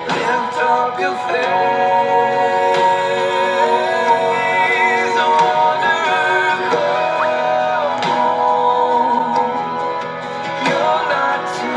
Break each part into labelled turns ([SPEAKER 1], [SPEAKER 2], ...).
[SPEAKER 1] Lift up your face, wonder, come home. You're not too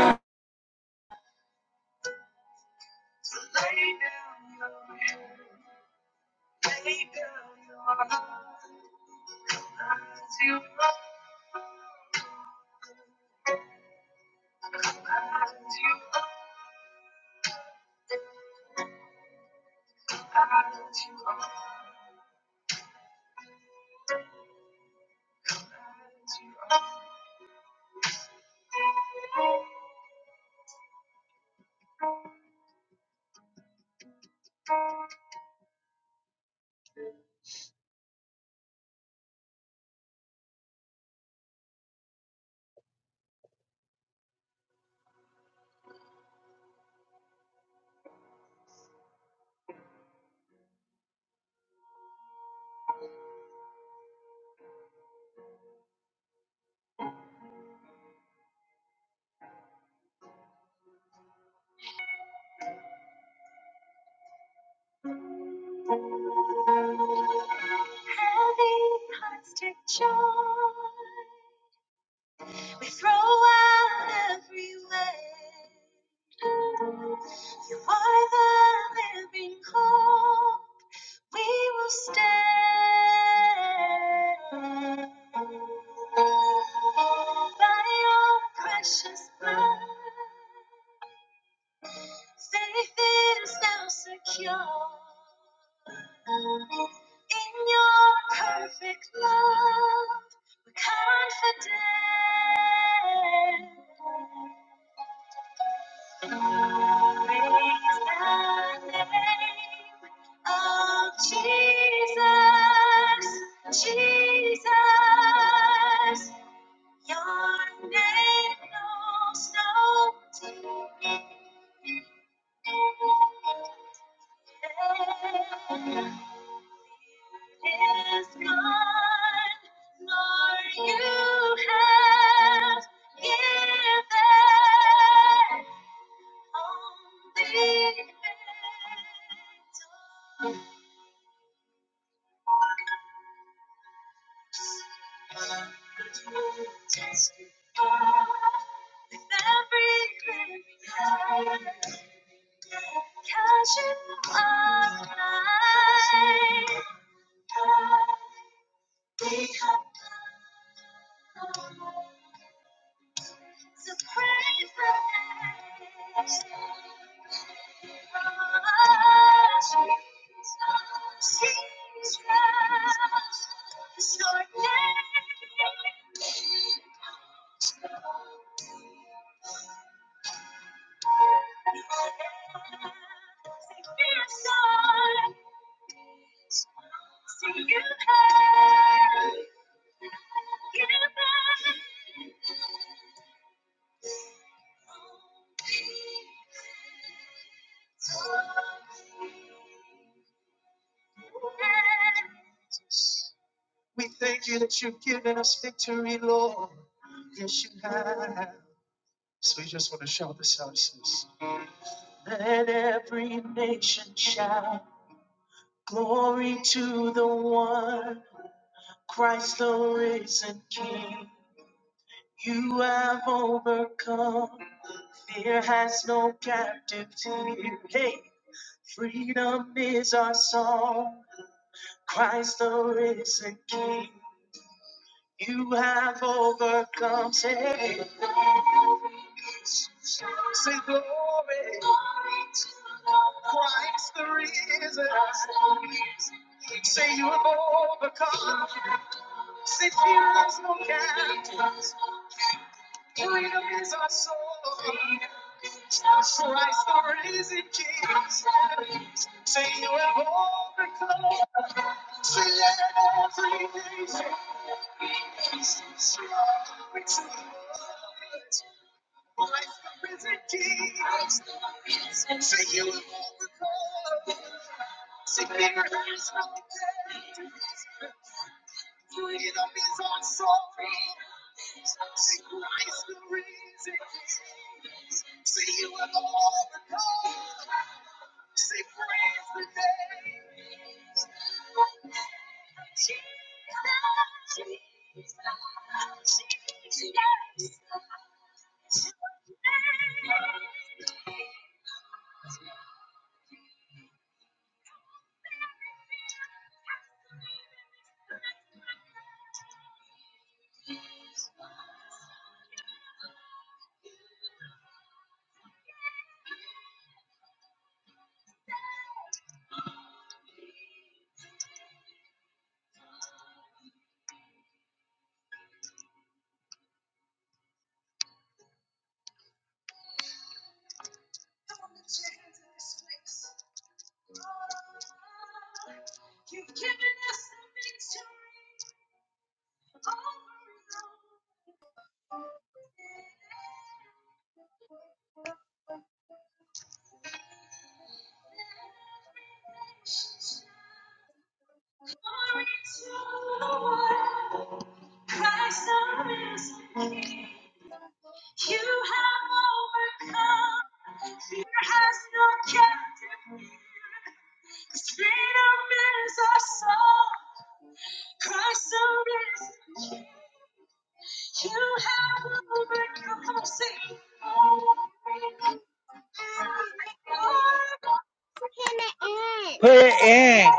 [SPEAKER 2] Put it in.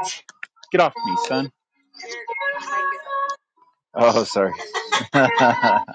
[SPEAKER 2] Get off me, son. Oh, sorry.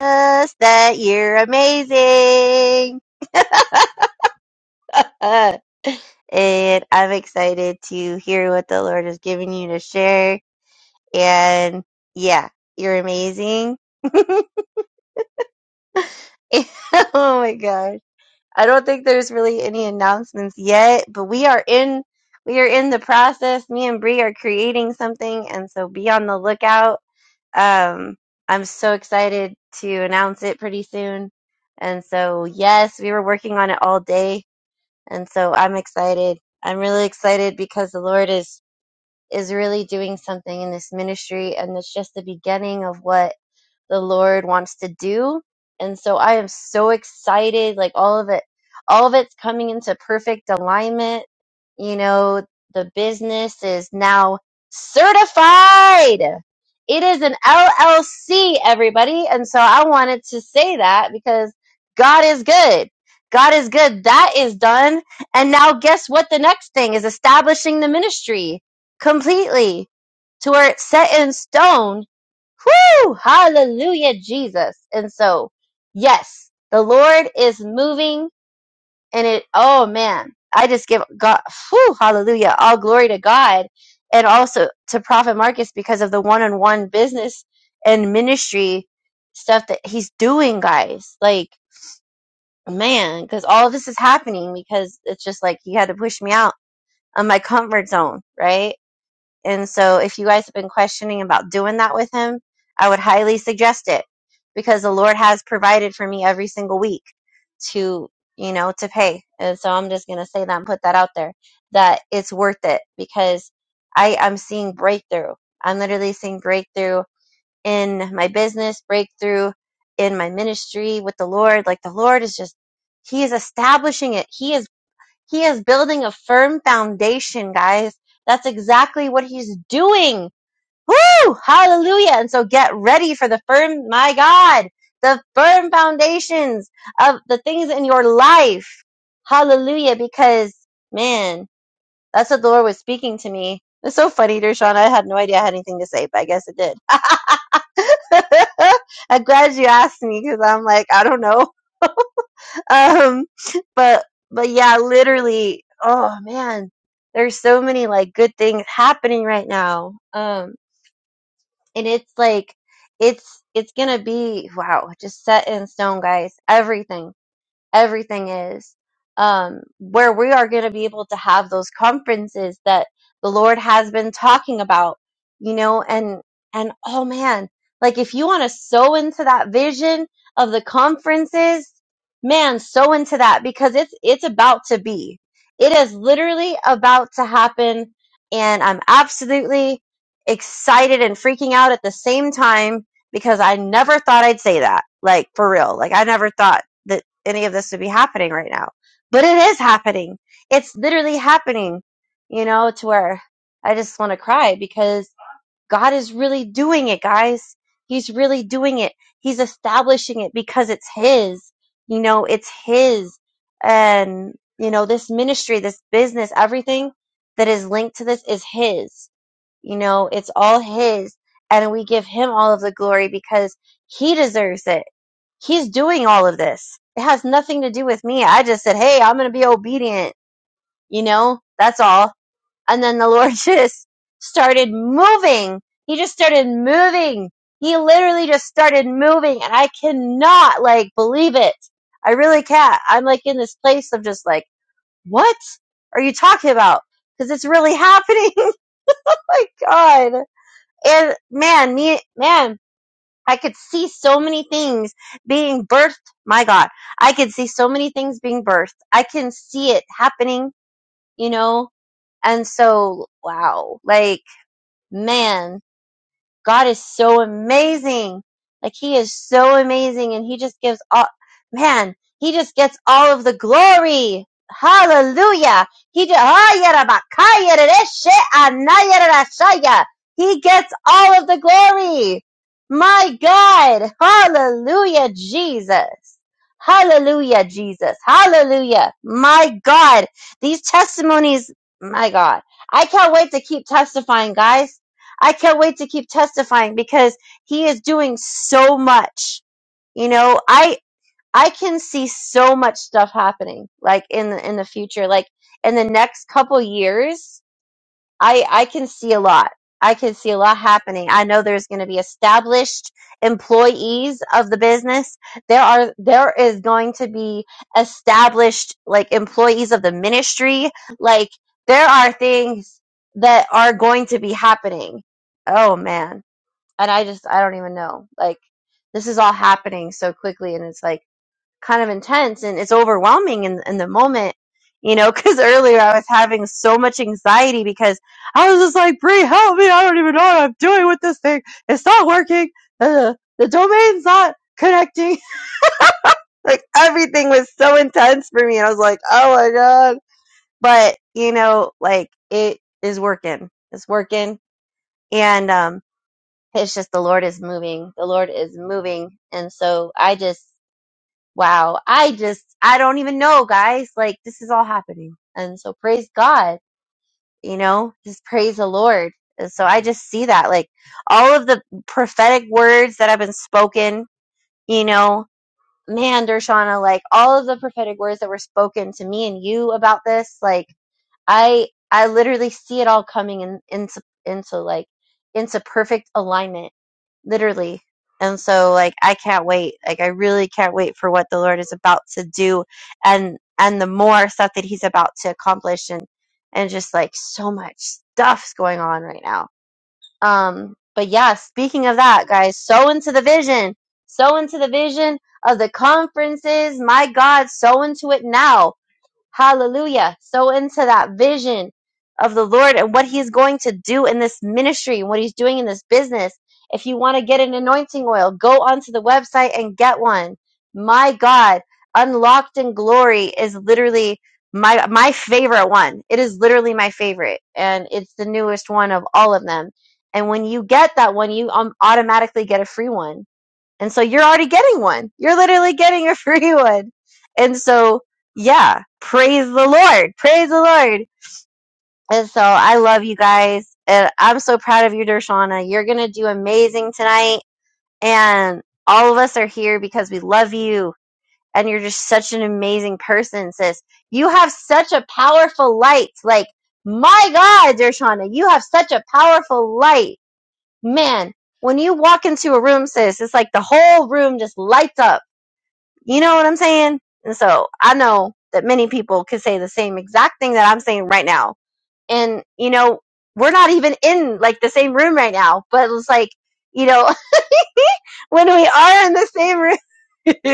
[SPEAKER 3] us that you're amazing. Uh, and I'm excited to hear what the Lord has given you to share. And yeah, you're amazing. oh my gosh. I don't think there's really any announcements yet, but we are in we are in the process. Me and Bree are creating something and so be on the lookout. Um I'm so excited to announce it pretty soon. And so yes, we were working on it all day and so I'm excited. I'm really excited because the Lord is is really doing something in this ministry, and it's just the beginning of what the Lord wants to do. And so I am so excited. Like all of it, all of it's coming into perfect alignment. You know, the business is now certified. It is an LLC, everybody. And so I wanted to say that because God is good. God is good. That is done. And now guess what? The next thing is establishing the ministry completely to where it's set in stone Whew! Hallelujah, Jesus. And so, yes, the Lord is moving and it, oh man, I just give God, whew, hallelujah, all glory to God and also to Prophet Marcus because of the one on one business and ministry stuff that he's doing, guys. Like, man, because all of this is happening because it's just like he had to push me out of my comfort zone, right? And so, if you guys have been questioning about doing that with him, I would highly suggest it because the Lord has provided for me every single week to, you know, to pay. And so, I'm just going to say that and put that out there that it's worth it because I, I'm seeing breakthrough. I'm literally seeing breakthrough in my business, breakthrough in my ministry with the Lord. Like, the Lord is just, He is establishing it. He is he is building a firm foundation, guys. That's exactly what he's doing. Woo! Hallelujah. And so get ready for the firm, my God, the firm foundations of the things in your life. Hallelujah. Because, man, that's what the Lord was speaking to me. It's so funny, Dershawn. I had no idea I had anything to say, but I guess it did. I'm glad you asked me because I'm like, I don't know. um but but yeah literally oh man there's so many like good things happening right now um and it's like it's it's gonna be wow just set in stone guys everything everything is, um, where we are going to be able to have those conferences that the Lord has been talking about, you know, and, and oh man, like if you want to sow into that vision of the conferences, man, sow into that because it's, it's about to be. It is literally about to happen. And I'm absolutely excited and freaking out at the same time because I never thought I'd say that. Like for real. Like I never thought that any of this to be happening right now. But it is happening. It's literally happening, you know, to where I just want to cry because God is really doing it, guys. He's really doing it. He's establishing it because it's His, you know, it's His. And, you know, this ministry, this business, everything that is linked to this is His, you know, it's all His. And we give Him all of the glory because He deserves it he's doing all of this. It has nothing to do with me. I just said, hey, I'm going to be obedient. You know, that's all. And then the Lord just started moving. He just started moving. He literally just started moving. And I cannot like believe it. I really can't. I'm like in this place of just like, what are you talking about? Because it's really happening. oh my God. And man, me, man, I could see so many things being birthed. My God, I could see so many things being birthed. I can see it happening, you know? And so, wow, like, man, God is so amazing. Like he is so amazing and he just gives all man, he just gets all of the glory. Hallelujah. He just He gets all of the glory. My God. Hallelujah, Jesus. Hallelujah, Jesus. Hallelujah. My God. These testimonies, my God. I can't wait to keep testifying, guys. I can't wait to keep testifying because he is doing so much. You know, I I can see so much stuff happening like in the in the future, like in the next couple years I I can see a lot. I can see a lot happening. I know there's going to be established employees of the business. There are there is going to be established like employees of the ministry. Like there are things that are going to be happening. Oh man. And I just I don't even know. Like this is all happening so quickly and it's like kind of intense and it's overwhelming in, in the moment, you know, because earlier I was having so much anxiety because I was just like, Brie, help me. I don't even know what I'm doing with this thing. It's not working. Uh, the domain's not connecting. like everything was so intense for me. And I was like, oh my God. But, you know, like it is working. It's working. And, um, it's just the Lord is moving. The Lord is moving. And so I just Wow. I just, I don't even know, guys. Like, this is all happening. And so praise God, you know, just praise the Lord. And so I just see that, like, all of the prophetic words that have been spoken, you know, man, Dershana, like, all of the prophetic words that were spoken to me and you about this, like, I I literally see it all coming in into into like into perfect alignment, literally. And so like I can't wait. Like I really can't wait for what the Lord is about to do and and the more stuff that he's about to accomplish and and just like so much stuff's going on right now. Um but yeah, speaking of that, guys, so into the vision. So into the vision of the conferences. My God, so into it now Hallelujah. So into that vision of the Lord and what he's going to do in this ministry and what he's doing in this business. If you want to get an anointing oil, go onto the website and get one. My God, Unlocked in Glory is literally my my favorite one. It is literally my favorite and it's the newest one of all of them. And when you get that one, you um, automatically get a free one and so you're already getting one. You're literally getting a free one. And so, yeah, praise the Lord. Praise the Lord. And so I love you guys. And I'm so proud of you, Dershana. You're going to do amazing tonight. And all of us are here because we love you. And you're just such an amazing person, sis. You have such a powerful light. Like, my God, Dershana, you have such a powerful light. Man, when you walk into a room, sis, it's like the whole room just lights up you know what I'm saying? And so I know that many people could say the same exact thing that I'm saying right now. And, you know, we're not even in like the same room right now, but it's like, you know, when we are in the same room,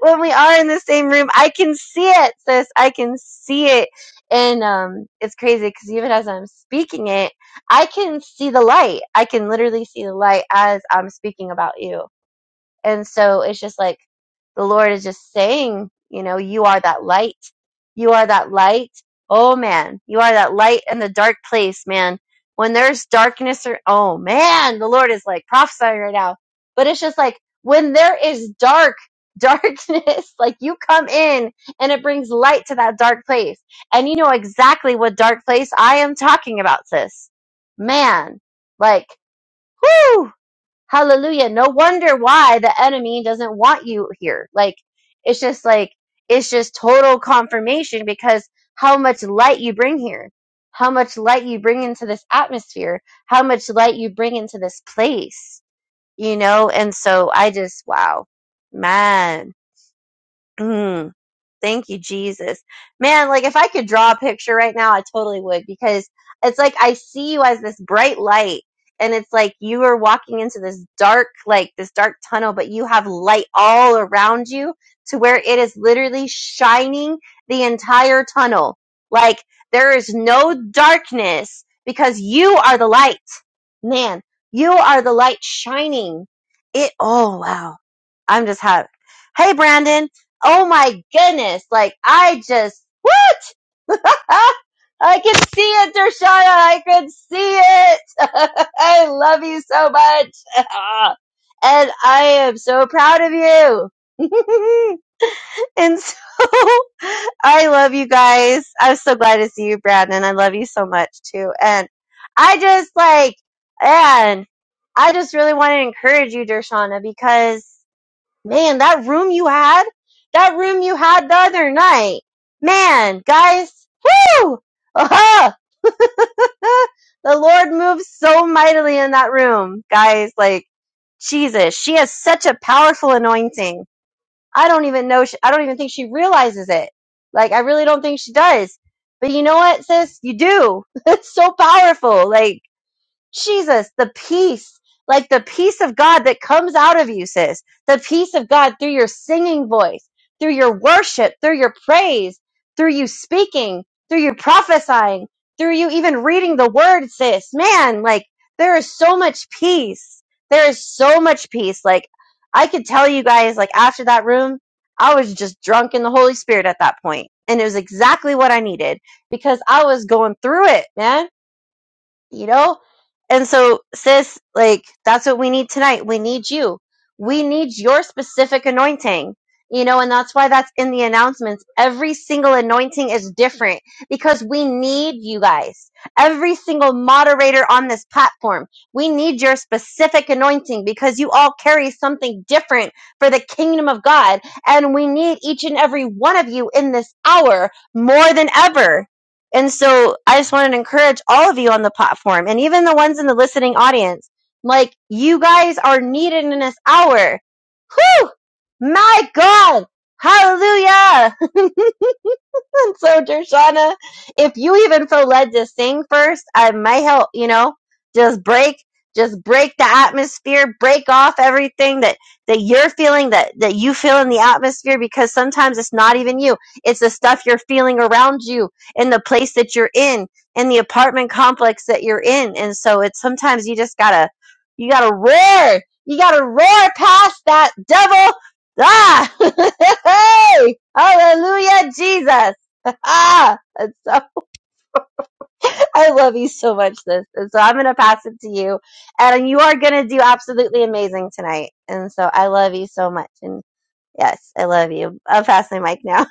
[SPEAKER 3] when we are in the same room, I can see it, sis. I can see it. And um, it's crazy because even as I'm speaking it, I can see the light. I can literally see the light as I'm speaking about you and so it's just like the Lord is just saying, you know, you are that light. You are that light. Oh man, you are that light in the dark place, man. When there's darkness or oh man, the Lord is like prophesying right now. But it's just like when there is dark, darkness, like you come in and it brings light to that dark place. And you know exactly what dark place I am talking about, sis. Man, like, whew. Hallelujah. No wonder why the enemy doesn't want you here. Like, it's just like, it's just total confirmation because how much light you bring here, how much light you bring into this atmosphere, how much light you bring into this place, you know? And so I just, wow, man. Thank you, Jesus. Man, like if I could draw a picture right now, I totally would because it's like I see you as this bright light and it's like you are walking into this dark, like this dark tunnel, but you have light all around you to where it is literally shining the entire tunnel. Like there is no darkness because you are the light. Man, you are the light shining. It, oh wow. I'm just happy. Hey, Brandon. Oh my goodness. Like I just, what? I can see it, Dershana. I can see it. I love you so much. and I am so proud of you. and so I love you guys. I'm so glad to see you, Brandon. I love you so much too. And I just like, and I just really want to encourage you, Dershana, because Man, that room you had, that room you had the other night. Man, guys, whoo! Aha! the Lord moves so mightily in that room, guys. Like Jesus, she has such a powerful anointing. I don't even know. She, I don't even think she realizes it. Like I really don't think she does. But you know what, sis? You do. It's so powerful. Like Jesus, the peace, like the peace of God that comes out of you, sis, the peace of God through your singing voice, through your worship, through your praise, through you speaking, through you prophesying, through you even reading the word, sis. Man, like there is so much peace. There is so much peace. Like I could tell you guys, like after that room, I was just drunk in the Holy Spirit at that point, And it was exactly what I needed because I was going through it, man you know? And so, sis, like, that's what we need tonight. We need you. We need your specific anointing, you know? And that's why that's in the announcements. Every single anointing is different because we need you guys. Every single moderator on this platform, we need your specific anointing because you all carry something different for the kingdom of God. And we need each and every one of you in this hour more than ever and so I just wanted to encourage all of you on the platform and even the ones in the listening audience. Like, you guys are needed in this hour. Whew! My God! Hallelujah! And so, Dershana, if you even feel led to sing first, I might help, you know, just break, just break the atmosphere, break off everything that, that you're feeling, that, that you feel in the atmosphere, because sometimes it's not even you. It's the stuff you're feeling around you in the place that you're in, in the apartment complex that you're in. And so it's sometimes you just gotta, you gotta roar. You gotta roar past that devil. Ah! hey! Hallelujah, Jesus ah, that's so. I love you so much, this. And so I'm gonna pass it to you, and you are gonna do absolutely amazing tonight. And so I love you so much, and yes, I love you. I'll pass my mic now.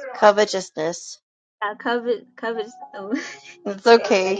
[SPEAKER 3] Covetousness. It's okay.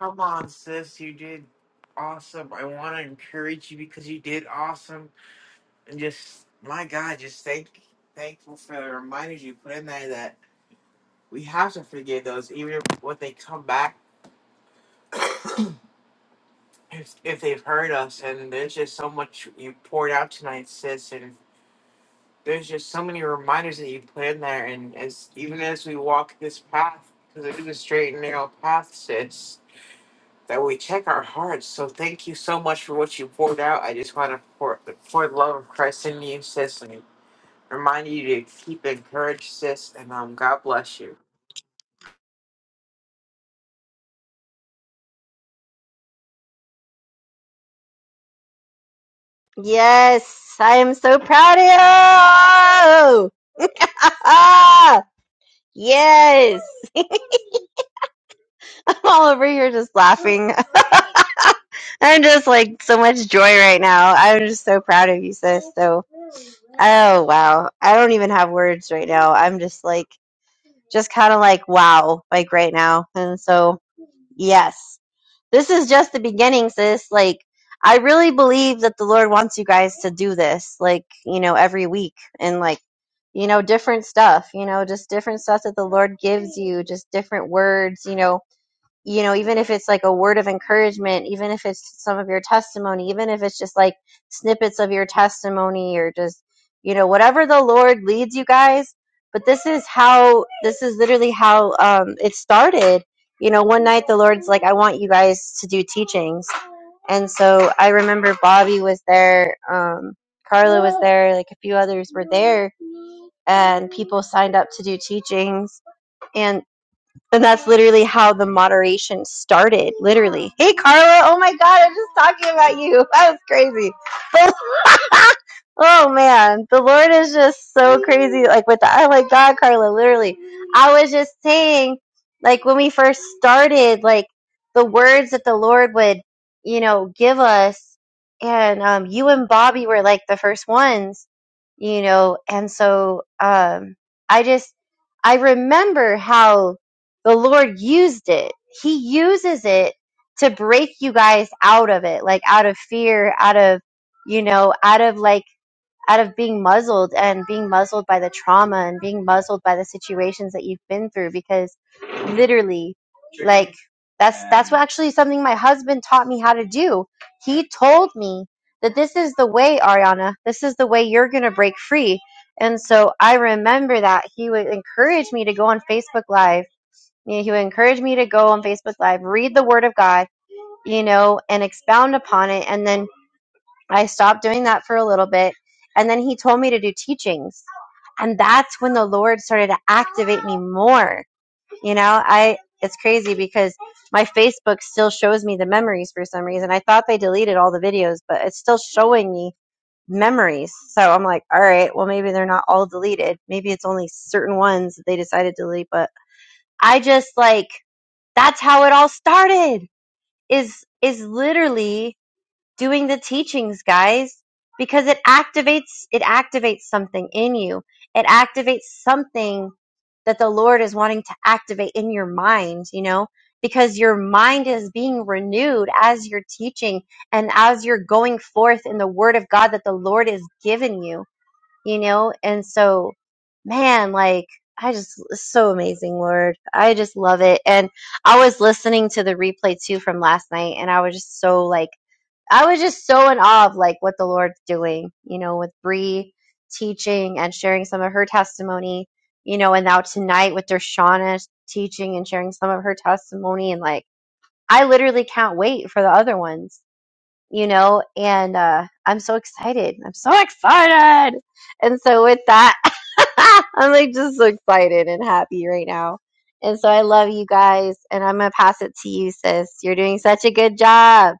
[SPEAKER 4] Come on, sis. You did awesome. I want to encourage you because you did awesome. And just, my God, just thank, thankful for the reminders you put in there that we have to forgive those, even if when they come back, if, if they've hurt us. And there's just so much you poured out tonight, sis. And there's just so many reminders that you put in there. And as even as we walk this path, because it is a straight and narrow path, sis that we check our hearts. So thank you so much for what you poured out. I just want to pour, pour the love of Christ in you, sis, and remind you to keep encouraged, sis, and um, God bless you.
[SPEAKER 3] Yes, I am so proud of you. Ah, yes, I'm all over here just laughing. I'm just like so much joy right now. I'm just so proud of you, sis. So. Oh, wow. I don't even have words right now. I'm just like, just kind of like, wow, like right now. And so, yes, this is just the beginning, sis. Like, I really believe that the Lord wants you guys to do this, like, you know, every week and like, you know, different stuff, you know, just different stuff that the Lord gives you, just different words, you know, you know, even if it's like a word of encouragement, even if it's some of your testimony, even if it's just like snippets of your testimony or just, you know, whatever the Lord leads you guys. But this is how, this is literally how um, it started. You know, one night the Lord's like, I want you guys to do teachings. And so I remember Bobby was there, um, Carla was there, like a few others were there, and people signed up to do teachings and. And that's literally how the moderation started. Literally. Hey, Carla. Oh my God. I'm just talking about you. That was crazy. oh man. The Lord is just so crazy. Like, with the, oh my God, Carla. Literally. I was just saying, like, when we first started, like, the words that the Lord would, you know, give us. And um, you and Bobby were like the first ones, you know. And so um, I just, I remember how the Lord used it. He uses it to break you guys out of it, like out of fear, out of, you know, out of like, out of being muzzled and being muzzled by the trauma and being muzzled by the situations that you've been through because literally, like, that's, that's what actually something my husband taught me how to do. He told me that this is the way, Ariana, this is the way you're going to break free. And so I remember that he would encourage me to go on Facebook Live you know, he would encourage me to go on Facebook Live, read the Word of God, you know, and expound upon it. And then I stopped doing that for a little bit. And then he told me to do teachings. And that's when the Lord started to activate me more. You know, I, it's crazy because my Facebook still shows me the memories for some reason. I thought they deleted all the videos, but it's still showing me memories. So I'm like, all right, well, maybe they're not all deleted. Maybe it's only certain ones that they decided to delete, but I just like that's how it all started is is literally doing the teachings guys because it activates it activates something in you it activates something that the lord is wanting to activate in your mind you know because your mind is being renewed as you're teaching and as you're going forth in the word of god that the lord has given you you know? And so, man, like, I just, it's so amazing, Lord. I just love it. And I was listening to the replay too from last night, and I was just so, like, I was just so in awe of, like, what the Lord's doing, you know, with Bree teaching and sharing some of her testimony, you know, and now tonight with Dershana teaching and sharing some of her testimony. And, like, I literally can't wait for the other ones you know, and uh, I'm so excited. I'm so excited. And so with that, I'm like just so excited and happy right now. And so I love you guys, and I'm gonna pass it to you, sis. You're doing such a good job.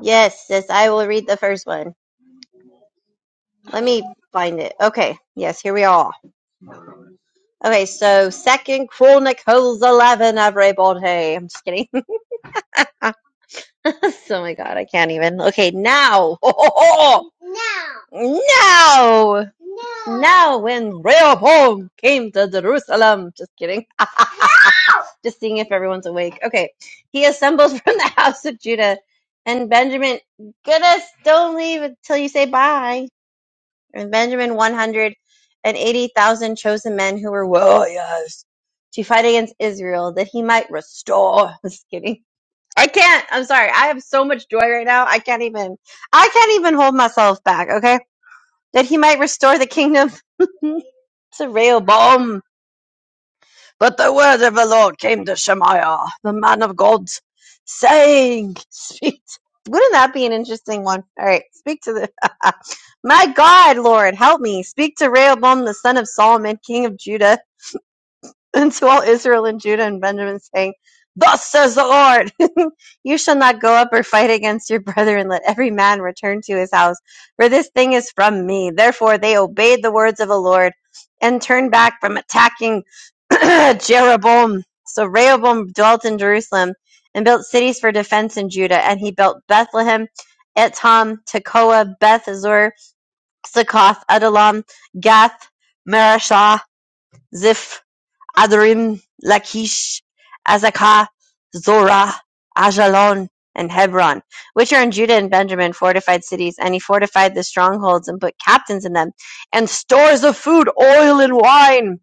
[SPEAKER 3] Yes, sis. I will read the first one. Let me find it. Okay. Yes, here we are. Okay, so Second Chronicles 11, everybody. I'm just kidding. oh my god, I can't even. Okay, now. No! No, No, when Rehoboam came to Jerusalem. Just kidding. Just seeing if everyone's awake. Okay. He assembles from the house of Judah. And Benjamin, goodness, don't leave until you say bye. And Benjamin, 180,000 chosen men who were warriors to fight against Israel that he might restore. Just kidding. I can't. I'm sorry. I have so much joy right now. I can't even, I can't even hold myself back. okay? that he might restore the kingdom. it's a real bomb. But the word of the Lord came to Shemaiah, the man of God, saying, Speak. Wouldn't that be an interesting one? All right, speak to the. My God, Lord, help me. Speak to Rehoboam, the son of Solomon, king of Judah and to all Israel and Judah and Benjamin, saying, Thus says the Lord, you shall not go up or fight against your brethren. Let every man return to his house, for this thing is from me. Therefore they obeyed the words of the Lord and turned back from attacking Jeroboam. So Rehoboam dwelt in Jerusalem and built cities for defense in Judah, and he built Bethlehem, Etam, Tekoa, Beth Azor, Succoth, Adullam, Gath, Marashah, Ziph, Adrim, Lachish, Azekah, Zorah, Ajalon, and Hebron, which are in Judah and Benjamin, fortified cities. And he fortified the strongholds and put captains in them, and stores of food, oil, and wine.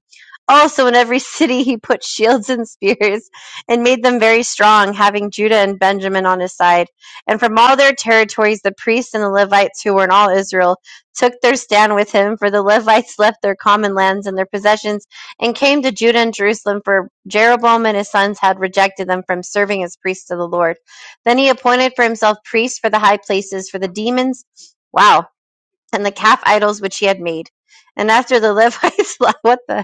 [SPEAKER 3] Also, in every city he put shields and spears, and made them very strong, having Judah and Benjamin on his side. And from all their territories, the priests and the Levites who were in all Israel took their stand with him, for the Levites left their common lands and their possessions and came to Judah and Jerusalem, for Jeroboam and his sons had rejected them from serving as priests to the Lord. Then he appointed for himself priests for the high places, for the demons, wow, and the calf idols which he had made. And after the Levites, what the?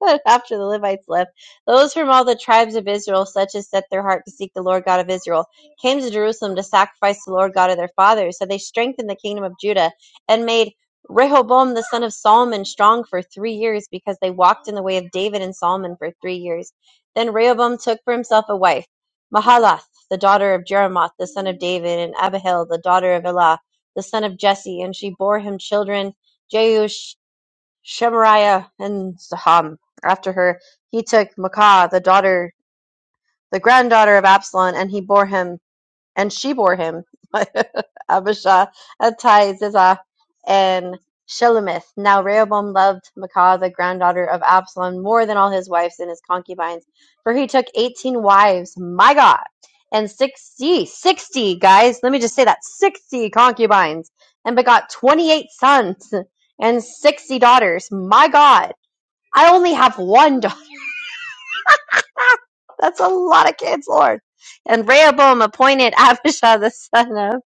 [SPEAKER 3] After the Livites left, those from all the tribes of Israel, such as set their heart to seek the Lord God of Israel, came to Jerusalem to sacrifice the Lord God of their fathers. So they strengthened the kingdom of Judah and made Rehoboam the son of Solomon strong for three years because they walked in the way of David and Solomon for three years. Then Rehoboam took for himself a wife, Mahalath, the daughter of Jeremoth, the son of David, and Abihail, the daughter of Elah, the son of Jesse, and she bore him children. Jeush, Shemariah and Saham after her, he took Maacah, the daughter, the granddaughter of Absalom, and he bore him, and she bore him, Abishah, Attai, Zizah, and Shelemith. Now Rehoboam loved Maacah, the granddaughter of Absalom, more than all his wives and his concubines, for he took 18 wives, my God, and 60, 60 guys, let me just say that, 60 concubines, and begot 28 sons and 60 daughters, my God I only have one daughter. That's a lot of kids, Lord. And Rehoboam appointed Abishai the son of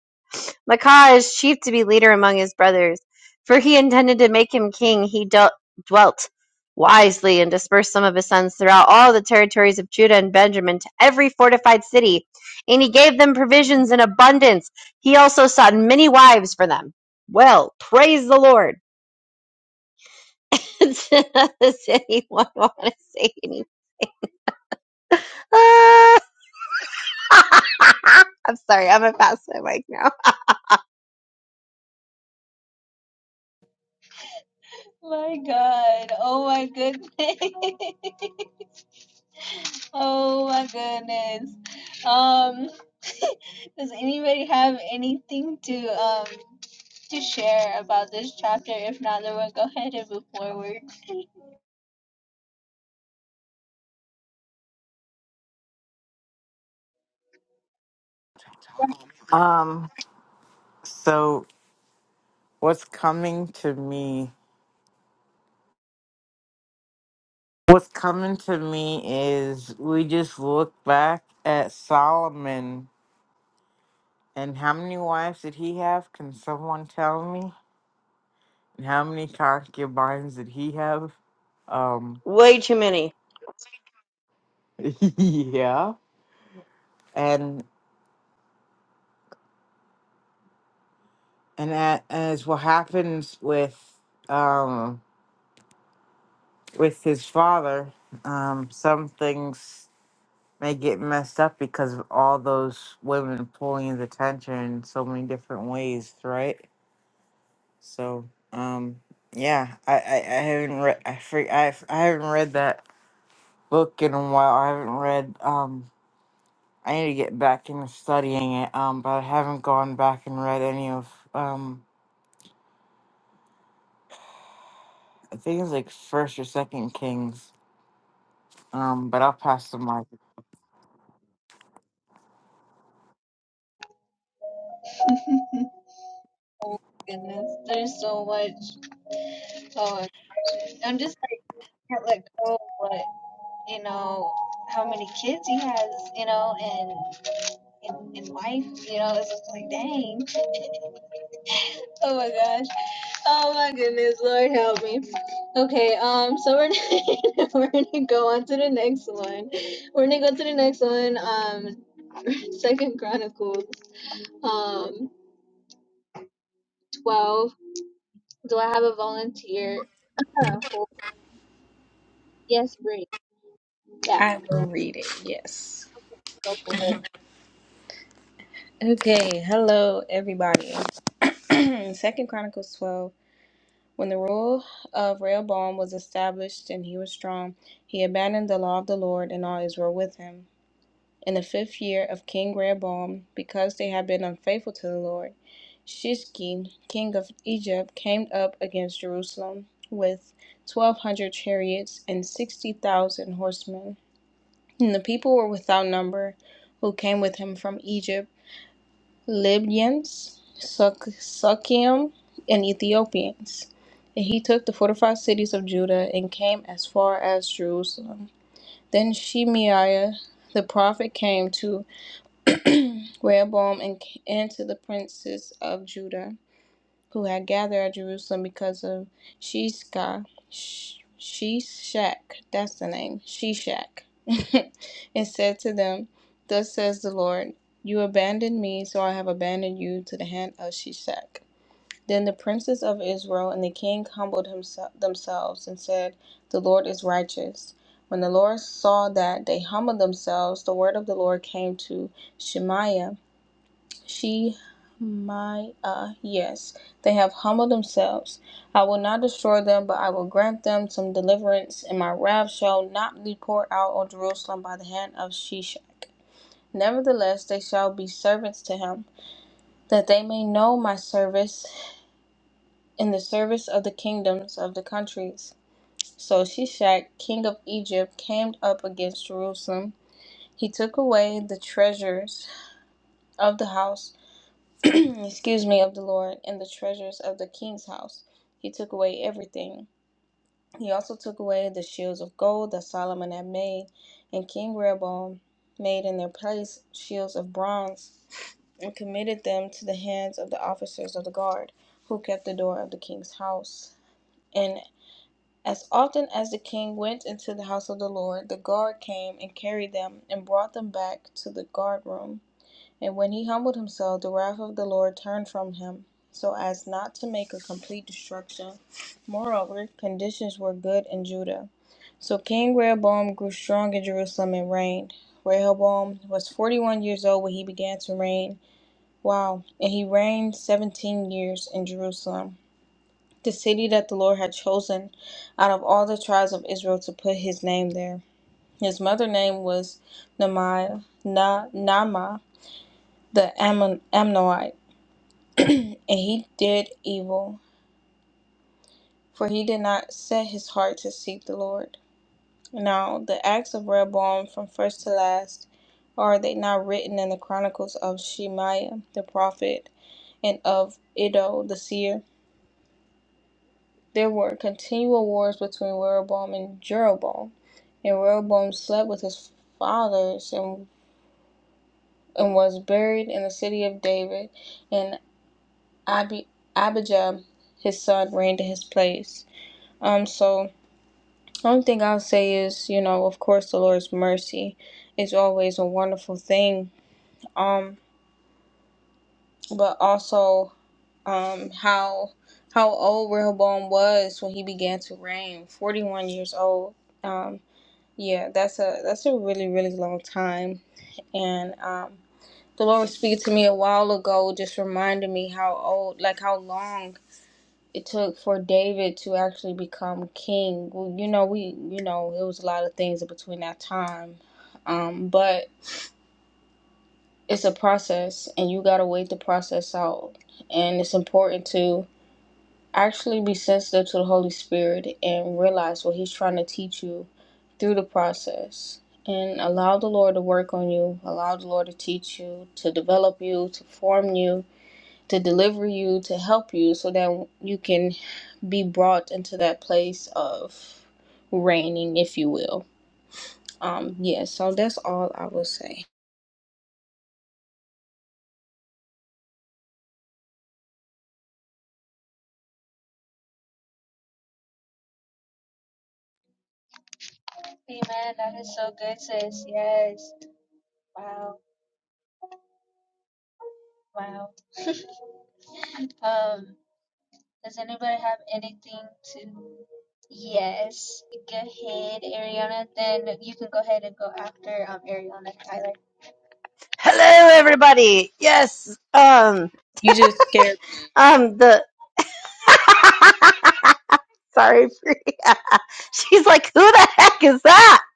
[SPEAKER 3] Maacah as chief to be leader among his brothers, for he intended to make him king. He dealt, dwelt wisely and dispersed some of his sons throughout all the territories of Judah and Benjamin to every fortified city, and he gave them provisions in abundance. He also sought many wives for them. Well, praise the Lord. Does anyone want to say anything? Ah, I'm
[SPEAKER 4] Um, so what's coming to me? What's coming to me is we just look back at Solomon and how many wives did he have? Can someone tell me? And how many concubines did he have? Um,
[SPEAKER 3] way too many.
[SPEAKER 4] yeah. And. and a- as what happens with um with his father um some things may get messed up because of all those women pulling his attention in so many different ways right so um yeah i i, I haven't read I, fre- I I haven't read that book in a while i haven't read um i need to get back into studying it um but i haven't gone back and read any of um i think it's like first or second kings Um, but I'll pass the mic.
[SPEAKER 5] I will read it, yes. Okay, hello everybody. Second Chronicles 12. When the rule of Rehoboam was established and he was strong, he abandoned the law of the Lord and all Israel with him. In the fifth year of King Rehoboam, because they had been unfaithful to the Lord, Shishki, king of Egypt, came up against Jerusalem with 1,200 chariots and 60,000 horsemen. And the people were without number who came with him from Egypt Libyans, Sukium, and Ethiopians. And he took the fortified cities of Judah and came as far as Jerusalem. Then Shemaiah the prophet came to Rehoboam and, and to the princes of Judah who had gathered at Jerusalem because of Shishka, Shishak, that's the name, Shishak, and said to them, Thus says the Lord, You abandoned me, so I have abandoned you to the hand of Shishak. Then the princes of Israel and the king humbled himself, themselves and said, The Lord is righteous. When the Lord saw that they humbled themselves, the word of the Lord came to Shemaiah she, my, uh, yes, they have humbled themselves. I will not destroy them, but I will grant them some deliverance, and my wrath shall not be poured out on Jerusalem by the hand of Shishak. Nevertheless, they shall be servants to him, that they may know my service in the service of the kingdoms of the countries. So Shishak, king of Egypt, came up against Jerusalem. He took away the treasures of the house excuse me, of the Lord and the treasures of the king's house. He took away everything. He also took away the shields of gold that Solomon had made, and King Rehoboam made in their place shields of bronze, and committed them to the hands of the officers of the guard, who kept the door of the king's house. And as often as the king went into the house of the Lord, the guard came and carried them and brought them back to the guard room and when he humbled himself, the wrath of the Lord turned from him, so as not to make a complete destruction. Moreover, conditions were good in Judah. So King Rehoboam grew strong in Jerusalem and reigned. Rehoboam was 41 years old when he began to reign. Wow. And he reigned 17 years in Jerusalem, the city that the Lord had chosen out of all the tribes of Israel to put his name there. His mother name was Namiah, Na, Nama, the Ammon, Ammonite. and he did evil, for he did not set his heart to seek the Lord. Now, the acts of Rehoboam from first to last, are they not written in the chronicles of Shemaiah the prophet and of Iddo the seer? There were continual wars between Rehoboam and Jeroboam, and Rehoboam slept with his fathers and, and was buried in the city of David, and Abi, Abijah his son reigned in his place. Um, so One thing I'll say is, you know, of course, the Lord's mercy is always a wonderful thing. Um, but also, um, how how old Rehoboam was when he began to reign, forty one years old. Um, yeah, that's a that's a really really long time. And um, the Lord was speaking to me a while ago, just reminded me how old, like how long it took for David to actually become king. Well, you know, we you know, it was a lot of things in between that time. Um, but it's a process and you gotta wait the process out. And it's important to actually be sensitive to the Holy Spirit and realize what he's trying to teach you through the process. And allow the Lord to work on you, allow the Lord to teach you, to develop you, to form you, to deliver you, to help you, so that you can be brought into that place of reigning, if you will. Um, yeah, so that's all I will say.
[SPEAKER 3] Hello, everybody. Yes, um,
[SPEAKER 5] You just scared me.
[SPEAKER 3] um, the. Sorry, Priya. She's like, who the heck is that?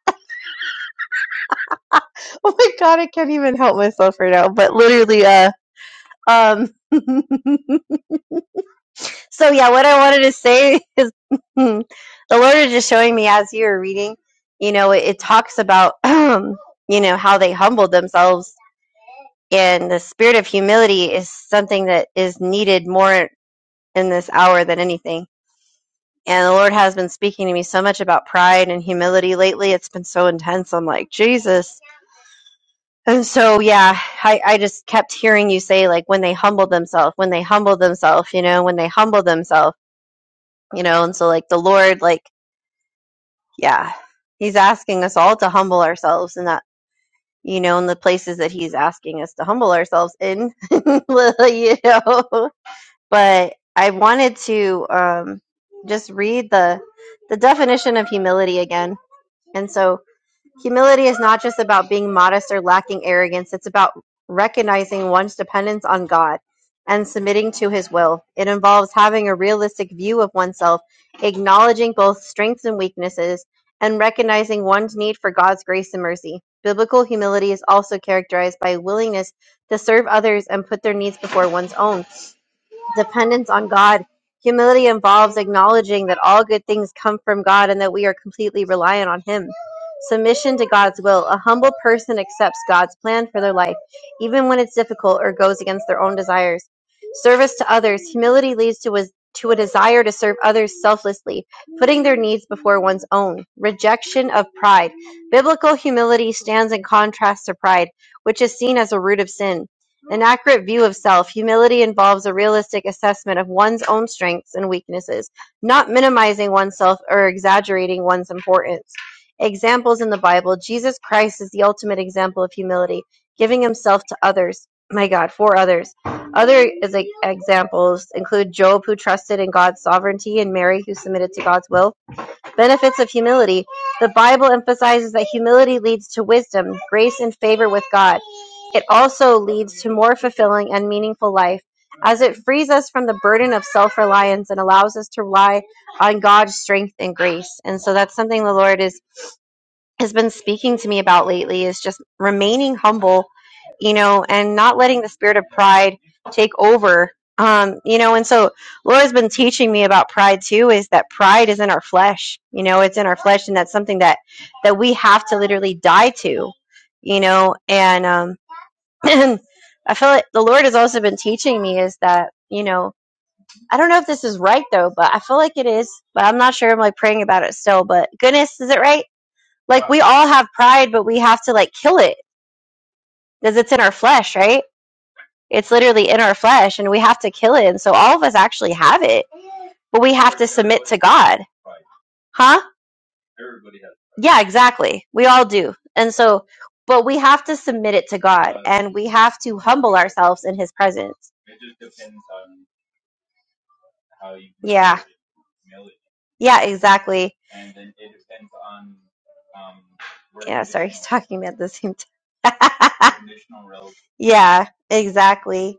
[SPEAKER 3] Oh my god, I can't even help myself right now. But literally, uh, um. so yeah, what I wanted to say is, the Lord is just showing me as you were reading. You know, it, it talks about, um, you know, how they humbled themselves, and the spirit of humility is something that is needed more in this hour than anything And the Lord has been speaking to me so much about pride and humility lately. It's been so intense. I'm like, Jesus. And so, yeah, I, I just kept hearing you say, like, when they humbled themselves, when they humbled themselves, you know, when they humbled themselves, you know. And so, like, the Lord, like, yeah, He's asking us all to humble ourselves in that, you know, in the places that He's asking us to humble ourselves in, you know. But I wanted to um, just read the the definition of humility again. And so, Humility is not just about being modest or lacking arrogance, it's about recognizing one's dependence on God and submitting to his will. It involves having a realistic view of oneself, acknowledging both strengths and weaknesses, and recognizing one's need for God's grace and mercy. Biblical humility is also characterized by a willingness to serve others and put their needs before one's own dependence on God. Humility involves acknowledging that all good things come from God and that we are completely reliant on Him. Submission to God's will. A humble person accepts God's plan for their life, even when it's difficult or goes against their own desires. Service to others. Humility leads to a, to a desire to serve others selflessly, putting their needs before one's own. Rejection of pride. Biblical humility stands in contrast to pride, which is seen as a root of sin. An accurate view of self, humility involves a realistic assessment of one's own strengths and weaknesses, not minimizing oneself or exaggerating one's importance. Examples in the Bible Jesus Christ is the ultimate example of humility, giving himself to others. My God, for others. Other is- like, examples include Job, who trusted in God's sovereignty, and Mary, who submitted to God's will. Benefits of humility. The Bible emphasizes that humility leads to wisdom, grace, and favor with God. It also leads to more fulfilling and meaningful life, as it frees us from the burden of self reliance and allows us to rely on God's strength and grace. And so that's something the Lord is has been speaking to me about lately is just remaining humble, you know, and not letting the spirit of pride take over. Um, you know, and so Laura's been teaching me about pride too, is that pride is in our flesh. You know, it's in our flesh and that's something that that we have to literally die to, you know, and um I feel like the Lord has also been teaching me is that, you know, I don't know if this is right though, but I feel like it is, but I'm not sure. I'm like praying about it still, but goodness, is it right? Like we all have pride, but we have to like kill it because it's in our flesh, right? It's literally in our flesh and we have to kill it. And so all of us actually have it, but we have to submit to God. Huh? Yeah, exactly. We all do. And so, but we have to submit it to God and we have to humble ourselves in his presence. Yeah. Yeah, exactly. Yeah, sorry, he's talking at the same time. yeah, exactly.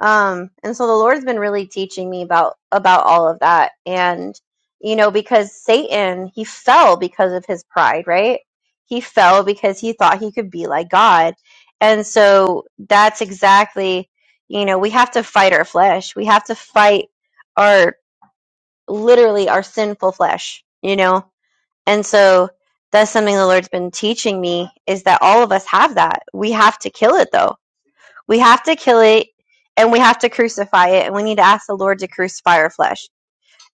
[SPEAKER 3] um and so the lord's been really teaching me about about all of that and you know because satan he fell because of his pride right he fell because he thought he could be like god and so that's exactly you know we have to fight our flesh we have to fight our literally our sinful flesh you know and so that's something the lord's been teaching me is that all of us have that we have to kill it though we have to kill it and we have to crucify it. And we need to ask the Lord to crucify our flesh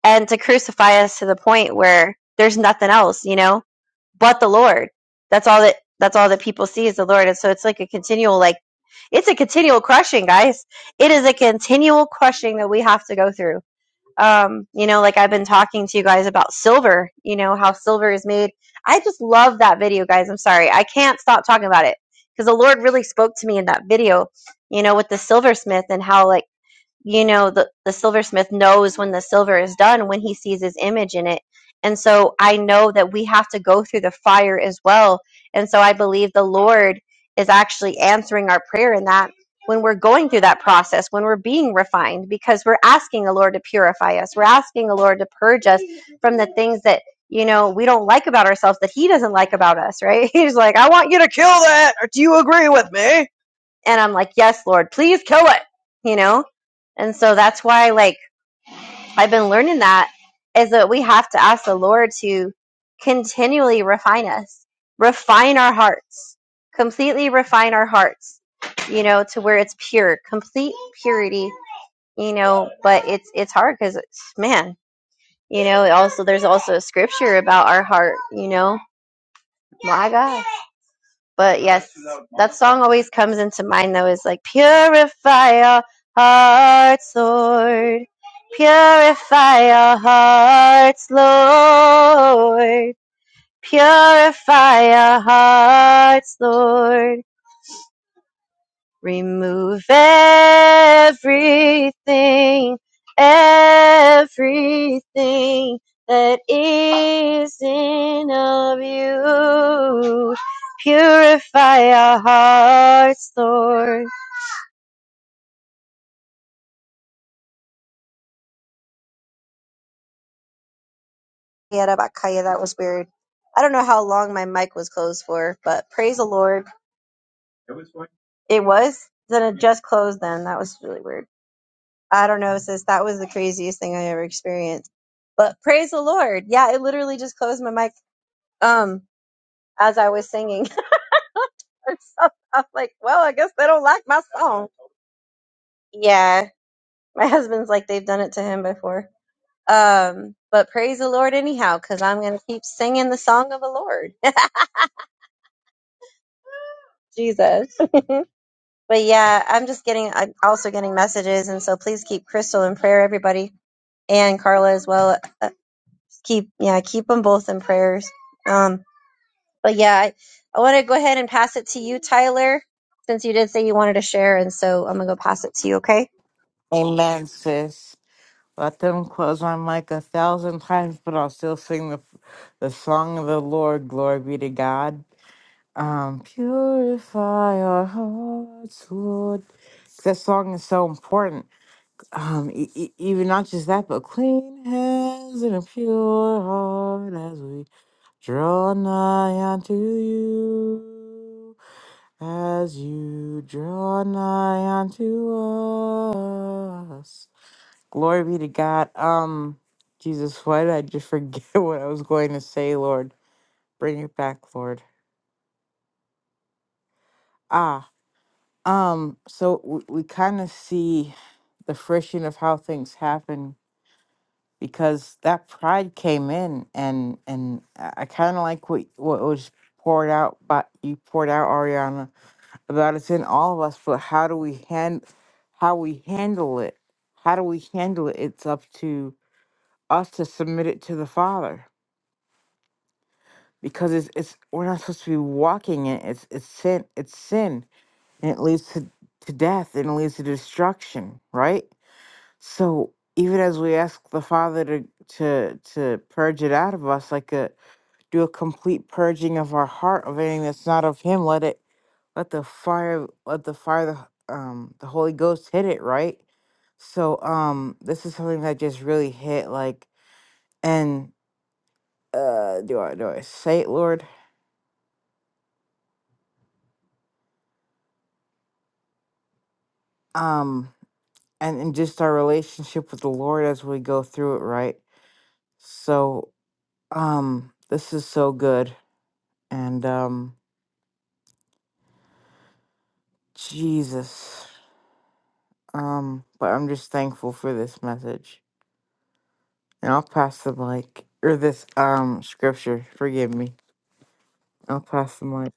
[SPEAKER 3] and to crucify us to the point where there's nothing else, you know, but the Lord. That's all that that's all that people see is the Lord. And so it's like a continual like it's a continual crushing, guys. It is a continual crushing that we have to go through um, you know, like I've been talking to you guys about silver, you know, how silver is made. I just love that video, guys. I'm sorry. I can't stop talking about it because the Lord really spoke to me in that video, you know, with the silversmith and how, like, you know the, the silversmith knows when the silver is done when he sees his image in it and so i know that we have to go through the fire as well and so i believe the lord is actually answering our prayer in that when we're going through that process when we're being refined because we're asking the lord to purify us we're asking the lord to purge us from the things that you know we don't like about ourselves that he doesn't like about us right he's like i want you to kill that do you agree with me and I'm like, yes, Lord, please kill it, you know? And so that's why, like, I've been learning that is that we have to ask the Lord to continually refine us, refine our hearts, completely refine our hearts, you know, to where it's pure, complete purity, you know, but it's, it's hard because it's, man, you know, also, there's also a scripture about our heart, you know, my God But yes, that song always comes into mind though. Is like purify our hearts, Lord. Purify our hearts, Lord. Purify our hearts, Lord. Remove everything, everything that is in of you. Purify our hearts, Lord. Yeah, that was weird. I don't know how long my mic was closed for, but praise the Lord. It was. Then it just closed then. That was really weird. I don't know, sis. That was the craziest thing I ever experienced. But praise the Lord. Yeah, it literally just closed my mic um as I was singing or something. i was like, well, I guess they don't like my song. Yeah, my husband's like they've done it to him before. Um, but praise the Lord anyhow, because I'm gonna keep singing the song of the Lord, Jesus. but yeah, I'm just getting, I'm also getting messages, and so please keep Crystal in prayer, everybody, and Carla as well. Uh, keep, yeah, keep them both in prayers. Um. But yeah, I, I want to go ahead and pass it to you, Tyler, since you did say you wanted to share. And so I'm going to go pass it to you, okay?
[SPEAKER 4] Amen, sis. Let them close my mic a thousand times, but I'll still sing the the song of the Lord. Glory be to God. Um, purify our hearts, Lord. That song is so important. Um, e- e- even not just that, but clean hands and a pure heart as we draw nigh unto you. as you draw nigh unto us. Glory be to God. Um, Jesus, why did I just forget what I was going to say, Lord? Bring it back, Lord. Ah, um, so we, we kind of see the friction of how things happen because that pride came in, and and I kind of like what what was poured out, but you poured out, Ariana about it's in all of us, but how do we hand how we handle it? How do we handle it? It's up to us to submit it to the Father. Because it's it's we're not supposed to be walking in it. It's it's sin it's sin. And it leads to, to death and it leads to destruction, right? So even as we ask the Father to to to purge it out of us, like a do a complete purging of our heart of anything that's not of him, let it let the fire let the fire of the, h- um the holy ghost hit it right so um this is something that just really hit like and uh do i do i say it lord um and, and just our relationship with the lord as we go through it right so um this is so good and um jesus um but i'm just thankful for this message and i'll pass the mic or this um scripture forgive me i'll pass the mic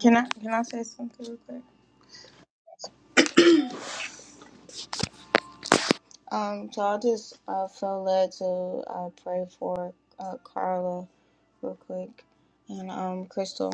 [SPEAKER 5] Can I can I say something real quick? Um, so I just uh, felt led to uh, pray for uh, Carla real quick and um Crystal.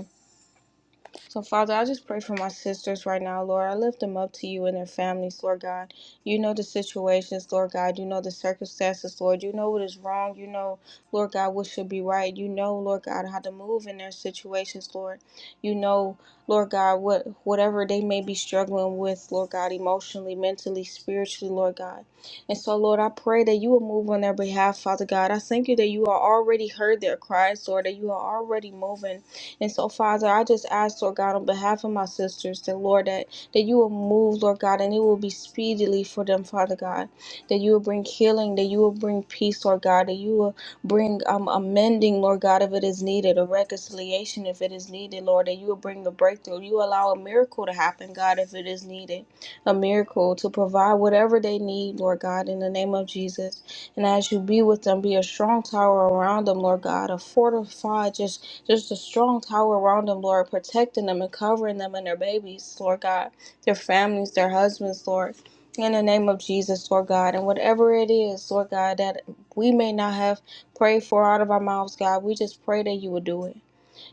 [SPEAKER 5] So, Father, I just pray for my sisters right now, Lord. I lift them up to you and their families, Lord God. You know the situations, Lord God. You know the circumstances, Lord. You know what is wrong. You know, Lord God, what should be right. You know, Lord God, how to move in their situations, Lord. You know, Lord God, what whatever they may be struggling with, Lord God, emotionally, mentally, spiritually, Lord God. And so, Lord, I pray that you will move on their behalf, Father God. I thank you that you are already heard their cries, Lord, that you are already moving. And so, Father, I just ask, Lord God, on behalf of my sisters, that, Lord, that, that you will move, Lord God, and it will be speedily for them, Father God. That you will bring healing, that you will bring peace, Lord God, that you will bring um, amending, Lord God, if it is needed, a reconciliation if it is needed, Lord, that you will bring the breakthrough. You allow a miracle to happen, God, if it is needed, a miracle to provide whatever they need, Lord God, in the name of Jesus. And as you be with them, be a strong tower around them, Lord God, a fortified, just just a strong tower around them, Lord, protecting them and covering them and their babies, Lord God, their families, their husbands, Lord. In the name of Jesus, Lord God, and whatever it is, Lord God, that we may not have prayed for out of our mouths, God, we just pray that you would do it.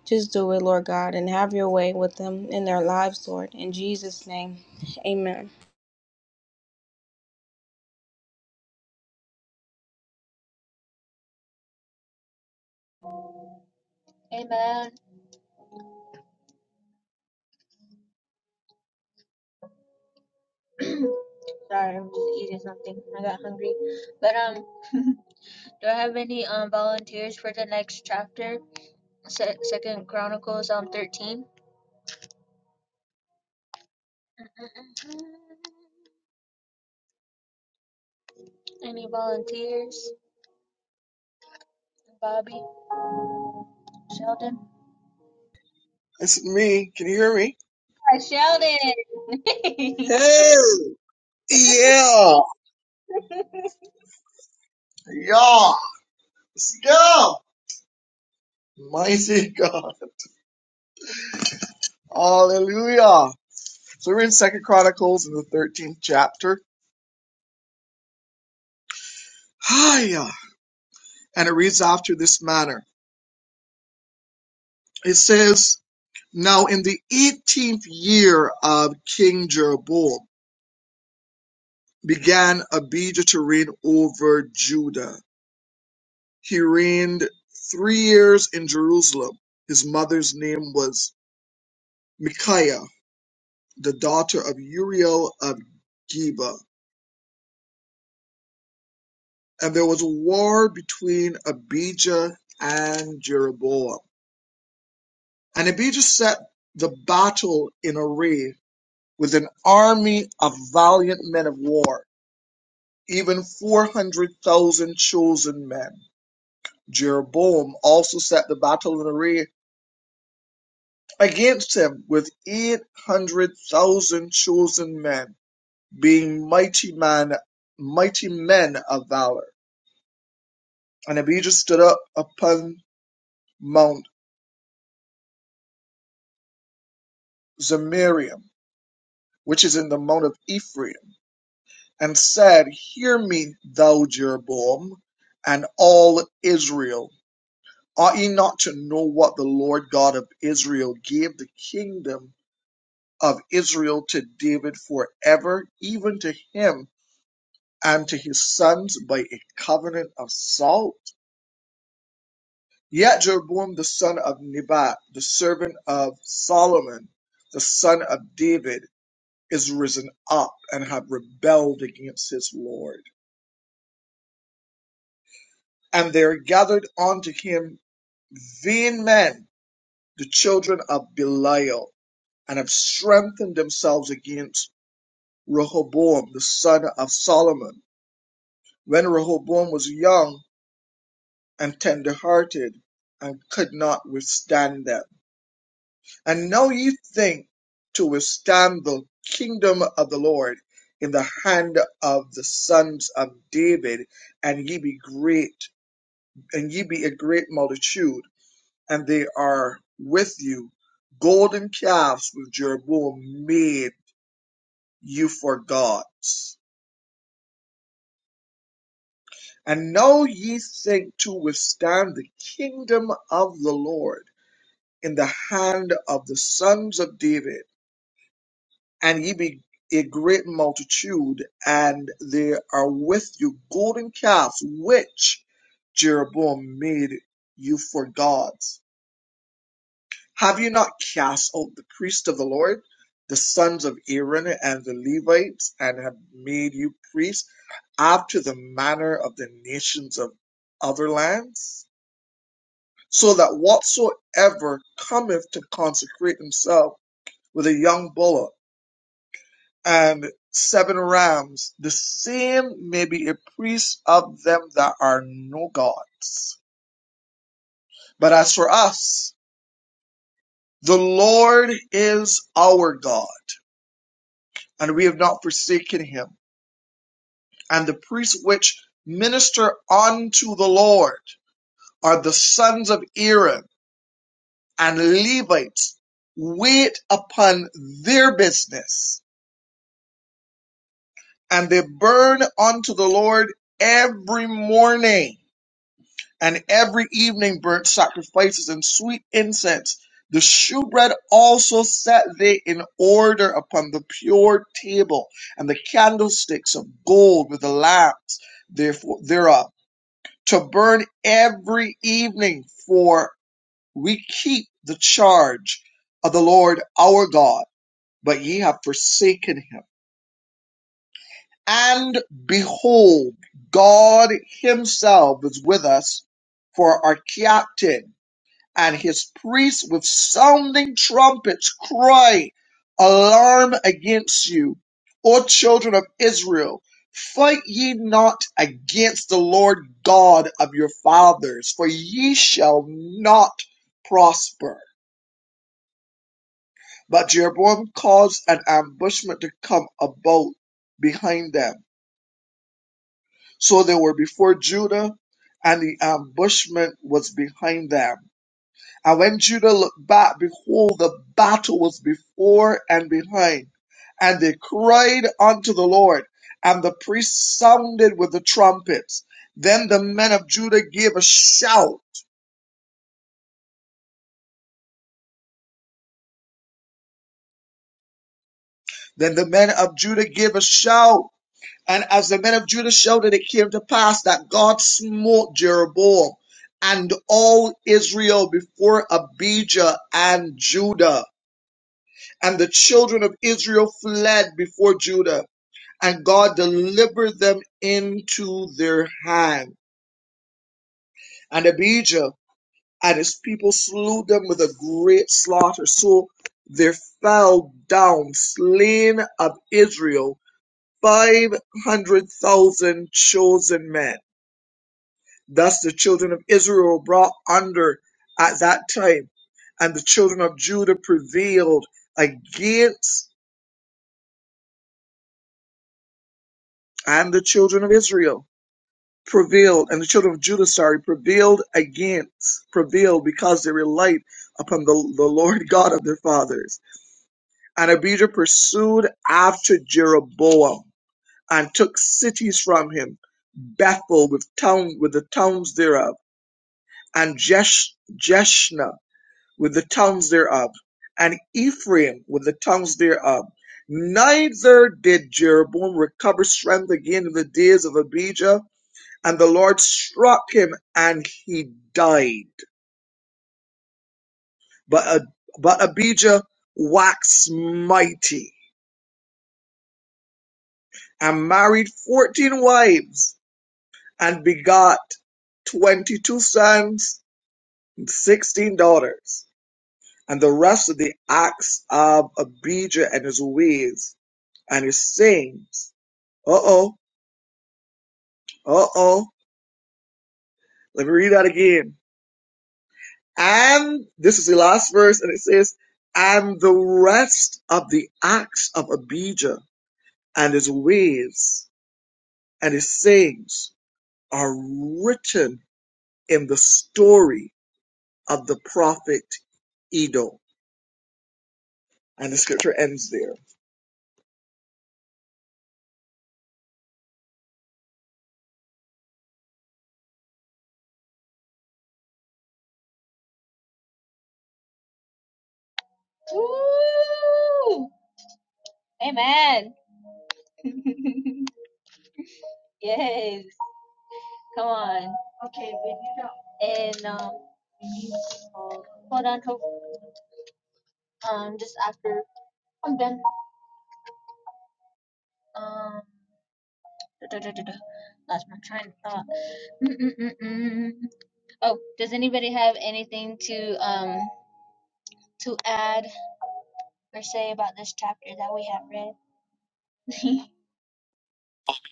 [SPEAKER 5] Just do it, Lord God, and have your way with them in their lives, Lord. In Jesus' name, amen.
[SPEAKER 6] It's me. Can you hear me? Hey, Yeah. Yeah. Let's go. Mighty God. Hallelujah. So we're in Second Chronicles in the 13th chapter. Hiya. And it reads after this manner. It says, Now in the 18th year of King Jeroboam began Abijah to reign over Judah. He reigned three years in Jerusalem. His mother's name was Micaiah. the daughter of Uriel of Geba. And there was a war between Abijah and Jeroboam. And Abijah set the battle in array with an army of valiant men of war, even 400,000 chosen men. Jeroboam also set the battle in array against him with 800,000 chosen men, being mighty man, mighty men of valor. And Abijah stood up upon Mount Zemarium, which is in the Mount of Ephraim, and said, Hear me, thou Jeroboam, and all Israel. Ought ye not to know what the Lord God of Israel gave the kingdom of Israel to David forever, even to him and to his sons by a covenant of salt? Yet Jeroboam the son of Nebat, the servant of Solomon, the son of David, is risen up and have rebelled against his Lord. And there gathered unto him vain men, the children of Belial, and have strengthened themselves against Rehoboam, the son of Solomon. When Rehoboam was young and tender hearted, and could not withstand them. And now ye think to withstand the kingdom of the Lord in the hand of the sons of David, and ye be great and ye be a great multitude, and they are with you. Golden calves with Jeroboam made you for gods. And now ye think to withstand the kingdom of the Lord in the hand of the sons of David, and ye be a great multitude, and they are with you golden calves which Jeroboam made you for gods Have you not cast out the priests of the Lord, the sons of Aaron and the Levites, and have made you priests after the manner of the nations of other lands? So that whatsoever cometh to consecrate himself with a young bullock and seven rams, the same may be a priest of them that are no gods. But as for us, the Lord is our God and we have not forsaken him. And the priests which minister unto the Lord are the sons of Aaron and Levites. Wait upon their business, and they burn unto the Lord every morning and every evening burnt sacrifices and sweet incense. The shewbread also set they in order upon the pure table, and the candlesticks of gold with the lamps therefore thereof to burn every evening, for we keep the charge of the Lord our God, but ye have forsaken him. And behold, God himself is with us for our captain and his priests with sounding trumpets cry, Alarm against you, O children of Israel! Fight ye not against the Lord God of your fathers, for ye shall not prosper. But Jeroboam caused an ambushment to come about behind them. So they were before Judah, and the ambushment was behind them I want you to look back. Behold, the battle was before and behind. And they cried unto the Lord, and the priests sounded with the trumpets. Then the men of Judah gave a shout. Then the men of Judah gave a shout. And as the men of Judah shouted, it came to pass that God smote Jeroboam and all Israel before Abijah and Judah. And the children of Israel fled before Judah and God delivered them into their hand. And Abijah and his people slew them with a great slaughter. So there fell down slain of Israel five hundred thousand chosen men. Thus the children of Israel were brought under at that time, and the children of Judah prevailed against and the children of Israel. prevailed, and the children of Judah, sorry, prevailed against, prevailed because they relied upon the, the Lord God of their fathers. And Abijah pursued after Jeroboam and took cities from him, Bethel with town with the towns thereof, and Jesh, Jeshna with the towns thereof, and Ephraim with the towns thereof. Neither did Jeroboam recover strength again in the days of Abijah, and the Lord struck him and he died. But, uh, but Abijah waxed mighty and married 14 wives and begot 22 sons and 16 daughters. And the rest of the acts of Abijah and his ways and his sayings. Uh oh, uh oh. Let me read that again And this is the last verse, and it says, And the rest of the acts of Abijah and his ways and his sayings are written in the story of the prophet Edo. And the scripture ends there.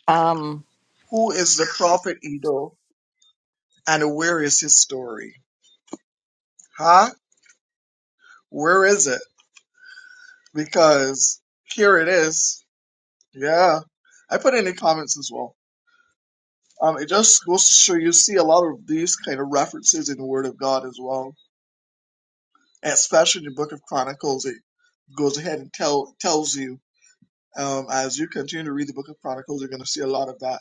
[SPEAKER 4] Um.
[SPEAKER 6] Who is the prophet Edo and where is his story? Huh? Where is it? Because here it is. Yeah. I put it in the comments as well. Um, it just goes to show you see a lot of these kind of references in the Word of God as well, especially in the Book of Chronicles. It goes ahead and tell tells you um, as you continue to read the Book of Chronicles, you're going to see a lot of that.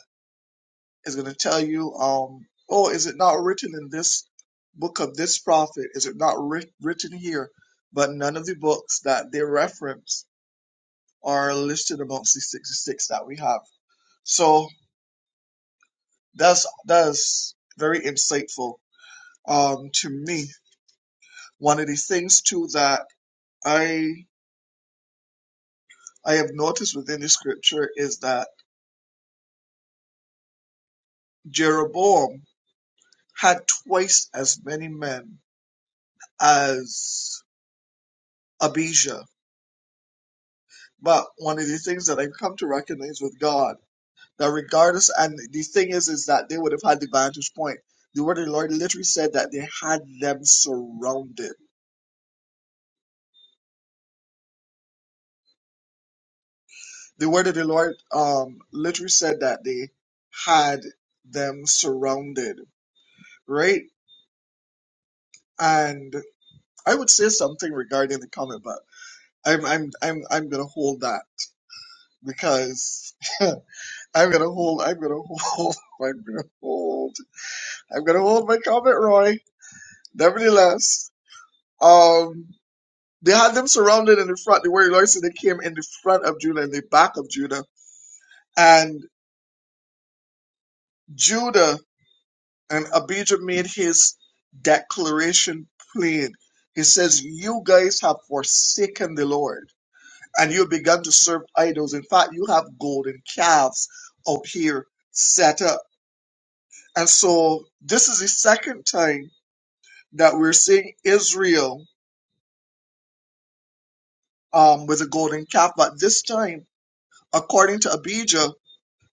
[SPEAKER 6] It's going to tell you, um, oh, is it not written in this book of this prophet? Is it not writ- written here? But none of the books that they reference are listed amongst the 66 that we have. So that's that's very insightful um, to me One of the things too that I I have noticed within the scripture is that Jeroboam had twice as many men as Abijah. But one of the things that I've come to recognize with God that regardless and the thing is is that they would have had the vantage point. The word of the Lord literally said that they had them surrounded. The word of the Lord um literally said that they had them surrounded, right? And I would say something regarding the comment, but I'm I'm I'm I'm gonna hold that because I'm gonna hold I'm gonna hold I'm gonna hold I'm gonna hold my comment, Roy. Nevertheless, um they had them surrounded in the front. The word Lord said they came in the front of Judah and the back of Judah. And Judah and Abijah made his declaration plain. He says, You guys have forsaken the Lord. and you began to serve idols. In fact, you have golden calves out here set up. And so this is the second time that we're seeing Israel um, with a golden calf. But this time, according to Abijah,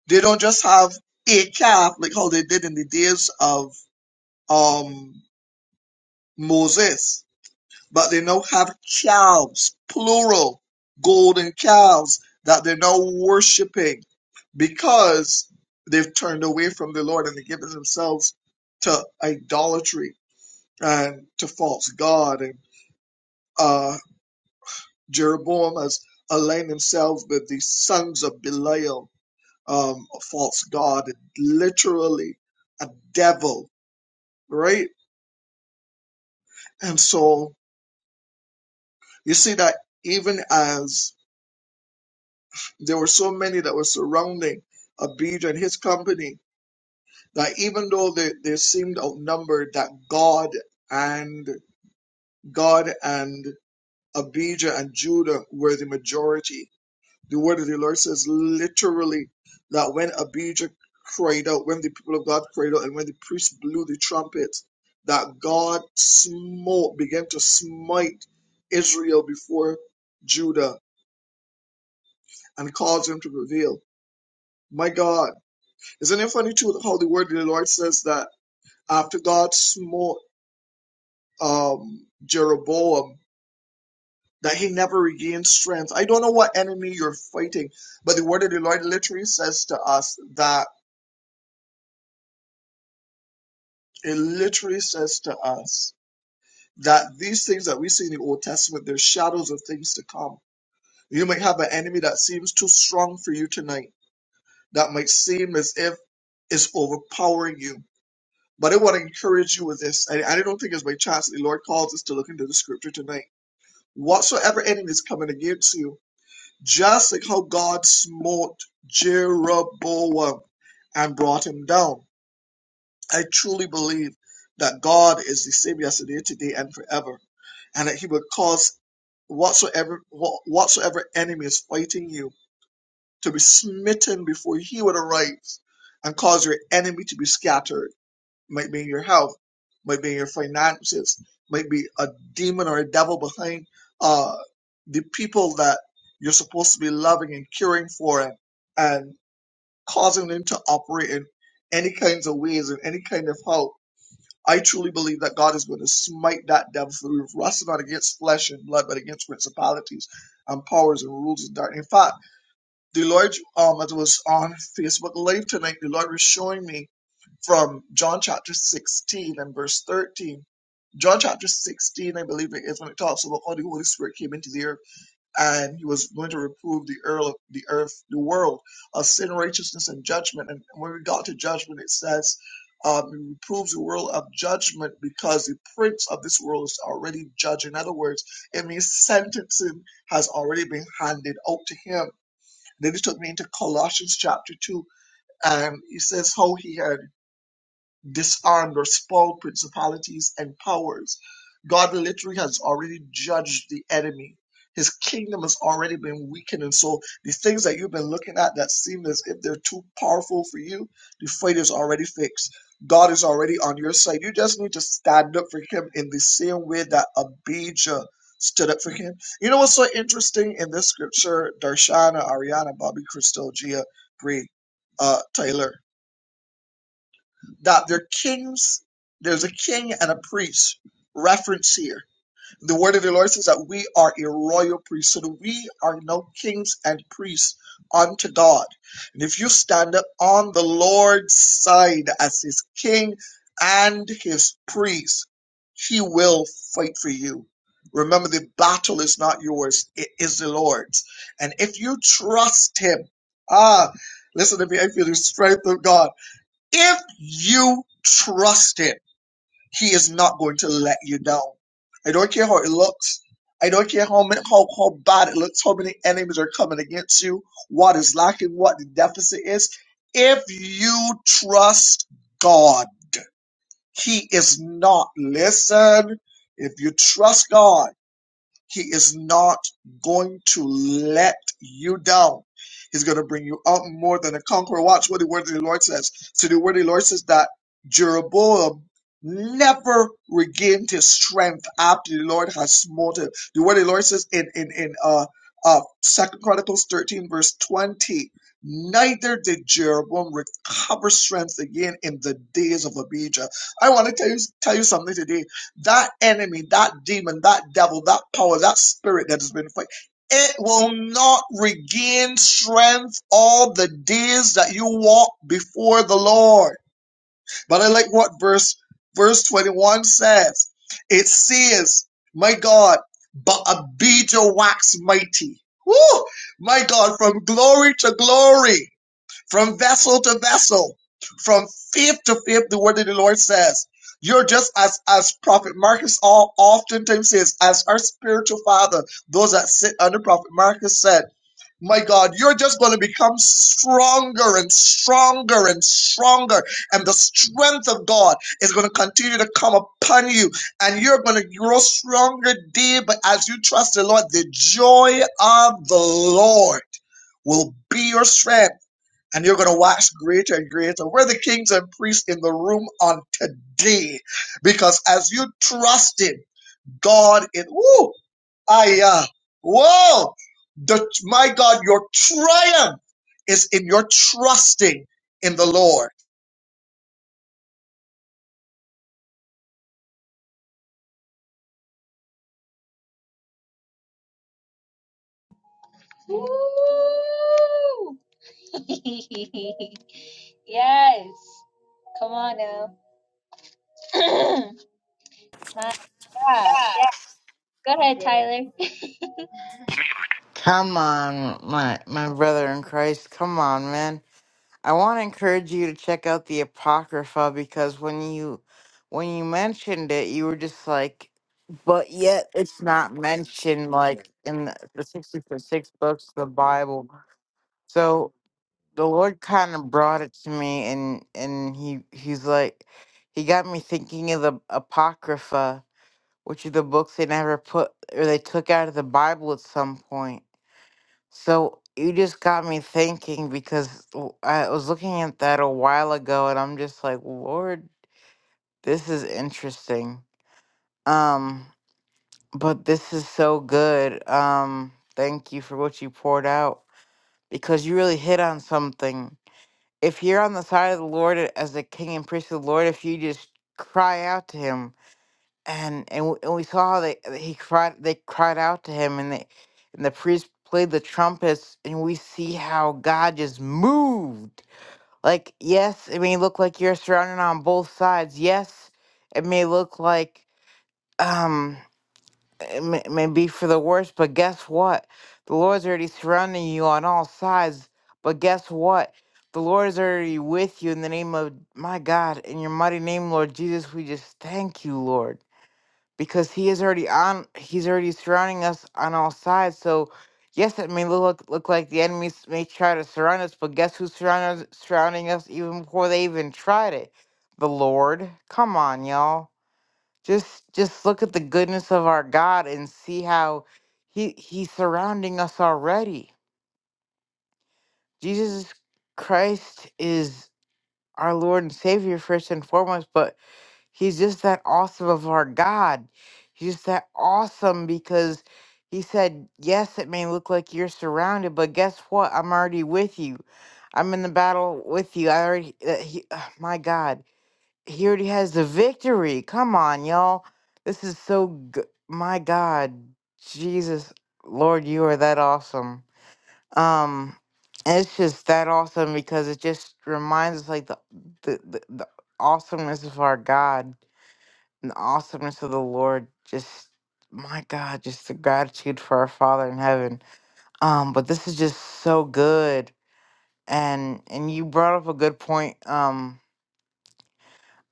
[SPEAKER 6] they don't just have a calf like how they did in the days of um, Moses. but they now have calves, plural, golden calves that they're now worshiping because they've turned away from the Lord and they've given themselves to idolatry and to false God. And uh, Jeroboam has aligned himself with the sons of Belial, um, a false God, literally a devil, right? And so you see that even as There were so many that were surrounding Abijah and his company that even though they, they seemed outnumbered, that God and God and Abijah and Judah were the majority. The word of the Lord says literally that when Abijah cried out, when the people of God cried out, and when the priest blew the trumpet, that God smote, began to smite Israel before Judah and caused him to prevail. My God Isn't it funny too how the word of the Lord says that after God smote um, Jeroboam, that he never regained strength? I don't know what enemy you're fighting, but the word of the Lord literally says to us that it literally says to us that these things that we see in the Old Testament, they're shadows of things to come. You might have an enemy that seems too strong for you tonight, that might seem as if it's overpowering you But I want to encourage you with this. I, I don't think it's by chance that the Lord calls us to look into the scripture tonight. Whatsoever enemy is coming against you, just like how God smote Jeroboam and brought him down. I truly believe that God is the same yesterday, today, and forever, and that He would cause whatsoever whatsoever enemy is fighting you to be smitten before He would arise and cause your enemy to be scattered might be in your health, might be in your finances, might be a demon or a devil behind uh, the people that you're supposed to be loving and caring for and, and causing them to operate in any kinds of ways and any kind of help. I truly believe that God is going to smite that devil for we've not against flesh and blood, but against principalities and powers and rules of darkness. In fact, the Lord, um, as I was on Facebook Live tonight, the Lord was showing me from John chapter 16 and verse 13. John chapter 16, I believe it is, when it talks about how the Holy Spirit came into the earth and he was going to reprove the earth, the earth, the world of sin, righteousness, and judgment. And when we got to judgment, it says, um, he reproves the world of judgment because the prince of this world is already judged. In other words, it means sentencing has already been handed out to him. Then he took me into Colossians chapter 2, and he says how he had disarmed or spoiled principalities and powers. God literally has already judged the enemy. His kingdom has already been weakened. And so the things that you've been looking at that seem as if they're too powerful for you, the fight is already fixed. God is already on your side. You just need to stand up for him in the same way that Abijah stood up for him. You know what's so interesting in this scripture? Darshana, Ariana, Bobby, Crystal, Gia, Bree, uh, Taylor that they're kings. There's a king and a priest reference here. The word of the Lord says that we are a royal priesthood. So We are now kings and priests unto God. And if you stand up on the Lord's side as his king and his priest, he will fight for you. Remember, the battle is not yours, it is the Lord's. And if you trust him, ah, listen to me, I feel the strength of God if you trust him, he is not going to let you down. I don't care how it looks. I don't care how many, how, how bad it looks, how many enemies are coming against you, what is lacking, what the deficit is. If you trust God, he is not. Listen, if you trust God. He is not going to let you down. He's going to bring you out more than a conqueror. Watch what the word of the Lord says. So the word of the Lord says that Jeroboam never regained his strength after the Lord has smote him. The word of the Lord says in in in uh uh Second Chronicles thirteen verse twenty. Neither did Jeroboam recover strength again in the days of Abijah. I want to tell you tell you something today that enemy, that demon, that devil, that power, that spirit that has been fighting, it will not regain strength all the days that you walk before the Lord. But I like what verse verse 21 says. It says, my God, but Abijah waxed mighty. Woo! My God, from glory to glory from vessel to vessel, from fifth to fifth, the word of the Lord says. You're just as as Prophet Marcus all oftentimes says, as our spiritual father, those that sit under Prophet Marcus said, My God, you're just going to become stronger and stronger and stronger. And the strength of God is going to continue to come upon you. And you're going to grow stronger day, but as you trust the Lord, the joy of the Lord will be your strength and you're going to watch greater and greater. We're the kings and priests in the room on today because as you trusted God in, woo, I, uh, whoa, the, my God, your triumph is in your trusting in the Lord.
[SPEAKER 4] Come on, my my brother in Christ. Come on, man. I want to encourage you to check out the apocrypha because when you when you mentioned it, you were just like, but yet it's not mentioned like in the, the sixty six books of the Bible. So the Lord kind of brought it to me, and and he he's like, he got me thinking of the apocrypha, which are the books they never put or they took out of the Bible at some point so you just got me thinking because w- I was looking at that a while ago and I'm just like, Lord, this is interesting. Um, but this is so good. Um, thank you for what you poured out because you really hit on something. If you're on the side of the Lord as a king and priest of the Lord, if you just cry out to him, and and we, and we saw that that he cried they cried out to him and they and the priest played the trumpets and we see how god just moved like yes it may look like you're surrounded on both sides yes it may look like um it may, it may be for the worst but guess what the lord's already surrounding you on all sides but guess what the lord is already with you in the name of my god in your mighty name lord jesus we just thank you lord because he is already on he's already surrounding us on all sides so yes it may look look like the enemies may try to surround us but guess who's surrounding us, surrounding us even before they even tried it the lord come on y'all just just look at the goodness of our god and see how he he's surrounding us already jesus christ is our lord and savior first and foremost but He's just that awesome of our God. He's just that awesome because he said, Yes, it may look like you're surrounded, but guess what? I'm already with you. I'm in the battle with you. I already, uh, he, uh, my God, he already has the victory. Come on, y'all. This is so good. My God, Jesus, Lord, you are that awesome. Um, and it's just that awesome because it just reminds us like the, the, the, the awesomeness of our God and the awesomeness of the Lord. Just my God, just the gratitude for our Father in heaven. Um, but this is just so good, and and you brought up a good point, um,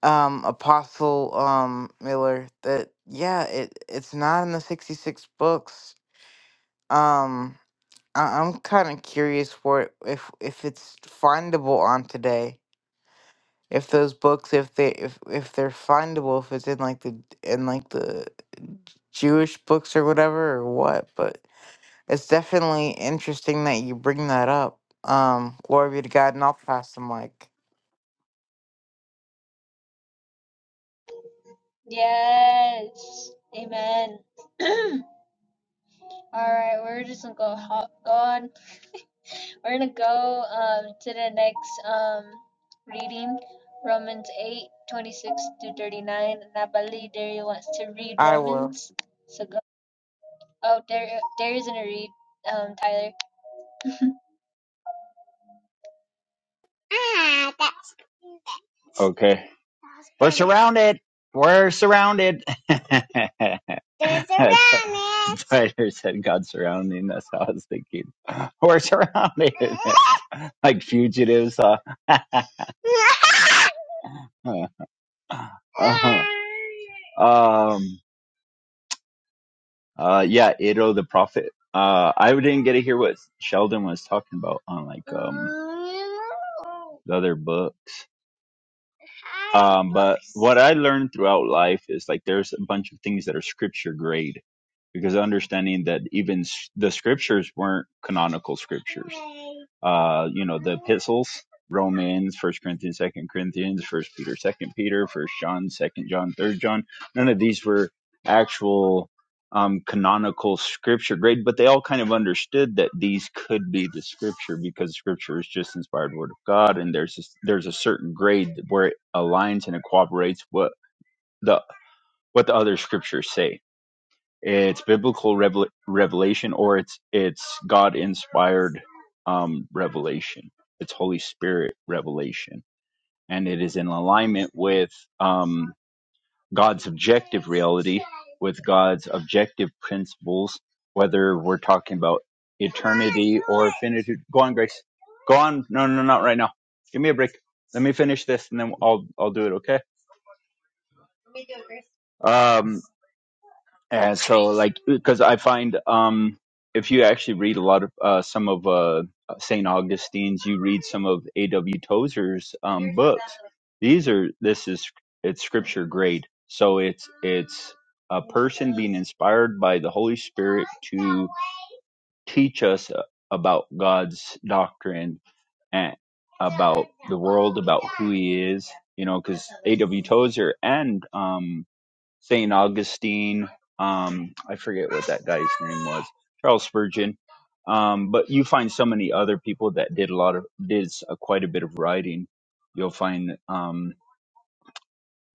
[SPEAKER 4] um, Apostle um, Miller. That yeah, it it's not in the sixty six books. Um, I, I'm kind of curious for it if if it's findable on today. If those books, if they if if they're findable, if it's in like the in like the Jewish books or whatever or what, but it's definitely interesting that you bring that up. Um, glory be to God, and I'll pass the mic. I will.
[SPEAKER 2] okay. We're surrounded. We're surrounded. They're surrounded. Spider said God's surrounding. That's how I was thinking. We're surrounded. like fugitives. Uh, uh-huh. um, Uh, yeah, Ado the Prophet. Uh, I didn't get to hear what Sheldon was talking about on like um the other books. Um, but what I learned throughout life is like there's a bunch of things that are scripture grade because understanding that even s- the scriptures weren't canonical scriptures uh you know the epistles romans first corinthians second corinthians first peter second peter first john second john third john none of these were actual um canonical scripture grade but they all kind of understood that these could be the scripture because scripture is just inspired word of god and there's a, there's a certain grade where it aligns and it cooperates what the what the other scriptures say it's biblical revel- revelation, or it's it's God inspired um, revelation. It's Holy Spirit revelation, and it is in alignment with um, God's objective reality, with God's objective principles. Whether we're talking about eternity or finitude, go on, Grace. Go on. No, no, no, not right now. Give me a break. Let me finish this, and then I'll I'll do it. Okay. Um, And so, like, because I find um, if you actually read a lot of uh, some of uh, St. Augustine's, you read some of A.W. Tozer's um, books. These are this is it's scripture grade, so it's it's a person being inspired by the Holy Spirit to teach us uh, about God's doctrine and about the world, about who He is. You know, because A.W. Tozer and um, St. Augustine. Um, I forget what that guy's name was, Charles Spurgeon. Um, but you find so many other people that did a lot of did s- uh, quite a bit of writing. You'll find um,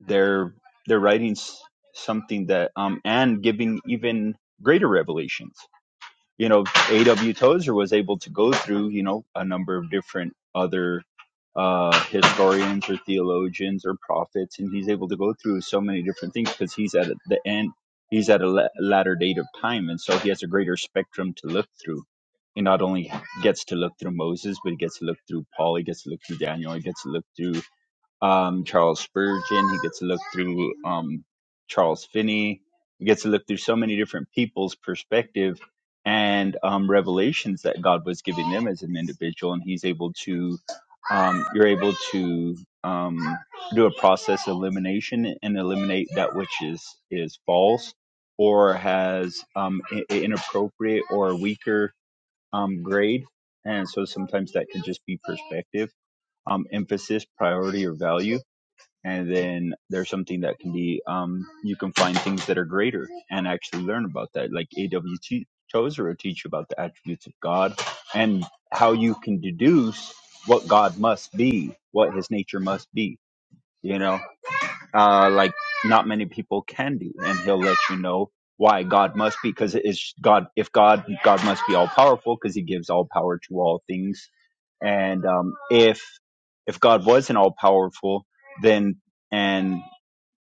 [SPEAKER 2] their their writings something that um, and giving even greater revelations you know, A.W. Tozer was able to go through, you know, a number of different other uh, historians or theologians or prophets, and he's able to go through so many different things because he's at the end, he's at a la- latter date of time, and so he has a greater spectrum to look through. He not only gets to look through Moses, but he gets to look through Paul, he gets to look through Daniel, he gets to look through um, Charles Spurgeon. He gets to look through um, Charles Finney. He gets to look through so many different people's perspective and um, revelations that God was giving them as an individual. And he's able to, um, you're able to um, do a process elimination and eliminate that which is is false or has um, i- i- inappropriate or weaker um, grade. And so sometimes that can just be perspective, um, emphasis, priority, or value and then there's something that can be um, you can find things that are greater and actually learn about that like AWT T- tozer will teach you about the attributes of god and how you can deduce what god must be what his nature must be you know uh, like not many people can do and he'll let you know why god must be because it is god if god god must be all powerful because he gives all power to all things and um, if if god wasn't all powerful then and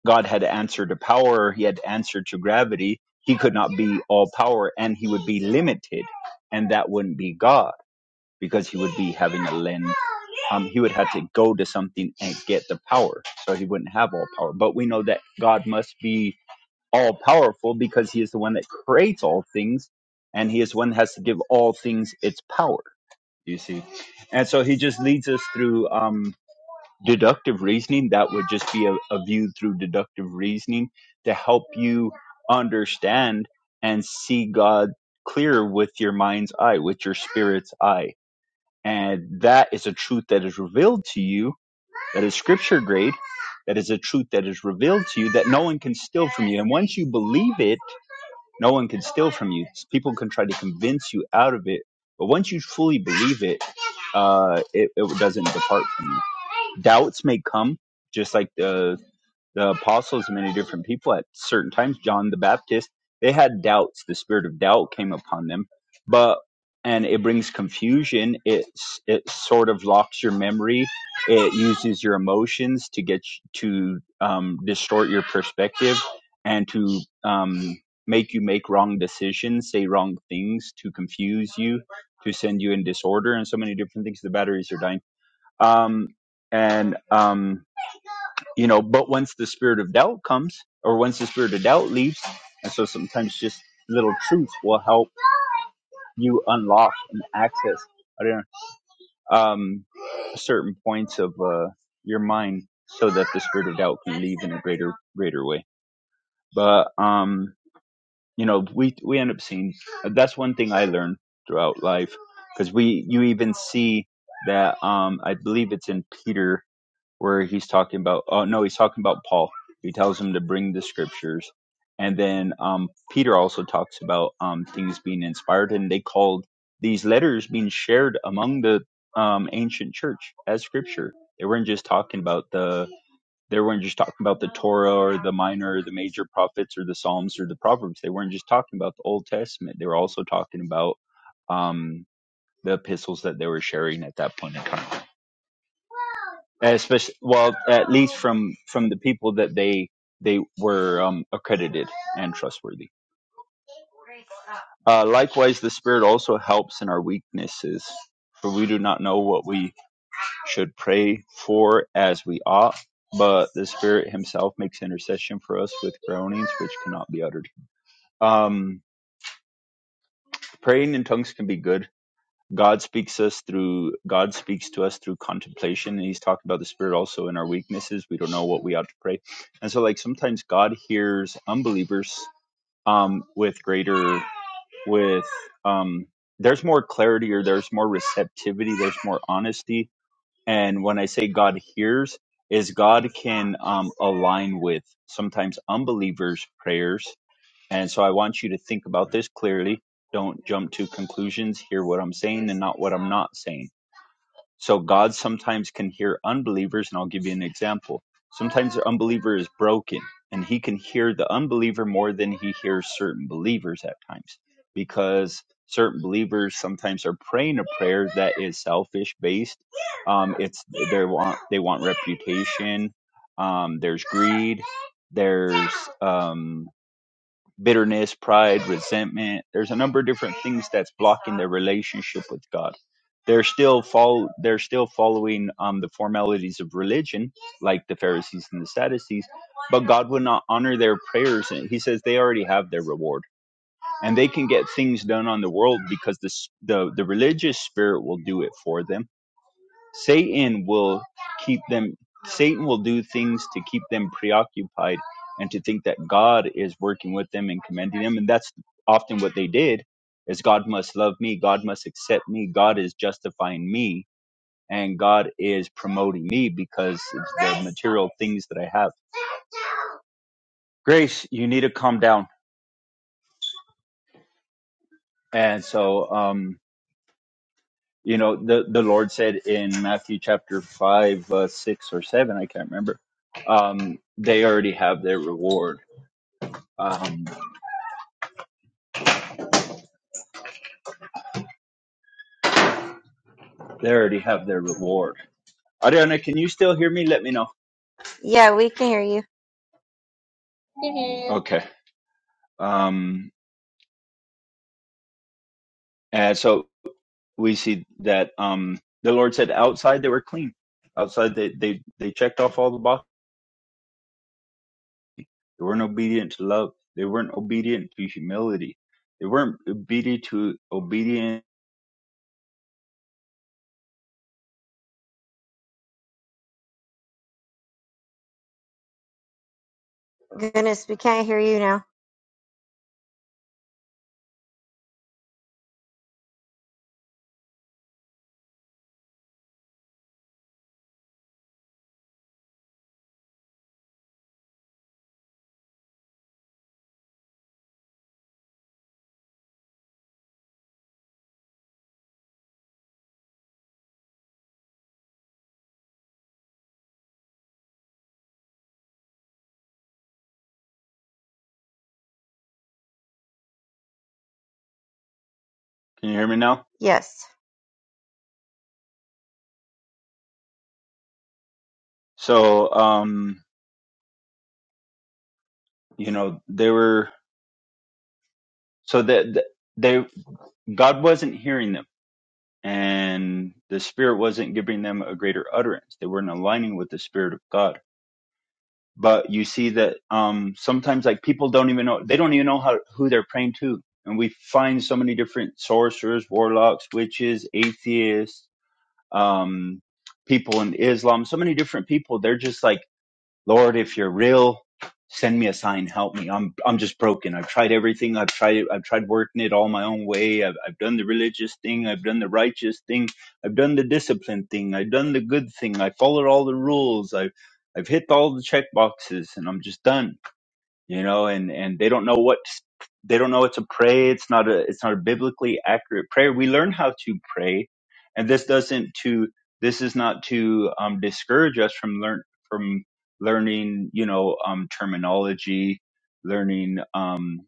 [SPEAKER 2] God had answered to power, he had answered to gravity. He could not be all power and he would be limited, and that wouldn't be God because he would be having a lens. Um, he would have to go to something and get the power, so he wouldn't have all power. But we know that God must be all powerful because he is the one that creates all things and he is one that has to give all things its power, you see. And so he just leads us through. Um, deductive reasoning that would just be a, a view through deductive reasoning to help you understand and see god clear with your mind's eye with your spirit's eye and that is a truth that is revealed to you that is scripture grade, that is a truth that is revealed to you that no one can steal from you. And once you believe it, no one can steal from you. People can try to convince you out of it, but once you fully believe it, uh, it, it doesn't depart from you. Doubts may come, just like the the apostles many different people at certain times john the baptist they had doubts the spirit of doubt came upon them but and it brings confusion it's it sort of locks your memory it uses your emotions to get you, to um, distort your perspective and to um, make you make wrong decisions say wrong things to confuse you to send you in disorder and so many different things the batteries are dying um, and um, you know but once the spirit of doubt comes or once the spirit of doubt leaves and so sometimes just little truths will help you unlock and access I don't know, um certain points of uh your mind so that the spirit of doubt can leave in a greater greater way but um you know we we end up seeing that's one thing i learned throughout life because we you even see that um i believe it's in peter where he's talking about oh no he's talking about paul he tells him to bring the scriptures and then um, peter also talks about um, things being inspired and they called these letters being shared among the um, ancient church as scripture they weren't just talking about the they weren't just talking about the torah or the minor or the major prophets or the psalms or the proverbs they weren't just talking about the old testament they were also talking about um, the epistles that they were sharing at that point in time especially well at least from from the people that they they were um, accredited and trustworthy uh, likewise the spirit also helps in our weaknesses for we do not know what we should pray for as we ought but the spirit himself makes intercession for us with groanings which cannot be uttered um, praying in tongues can be good God speaks us through God speaks to us through contemplation, and He's talking about the Spirit also in our weaknesses. We don't know what we ought to pray, and so like sometimes God hears unbelievers um, with greater with um, there's more clarity or there's more receptivity, there's more honesty. And when I say God hears, is God can um, align with sometimes unbelievers' prayers and so I want you to think about this clearly. Don't jump to conclusions. Hear what I'm saying and not what I'm not saying. So God sometimes can hear unbelievers, and I'll give you an example. Sometimes the unbeliever is broken, and he can hear the unbeliever more than he hears certain believers at times because certain believers sometimes are praying a prayer that is selfish based. Um, it's they want they want reputation. Um, there's greed. There's um, bitterness, pride, resentment. There's a number of different things that's blocking their relationship with God. They're still follow, they're still following um, the formalities of religion, like the Pharisees and the Sadducees, but God will not honor their prayers. And He says they already have their reward, and they can get things done on the world because the s- the, the religious spirit will do it for them Satan will keep them Satan will do things to keep them preoccupied and to think that God is working with them and commending them and that's often what they did is God must love me, God must accept me, God is justifying me and God is promoting me because it's the material things that I have. Grace, you need to calm down. And so um you know the the Lord said in Matthew chapter 5 uh, 6 or 7 I can't remember um, they already have their reward Um, they already have their reward. Ariana, can you still hear me? Let me know.
[SPEAKER 3] Yeah, we can hear you.
[SPEAKER 2] Okay. Um, and so we see that um, the Lord said outside they were clean. Outside they, they, they checked off all the boxes. They weren't obedient to love. They weren't obedient to humility. They weren't obedient to obedient.
[SPEAKER 3] Goodness, we can't hear you now.
[SPEAKER 2] Can you hear me now?
[SPEAKER 3] Yes.
[SPEAKER 2] So, um, you know, they were, so that that they, God wasn't hearing them and the Spirit wasn't giving them a greater utterance. They weren't aligning with the Spirit of God. But you see that um, sometimes, like people don't even know they don't even know how who they're praying to, and we find so many different sorcerers, warlocks, witches, atheists, um, people in Islam, so many different people. They're just like Lord, if you're real, send me a sign. Help me. I'm I'm just broken. I've tried everything. I've tried I've tried working it all my own way. I've I've done the religious thing. I've done the righteous thing. I've done the discipline thing. I've done the good thing. I followed all the rules. I've I've hit all the check boxes, and I'm just done you know, and and they don't know what they don't know what to pray. It's not a it's not a biblically accurate prayer. We learn how to pray, and this doesn't to this is not to um, discourage us from learn from learning you know um, terminology, learning um,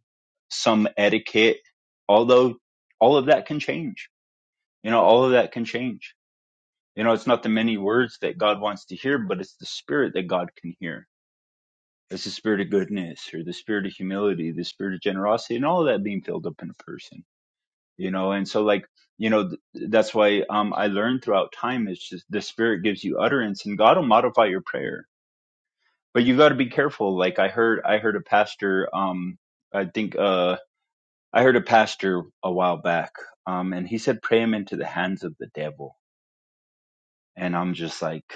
[SPEAKER 2] some etiquette. Although all of that can change, you know, all of that can change. You know, it's not the many words that God wants to hear, but it's the spirit that God can hear it's the spirit of goodness or the spirit of humility, the spirit of generosity, and all of that being filled up in a person, you know. And so, like, you know, th- that's why um, I learned throughout time. It's just the spirit gives you utterance, and God will modify your prayer. But you got to be careful. Like I heard, I heard a pastor. Um, I think uh, I heard a pastor a while back, um, and he said, "Pray him into the hands of the devil." And I'm just like,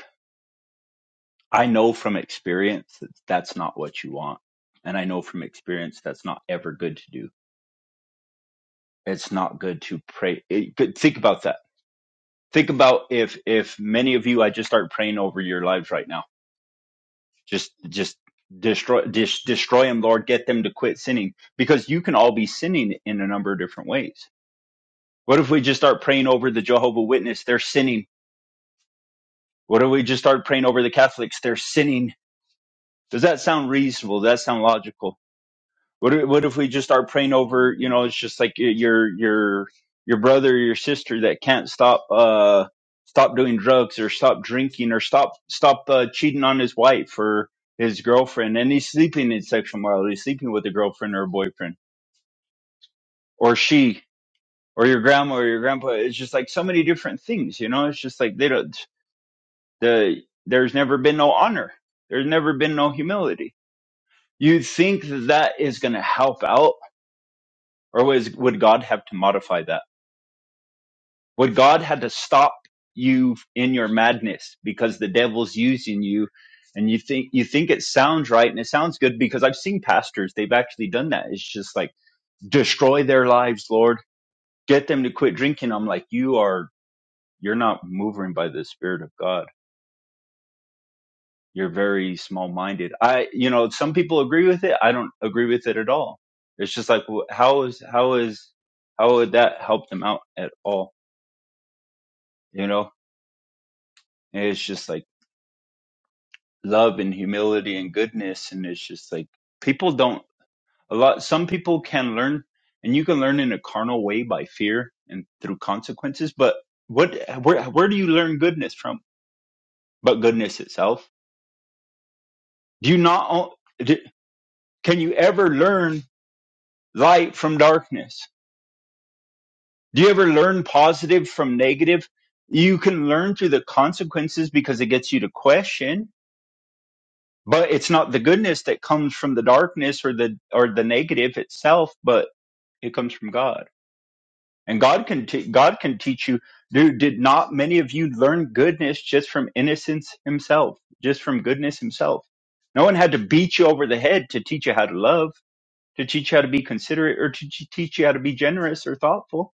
[SPEAKER 2] I know from experience that that's not what you want, and I know from experience that's not ever good to do it's not good to pray. It, good- think about that. Think about if if many of you, I just start praying over your lives right now. Just just destroy dis, destroy them, Lord. Get them to quit sinning because you can all be sinning in a number of different ways. What if we just start praying over the Jehovah Witness? They're sinning. What if we just start praying over the Catholics? They're sinning. Does that sound reasonable? Does that sound logical? What if, what if we just start praying over, you know, it's just like uh, your your your brother or your sister that can't stop uh stop doing drugs or stop drinking or stop stop uh, cheating on his wife or his girlfriend and he's sleeping in sexual morality, he's sleeping with a girlfriend or a boyfriend or she or your grandma or your grandpa. It's just like so many different things, you know. It's just like they don't the there's never been no honor. There's never been no humility. You think that that is going to help out or was would God have to modify that? What God had to stop you in your madness because the devil's using you and you think you think it sounds right and it sounds good because I've seen pastors, they've actually done that. It's just like destroy their lives, Lord. Get them to quit drinking. I'm like, you are you're not moving by the Spirit of God. You're very small minded. I you know, some people agree with it. I don't agree with it at all. It's just like wh- how is how is how would that help them out at all? You know? And it's just like love and humility and goodness and it's just like people don't a lot some people can learn and you can learn in a carnal way by fear and through consequences but what where where do you learn goodness from but goodness itself do you not o- do- can you ever learn light from darkness do you ever learn positive from negative you can learn through the consequences because it gets you to question but it's not the goodness that comes from the darkness or the or the negative itself but It comes from God. And God can t- God can teach you. Dude, did not many of you learn goodness just from innocence himself, just from goodness himself? No one had to beat you over the head to teach you how to love, to teach you how to be considerate, or to t- teach you how to be generous or thoughtful.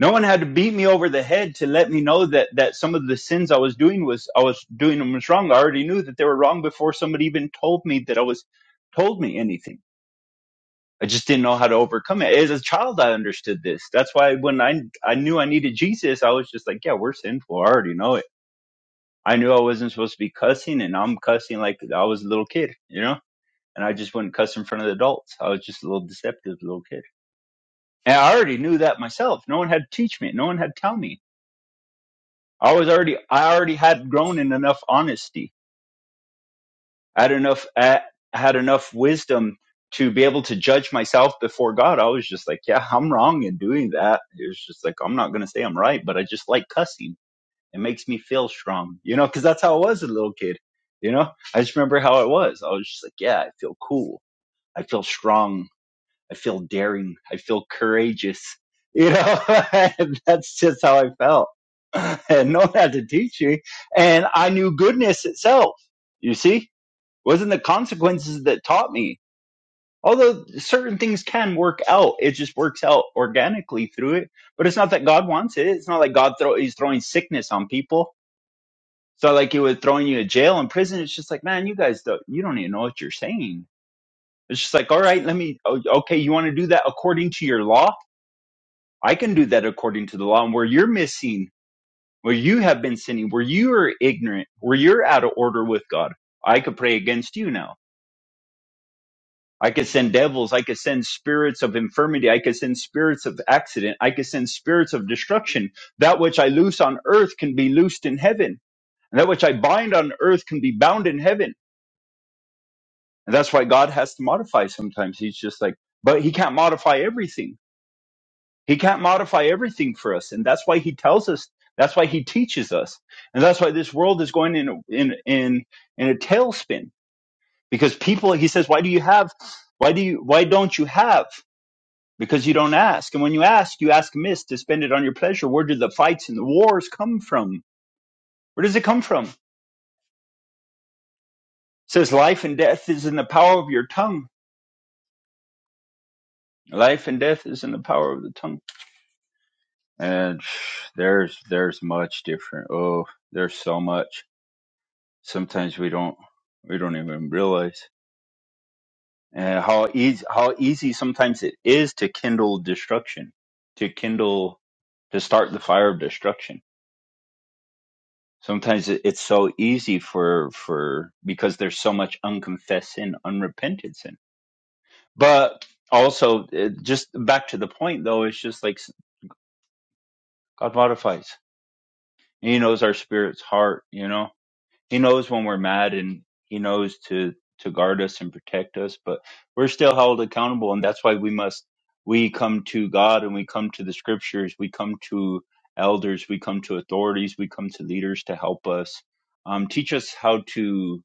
[SPEAKER 2] No one had to beat me over the head to let me know that that some of the sins I was doing was I was doing them was wrong. I already knew that they were wrong before somebody even told me that I was told me anything I just didn't know how to overcome it. As a child, I understood this. That's why when I I knew I needed Jesus, I was just like, yeah, we're sinful. I already know it. I knew I wasn't supposed to be cussing, and I'm cussing like I was a little kid, you know. And I just wouldn't cuss in front of the adults. I was just a little deceptive little kid, and I already knew that myself. No one had to teach me. No one had to tell me. I was already I already had grown in enough honesty I had enough I had enough wisdom to be able to judge myself before God. I was just like, yeah, I'm wrong in doing that. It was just like I'm not going to say I'm right, but I just like cussing. It makes me feel strong, you know, because that's how I was as a little kid. You know, I just remember how it was. I was just like, yeah, I feel cool. I feel strong. I feel daring. I feel courageous. You know, and that's just how I felt. And no one had to teach me. And I knew goodness itself. You see? wasn't the consequences that taught me. Although certain things can work out, it just works out organically through it. But it's not that God wants it. It's not like God throw He's throwing sickness on people. It's not like He was throwing you in jail and prison. It's just like, man, you guys don't you don't even know what you're saying. It's just like, all right, let me. o- Okay, you want to do that according to your law? I can do that according to the law. And where you're missing, where you have been sinning, where you are ignorant, where you're out of order with God, I could pray against you now I could send devils. I could send spirits of infirmity. I could send spirits of accident. I could send spirits of destruction. That which I loose on earth can be loosed in heaven. And that which I bind on earth can be bound in heaven. And that's why God has to modify sometimes. He's just like, but he can't modify everything. He can't modify everything for us. And that's why he tells us. That's why he teaches us. And that's why this world is going in, a- in, in, in a tailspin because people, he says, why do you have, why do you, why don't you have? because you don't ask. And when you ask, you ask amiss to spend it on your pleasure. Where do the fights and the wars come from? Where does it come from? It says life and death is in the power of your tongue. Life and death is in the power of the tongue. And there's there's much different. Oh, there's so much. Sometimes we don't we don't even realize uh, how easy how easy sometimes it is to kindle destruction, to kindle to start the fire of destruction Sometimes it- it's so easy for for because there's so much unconfessed sin, unrepented sin. But also, it, just back to the point though, it's just like s- God modifies. He knows our spirit's heart. You know, He knows when we're mad, and He knows to to guard us and protect us. But we're still held accountable, and that's why we must we come to God and we come to the Scriptures. We come to elders. We come to authorities. We come to leaders to help us um, teach us how to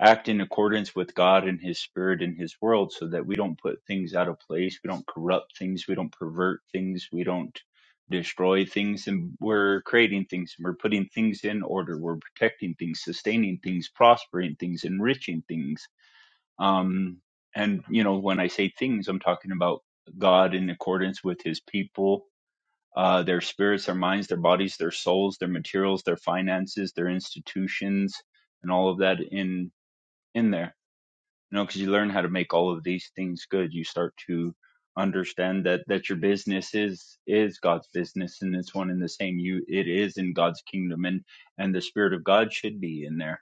[SPEAKER 2] act in accordance with God and His Spirit and His world so that we don't put things out of place. We don't corrupt things. We don't pervert things. We don't destroy things. And we're creating things and we're putting things in order. We're protecting things, sustaining things, prospering things, enriching things. Um, and, you know, when I say things, I'm talking about God in accordance with His people. Uh, their spirits, their minds, their bodies, their souls, their materials, their finances, their institutions, and all of that in in there you know because you learn how to make all of these things good you start to understand that that your business is is god's business and it's one and the same you it is in god's kingdom and and the spirit of god should be in there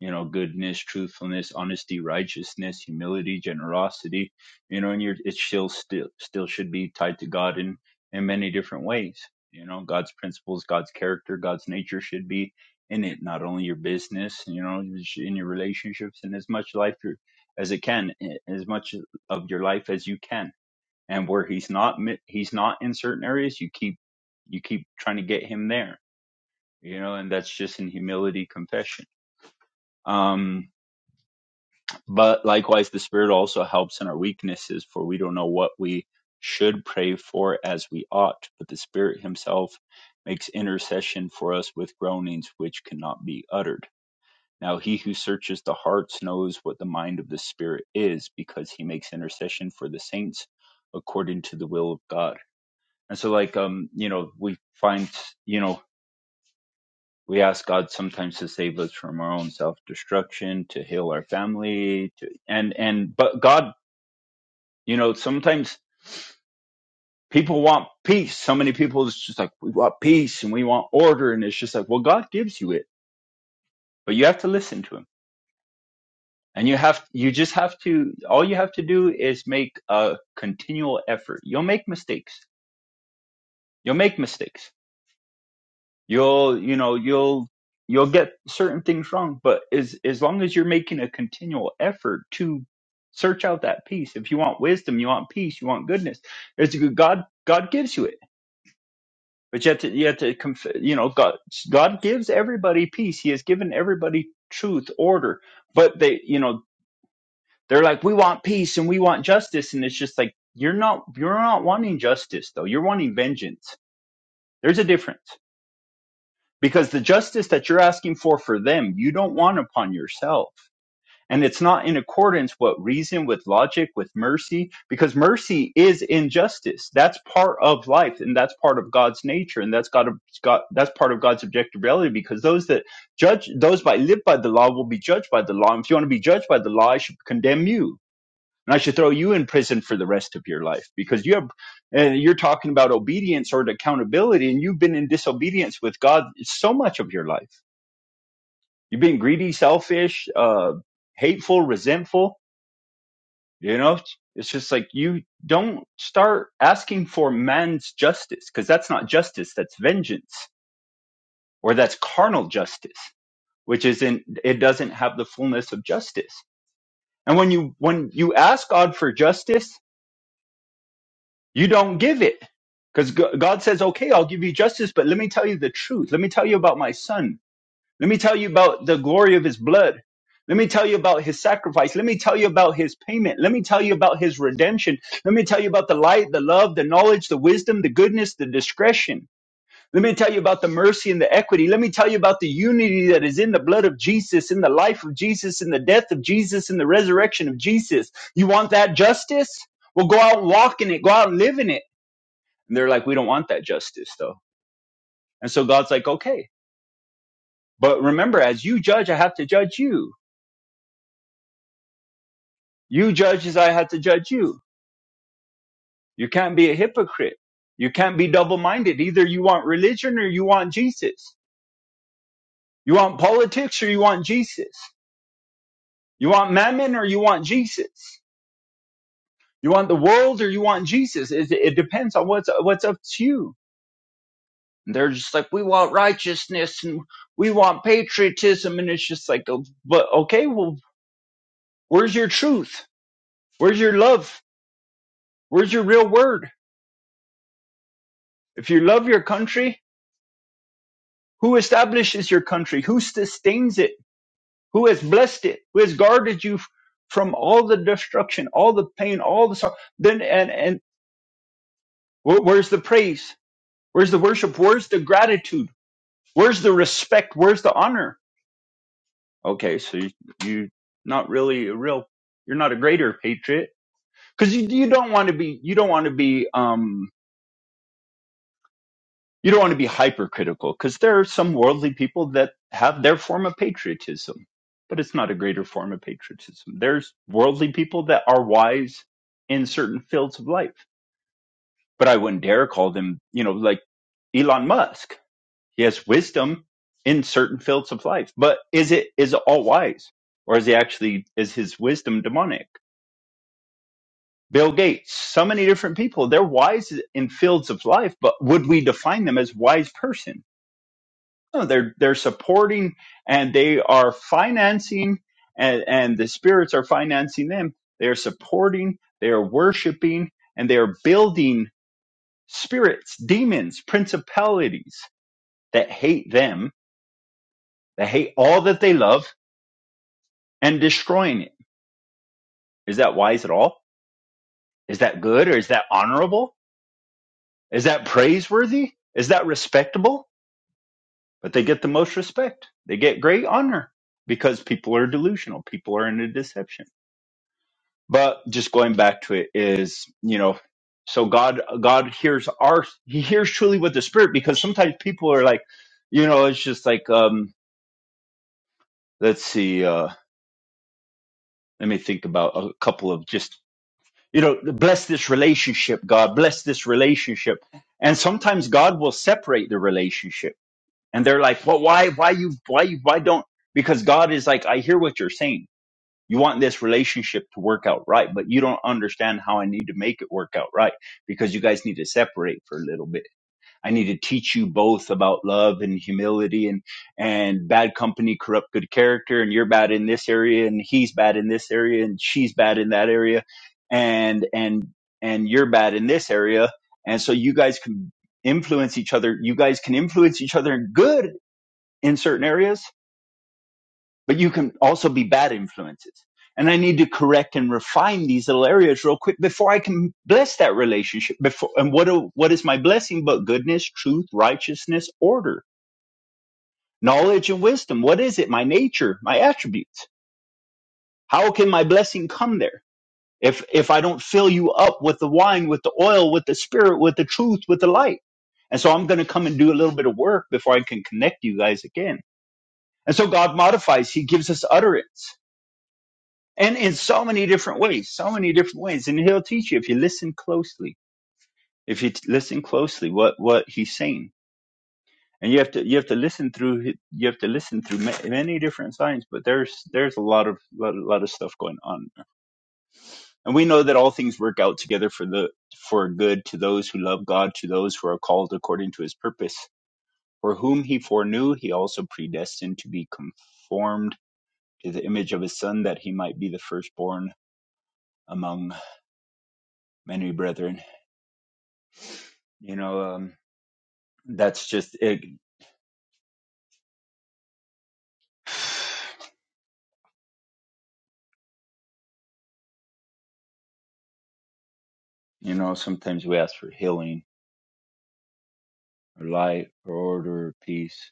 [SPEAKER 2] you know goodness truthfulness honesty righteousness humility generosity you know and you're it still still still should be tied to god in in many different ways you know god's principles god's character god's nature should be in it not only your business you know in your relationships and as much life your- as it can as much of your life as you can and where he's not mi- he's not in certain areas you keep you keep trying to get him there you know and that's just in humility confession um but likewise, the Spirit also helps in our weaknesses, for we don't know what we should pray for as we ought. But the Spirit Himself makes intercession for us with groanings which cannot be uttered. Now, He who searches the hearts knows what the mind of the Spirit is, because He makes intercession for the saints according to the will of God. And so, like, um, you know, we find, you know, we ask God sometimes to save us from our own self destruction, to heal our family, to, and, and, but God You know, sometimes people want peace. So many people it's just like we want peace and we want order, and it's just like, well, God gives you it, but you have to listen to Him, and you have you just have to. All you have to do is make a continual effort. You'll make mistakes. You'll make mistakes. You'll you know you'll you'll get certain things wrong, but as as long as you're making a continual effort to search out that peace if you want wisdom you want peace you want goodness it's god god gives you it But you have to, you have to, you know, God, God gives everybody peace. He has given everybody truth, order. But they, you know, they're like, we want peace and we want justice, and it's just like you're not, you're not wanting justice though. You're wanting vengeance. There's a difference because the justice that you're asking for for them, you don't want upon yourself and it's not in accordance with reason with logic with mercy because mercy is injustice that's part of life and that's part of god's nature and that's god, god that's part of god's objective reality because those that judge those by live by the law will be judged by the law and if you want to be judged by the law i should condemn you and i should throw you in prison for the rest of your life because you have and you're talking about obedience or accountability and you've been in disobedience with god so much of your life you've been greedy selfish uh hateful resentful you know, it's just like you don't start asking for man's justice because that's not justice, that's vengeance or that's carnal justice, which isn't, it doesn't have the fullness of justice. And when you, when you ask God for justice, you don't give it because God says, okay, I'll give you justice, but let me tell you the truth. Let me tell you about my son. Let me tell you about the glory of his blood. Let me tell you about his sacrifice. Let me tell you about his payment. Let me tell you about his redemption. Let me tell you about the light, the love, the knowledge, the wisdom, the goodness, the discretion. Let me tell you about the mercy and the equity. Let me tell you about the unity that is in the blood of Jesus, in the life of Jesus, in the death of Jesus, in the resurrection of Jesus. You want that justice? Well, go out and walk in it. Go out and live in it. And they're like, we don't want that justice though. And so God's like, okay, but remember, as you judge, I have to judge you You judge as I had to judge you. You can't be a hypocrite. You can't be double minded. Either you want religion or you want Jesus. You want politics or you want Jesus. You want mammon or you want Jesus. You want the world or you want Jesus. It, it depends on what's, what's up to you. And they're just like, we want righteousness and we want patriotism. And it's just like, oh, but okay, well, where's your truth? Where's your love? Where's your real word? If you love your country, Who establishes your country? Who sustains it? Who has blessed it? Who has guarded you from all the destruction, all the pain, all the sorrow? Then and and wh- where's the praise? Where's the worship? Where's the gratitude? Where's the respect? Where's the honor? Okay, so you, you not really a real. You're not a greater patriot because you, you don't want to be. You don't want to be. um. you don't want to be hypercritical because there are some worldly people that have their form of patriotism, but it's not a greater form of patriotism. There's worldly people that are wise in certain fields of life, but I wouldn't dare call them, you know, like Elon Musk. He has wisdom in certain fields of life, but is it is it all wise, or is he actually is his wisdom demonic? Bill Gates, so many different people, they're wise in fields of life, but would we define them as wise person? No, they're they're supporting and they are financing and, and the spirits are financing them. They are supporting, they are worshiping, and they are building spirits, demons, principalities that hate them, that hate all that they love, and destroying it. Is that wise at all? Is that good or is that honorable? Is that praiseworthy? Is that respectable? But they get the most respect. They get great honor because people are delusional. People are in a deception. but just going back to it is you know so god god hears our he hears truly with the spirit because sometimes people are like you know it's just like um let's see uh let me think about a couple of just you know bless this relationship god bless this relationship and sometimes god will separate the relationship and they're like well why why you why you why don't because god is like i hear what you're saying You want this relationship to work out right, but you don't understand how I need to make it work out right because you guys need to separate for a little bit. I need to teach you both about love and humility and, and bad company corrupt good character. And you're bad in this area and he's bad in this area and she's bad in that area. And, and, and you're bad in this area. And so you guys can influence each other. You guys can influence each other in good in certain areas but you can also be bad influences. And I need to correct and refine these little areas real quick before I can bless that relationship. Before and what do- what is my blessing but goodness, truth, righteousness, order, knowledge, and wisdom? What is it? My nature, my attributes. How can my blessing come there if if I don't fill you up with the wine, with the oil, with the spirit, with the truth, with the light? And so I'm going to come and do a little bit of work before I can connect you guys again. And so God modifies; He gives us utterance and in so many different ways so many different ways and he'll teach you if you listen closely if you t- listen closely what what he's saying and you have to you have to listen through hi- you have to listen through ma- many different signs but there's there's a lot of lot, lot of stuff going on and we know that all things work out together for the for good to those who love god to those who are called according to his purpose for whom he foreknew he also predestined to be conformed to the image of his son that he might be the firstborn among many brethren You know, um, that's just it. You know, sometimes we ask for healing or light or order or peace,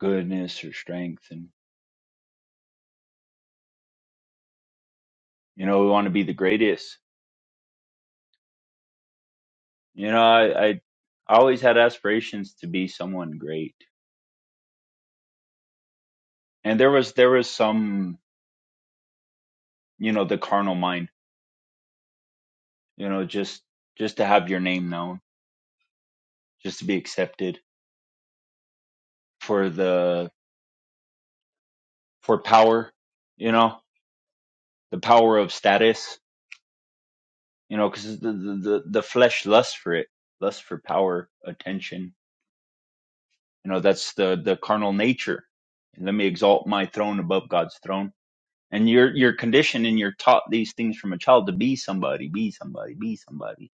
[SPEAKER 2] goodness or strength. And, you know, we want to be the greatest. You know, I, I always had aspirations to be someone great. And there was, there was some, you know, the carnal mind, you know, just, just to have your name known, just to be accepted for the, for power, you know, the power of status you know, because the, the the flesh lusts for it, lusts for power, attention. You know, that's the the carnal nature. And let me exalt my throne above God's throne. And you're you're conditioned and you're taught these things from a child to be somebody, be somebody, be somebody.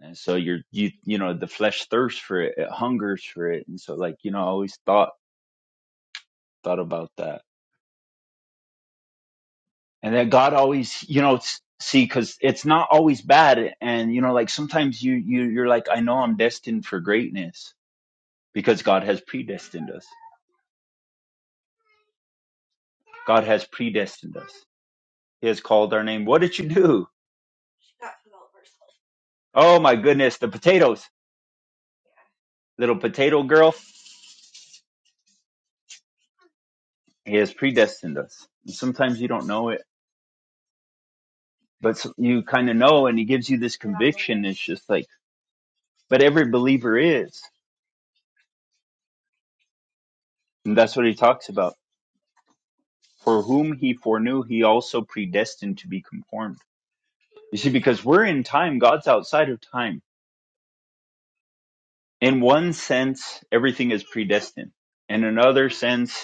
[SPEAKER 2] And so you're you you know the flesh thirsts for it, it hungers for it. And so like you know, I always thought thought about that. And that God always you know it's, see because it's not always bad. And you know like sometimes you you you're like I know I'm destined for greatness because God has predestined us. God has predestined us. He has called our name. What did you do? Oh my goodness, the potatoes, little potato girl. He has predestined us. And sometimes you don't know it, but s- you kind of know, and he gives you this conviction. It's just like, but every believer is. And that's what he talks about. For whom he foreknew, he also predestined to be conformed. You see, because we're in time, God's outside of time. In one sense, everything is predestined in another sense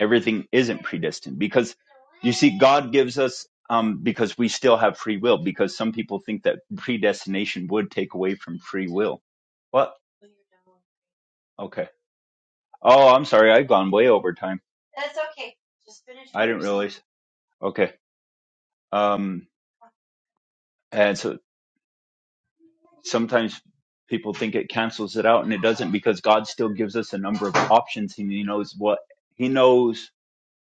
[SPEAKER 2] everything isn't predestined because you see god gives us um, because we still have free will because some people think that predestination would take away from free will what okay oh i'm sorry i've gone way over time i didn't realize okay um and so sometimes people think it cancels it out and it doesn't because god still gives us a number of options and he knows what he knows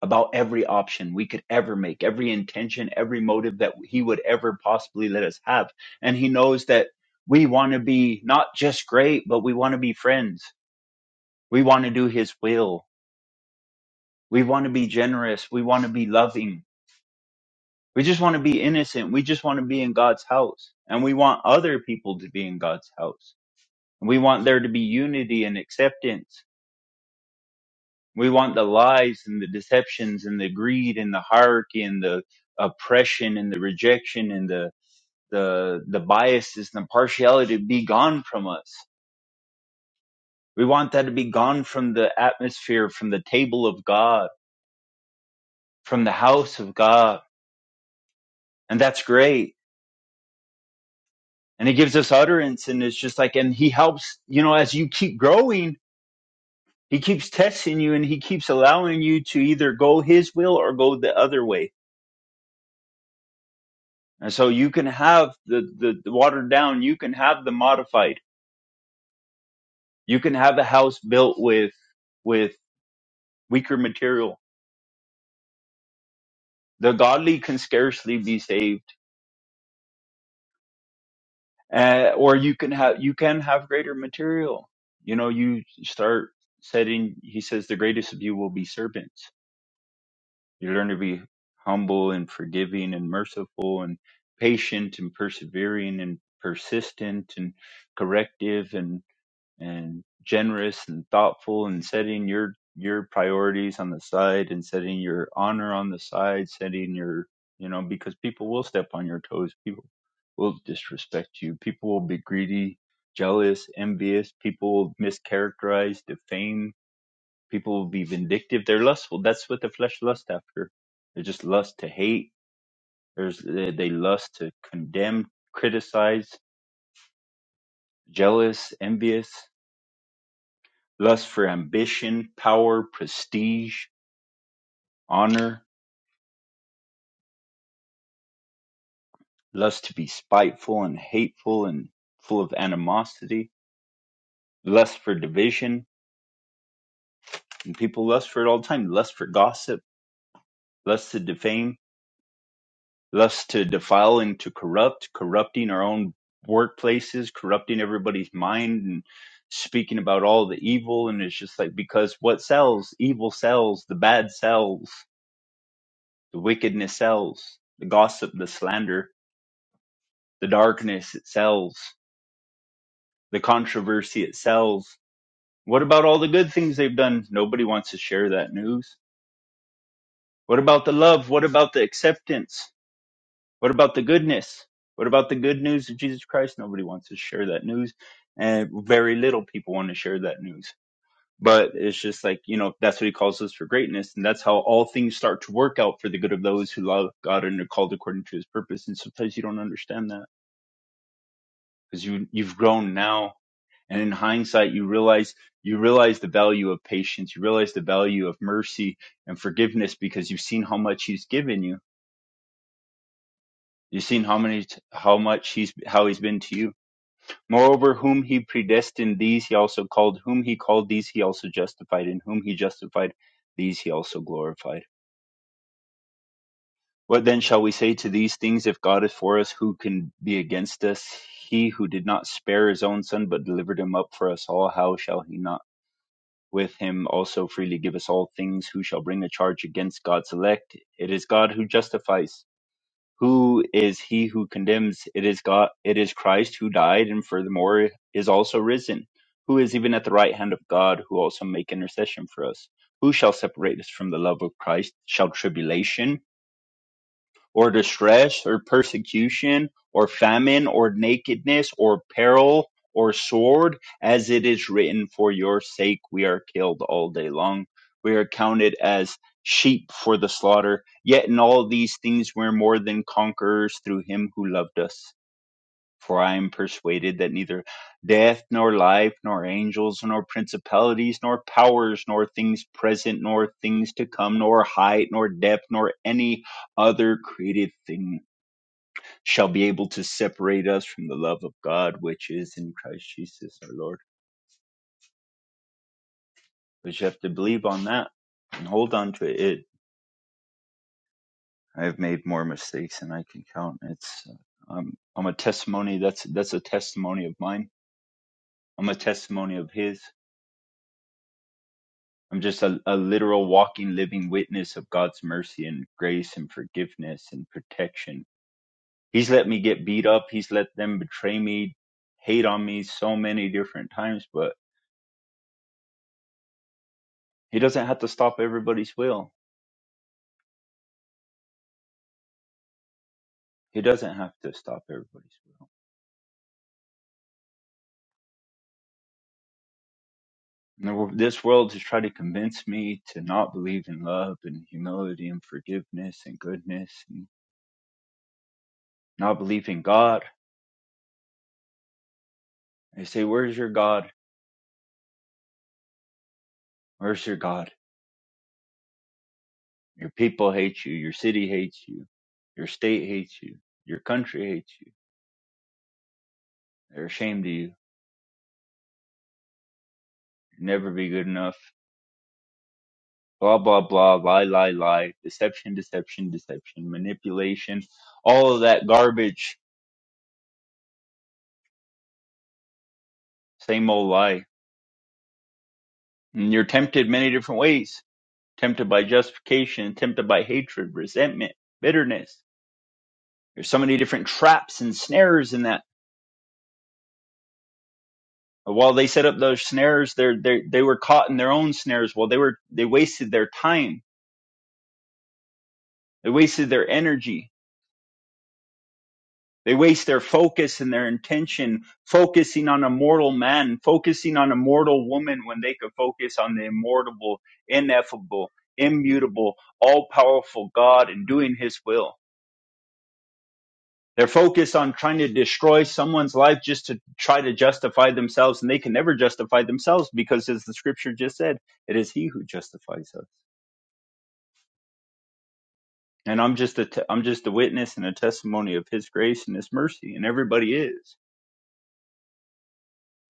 [SPEAKER 2] about every option we could ever make, every intention, every motive that He would ever possibly let us have. And He knows that we want to be not just great, but we want to be friends. We want to do His will. We want to be generous. We want to be loving. We just want to be innocent. We just want to be in God's house. And we want other people to be in God's house. And we want there to be unity and acceptance. We want the lies and the deceptions and the greed and the hierarchy and the oppression and the rejection and the the the biases and the partiality to be gone from us. We want that to be gone from the atmosphere, from the table of God, from the house of God. And that's great. And it gives us utterance and it's just like and he helps, you know, as you keep growing, he keeps testing you and he keeps allowing you to either go his will or go the other way And so you can have the, the, the watered down, you can have the modified, you can have a house built with, with weaker material. The godly can scarcely be saved, uh, or you can have, you can have greater material. You know, you start setting, he says, the greatest of you will be servants. You learn to be humble and forgiving and merciful and patient and persevering and persistent and corrective and generous and thoughtful and setting your your priorities on the side and setting your honor on the side setting your you know because people will step on your toes people will disrespect you people will be greedy jealous envious people will mischaracterize defame people will be vindictive they're lustful that's what the flesh lusts after they just lust to hate there's they they lust to condemn criticize jealous envious Lust for ambition, power, prestige, honor. Lust to be spiteful and hateful and full of animosity. Lust for division. And people lust for it all the time. Lust for gossip. Lust to defame. Lust to defile and to corrupt. Corrupting our own workplaces. Corrupting everybody's mind and speaking about all the evil. And it's just like, because what sells? Evil sells. The bad sells. The wickedness sells. The gossip, the slander the darkness it sells the controversy it sells what about all the good things they've done nobody wants to share that news what about the love what about the acceptance what about the goodness what about the good news of jesus christ nobody wants to share that news and very little people want to share that news but it's just like you know that's what he calls us for greatness and that's how all things start to work out for the good of those who love god and are called according to his purpose and sometimes you don't understand that because you you've grown now And in hindsight, you realize you realize the value of patience. You realize the value of mercy and forgiveness because you've seen how much He's given you. You've seen how many how much He's how He's been to you. Moreover, whom He predestined, these He also called. Whom He called, these He also justified. And whom He justified, these He also glorified. What then shall we say to these things? If God is for us, who can be against us? He who did not spare his own son, but delivered him up for us all, how shall he not? with him also freely give us all things. Who shall bring a charge against God's elect? It is God who justifies. Who is he who condemns? It is God. It is Christ who died and furthermore is also risen. Who is even at the right hand of God who also make intercession for us? Who shall separate us from the love of Christ? Shall tribulation? or distress, or persecution, or famine, or nakedness, or peril, or sword, as it is written, For your sake we are killed all day long. We are counted as sheep for the slaughter. Yet in all these things we're more than conquerors through him who loved us. For I am persuaded that neither death, nor life, nor angels, nor principalities, nor powers, nor things present, nor things to come, nor height, nor depth, nor any other created thing shall be able to separate us from the love of God which is in Christ Jesus our Lord. But you have to believe on that and hold on to it. it I've made more mistakes than I can count. It's uh, I'm, I'm a testimony. That's that's a testimony of mine. I'm a testimony of His. I'm just a, a literal walking, living witness of God's mercy and grace and forgiveness and protection. He's let me get beat up. He's let them betray me, hate on me so many different times, but He doesn't have to stop everybody's will. He doesn't have to stop everybody's will. And the wor- This world has tried to convince me to not believe in love and humility and forgiveness and goodness and not believe in God. They say, Where's your God? Where's your God? Your people hate you. Your city hates you. Your state hates you. Your country hates you. They're ashamed of you. You'll never be good enough. Blah, blah, blah. Lie, lie, lie. Deception, deception, deception. Manipulation. All of that garbage. Same old lie. And you're tempted many different ways. Tempted by justification, tempted by hatred, resentment, bitterness. There's so many different traps and snares in that. While they set up those snares, they're, they they were caught in their own snares. While they were, they wasted their time They wasted their energy. They waste their focus and their intention focusing on a mortal man, focusing on a mortal woman when they could focus on the immortal, ineffable, immutable, all powerful God and doing his will. They're focused on trying to destroy someone's life just to try to justify themselves, and they can never justify themselves because, as the scripture just said, it is he who justifies us. And I'm just a, te- I'm just a witness and a testimony of his grace and his mercy, and everybody is.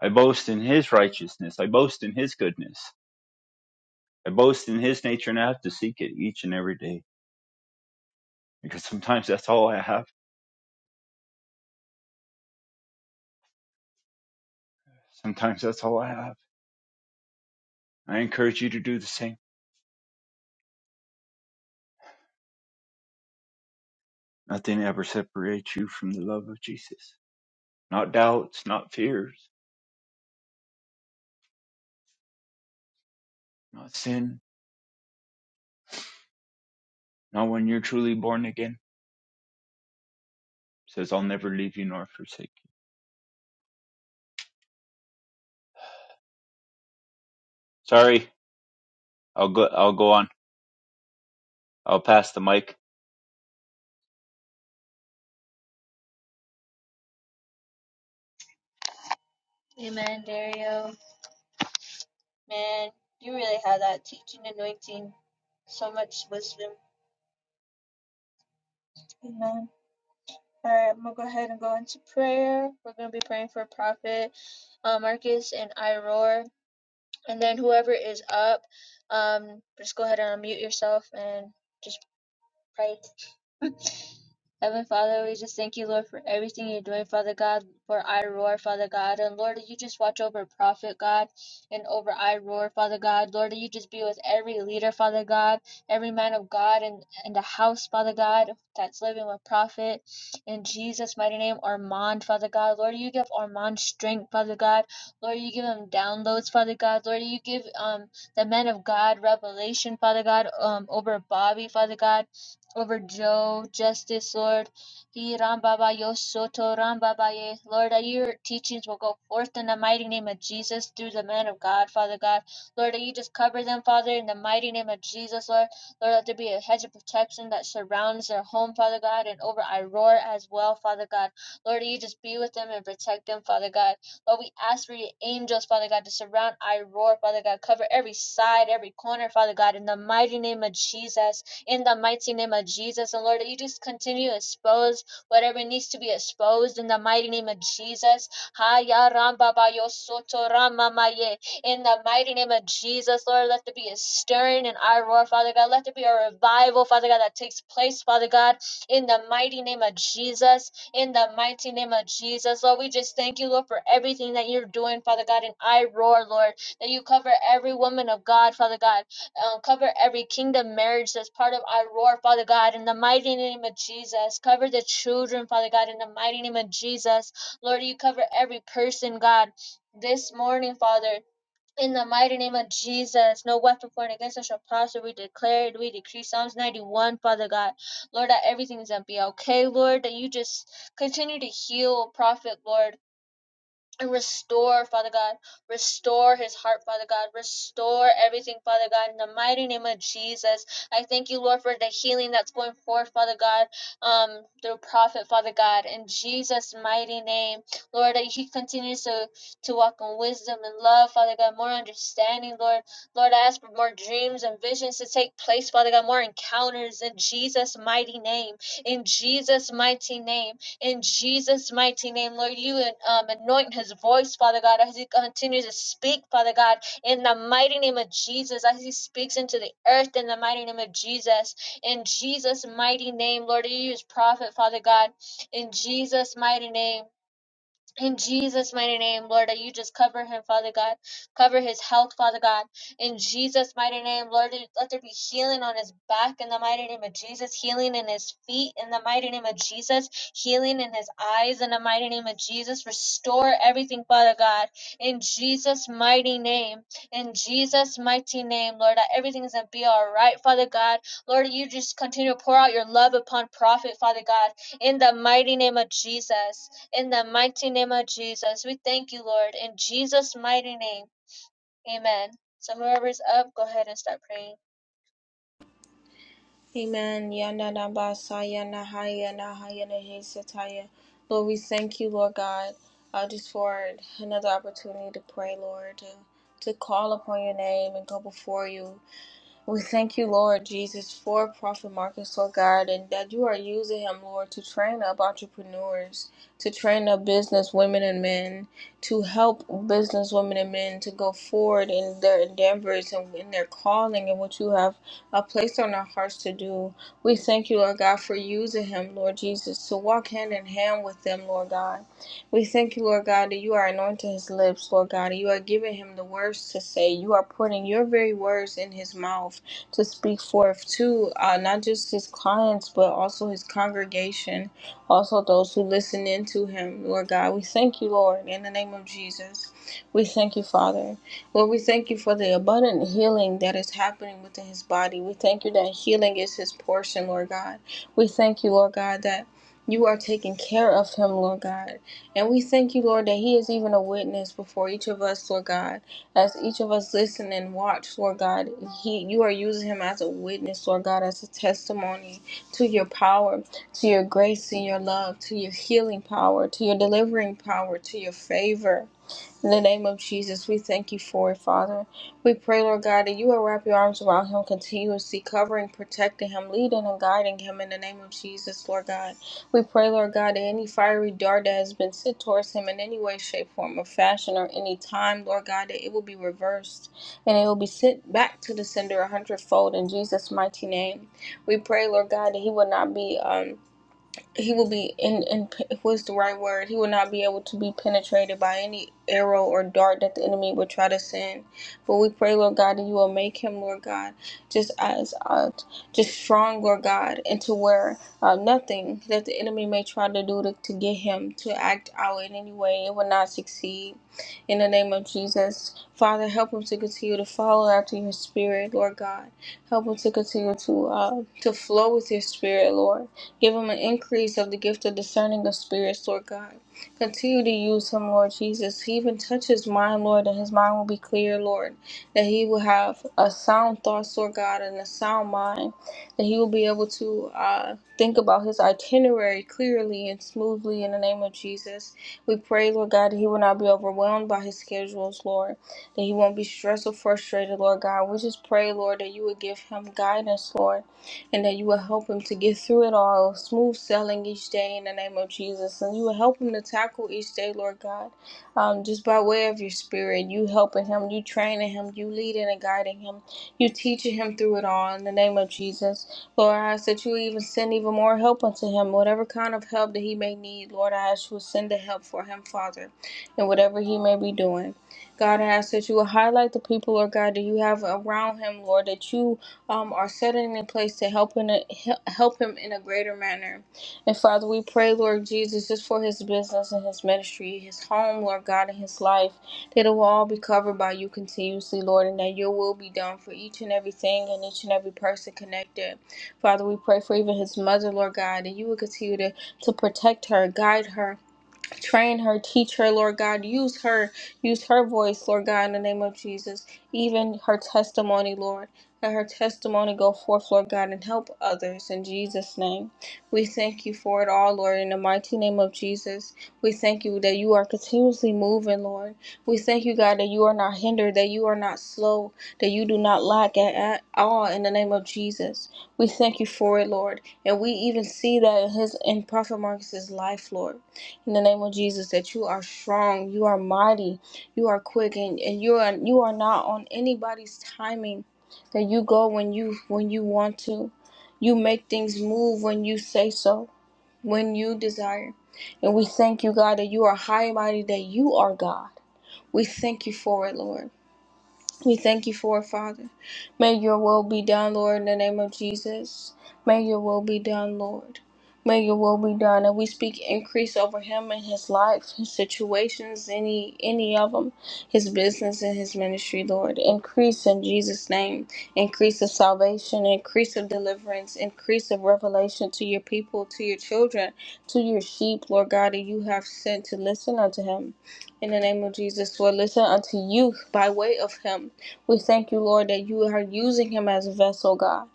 [SPEAKER 2] I boast in his righteousness. I boast in his goodness. I boast in his nature, and I have to seek it each and every day because sometimes that's all I have. Sometimes that's all I have. I encourage you to do the same. Nothing ever separates you from the love of Jesus. Not doubts, not fears, not sin, not when you're truly born again. It says, I'll never leave you nor forsake you. Sorry, I'll go, I'll go on. I'll pass the mic.
[SPEAKER 5] Amen. Yanadabasaya Nahaya Nahaya Nahesataya. Lord, we thank you, Lord God, uh, just for another opportunity to pray, Lord, to, to call upon your name and go before you. We thank you, Lord Jesus, for Prophet Marcus, Lord God, and that you are using him, Lord, to train up entrepreneurs, to train up business women and men, to help business women and men to go forward in their endeavors and in their calling and what you have uh, placed on our hearts to do. We thank you, Lord God, for using him, Lord Jesus, to walk hand in hand with them, Lord God we thank you, Lord God, that you are anointing his lips, Lord God, and you are giving him the words to say. You are putting your very words in his mouth to speak forth to uh, not just his clients, but also his congregation, also those who listen in to him, Lord God. We thank you, Lord, in the name of Jesus. We thank you, Father. Lord, we thank you for the abundant healing that is happening within his body. We thank you that healing is his portion, Lord God. We thank you, Lord God, that you are taking care of him, Lord God. And we thank you, Lord, that He is even a witness before each of us, Lord God. As each of us listen and watch, Lord God, He you are using Him as a witness, Lord God, as a testimony to your power, to your grace and your love, to your healing power, to your delivering power, to your favor. In the name of Jesus, we thank you for it, Father. We pray, Lord God, that you will wrap your arms around him continuously, covering, protecting him, leading and guiding him in the name of Jesus, Lord God. We pray, Lord God, that any fiery dart that has been sent towards him in any way, shape, form, or fashion, or any time, Lord God, that it will be reversed and it will be sent back to the sender a hundredfold in Jesus' mighty name. We pray, Lord God, that he will not be. Um, he will be in in what's the right word he will not be able to be penetrated by any arrow or dart that the enemy would try to send but we pray lord god that you will make him lord god just as uh, just strong lord god into where uh, nothing that the enemy may try to do to, to get him to act out in any way it will not succeed in the name of jesus father help him to continue to follow after your spirit lord god help him to continue to uh, to flow with your spirit lord Give him an increase of the gift of discerning of spirits, Lord God. Continue to use him, Lord Jesus. He even touch his mind, Lord, and his mind will be clear, Lord. That he will have a sound thoughts, Lord God, and a sound mind. That he will be able to uh, think about his itinerary clearly and smoothly in the name of Jesus. We pray, Lord God, that he will not be overwhelmed by his schedules, Lord. That he won't be stressed or frustrated, Lord God. We just pray, Lord, that you would give him guidance, Lord and that you will help him to get through it all, smooth sailing each day in the name of Jesus. And you will help him to tackle each day, Lord God, um, just by way of your spirit. You helping him, you training him, you leading and guiding him, you teaching him through it all in the name of Jesus. Lord, I ask that you even send even more help unto him, whatever kind of help that he may need. Lord, I ask you to send the help for him, Father, and whatever he may be doing. God, I ask that you will highlight the people, Lord God, that you have around him, Lord, that you um, are setting in place to help in a, he- help him in a greater manner. And Father, we pray, Lord Jesus, just for his business and his ministry, his home, Lord God, and his life, that it will all be covered by you continuously, Lord, and that your will be done for each and everything and each and every person connected. Father, we pray for even his mother, Lord God, that you would continue to, to protect her, guide her, Train her, teach her, Lord God. Use her, use her voice, Lord God, in the name of Jesus. Even her testimony, Lord. Let her testimony go forth, Lord God, and help others in Jesus' name. We thank you for it all, Lord, in the mighty name of Jesus. We thank you that you are continuously moving, Lord. We thank you, God, that you are not hindered, that you are not slow, that you do not lack at, at all in the name of Jesus. We thank you for it, Lord. And we even see that in his in Prophet Marcus's life, Lord in the name of Jesus that you are strong, you are mighty, you are quick, and, and you are you are not on anybody's timing. That you go when you when you want to. You make things move when you say so, when you desire. And we thank you, God, that you are high and mighty, that you are God. We thank you for it, Lord. We thank you for it, Father. May your will be done, Lord, in the name of Jesus. May your will be done, Lord. May your will be done. And we speak increase over him and his life, his situations, any any of them, his business and his ministry, Lord. Increase in Jesus' name. Increase of salvation, increase of deliverance, increase of revelation to your people, to your children, to your sheep, Lord God, that you have sent to listen unto him in the name of Jesus Lord, listen unto you by way of him. We thank you, Lord, that you are using him as a vessel, God.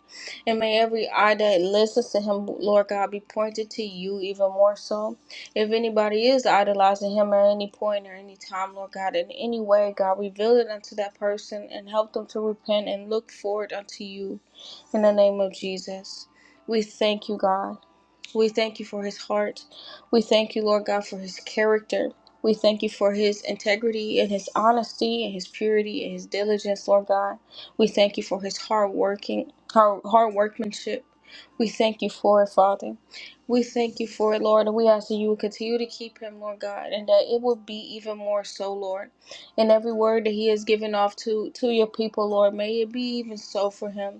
[SPEAKER 5] And may every eye that listens to him, Lord God, be pointed to you even more so. If anybody is idolizing him at any point or any time, Lord God, in any way, God, reveal it unto that person and help them to repent and look forward unto you in the name of Jesus. We thank you, God. We thank you for his heart. We thank you, Lord God, for his character. We thank you for his integrity and his honesty and his purity and his diligence, Lord God. We thank you for his hard working, hard, hard workmanship. We thank you for it, Father. We thank you for it, Lord, and we ask that you would continue to keep him, Lord God, and that it would be even more so, Lord. And every word that he has given off to to your people, Lord, may it be even so for him.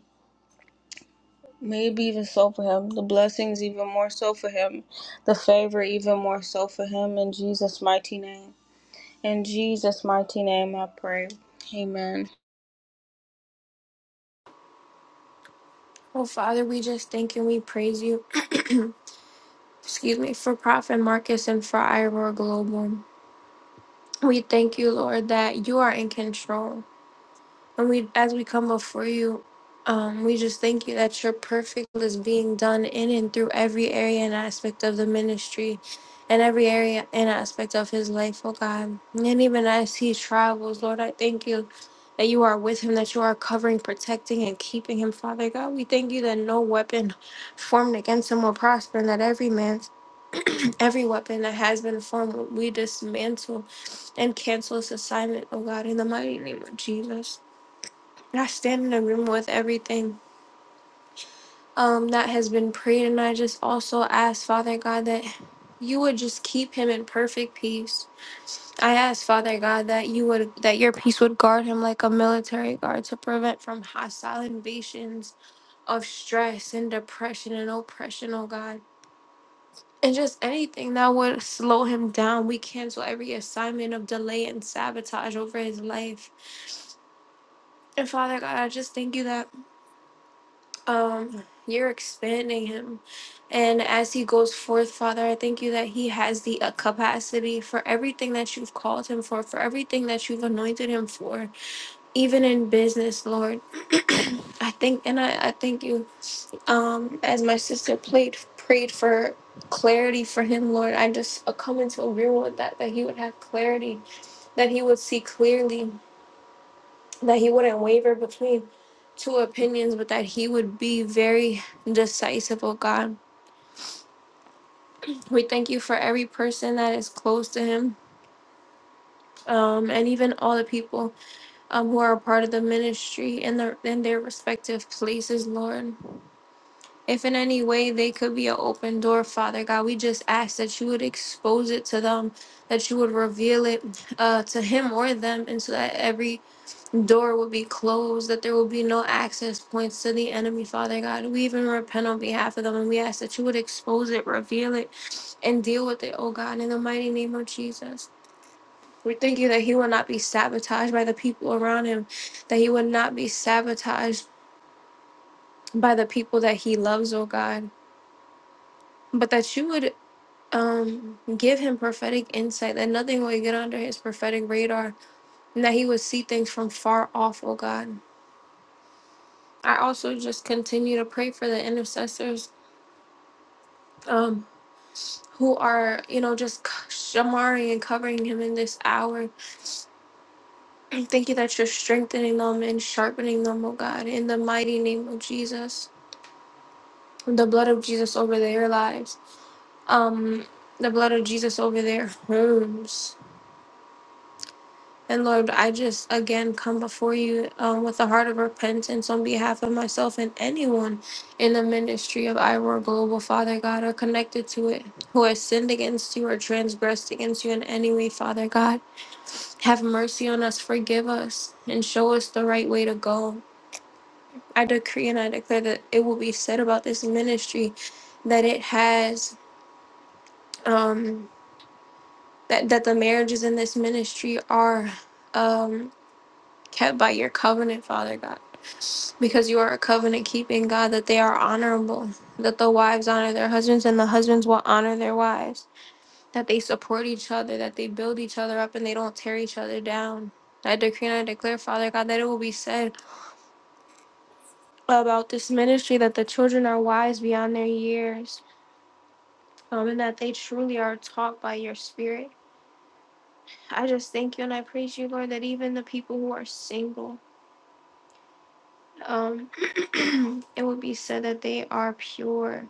[SPEAKER 5] Maybe even so for him. The blessings even more so for him. The favor even more so for him in Jesus' mighty name. In Jesus' mighty name I pray. Amen.
[SPEAKER 7] Oh, Father, we just thank and we praise you, excuse me, for Prophet Marcus and for Ira Global. We thank you, Lord, that you are in control. And we, as we come before you, um, we just thank you that your perfect will is being done in and through every area and aspect of the ministry and every area and aspect of his life, oh God. And even as he travels, Lord, I thank you that you are with him, that you are covering, protecting, and keeping him, Father God. We thank you that no weapon formed against him will prosper, and that every man's every weapon that has been formed, we dismantle and cancel this assignment, oh God, in the mighty name of Jesus. And I stand in agreement with everything um, that has been prayed, and I just also ask Father God that you would just keep him in perfect peace. I ask Father God that you would that your peace would guard him like a military guard to prevent from hostile invasions of stress and depression and oppression, oh God. And just anything that would slow him down. We cancel every assignment of delay and sabotage over his life. And Father God, I just thank you that um you're expanding him and as he goes forth father i thank you that he has the uh, capacity for everything that you've called him for for everything that you've anointed him for even in business lord i think and i, I thank you um as my sister played prayed for clarity for him lord i just uh, come into agreement with that that he would have clarity that he would see clearly that he wouldn't waver between two opinions but that he would be very decisive oh god We thank you for every person that is close to him, um, and even all the people um, who are a part of the ministry in their in their respective places, Lord. If in any way they could be an open door, Father God, we just ask that you would expose it to them, that you would reveal it uh, to him or them, and so that every door will be closed, that there will be no access points to the enemy, Father God. We even repent on behalf of them and we ask that you would expose it, reveal it, and deal with it, oh God, in the mighty name of Jesus. We thank you that he will not be sabotaged by the people around him, that he would not be sabotaged by the people that he loves, oh God, but that you would um give him prophetic insight that nothing would get under his prophetic radar and that he would see things from far off oh god I also just continue to pray for the intercessors um, who are, you know, just c- Shamari and covering him in this hour. I Thank you that you're strengthening them and sharpening them, oh God, in the mighty name of Jesus. The blood of Jesus over their lives, um, the blood of Jesus over their homes. And Lord, I just again come before you um, with a heart of repentance on behalf of myself and anyone in the ministry of IROAR Global, Father God, or connected to it, who has sinned against you or transgressed against you in any way, Father God. Have mercy on us, forgive us, and show us the right way to go. I decree and I declare that it will be said about this ministry that it has, um, that, that the marriages in this ministry are. Um, kept by your covenant, Father God. Because you are a covenant keeping God, that they are honorable, that the wives honor their husbands and the husbands will honor their wives, that they support each other, that they build each other up and they don't tear each other down. I decree and I declare, Father God, that it will be said about this ministry that the children are wise beyond their years, um, and that they truly are taught by your spirit. I just thank you and I praise you, Lord, that even the people who are single um, it would be said that they are pure,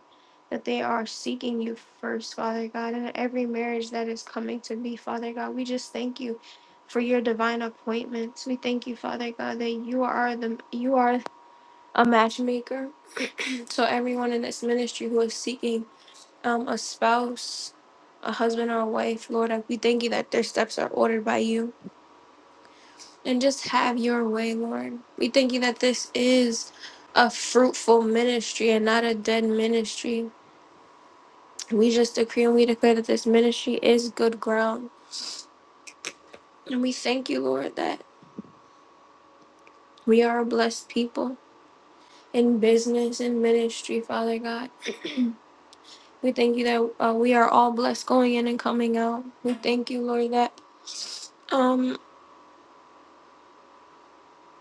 [SPEAKER 7] that they are seeking you first, Father God, and every marriage that is coming to be, Father God, we just thank you for your divine appointments. We thank you, Father God, that you are the you are a matchmaker. So everyone in this ministry who is seeking um, a spouse, a husband or a wife, Lord, I- we thank you that their steps are ordered by you and just have your way, Lord. We thank you that this is a fruitful ministry and not a dead ministry. We just decree and we declare that this ministry is good ground. And we thank you, Lord, that we are a blessed people in business and ministry, Father God. We thank you that uh, we are all blessed going in and coming out. We thank you, Lord, that um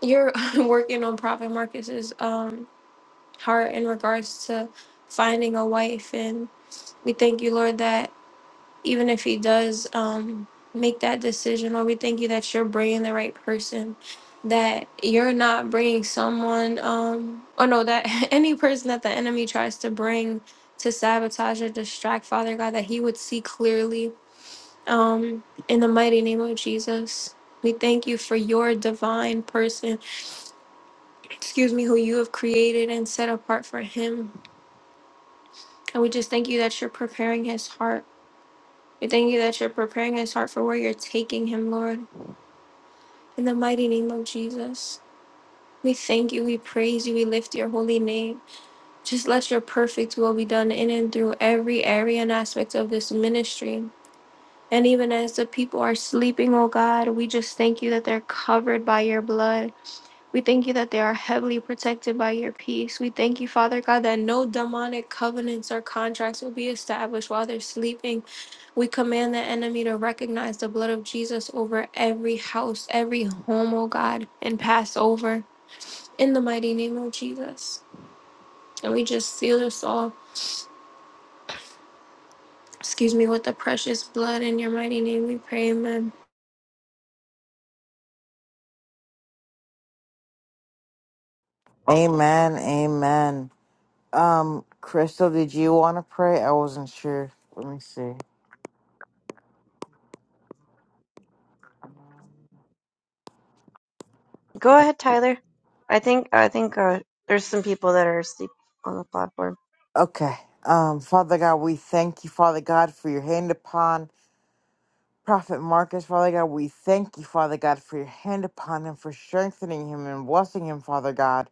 [SPEAKER 7] you're working on Prophet Marcus's um heart in regards to finding a wife and we thank you, Lord, that even if he does um, make that decision or we thank you that you're bringing the right person that you're not bringing someone um or no that any person that the enemy tries to bring to sabotage or distract father god that he would see clearly um in the mighty name of jesus we thank you for your divine person excuse me who you have created and set apart for him and we just thank you that you're preparing his heart we thank you that you're preparing his heart for where you're taking him lord In the mighty name of Jesus, we thank you, we praise you, we lift your holy name. Just let your perfect will be done in and through every area and aspect of this ministry. And even as the people are sleeping, oh God, we just thank you that they're covered by your blood. We thank you that they are heavily protected by your peace. We thank you, Father God, that no demonic covenants or contracts will be established while they're sleeping. We command the enemy to recognize the blood of Jesus over every house, every home, oh God, and pass over in the mighty name of Jesus. And we just seal this all, excuse me, with the precious blood in your mighty name. We pray, amen.
[SPEAKER 4] Amen. Amen. Um, Crystal, did you want to pray? I wasn't sure. Let me see.
[SPEAKER 3] Go ahead, Tyler. I think, I think uh, there's some people that are asleep on the platform.
[SPEAKER 4] Okay. Um, Father God, we thank you, Father God, for your hand upon Prophet Marcus. Father God, we thank you, Father God, for your hand upon him, for strengthening him and blessing him, Father God.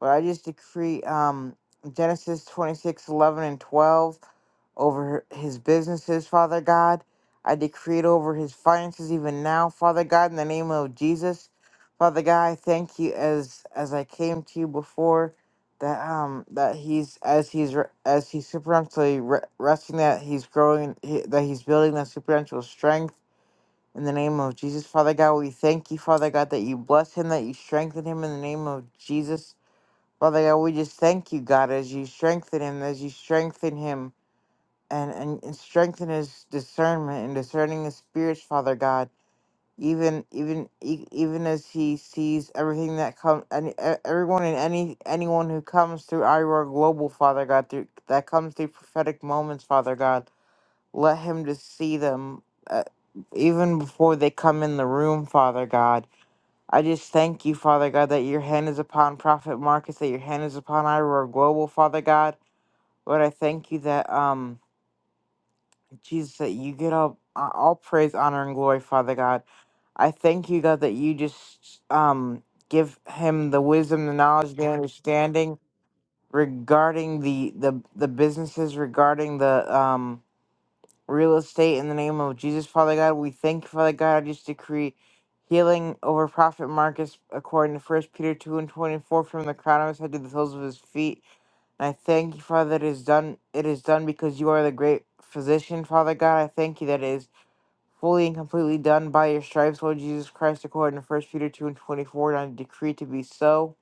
[SPEAKER 4] But I just decree um, Genesis 26 11 and 12 over his businesses, Father God. I decree it over his finances even now, Father God, in the name of Jesus. Father God, I thank you as as I came to you before that um that he's as he's re- as he's supernaturally re- resting that he's growing he, that he's building that supernatural strength in the name of Jesus, Father God. We thank you, Father God, that you bless him, that you strengthen him in the name of Jesus. Father God, we just thank you, God, as you strengthen him, as you strengthen him and, and, and strengthen his discernment and discerning his spirits, Father God. Even even e- even as he sees everything that comes, and e- everyone and any anyone who comes through Iroar Global, Father God, through that comes through prophetic moments, Father God, let him just see them uh, even before they come in the room, Father God I just thank you, Father God, that your hand is upon Prophet Marcus, that your hand is upon Ira Global, Father God. Lord, I thank you that, um, Jesus, that you get all, uh, all praise, honor, and glory, Father God. I thank you, God, that you just, um, give him the wisdom, the knowledge, the understanding regarding the, the, the businesses, regarding the, um, real estate in the name of Jesus, Father God. We thank you, Father God. I just decree healing over Prophet Marcus according to First Peter 2 and 24 from the crown of his head to the soles of his feet. And I thank you, Father, that it is done it is done because you are the great physician, Father God. I thank you that it is fully and completely done by your stripes, Lord Jesus Christ, according to First Peter 2 and 24, and I decree to be so.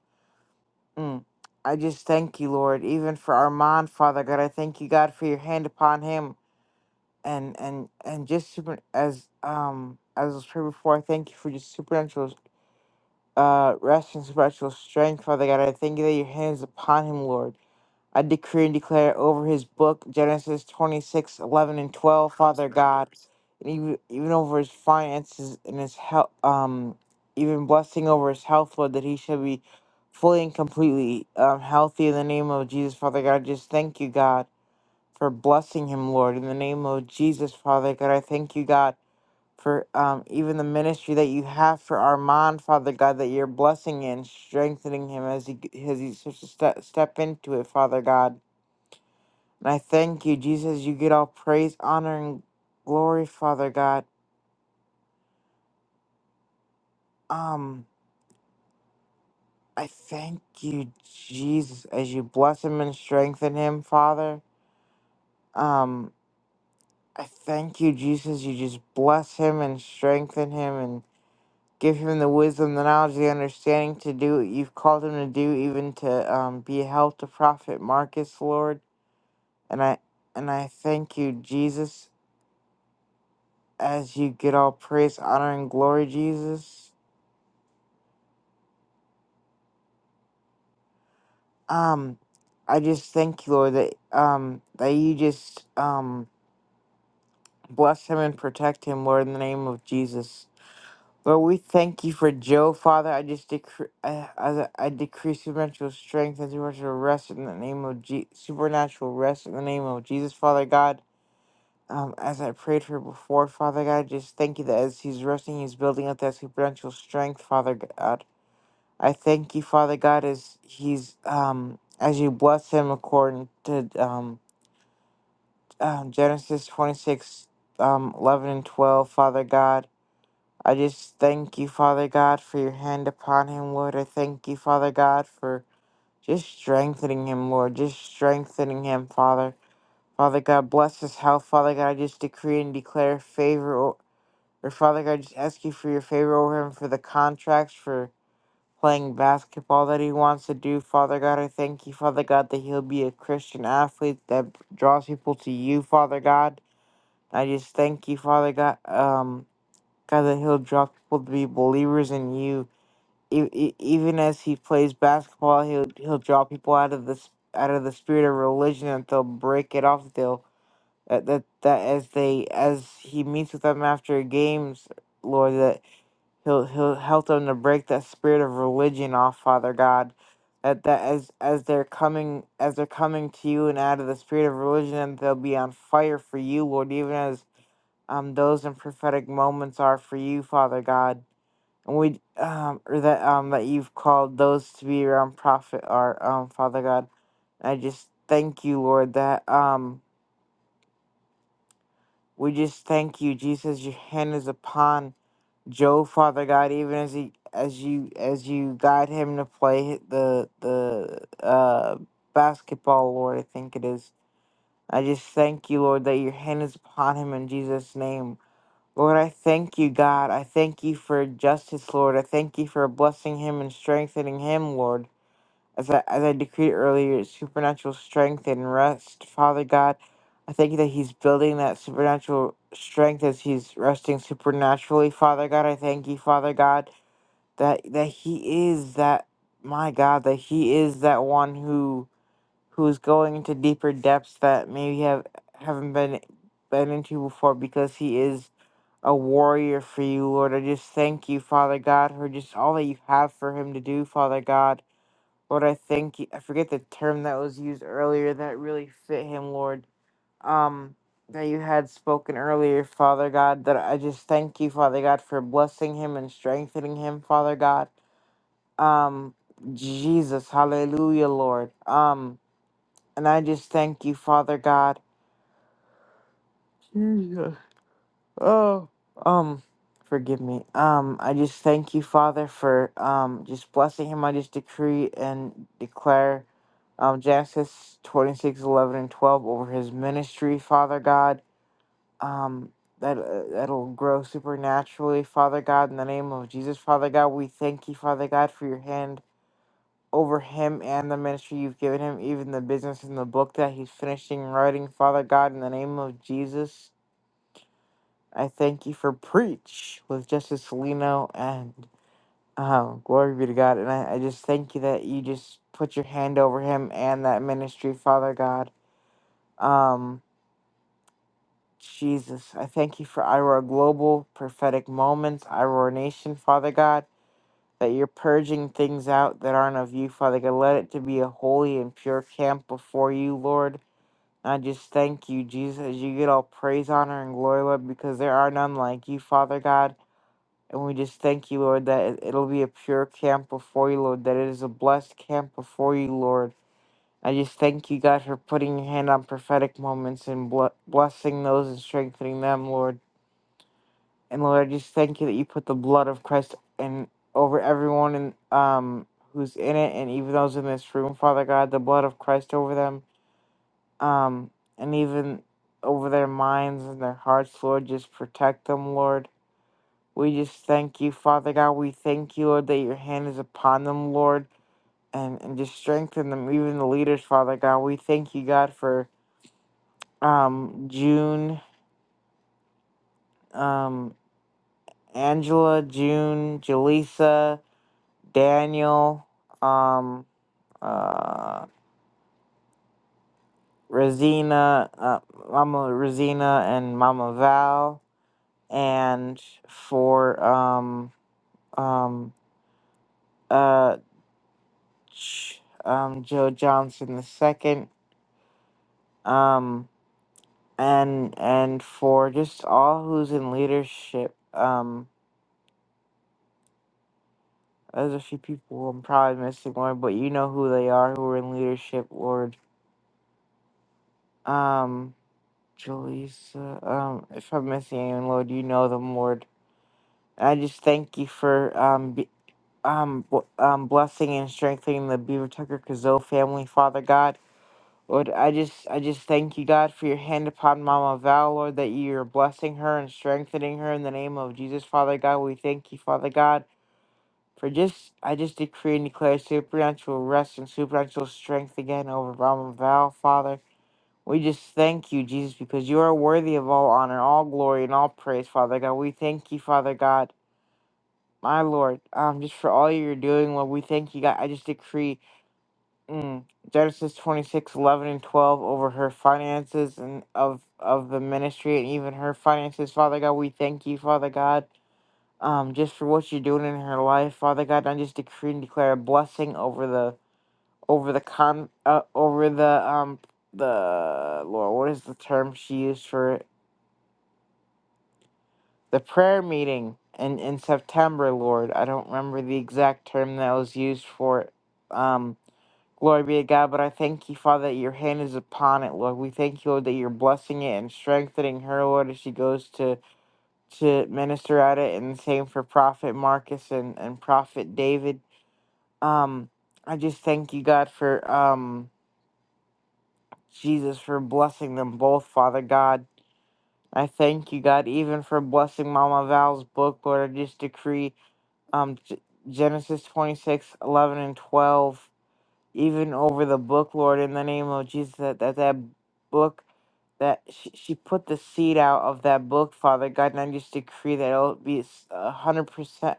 [SPEAKER 4] Mm. I just thank you, Lord, even for Armand, Father God. I thank you, God, for your hand upon him and and and just super as um as was prayed before, I thank you for just supernatural uh rest and supernatural strength, Father God. I thank you that your hand is upon him, Lord. I decree and declare over his book, Genesis 26 11 and 12, Father God, and even, even over his finances and his health, um, even blessing over his health, Lord, that he shall be fully and completely um, healthy in the name of Jesus, Father God. Just thank you, God for blessing him, Lord. In the name of Jesus, Father God, I thank you, God, for um, even the ministry that you have for Armand, Father God, that you're blessing and strengthening him as he as he starts to step, step into it, Father God. And I thank you, Jesus. You get all praise, honor, and glory, Father God. Um, I thank you, Jesus, as you bless him and strengthen him, Father. Um, I thank you, Jesus. You just bless him and strengthen him and Give him the wisdom, the knowledge, the understanding to do what you've called him to do, even to um, be a help to Prophet Marcus, Lord. And I and I thank you, Jesus, as you get all praise, honor, and glory, Jesus. Um, I just thank you, Lord, that um that you just um bless him and protect him, Lord, in the name of Jesus. Lord, we thank you for Joe, Father. I just decree, I, I, I decree supernatural strength and supernatural rest in the name of Je- supernatural rest in the name of Jesus, Father God. Um, as I prayed for before, Father God, I just thank you that as he's resting, he's building up that supernatural strength, Father God. I thank you, Father God, as he's um as you bless him according to um, um Genesis twenty six um eleven and twelve, Father God. I just thank you, Father God, for your hand upon him, Lord. I thank you, Father God, for just strengthening him, Lord. Just strengthening him, Father. Father God, bless his health, Father God. I just decree and declare favor. o- Or Father God, I just ask you for your favor over him for the contracts, for playing basketball that he wants to do, Father God. I thank you, Father God, that he'll be a Christian athlete that draws people to you, Father God. I just thank you, Father God. Um, God, that he'll draw people to be believers in you e- e- even as he plays basketball, he'll he'll draw people out of this out of the spirit of religion and they'll break it off. They'll that that, that as they as he meets with them after games, Lord, that he'll he'll help them to break that spirit of religion off, Father God. That that as as they're coming as they're coming to you and out of the spirit of religion, they'll be on fire for you, Lord. Even as um those in prophetic moments are for you, Father God and we um or that um that you've called those to be your um prophet or um Father God. I just thank you, Lord, that um we just thank you, Jesus, your hand is upon Joe, Father God, even as he as you as you guide him to play the the uh basketball, Lord, I think it is. I just thank you, Lord, that your hand is upon him in Jesus' name. Lord, I thank you, God. I thank you for justice, Lord. I thank you for blessing him and strengthening him, Lord. As I, as I decreed earlier, supernatural strength and rest, Father God. I thank you that he's building that supernatural strength as he's resting supernaturally, Father God. I thank you, Father God, that that he is that my God, that he is that one who who is going into deeper depths that maybe have haven't been been into before because he is a warrior for you, Lord. I just thank you, Father God, for just all that you have for him to do, Father God. Lord, I thank you. I forget the term that was used earlier that really fit him, Lord. Um, that you had spoken earlier, Father God. That I just thank you, Father God, for blessing him and strengthening him, Father God. Um, Jesus, Hallelujah, Lord. Um, and I just thank you, Father God. Jesus. Oh, um, forgive me. Um, I just thank you, Father, for um just blessing him. I just decree and declare um Genesis 26 11 and 12 over his ministry, Father God. Um, that uh, that'll grow supernaturally, Father God, in the name of Jesus, Father God. We thank you, Father God, for your hand over him and the ministry you've given him, even the business and the book that he's finishing writing, Father God, in the name of Jesus. I thank you for Preach with Justice Salino and um, glory be to God. And I, I just thank you that you just put your hand over him and that ministry, Father God. Um, Jesus, I thank you for Iroar Global prophetic moments, Iroar Nation, Father God, that you're purging things out that aren't of you, Father God. Let it to be a holy and pure camp before you, Lord. And I just thank you, Jesus, as you get all praise, honor, and glory, Lord, because there are none like you, Father God. And we just thank you, Lord, that it- it'll be a pure camp before you, Lord, that it is a blessed camp before you, Lord. I just thank you, God, for putting your hand on prophetic moments and ble- blessing those and strengthening them, Lord. And Lord, I just thank you that you put the blood of Christ in over everyone in, um who's in it, and even those in this room, Father God, the blood of Christ over them, um, and even over their minds and their hearts, Lord. Just protect them, Lord we just thank you, Father God. We thank you, Lord, that your hand is upon them, Lord, and, and just strengthen them, even the leaders, Father God. We thank you, God, for um, June, um, Angela, June, Jaleesa, Daniel, um, uh, Rosina, uh, Mama Rosina, and Mama Val, and for um, um, uh, Ch- um, Joe Johnson the second. um. and and for just all who's in leadership. Um, there's a few people I'm probably missing, Lord, but you know who they are who are in leadership, Lord. Um, Jaleesa, um, if I'm missing anyone, Lord, you know them, Lord. I just thank you for um, be, um, bl- um, blessing and strengthening the Beaver Tucker Kazoo family, Father God. Lord, I just I just thank you, God, for your hand upon Mama Val, Lord, that you are blessing her and strengthening her in the name of Jesus, Father God. We thank you, Father God, for just I just decree and declare supernatural rest and supernatural strength again over Mama Val, Father. We just thank you, Jesus, because you are worthy of all honor, all glory, and all praise, Father God. We thank you, Father God, my Lord, um, just for all you're doing, Lord. We thank you, God. I just decree. Mm. Genesis 26 11 and 12 over her finances and of of the ministry and even her finances. Father God, we thank you, Father God, um, just for what you're doing in her life. Father God, I just decree and declare a blessing over the over the con uh, over the um the Lord, what is the term she used for it? The prayer meeting in, in September, Lord. I don't remember the exact term that was used for it. Um Glory be to God, but I thank you, Father, that your hand is upon it, Lord. We thank you, Lord, that you're blessing it and strengthening her, Lord, as she goes to to minister at it, and same for Prophet Marcus and and Prophet David. Um, I just thank you, God, for um Jesus for blessing them both, Father God. I thank you, God, even for blessing Mama Val's book, Lord. I just decree um G- Genesis 26:11 and twelve. even over the book, Lord, in the name of Jesus, that that, that book that she, she put the seed out of that book, Father God, and I just decree that it'll be s- a hundred percent,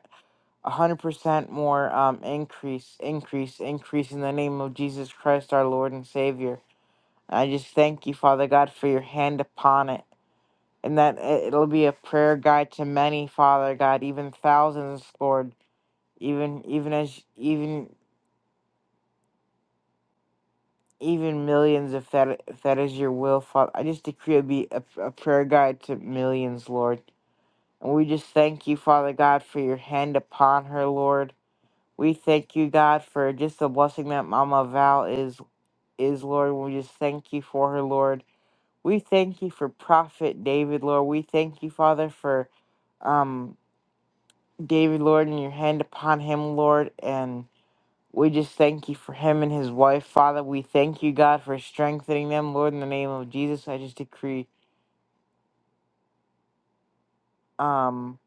[SPEAKER 4] a hundred percent more um increase, increase, increase in the name of Jesus Christ, our Lord and Savior. I just thank you, Father God, for your hand upon it. And that it- it'll be a prayer guide to many, Father God, even thousands, Lord. Even even as even even millions of that if that is your will, Father. I just decree it be a, a prayer guide to millions, Lord. And we just thank you, Father God, for your hand upon her, Lord. We thank you, God, for just the blessing that Mama Val is is, Lord. We just thank you for her, Lord. We thank you for Prophet David, Lord. We thank you, Father, for um David, Lord, and your hand upon him, Lord, and we just thank you for him and his wife, Father. We thank you, God, for strengthening them, Lord. In the name of Jesus, I just decree, um,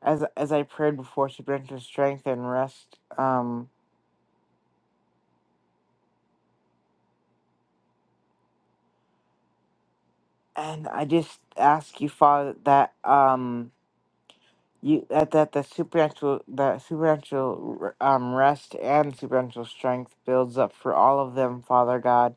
[SPEAKER 4] as as I prayed before, supernatural strength and rest. Um, and I just ask you, Father, that um, you that that the supernatural that supernatural um rest and supernatural strength builds up for all of them, Father God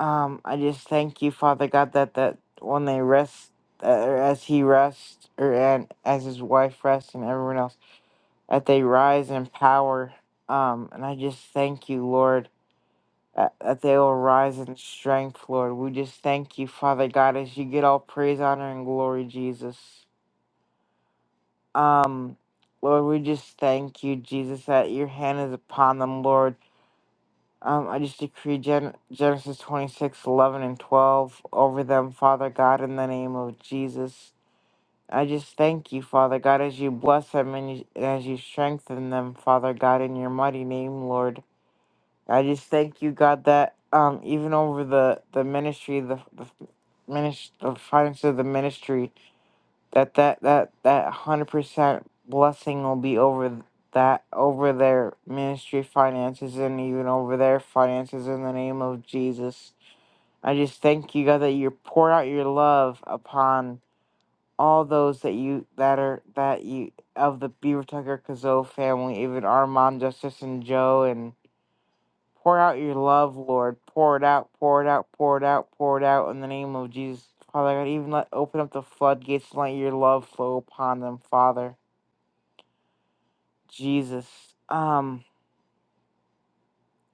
[SPEAKER 4] Um, I just thank you, Father God, that that when they rest, uh, or as he rests, or and as his wife rests, and everyone else, that they rise in power. Um, and I just thank you, Lord, that, that they will rise in strength, Lord. We just thank you, Father God, as you get all praise, honor, and glory, Jesus. Um, Lord, we just thank you, Jesus, that your hand is upon them, Lord. Um, I just decree Gen- Genesis 26 11 and 12 over them, Father God, in the name of Jesus. I just thank you, Father God, as you bless them and, you, and as you strengthen them, Father God, in your mighty name, Lord. I just thank you, God, that um, even over the, the ministry, the, the ministry, the finances of the ministry, that that that that hundred percent blessing will be over th- that over their ministry finances and even over their finances in the name of Jesus. I just thank you God that you pour out your love upon all those that you that are that you of the Beaver Tucker Kazoo family, even Armand, Justice, and Joe, and. Pour out your love, Lord. Pour it out, pour it out, pour it out, pour it out in the name of Jesus. Father God, even let open up the floodgates and let your love flow upon them, Father. Jesus. Um,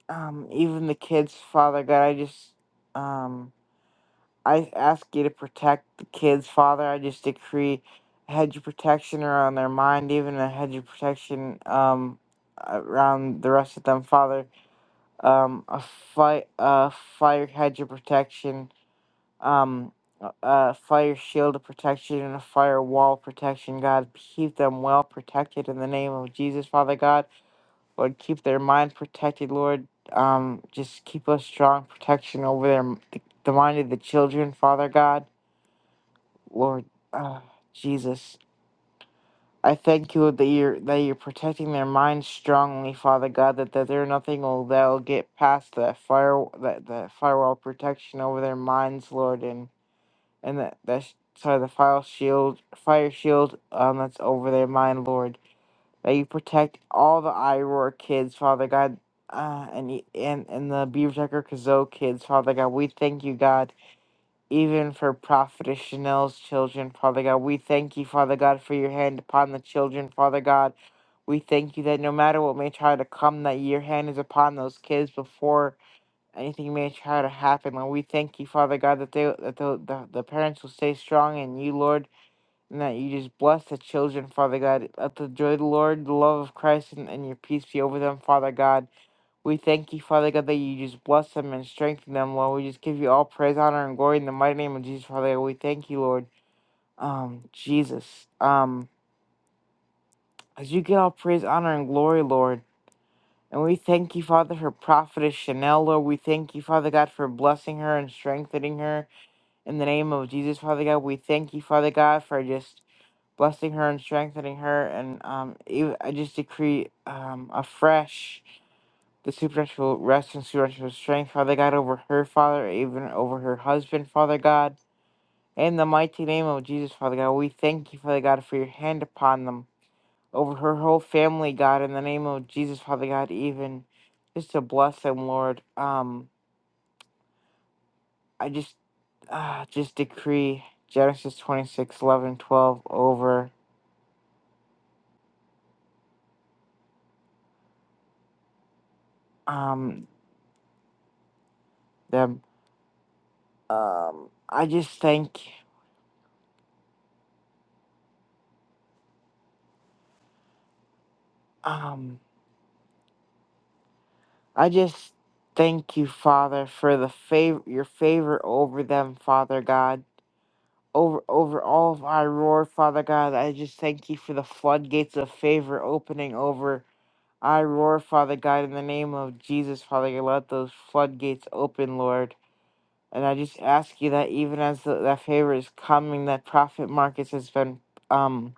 [SPEAKER 4] um, even the kids, Father God, I just um I ask you to protect the kids, Father. I just decree a hedge of protection around their mind, even a hedge of protection um around the rest of them, Father. Um a fight a fire hedge of protection um uh uh, fire shield protection and a firewall protection god keep them well protected in the name of jesus father god lord keep their mind protected lord um just keep us strong protection over their the, the mind of the children father god lord uh, jesus i thank you that you're that you're protecting their minds strongly father god that, that there are nothing will that'll get past that fire that, the firewall protection over their minds lord and and that that sorry the fire shield fire shield um that's over their mind lord that you protect all the iroar kids father god uh and y- and and the beaver Tucker kazoo kids father god we thank you god even for prophetess chanel's children father god we thank you father god for your hand upon the children father god we thank you that no matter what may try to come that your hand is upon those kids before anything may try to happen. Lord, we thank you, Father God, that they that the, the, the parents will stay strong and you, Lord, and that you just bless the children, Father God. Let the joy of the Lord, the love of Christ, and, and your peace be over them, Father God. We thank you, Father God, that you just bless them and strengthen them, Lord. We just give you all praise, honor, and glory in the mighty name of Jesus, Father God. We thank you, Lord. Um, Jesus. Um, as you get all praise, honor, and glory, Lord. And we thank you, Father, for Prophetess Chanel, Lord. We thank you, Father God, for blessing her and strengthening her. In the name of Jesus, Father God, we thank you, Father God, for just blessing her and strengthening her. And um, ev- I just decree um, afresh the supernatural rest and supernatural strength, Father God, over her, Father, even over her husband, Father God. In the mighty name of Jesus, Father God, we thank you, Father God, for your hand upon them, over her whole family, God. In the name of Jesus, Father God, even just to bless them, Lord. Um, I just uh, just decree Genesis 26 11 12 over um them. Um I just thank um I just thank you, Father, for the favor your favor over them, Father God. Over over all of I roar, Father God. I just thank you for the floodgates of favor opening over I roar, Father God, in the name of Jesus, Father God, let those floodgates open, Lord. And I just ask you that even as the, that favor is coming, that Prophet Marcus has been um,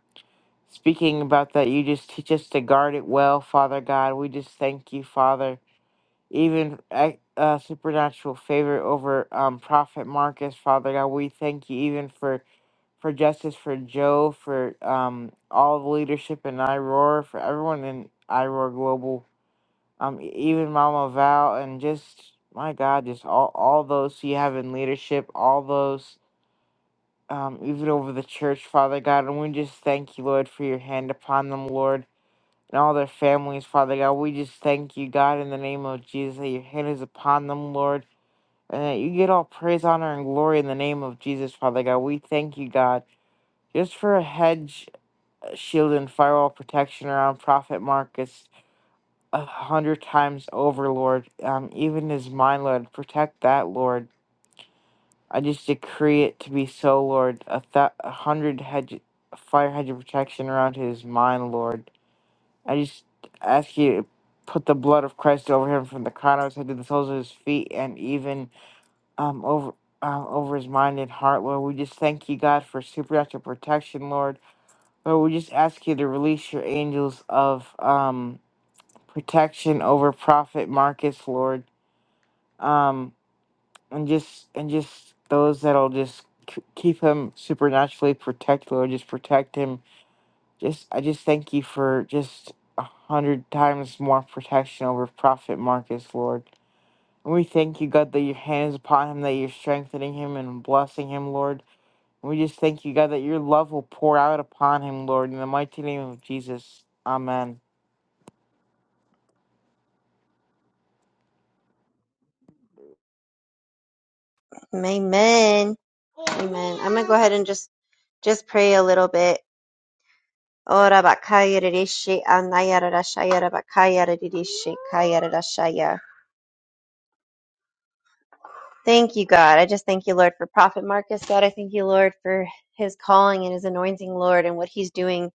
[SPEAKER 4] speaking about that, you just teach us to guard it well, Father God. We just thank you, Father. Even ac- uh, supernatural favor over um, Prophet Marcus, Father God. We thank you even for for justice for Joe, for um, all the leadership in IROAR, for everyone in IROAR Global um, e- even Mama Val, and just my God, just all all those you have in leadership, all those um, even over the church, Father God, and we just thank you, Lord, for your hand upon them, Lord, and all their families, Father God. We just thank you, God, in the name of Jesus, that your hand is upon them, Lord, and that you get all praise, honor, and glory in the name of Jesus, Father God. We thank you, God, just for a hedge, uh, shield, and firewall protection around Prophet Marcus. a hundred times over, Lord. Um, even as mine, Lord, protect that, Lord. I just decree it to be so, Lord. A, th- a hundred hedge, fire hedge of protection around his mind, Lord. I just ask you to put the blood of Christ over him from the crown of his head to the soles of his feet, and even um over. Um, over his mind and heart, Lord. We just thank you, God, for supernatural protection, Lord. Lord, we just ask you to release your angels of um, protection over Prophet Marcus, Lord. um, and just and just those that'll just k- keep him supernaturally protect Lord, just protect him. Just I just thank you for just a hundred times more protection over Prophet Marcus, Lord. And we thank you, God, that your hand is upon him, that you're strengthening him and blessing him, Lord. And we just thank you, God, that your love will pour out upon him, Lord, in the mighty name of Jesus. Amen.
[SPEAKER 3] Amen. Amen. I'm going to go ahead and just, just pray a little bit. Ora bakaya rishi anaya rashaya bakaya rishi kaya Thank you, God. I just thank you, Lord, for Prophet Marcus. God, I thank you, Lord, for his calling and his anointing, Lord, and what he's doing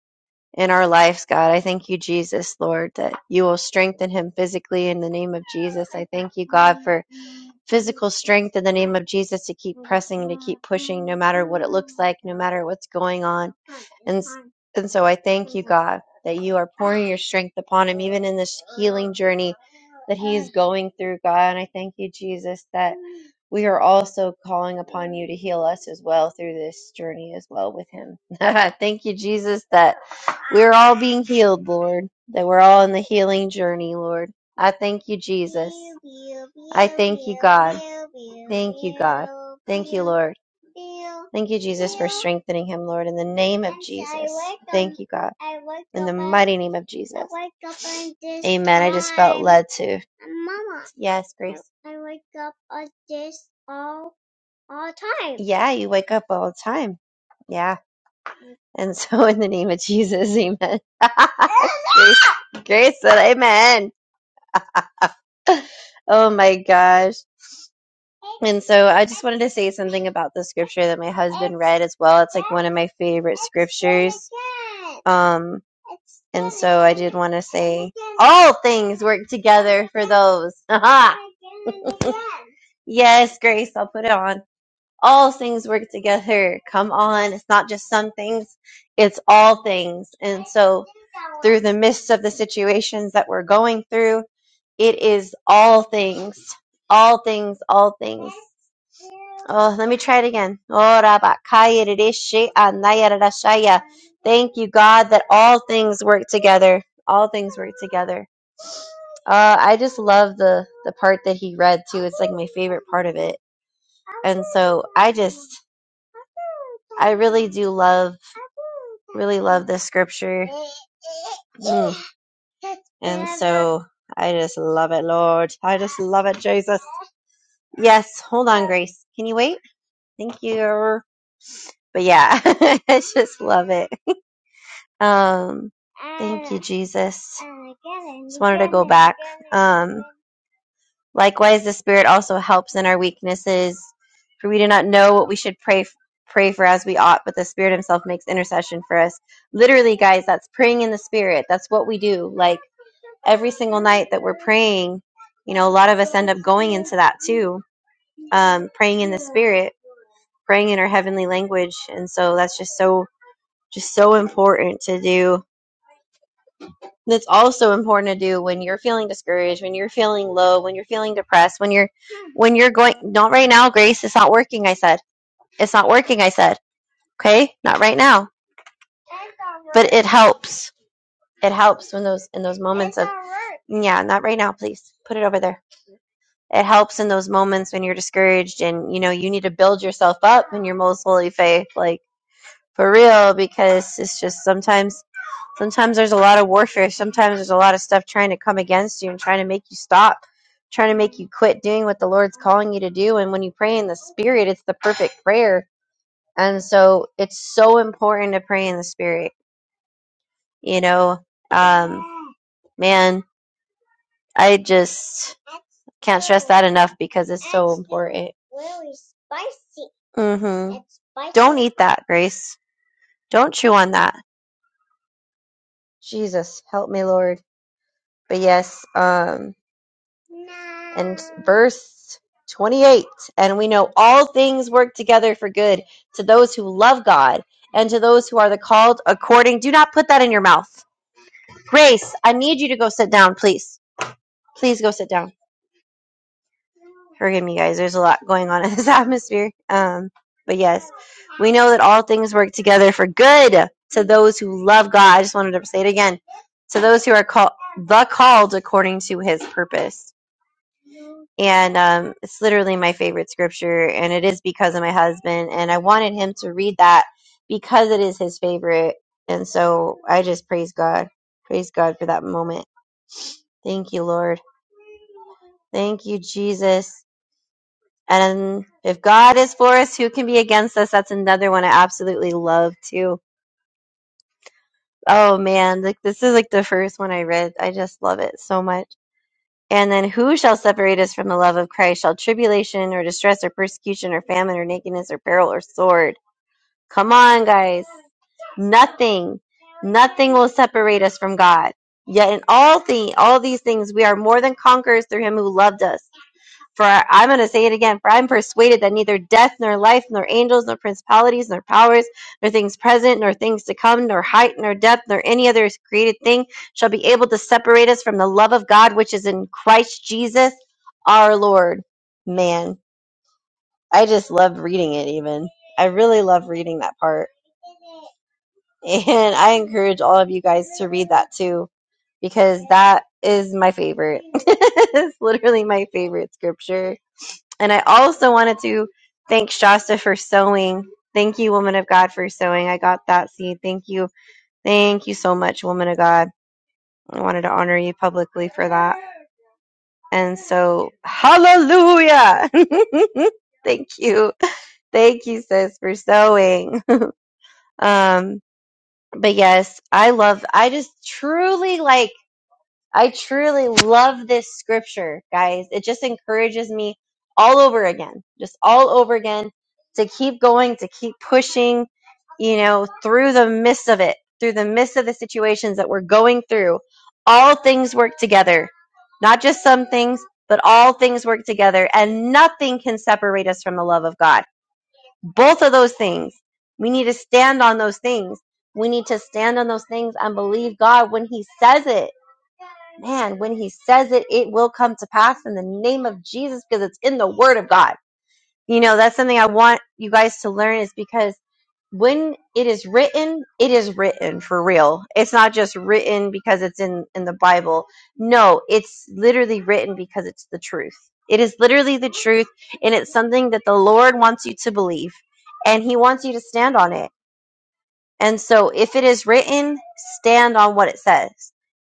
[SPEAKER 3] in our lives, God. I thank you, Jesus, Lord, that you will strengthen him physically in the name of Jesus. I thank you, God, for physical strength in the name of Jesus to keep pressing, to keep pushing, no matter what it looks like, no matter what's going on. And and so I thank you, God, that you are pouring your strength upon him, even in this healing journey that he is going through, God. And I thank you, Jesus, that we are also calling upon you to heal us as well through this journey as well with him. thank you, Jesus, that we're all being healed, Lord, that we're all in the healing journey, Lord. I thank you, Jesus. I thank you, God. Thank you, God. Thank you, Lord. Thank you, Jesus, for strengthening him, Lord, in the name of Jesus. Thank you, God. In the mighty name of Jesus. Amen. I just felt led to. Yes, Grace. All time. Yeah, you wake up all the time. Yeah. And so, in the name of Jesus, amen. Grace, Grace said, Amen. Oh my gosh. And so I just wanted to say something about the scripture that my husband read as well. It's like one of my favorite scriptures. Um and so I did want to say all things work together for those. Aha. yes, Grace, I'll put it on. All things work together. Come on. It's not just some things, it's all things. And so through the midst of the situations that we're going through, it is all things. All things, all things. Oh, let me try it again. Ora bakaya rishi Thank you, God, that all things work together. All things work together. Uh, I just love the the part that he read too. It's like my favorite part of it. And so I just, I really do love, really love this scripture. Mm. And so I just love it, Lord. I just love it, Jesus. Yes, hold on, Grace. Can you wait? Thank you. But yeah, I just love it. Um, thank you, Jesus. Just wanted to go back. Um, likewise, the Spirit also helps in our weaknesses, for we do not know what we should pray pray for as we ought, but the Spirit Himself makes intercession for us. Literally, guys, that's praying in the Spirit. That's what we do. Like every single night that we're praying, you know, a lot of us end up going into that too, um, praying in the Spirit, praying in our heavenly language, and so that's just so just so important to do. That's also important to do when you're feeling discouraged, when you're feeling low, when you're feeling depressed, when you're when you're going not right now, Grace, it's not working, I said. It's not working, I said. Okay? Not right now. But it helps. It helps when those in those moments of Yeah, not right now, please. Put it over there. It helps in those moments when you're discouraged and you know you need to build yourself up in your most holy faith, like for real, because it's just sometimes Sometimes there's a lot of warfare. Sometimes there's a lot of stuff trying to come against you and trying to make you stop, trying to make you quit doing what the Lord's calling you to do. And when you pray in the Spirit, it's the perfect prayer. And so it's so important to pray in the Spirit. You know, um, man, I just can't stress that enough because it's so important. Mm-hmm. Don't eat that, Grace. Don't chew on that. Jesus, help me, Lord. But yes, um, And verse 28 And we know all things work together for good to those who love God and to those who are the called according. Do not put that in your mouth. Grace, I need you to go sit down, please. Please go sit down. Forgive me, guys. There's a lot going on in this atmosphere. Um, but yes, we know that all things work together for good to those who love God. I just wanted to say it again to those who are called the called according to his purpose. and um, it's literally my favorite scripture and it is because of my husband and i wanted him to read that because it is his favorite and so i just praise god praise god for that moment thank you lord thank you jesus and if god is for us who can be against us that's another one i absolutely love too oh man like this is like the first one i read i just love it so much And then who shall separate us from the love of Christ? Shall tribulation or distress or persecution or famine or nakedness or peril or sword? Come on, guys. Nothing, nothing will separate us from God. Yet in all thing, all these things, we are more than conquerors through him who loved us. For I'm going to say it again. For I'm persuaded that neither death, nor life, nor angels, nor principalities, nor powers, nor things present, nor things to come, nor height, nor depth, nor any other created thing shall be able to separate us from the love of God which is in Christ Jesus our Lord. Man, I just love reading it, even. I really love reading that part. And I encourage all of you guys to read that too, because that is my favorite. it's literally my favorite scripture and I also wanted to thank Shasta for sewing. Thank you, woman of God, for sewing. I got that seed. Thank you. Thank you so much, woman of God. I wanted to honor you publicly for that. And so, hallelujah. Thank you. Thank you, sis, for sewing. Um, but yes, I love, I just truly like, I truly love this scripture, guys. It just encourages me all over again, just all over again to keep going, to keep pushing, you know, through the midst of it, through the midst of the situations that we're going through. All things work together, not just some things, but all things work together, and nothing can separate us from the love of God. Both of those things, we need to stand on those things. We need to stand on those things and believe God when He says it man, when he says it, it will come to pass in the name of Jesus because it's in the word of God. You know, that's something I want you guys to learn is because when it is written, it is written for real. It's not just written because it's in, in the Bible. No, it's literally written because it's the truth. It is literally the truth, and it's something that the Lord wants you to believe, and He wants you to stand on it and so if it is written, stand on what it says.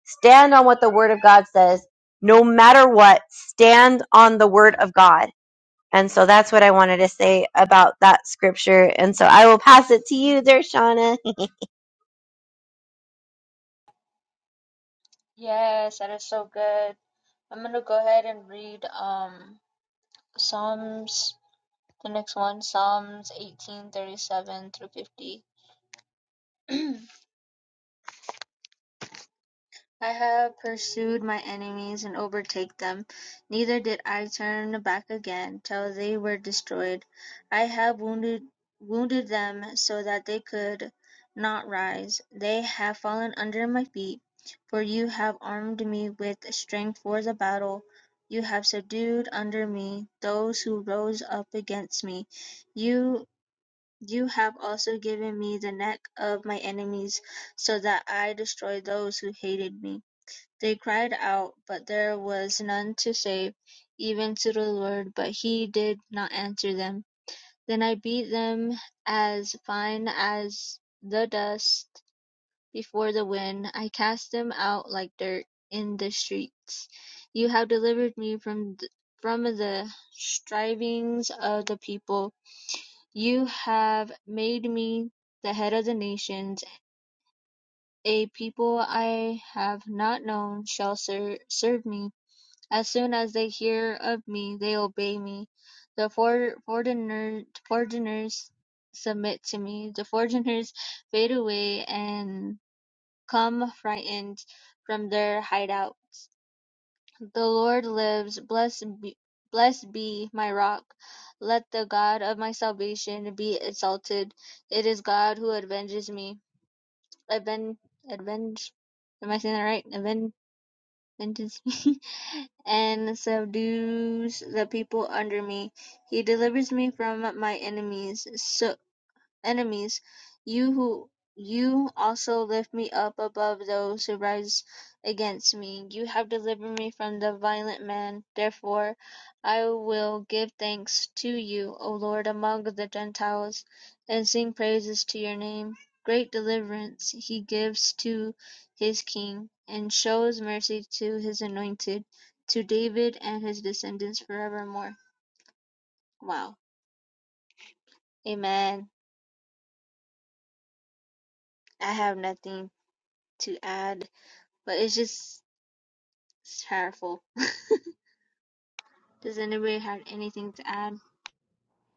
[SPEAKER 3] Stand on what the word of God says. No matter what, stand on the word of God. And so that's what I wanted to say about that scripture. And so I will pass it to you there, Shauna.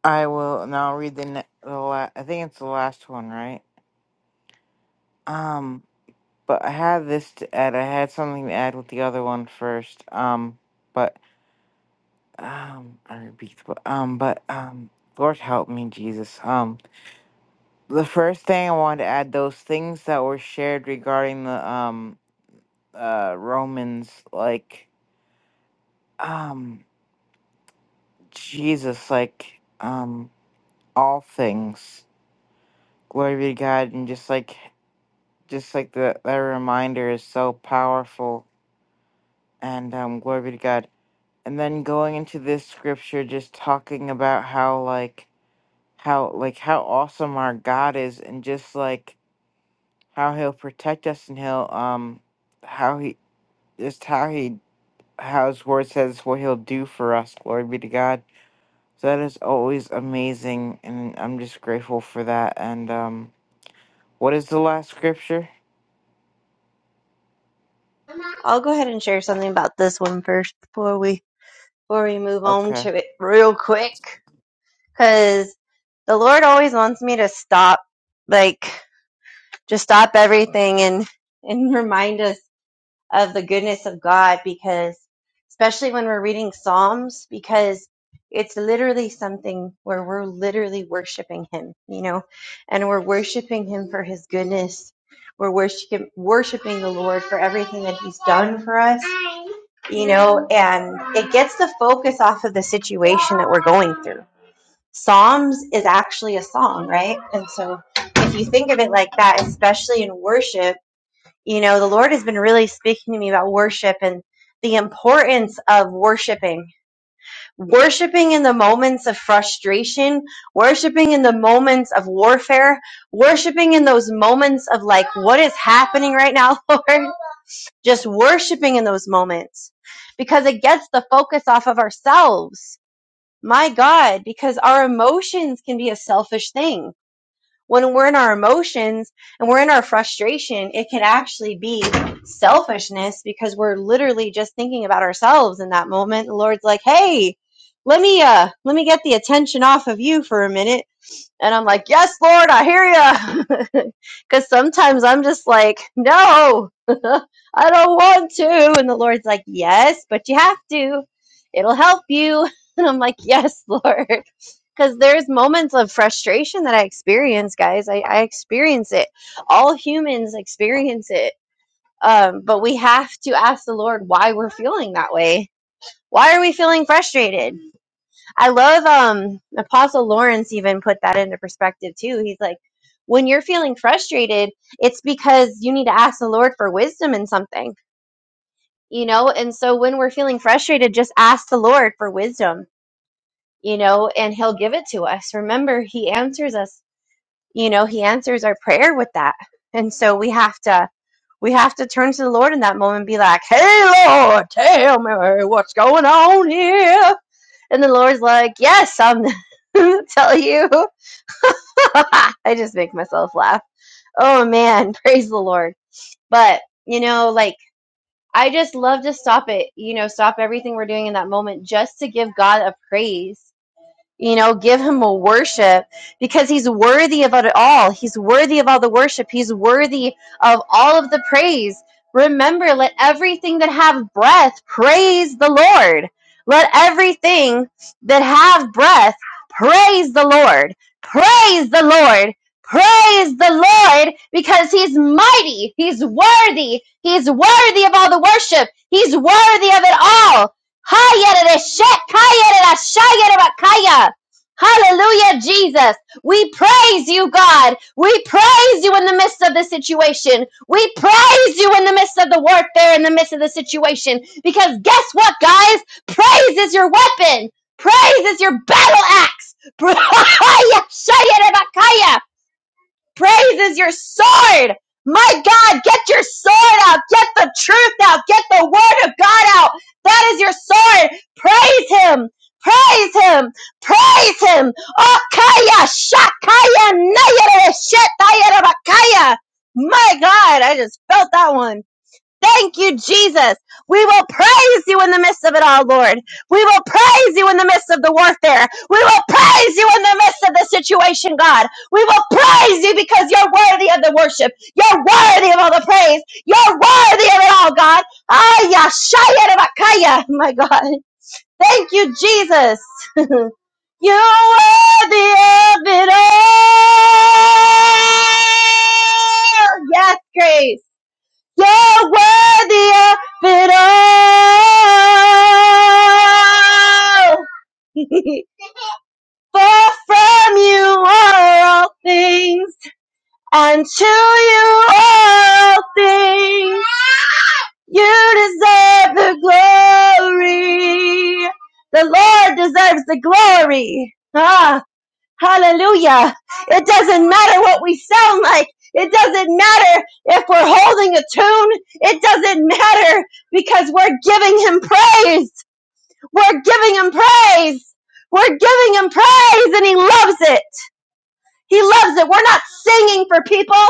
[SPEAKER 4] I will now read the, ne- the la- I think it's the last one, right? Um, But I had this to add. I had something to add with the other one first. Um, but um, I repeat. But um, but um, Lord help me, Jesus. Um, the first thing I wanted to add those things that were shared regarding the um uh Romans, like um Jesus, like um all things. Glory be to God, and just like just like the that reminder is so powerful. And um, glory be to God. and then going into this scripture just talking about how like how like how awesome our God is and just like how he'll protect us and he'll um how he just how he how his word says what he'll do for us glory be to God so that is always amazing and I'm just grateful for that and um what is the last scripture
[SPEAKER 3] I'll go ahead and share something about this one first before we before we move on
[SPEAKER 4] okay
[SPEAKER 3] to it real quick. Cause the Lord always wants me to stop, like just stop everything and and remind us of the goodness of God because, especially when we're reading Psalms, because it's literally something where we're literally worshiping Him, you know, and we're worshiping Him for His goodness. We're worshiping, worshiping the Lord for everything that He's done for us, you know, and it gets the focus off of the situation that we're going through. Psalms is actually a song, right? And so if you think of it like that, especially in worship, you know, the Lord has been really speaking to me about worship and the importance of worshiping. Worshiping in the moments of frustration, worshiping in the moments of warfare, worshiping in those moments of like, what is happening right now, Lord? Just worshiping in those moments because it gets the focus off of ourselves. My God, because our emotions can be a selfish thing when we're in our emotions and we're in our frustration, it can actually be selfishness because we're literally just thinking about ourselves in that moment. The Lord's like, "Hey, let me uh let me get the attention off of you for a minute and I'm like, yes, Lord, I hear you. Because sometimes I'm just like, no, I don't want to. And the Lord's like, yes, but you have to. It'll help you. And I'm like, yes, Lord. Because there's moments of frustration that I experience, guys. I, I experience it. All humans experience it. Um, but we have to ask the Lord why we're feeling that way. Why are we feeling frustrated? I love um Apostle Lawrence even put that into perspective too. He's like, when you're feeling frustrated, it's because you need to ask the Lord for wisdom in something, you know? And so when we're feeling frustrated, just ask the Lord for wisdom, you know, and he'll give it to us. Remember, he answers us, you know, he answers our prayer with that. And so we have to we have to turn to the Lord in that moment and be like, "Hey Lord, tell me what's going on here." And the Lord's like, Yes, I'm tell you. I just make myself laugh. Oh man, praise the Lord. But, you know, like I just love to stop it, you know, stop everything we're doing in that moment just to give God a praise you know, give him a worship because he's worthy of it all. He's worthy of all the worship. He's worthy of all of the praise. Remember, let everything that have breath praise the Lord. Let everything that have breath praise the Lord. Praise the Lord. Praise the Lord because he's mighty. He's worthy. He's worthy of all the worship. He's worthy of it all. Hayarashakayarashayarabakaya. Hallelujah, Jesus. We praise you, God. We praise you in the midst of the situation. We praise you in the midst of the warfare, in the midst of the situation. Because guess what, guys? Praise is your weapon. Praise is your battle axe. Praise Praise is your sword. My God, get your sword out. Get the truth out. Get the word of God out. That is your sword. Praise him. Praise him. Praise him. Oh Okaya shakaya nayere shetayere bakaya. My God, I just felt that one. Thank you, Jesus. We will praise you in the midst of it all, Lord. We will praise you in the midst of the warfare. We will praise you in the midst of the situation, God. We will praise you because you're worthy of the worship. You're worthy of all the praise. You're worthy of it all, God. Aya, shaya, rabakaya. My God. Thank you, Jesus. You're worthy of it all. Yes, Grace. You're worthy of it all. For from you are all things, and to you are all things. You deserve the glory. The Lord deserves the glory. Ah, Hallelujah. It doesn't matter what we sound like. It doesn't matter if we're holding a tune. It doesn't matter because we're giving him praise. We're giving him praise. We're giving him praise and he loves it. He loves it. We're not singing for people.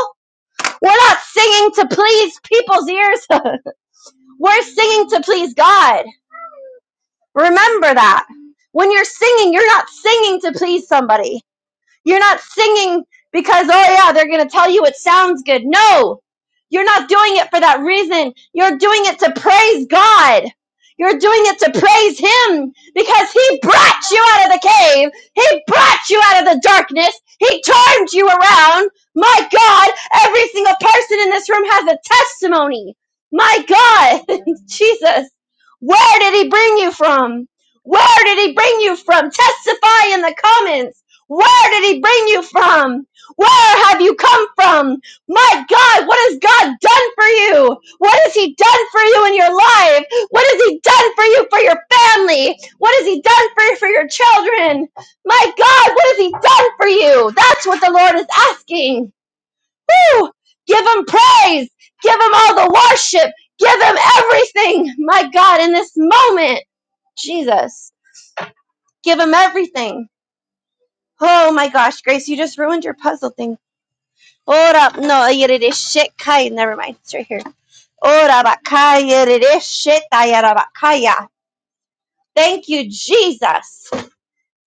[SPEAKER 3] We're not singing to please people's ears. we're singing to please God. Remember that. When you're singing, you're not singing to please somebody. You're not singing because, oh yeah, they're going to tell you it sounds good. No, you're not doing it for that reason. You're doing it to praise God. You're doing it to praise Him because He brought you out of the cave. He brought you out of the darkness. He turned you around. My God, every single person in this room has a testimony. My God. Jesus, where did he bring you from? Where did he bring you from? Testify in the comments. Where did he bring you from? Where have you come from? My God, what has God done for you? What has he done for you in your life? What has he done for you for your family? What has he done for you for your children? My God, what has he done for you? That's what the Lord is asking. Woo! Give him praise. Give him all the worship. Give him everything. My God, in this moment, Jesus, give him everything. Oh my gosh, Grace, you just ruined your puzzle thing. Ora, no, yerere shit kai. Never mind, it's right here. Ora bakaya, yerere shit tayara bakaya. Thank you, Jesus.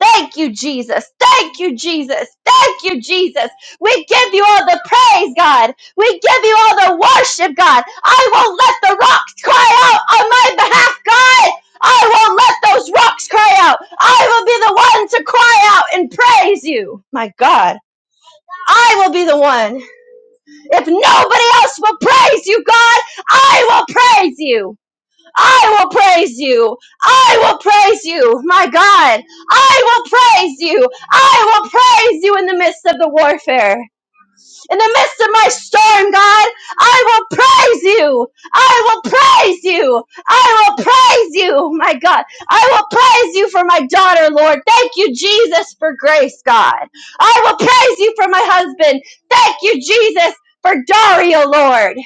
[SPEAKER 3] Thank you, Jesus. Thank you, Jesus. Thank you, Jesus. We give you all the praise, God. We give you all the worship, God. I won't let the rocks cry out on my behalf, God. I won't let those rocks cry out. I will be the one to cry out and praise you, my God. I will be the one. If nobody else will praise you, God, I will praise you. I will praise you. I will praise you. My God, I will praise you. I will praise you in the midst of the warfare. In the midst of my storm, God, I will praise you. I will praise you. I will praise you. My God, I will praise you for my daughter, Lord. Thank you, Jesus, for grace, God. I will praise you for my husband. Thank you, Jesus, for Dario, Lord.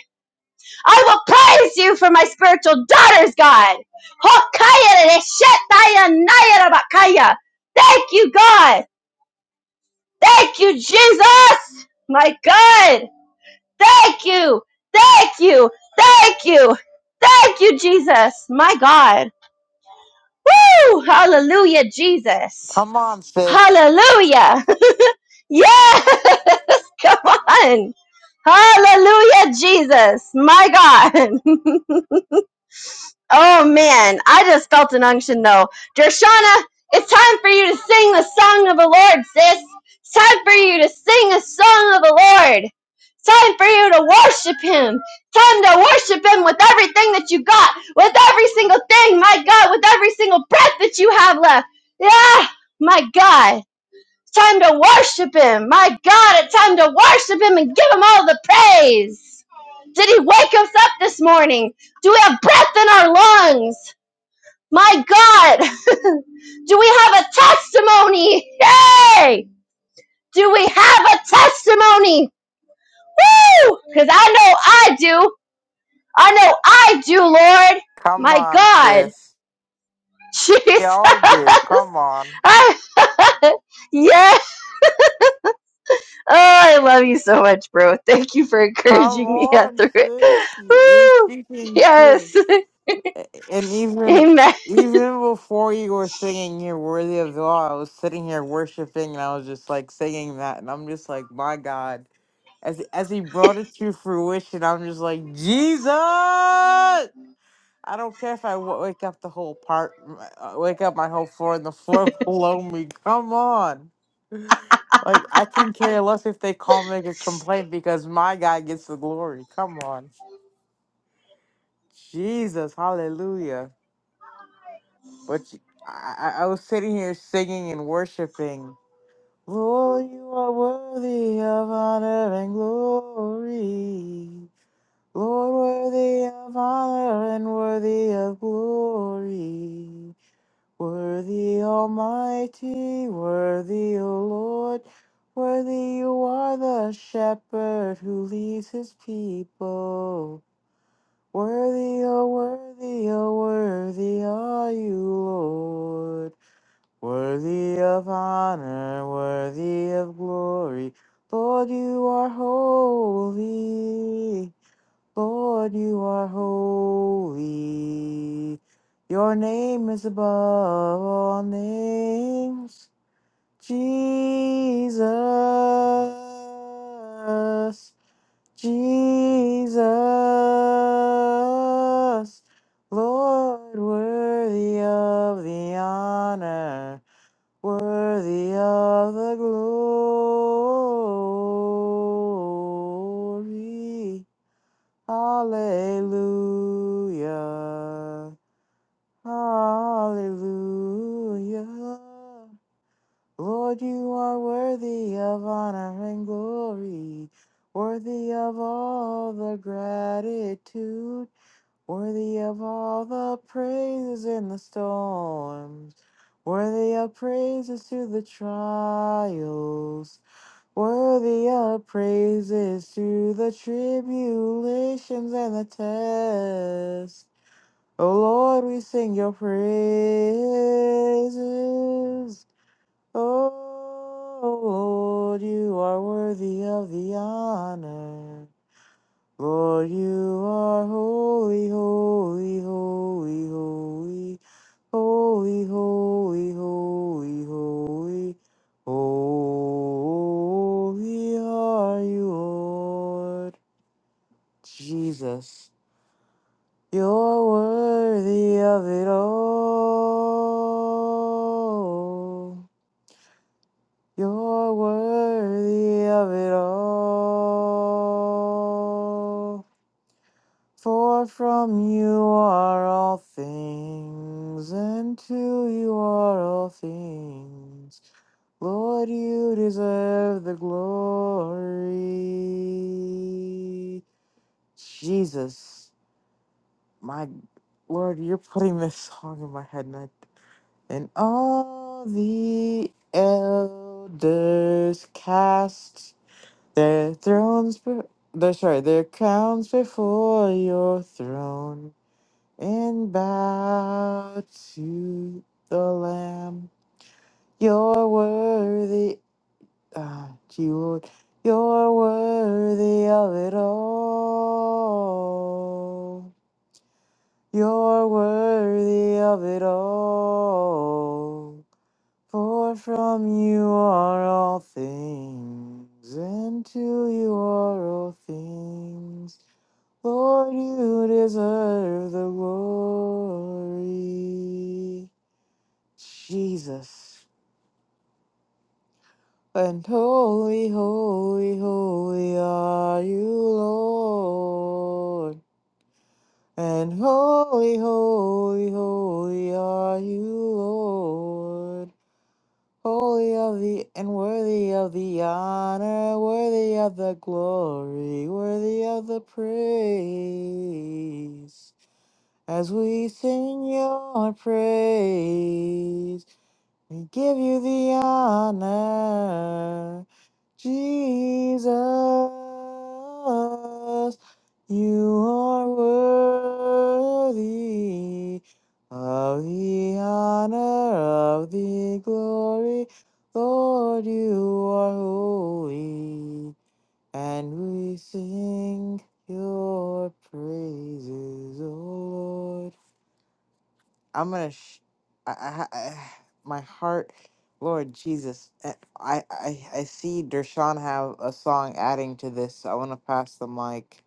[SPEAKER 3] I will praise you for my spiritual daughters, God. Thank you, God. Thank you, Jesus. My God. Thank you. Thank you. Thank you. Thank you, Jesus. My God. Woo! Hallelujah, Jesus.
[SPEAKER 4] come on sis
[SPEAKER 3] Hallelujah. Yes. Come on. Hallelujah, Jesus. My God. Oh man, I just felt an unction though. Dershana, it's time for you to sing the song of the Lord, sis. It's time for you to sing a song of the Lord. It's time for you to worship Him. Time to worship Him with everything that you got, with every single thing, my God, with every single breath that you have left. Yeah, my God. It's time to worship Him. My God, it's time to worship Him and give Him all the praise. Did he wake us up this morning? Do we have breath in our lungs? My God! Do we have a testimony? Yay! Do we have a testimony? Woo! Because I know I do. I know I do, Lord.
[SPEAKER 4] come
[SPEAKER 3] My
[SPEAKER 4] on
[SPEAKER 3] God.
[SPEAKER 4] sis
[SPEAKER 3] Jesus.
[SPEAKER 4] y'all do come on
[SPEAKER 3] I- yeah. Oh, I love you so much, bro. Thank you for
[SPEAKER 4] Come
[SPEAKER 3] encouraging me
[SPEAKER 4] on,
[SPEAKER 3] through
[SPEAKER 4] sis.
[SPEAKER 3] it.
[SPEAKER 4] You're
[SPEAKER 3] Woo!
[SPEAKER 4] speaking truth.
[SPEAKER 3] Yes.
[SPEAKER 4] A- And even
[SPEAKER 3] Amen.
[SPEAKER 4] even before you were singing You're Worthy of the Law, I was sitting here worshiping and I was just like singing that and I'm just like, my God. As as he brought it to fruition, I'm just like, Jesus. I don't care if I w- wake up the whole part, uh, wake up my whole floor and the floor below me. Come on. Like, I can care less if they call me a complaint because my guy gets the glory. Come on. Jesus, hallelujah. But you- I, I I was sitting here singing and worshiping. Lord, you are worthy of honor and glory. Lord, worthy of honor and worthy of glory. Worthy, Almighty, worthy, O Lord. Worthy you are the shepherd who leads his people. Worthy, oh, worthy, oh, worthy are you, Lord. Worthy of honor, worthy of glory. Lord, you are holy. Lord, you are holy. Your name is above all names. Jesus. Jesus, Lord, worthy of the honor, worthy of the glory. Hallelujah, hallelujah. Lord, you are worthy of honor and glory, worthy of all the gratitude, worthy of all the praises in the storms, worthy of praises through the trials, worthy of praises through the tribulations and the tests. O Lord, we sing your praises. Oh Lord, you are worthy of the honor. Lord, you are holy, holy, holy, holy, holy, holy, holy, holy. Holy are you, Lord. Jesus, you're worthy of it all. You're worthy of it all. For from you are all things, and to you are all things. Lord, you deserve the glory. Jesus, my Lord, you're putting this song in my head, and, I, and all the elders cast Their thrones, be- their, sorry, their crowns before your throne and bow to the Lamb. You're worthy, ah, gee, Lord, you're worthy of it all. You're worthy of it all. For from you are all things, and to you are all things. Lord, you deserve the glory. Jesus. And holy, holy, holy are you, Lord. And holy, holy, holy are you, Lord. Holy of the and worthy of the honor, worthy of the glory, worthy of the praise. As we sing your praise, we give you the honor, Jesus. You are worthy of the honor, of the glory. Lord, you are holy, and we sing your praises, O Lord. I'm gonna. Sh- I, I, I, my heart, Lord Jesus, eh, I, I, I see Dershawn have a song adding to this. So I want to pass the mic.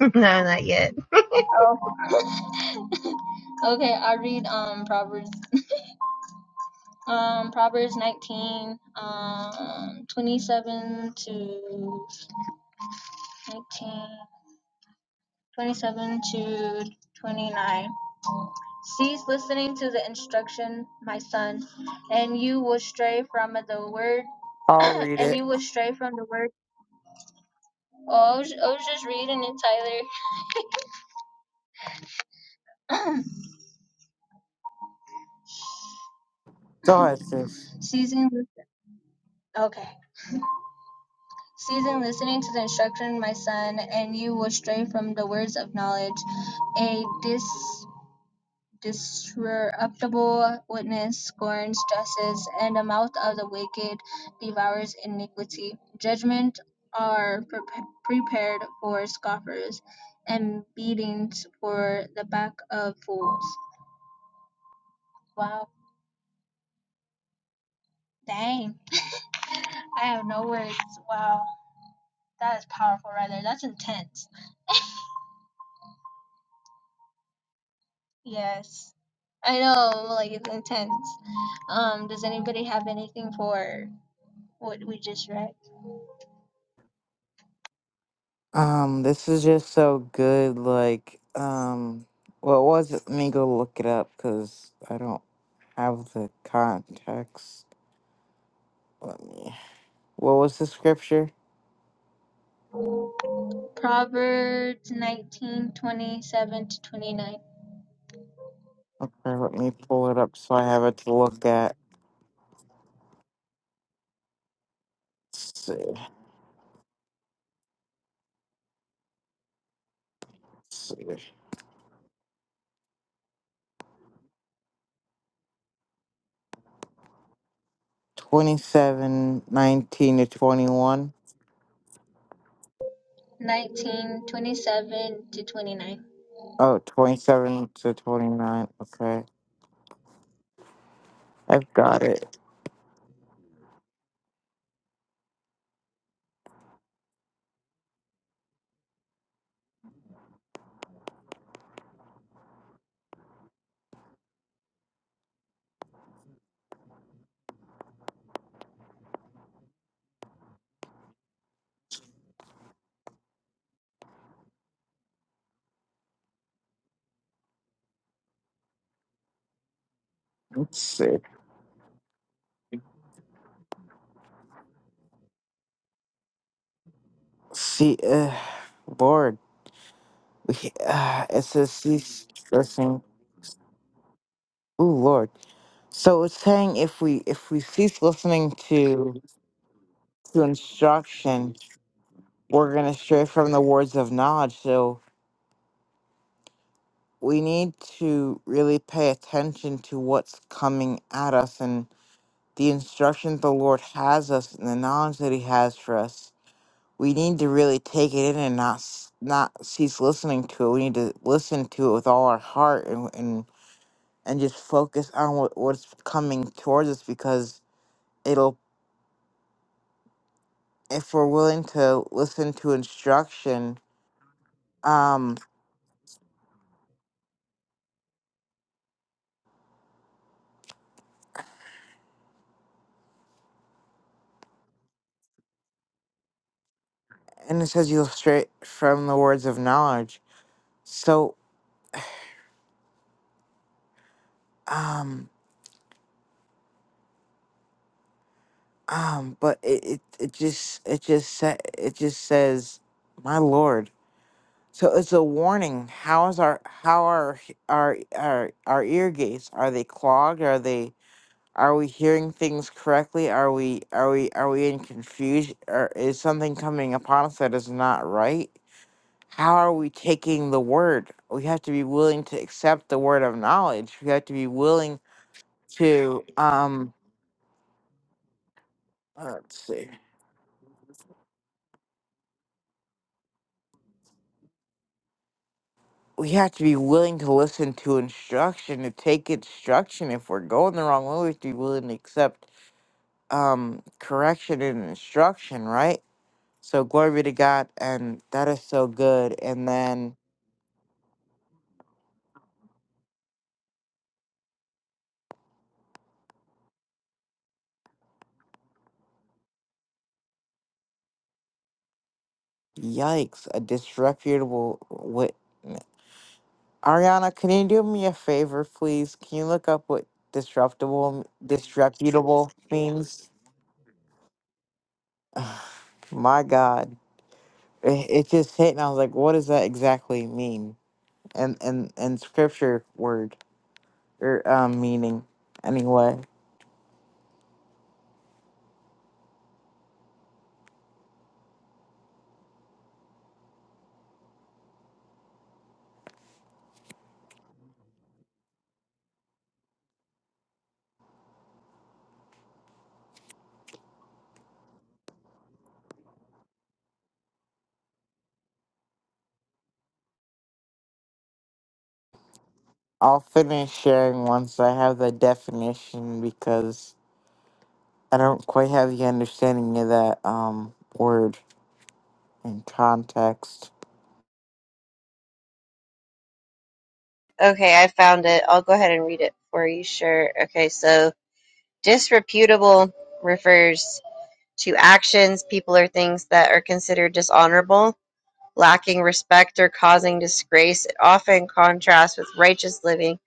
[SPEAKER 3] No, not yet.
[SPEAKER 4] I'll read it. Go ahead, sis. Um, this is just so good. Like, um, what was it? Let me go look it up because I don't have the context. Let me. What was the scripture? Or let me pull it up so I have it to look at. Let's see. 27, 19 to 21. Oh, 27 to 29. Okay. I've got it. Let's see. See, uh, Lord. We, uh, it says cease listening. Ooh, Lord. So it's saying if we if we cease listening to to instruction, we're gonna stray from the words of knowledge. So we need to really pay attention to what's coming at us and. the instructions the Lord has us and the knowledge that He has for us, we need to really take it in and not s- not cease listening to it. We need to listen to it with all our heart and and, and just focus on what, what's coming towards us because it'll if we're willing to listen to instruction. Um, and it says you'll straight from the words of knowledge. So um um, but it it, it just it just sa- it just says, my Lord. So it's a warning. How is our how are h- our our our ear gates? Are they clogged? Are they are we hearing things correctly? Are we are we are we in confusion? Or is something coming upon us that is not right? How are we taking the word? We have to be willing to accept the word of knowledge. We have to be willing to um let's see. We have to be willing to listen to instruction, to take instruction. If we're going the wrong way, we have to be willing to accept um correction and instruction, right? So glory be to God, and that is so good. And then, yikes, a disreputable. What Ariana? Can you do me a favor, please? Can you look up what disruptable, disreputable means? My God, it, it just hit, and I was like, what does that exactly mean? And and and scripture word or um, meaning anyway. I'll finish sharing once I have the definition because I don't quite have the understanding of that um word in context.
[SPEAKER 3] Okay, I found it. I'll go ahead and read it for you, sure. Okay, so disreputable refers to actions, people, or things that are considered dishonorable, lacking respect, or causing disgrace. It often contrasts with righteous living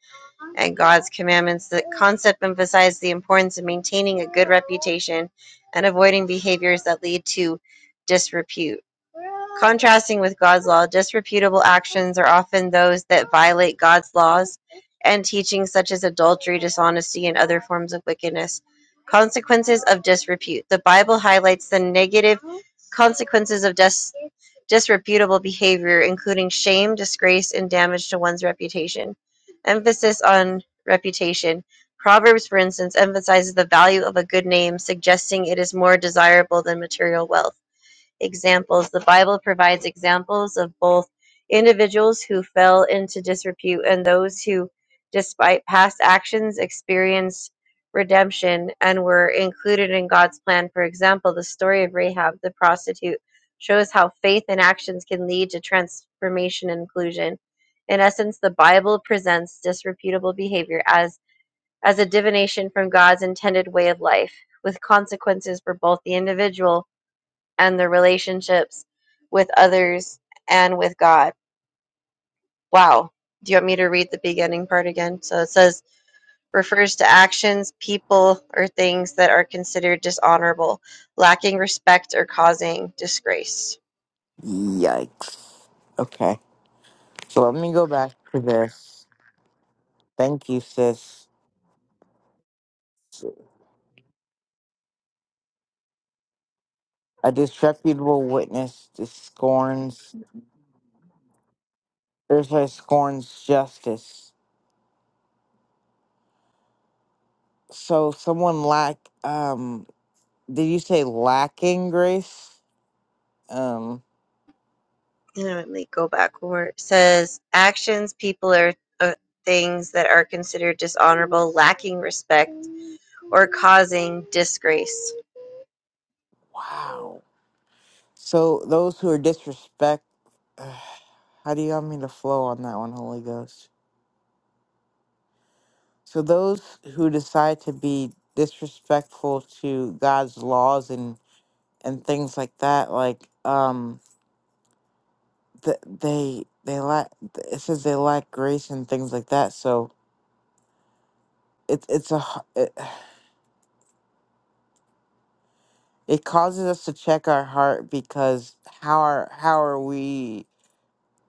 [SPEAKER 3] and God's commandments. The concept emphasizes the importance of maintaining a good reputation and avoiding behaviors that lead to disrepute. Contrasting with God's law, disreputable actions are often those that violate God's laws and teachings such as adultery, dishonesty, and other forms of wickedness. Consequences of disrepute. The Bible highlights the negative consequences of dis- disreputable behavior, including shame, disgrace, and damage to one's reputation. Emphasis on reputation. Proverbs, for instance, emphasizes the value of a good name, suggesting it is more desirable than material wealth examples. The Bible provides examples of both individuals who fell into disrepute and those who, despite past actions, experienced redemption and were included in God's plan. For example, the story of Rahab the prostitute shows how faith and actions can lead to transformation and inclusion. In essence, the Bible presents disreputable behavior as, as a divination from God's intended way of life, with consequences for both the individual and the relationships with others and with God. Wow. Do you want me to read the beginning part again? So it says, refers to actions, people, or things that are considered dishonorable, lacking respect, or causing disgrace.
[SPEAKER 4] Yikes. Okay. So let me go back to this. Thank you, sis. A disreputable witness scorns there's a scorns justice. So someone lack um did you say lacking grace? Um
[SPEAKER 3] And let me go back where it says, actions, people, or uh, things that are considered dishonorable, lacking respect, or causing disgrace.
[SPEAKER 4] wow. So those who are disrespect how do you want me to flow on that one, Holy Ghost? So those who decide to be disrespectful to God's laws and and things like that, like um, th- they they lack. It says they lack grace and things like that. So it it's a h- it, it causes us to check our heart because how are how are we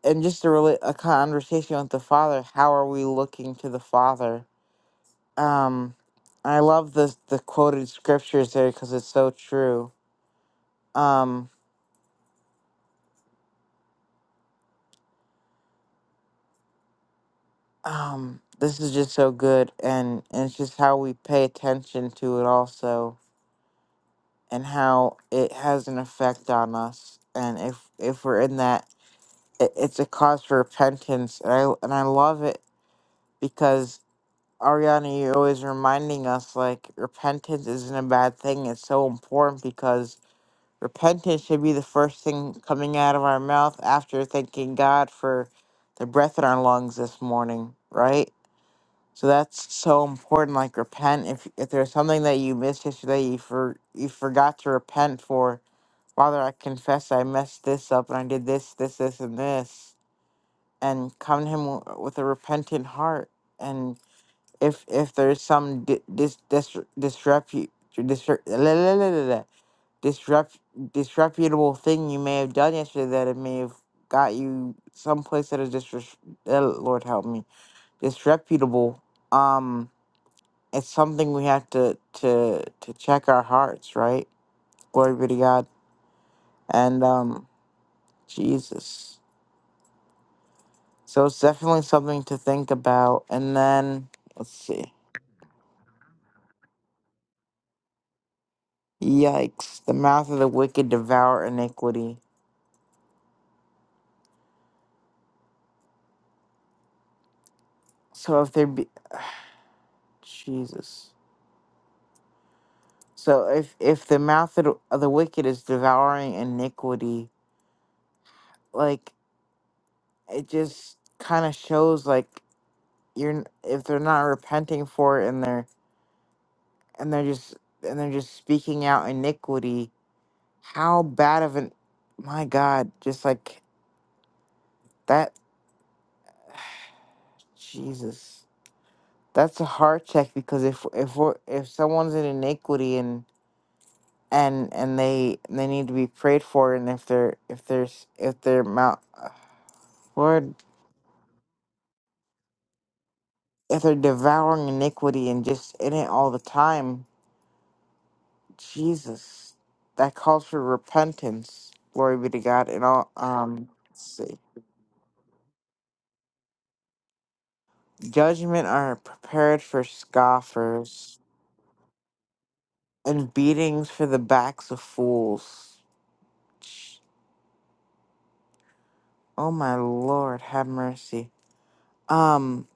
[SPEAKER 4] and just a really a conversation with the Father. How are we looking to the Father? Um, I love the the quoted scriptures there because it's so true. Um, Um, this is just so good, and, and it's just how we pay attention to it also, and how it has an effect on us. And if if we're in that, it, it's a cause for repentance, and I and I love it because Ariana, you're always reminding us like repentance isn't a bad thing. It's so important because repentance should be the first thing coming out of our mouth after thanking God for the breath in our lungs this morning, right? So that's so important. Like repent if if there's something that you missed yesterday, you for you forgot to repent for. Father, I confess I messed this up and I did this, this, this, and this, and come to Him w- with a repentant heart. And if if there's some di- dis dis disrepu disre- la- la- la- la- la- disrep disreputable thing you may have done yesterday that it may have got you someplace that is disres- uh, Lord help me disreputable. Um it's something we have to to to check our hearts, right? Glory be to God. And um Jesus. So it's definitely something to think about. And then let's see. Yikes. The mouth of the wicked devour iniquity. So if there be Jesus. So if if the mouth of the of the wicked is devouring iniquity, like it just kind of shows like you're n- if they're not repenting for it and they're and they're just and they're just speaking out iniquity how bad of an my god just like that jesus that's a heart check because if if we're if someone's in iniquity and and and they they need to be prayed for and if they're if there's if they're mount uh, lord if they're devouring iniquity and just in it all the time jesus that calls for repentance glory be to god and all um let's see Judgment are prepared for scoffers, and beatings for the backs of fools. Sh- Oh my lord, have mercy. Um,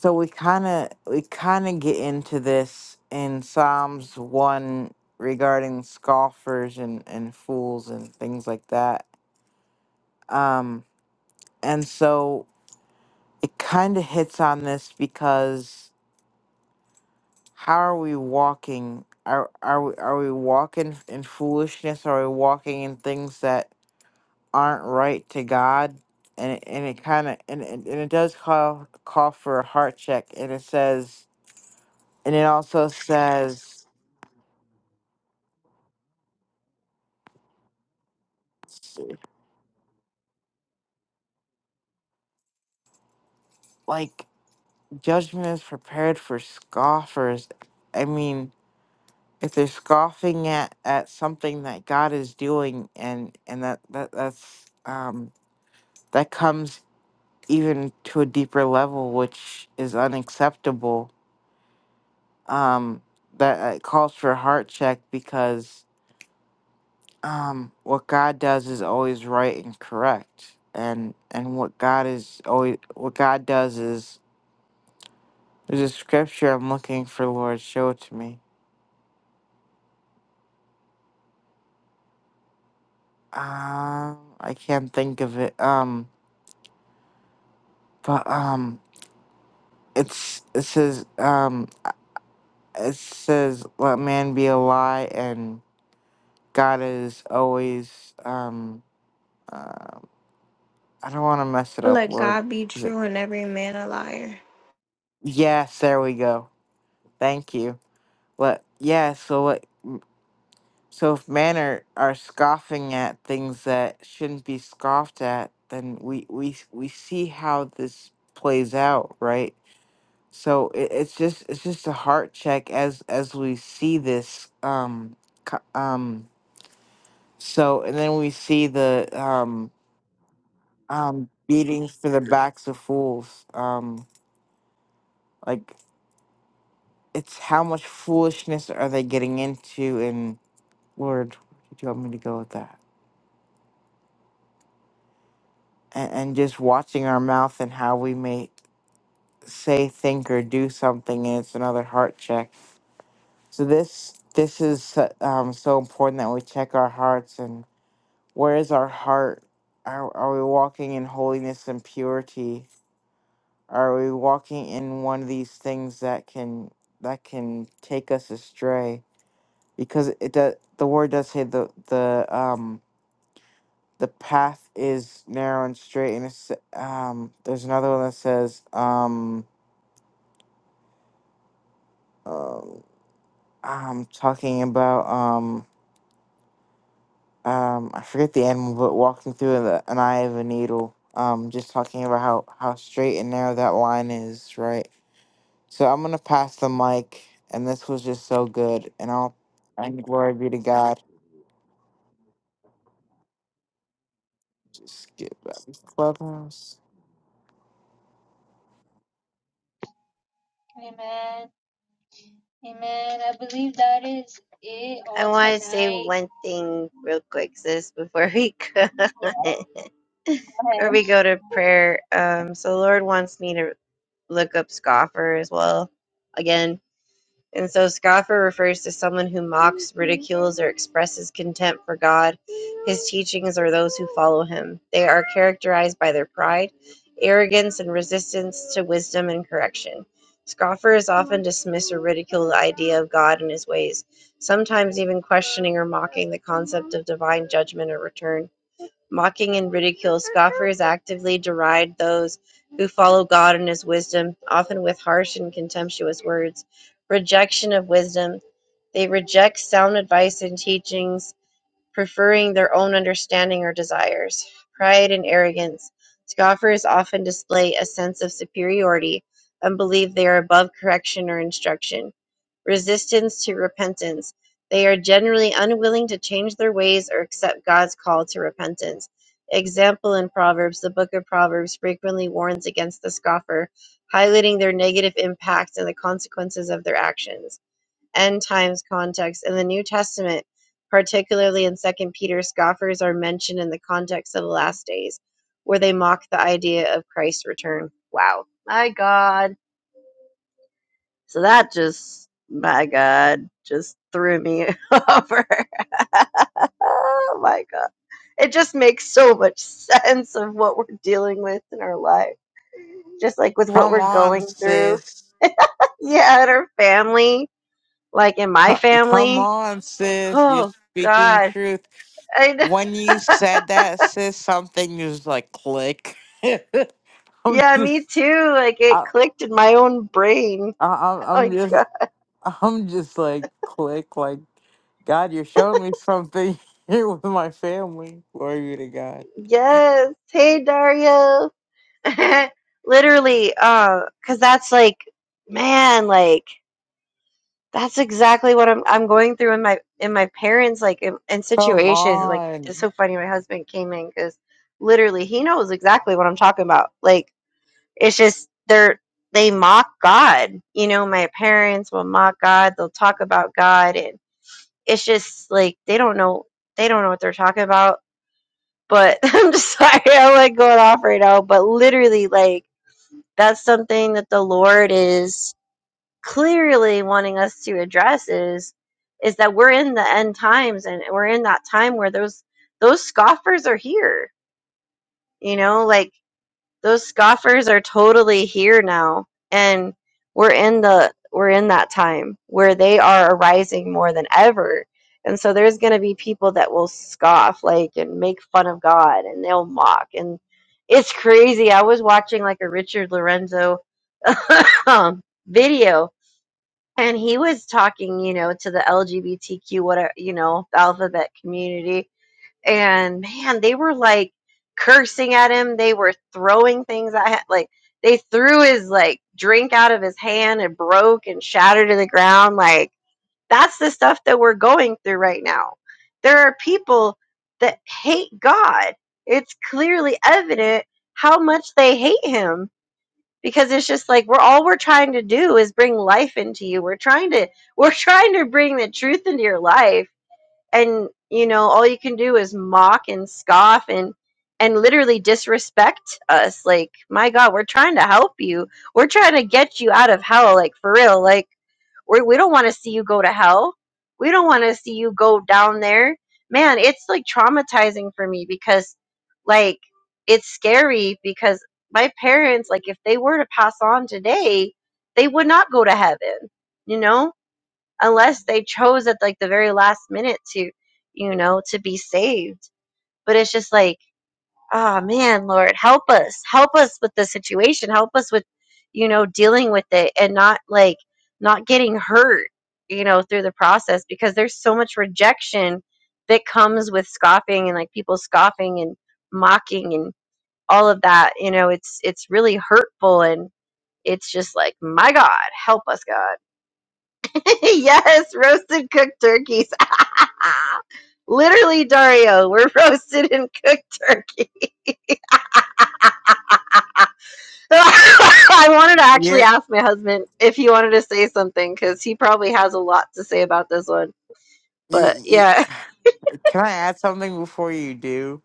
[SPEAKER 4] so we kind of we kind of get into this in Psalms one regarding scoffers and and fools and things like that. Um, and so it kind of hits on this because how are we walking? Are are we are we walking in foolishness? Are we walking in things that aren't right to God? And it, and it kind of and, and and it does call call for a heart check. And it says and it also says like judgment is prepared for scoffers. I mean, if they're scoffing at at something that God is doing, and and that that that's um that comes even to a deeper level, which is unacceptable. Um, that it calls for a heart check because um, what God does is always right and correct, and and what God is always what God does is there's a scripture I'm looking for. Lord, show it to me. Um, I can't think of it. Um, but um, it's it says um, it says let man be a lie and God is always um Um, I don't want to mess it up,
[SPEAKER 7] Let
[SPEAKER 4] Lord.
[SPEAKER 7] God be
[SPEAKER 4] Is it?
[SPEAKER 7] true and every man a liar.
[SPEAKER 4] Yes, there we go. Thank you. What? Yeah. So what? So if men are, are scoffing at things that shouldn't be scoffed at, then we we we see how this plays out, right? So it, it's just it's just a heart check as as we see this. Um. co- Um. So and then we see the um um beatings for the backs of fools. Um. Like. it's how much foolishness are they getting into and lord where did you want me to go with that and, and just watching our mouth and how we may say think or do something and it's another heart check so this this is so- um, so important that we check our hearts and where is our heart are, are we walking in holiness and purity are we walking in one of these things that can that can take us astray because it does the word does say the the um the path is narrow and straight and it's um there's another one that says um uh, i'm talking about um um i forget the animal but walking through the, an eye of a needle um just talking about how how straight and narrow that line is right so i'm gonna pass the mic and this was just so good and i'll and glory be to god just get back to clubhouse
[SPEAKER 3] I want to say one thing real quick, sis, before we go. or we go to prayer. Um, so the Lord wants me to look up scoffer as well, again. And so scoffer refers to someone who mocks, ridicules, or expresses contempt for God, his teachings, or those who follow him. They are characterized by their pride, arrogance, and resistance to wisdom and correction. Scoffers often dismiss or ridicule the idea of God and his ways, sometimes even questioning or mocking the concept of divine judgment or return mocking and ridicule, scoffers actively deride those who follow God and his wisdom, often with harsh and contemptuous words. Rejection of wisdom. They reject sound advice and teachings, preferring their own understanding or desires. Pride and arrogance. Scoffers often display a sense of superiority and believe they are above correction or instruction resistance to repentance. They are generally unwilling to change their ways or accept God's call to repentance. Example in Proverbs, the book of Proverbs frequently warns against the scoffer, highlighting their negative impacts and the consequences of their actions. End times context. In the New Testament, particularly in Second Peter, scoffers are mentioned in the context of the last days, where they mock the idea of Christ's return. Wow. My God. So that just, my God, just threw me over. oh my God. It just makes so much sense of what we're dealing with in our life, just like with what
[SPEAKER 4] come
[SPEAKER 3] we're
[SPEAKER 4] on
[SPEAKER 3] going through.
[SPEAKER 4] sis
[SPEAKER 3] Yeah, and our family, like in my
[SPEAKER 4] Co- come
[SPEAKER 3] family.
[SPEAKER 4] on sis you're
[SPEAKER 3] Oh
[SPEAKER 4] speaking
[SPEAKER 3] God.
[SPEAKER 4] truth
[SPEAKER 3] I know.
[SPEAKER 4] When you said that, sis, something just like click. I'm Yeah.
[SPEAKER 3] Yeah, me
[SPEAKER 4] just,
[SPEAKER 3] too. Like it
[SPEAKER 4] I,
[SPEAKER 3] clicked in my own brain.
[SPEAKER 4] I, I'm
[SPEAKER 3] Oh my
[SPEAKER 4] I'm just,
[SPEAKER 3] God.
[SPEAKER 4] I'm just like click. Like, God, you're showing me something here with my family. Glory to God.
[SPEAKER 3] Yes. Hey, Dario. Literally, uh, cause that's like, man, like that's exactly what I'm I'm going through in my in my parents like in, in
[SPEAKER 4] Come
[SPEAKER 3] situations. Like it's
[SPEAKER 4] on,
[SPEAKER 3] so funny. My husband came in because literally he knows exactly what I'm talking about. Like it's just they're they mock God. You know, my parents will mock God. They'll talk about God, and it's just like they don't know they don't know what they're talking about. But I'm just sorry, I'm like going off right now. But literally, like that's something that the Lord is clearly wanting us to address is is that we're in the end times and we're in that time where those those scoffers are here. You know, like those scoffers are totally here now and we're in the we're in that time where they are arising more than ever. And so there's going to be people that will scoff like and make fun of God and they'll mock and it's crazy. I was watching like a Richard Lorenzo video and he was talking you know to the lgbtq whatever you know the alphabet community and man they were like cursing at him they were throwing things at him like they threw his like drink out of his hand and broke and shattered to the ground like that's the stuff that we're going through right now there are people that hate god it's clearly evident how much they hate him because it's just like we're all we're trying to do is bring life into you we're trying to we're trying to bring the truth into your life and you know all you can do is mock and scoff and and literally disrespect us like my god we're trying to help you we're trying to get you out of hell like for real like we we don't want to see you go to hell. We don't want to see you go down there. Man, it's like traumatizing for me because like it's scary because my parents like if they were to pass on today, they would not go to heaven, you know? Unless they chose at like the very last minute to, you know, to be saved. But it's just like oh man lord help us help us with the situation help us with you know dealing with it and not like not getting hurt you know through the process because there's so much rejection that comes with scoffing and like people scoffing and mocking and all of that you know it's it's really hurtful and it's just like my god help us god yes roasted cooked turkeys literally dario we're roasted and cooked turkey I wanted to actually
[SPEAKER 4] you're.
[SPEAKER 3] ask my husband if he wanted to say something because he probably has a lot to say about this one.
[SPEAKER 4] You,
[SPEAKER 3] But
[SPEAKER 4] you,
[SPEAKER 3] yeah,
[SPEAKER 4] can I add something before you do?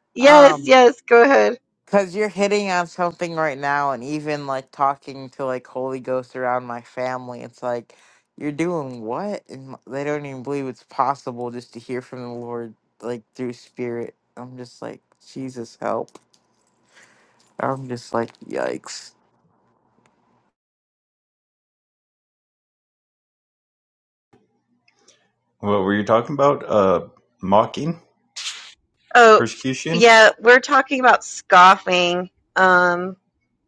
[SPEAKER 3] yes,
[SPEAKER 4] Um,
[SPEAKER 3] yes, go ahead.
[SPEAKER 4] Because you're hitting on something right now, and even like talking to like Holy Ghost around my family, it's like you're doing what? And m- they don't even believe it's possible just to hear from the Lord like through spirit. I'm just like, Jesus help. I'm just like, yikes.
[SPEAKER 2] What were you talking about? Uh, mocking,
[SPEAKER 3] Oh,
[SPEAKER 2] persecution.
[SPEAKER 3] yeah, we're talking about scoffing. Um,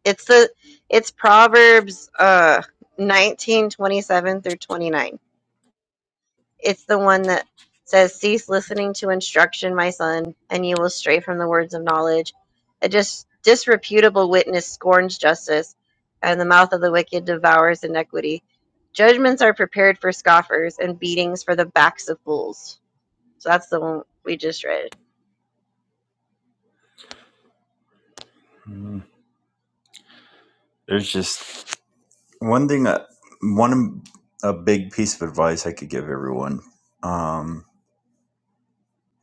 [SPEAKER 3] it's the it's Proverbs uh nineteen twenty seven through 29. It's the one that says, Cease listening to instruction, my son, and you will stray from the words of knowledge. A just disreputable witness scorns justice, and the mouth of the wicked devours iniquity. Judgments are prepared for scoffers, and beatings for the backs of fools. So that's the one we just read.
[SPEAKER 2] Mm. There's just One thing, uh, one a big piece of advice I could give everyone um,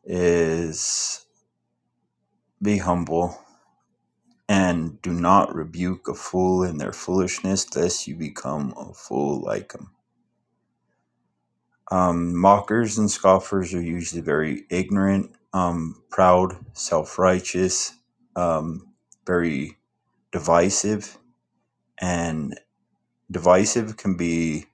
[SPEAKER 2] is be humble and do not rebuke a fool in their foolishness, lest you become a fool like them. Um, mockers and scoffers are usually very ignorant, um, proud, self righteous, um, very divisive, and. divisive can be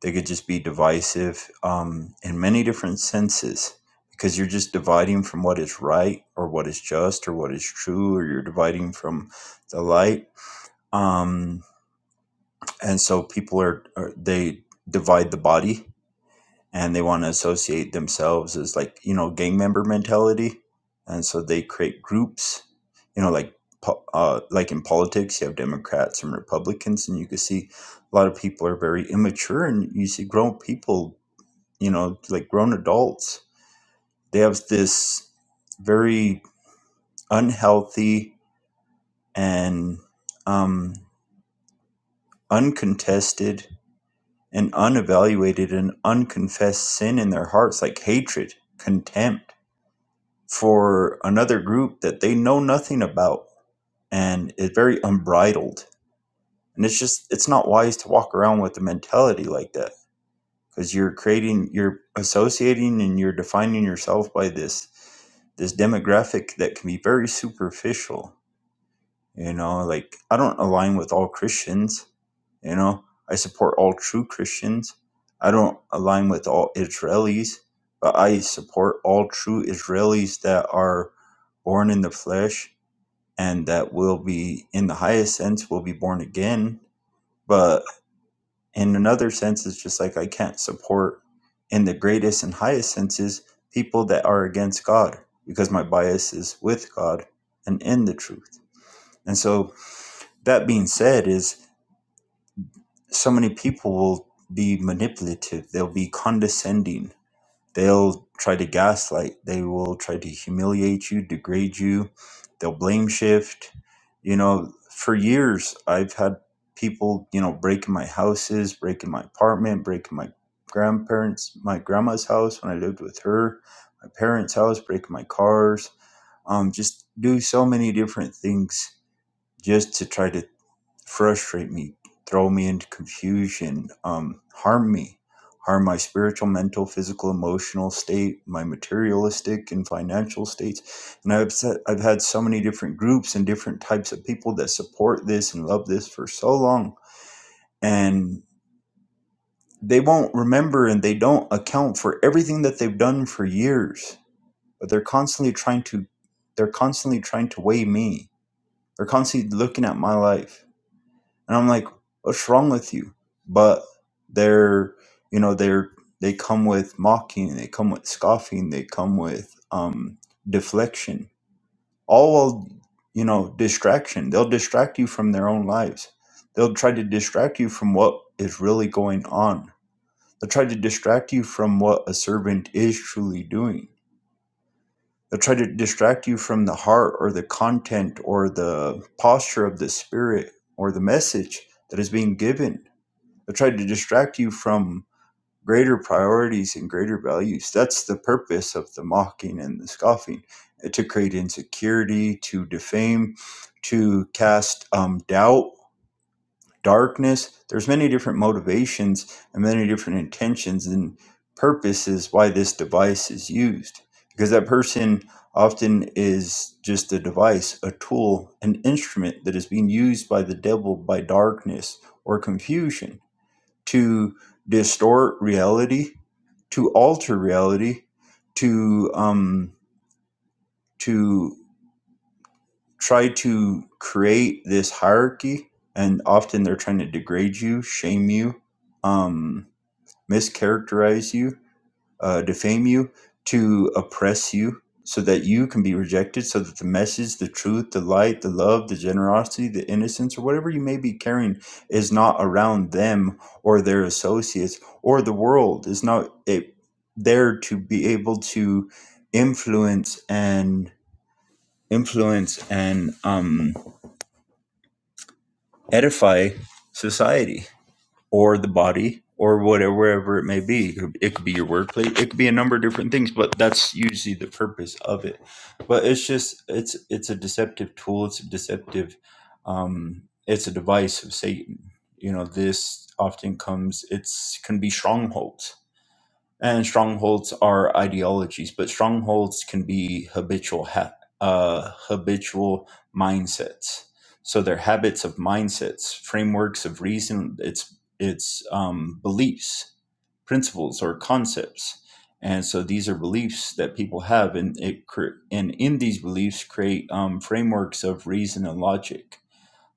[SPEAKER 2] they could just be divisive um, in many different senses because you're just dividing from what is right or what is just or what is true or you're dividing from the light um, and so people are, are they divide the body and they want to associate themselves as like you know gang member mentality and so they create groups you know like po- uh, like in politics you have democrats and republicans and you can see a lot of people are very immature and you see grown people you know like grown adults they have this very unhealthy and um, uncontested and unevaluated and unconfessed sin in their hearts like hatred contempt for another group that they know nothing about and it's very unbridled and it's just it's not wise to walk around with a mentality like that because you're creating you're associating and you're defining yourself by this this demographic that can be very superficial you know, like I don't align with all Christians. You know, I support all true Christians. I don't align with all Israelis, but I support all true Israelis that are born in the flesh and that will be, in the highest sense, will be born again. But in another sense, it's just like I can't support, in the greatest and highest senses, people that are against God because my bias is with God and in the truth. And so that being said is so many people will be manipulative they'll be condescending they'll try to gaslight they will try to humiliate you degrade you they'll blame shift you know for years i've had people you know breaking my houses breaking my apartment breaking my grandparents my grandma's house when i lived with her my parents house breaking my cars um, just do so many different things just to try to frustrate me, throw me into confusion, um, harm me, harm my spiritual, mental, physical, emotional state, my materialistic and financial states. And I've said, I've had so many different groups and different types of people that support this and love this for so long, and they won't remember and they don't account for everything that they've done for years. But they're constantly trying to, they're constantly trying to weigh me. They're constantly looking at my life and I'm like, what's wrong with you? But they're, you know, they're they come with mocking, they come with scoffing, they come with um, deflection, all while you know distraction. They'll distract you from their own lives. They'll try to distract you from what is really going on. They'll try to distract you from what a servant is truly doing. They'll try to distract you from the heart or the content or the posture of the spirit or the message that is being given They'll try to distract you from greater priorities and greater values. That's the purpose of the mocking and the scoffing uh, to create insecurity, to defame, to cast um, doubt, darkness. There's many different motivations and many different intentions and purposes why this device is used. Because that person often is just a device, a tool, an instrument that is being used by the devil by darkness or confusion to distort reality, to alter reality, to um, to try to create this hierarchy, and often they're trying to degrade you, shame you, um, mischaracterize you uh, defame you, to oppress you, so that you can be rejected, so that the message, the truth, the light, the love, the generosity, the innocence, or whatever you may be carrying is not around them or their associates or the world, is not it, there to be able to influence and influence and um, edify society or the body or whatever wherever it may be it could be your workplace it could be a number of different things but that's usually the purpose of it but it's just it's it's a deceptive tool it's a deceptive um it's a device of satan you know this often comes it's can be strongholds and strongholds are ideologies, but strongholds can be habitual ha- uh, habitual mindsets. So they're habits of mindsets, frameworks of reason. It's it's um, beliefs, principles, or concepts. And so these are beliefs that people have, and it cre- and in these beliefs create um, frameworks of reason and logic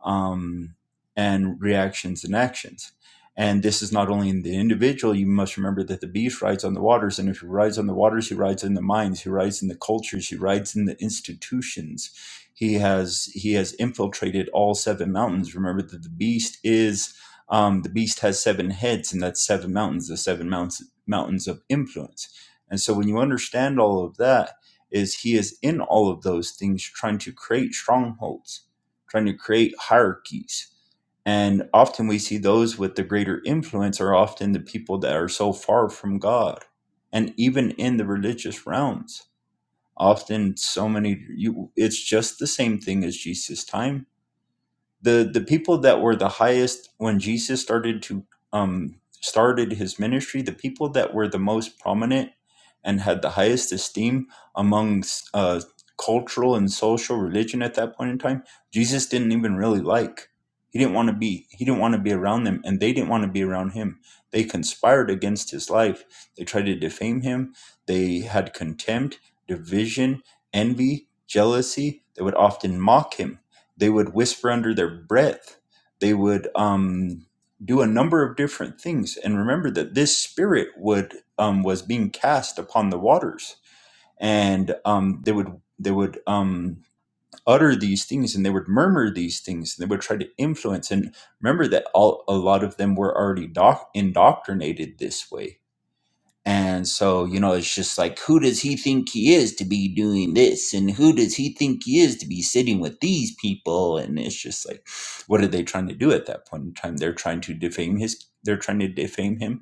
[SPEAKER 2] um, and reactions and actions. And this is not only in the individual, you must remember that the beast rides on the waters. And if he rides on the waters, he rides in the minds, he rides in the cultures, he rides in the institutions. He has he has infiltrated all seven mountains. Remember that the beast is um, the beast has seven heads, and that's seven mountains, the seven mountains mountains of influence. And so when you understand all of that, is he is in all of those things trying to create strongholds trying to create hierarchies. And often we see those with the greater influence are often the people that are so far from God. And even in the religious realms, often so many, you, it's just the same thing as Jesus' time the the people that were the highest when Jesus started to um started his ministry, the people that were the most prominent and had the highest esteem among uh, cultural and social religion at that point in time, Jesus didn't even really like. He didn't want to be. He didn't want to be around them, and they didn't want to be around him. They conspired against his life. They tried to defame him. They had contempt, division, envy, jealousy. They would often mock him they would whisper under their breath. They would um, do a number of different things. And remember that this spirit would um, was being cast upon the waters, and um, they would they would um, utter these things, and they would murmur these things, and they would try to influence. And remember that all, a lot of them were already doc- indoctrinated this way and so, you know, it's just like, who does he think he is to be doing this? And who does he think he is to be sitting with these people? And it's just like, what are they trying to do at that point in time? They're trying to defame his, they're trying to defame him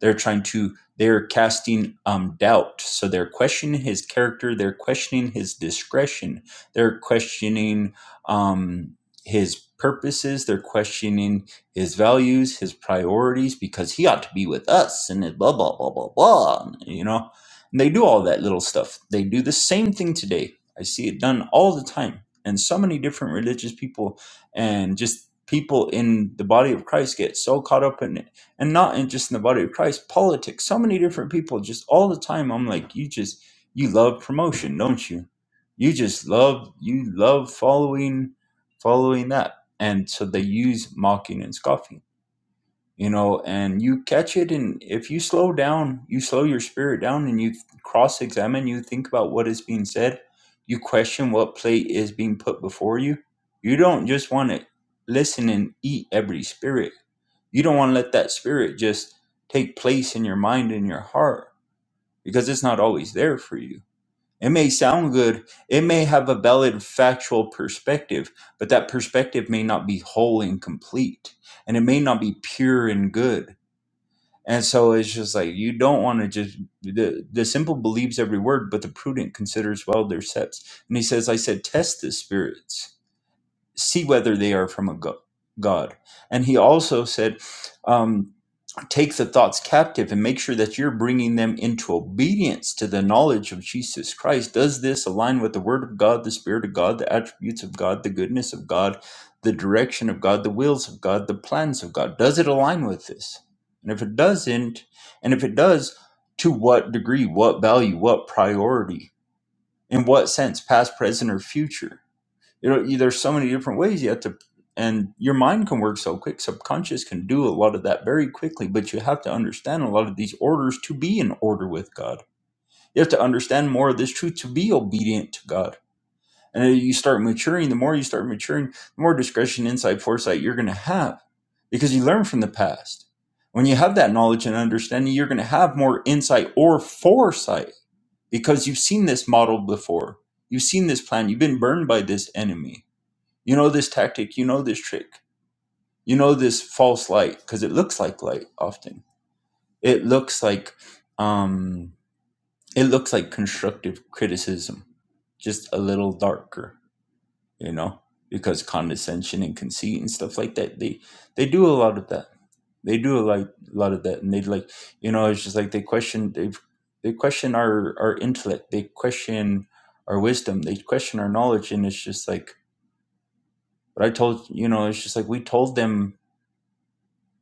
[SPEAKER 2] they're trying to, they're casting um, doubt. So they're questioning his character. They're questioning his discretion. They're questioning um, his purposes. They're questioning his values, his priorities, because he ought to be with us and blah, blah, blah, blah, blah. You know, and they do all that little stuff. They do the same thing today. I see it done all the time. And so many different religious people and just people in the body of Christ get so caught up in it and not in just in the body of Christ, politics, so many different people just all the time. I'm like, you just you love promotion, don't you? You just love you love following following that. And so they use mocking and scoffing, you know, and you catch it and if you slow down, you slow your spirit down and you cross examine, you think about what is being said, you question what plate is being put before you. You don't just want to listen and eat every spirit you don't want to let that spirit just take place in your mind and your heart because it's not always there for you. It may sound good, it may have a valid factual perspective, but that perspective may not be whole and complete, and it may not be pure and good. And so it's just like you don't want to just the the simple believes every word, but the prudent considers well their steps. And he says, I said, test the spirits, see whether they are from a go- God. And he also said, um, take the thoughts captive and make sure that you're bringing them into obedience to the knowledge of Jesus Christ. Does this align with the Word of God, the Spirit of God, the attributes of God, the goodness of God, the direction of God, the wills of God, the plans of God? Does it align with this? And if it doesn't, and if it does, to what degree, what value, what priority, in what sense, past, present, or future? you know there's so many different ways you have to and your mind can work so quick subconscious can do a lot of that very quickly but you have to understand a lot of these orders to be in order with god you have to understand more of this truth to be obedient to god and as you start maturing the more you start maturing the more discretion insight foresight you're going to have because you learn from the past when you have that knowledge and understanding you're going to have more insight or foresight because you've seen this model before you've seen this plan you've been burned by this enemy you know this tactic, you know this trick, you know this false light because it looks like light often. It looks like um it looks like constructive criticism, just a little darker, you know, because condescension and conceit and stuff like that, they they do a lot of that. They do a lot, lot of that and they like, you know, it's just like they question they they question our our intellect, they question our wisdom, they question our knowledge and it's just like but I told you know, it's just like we told them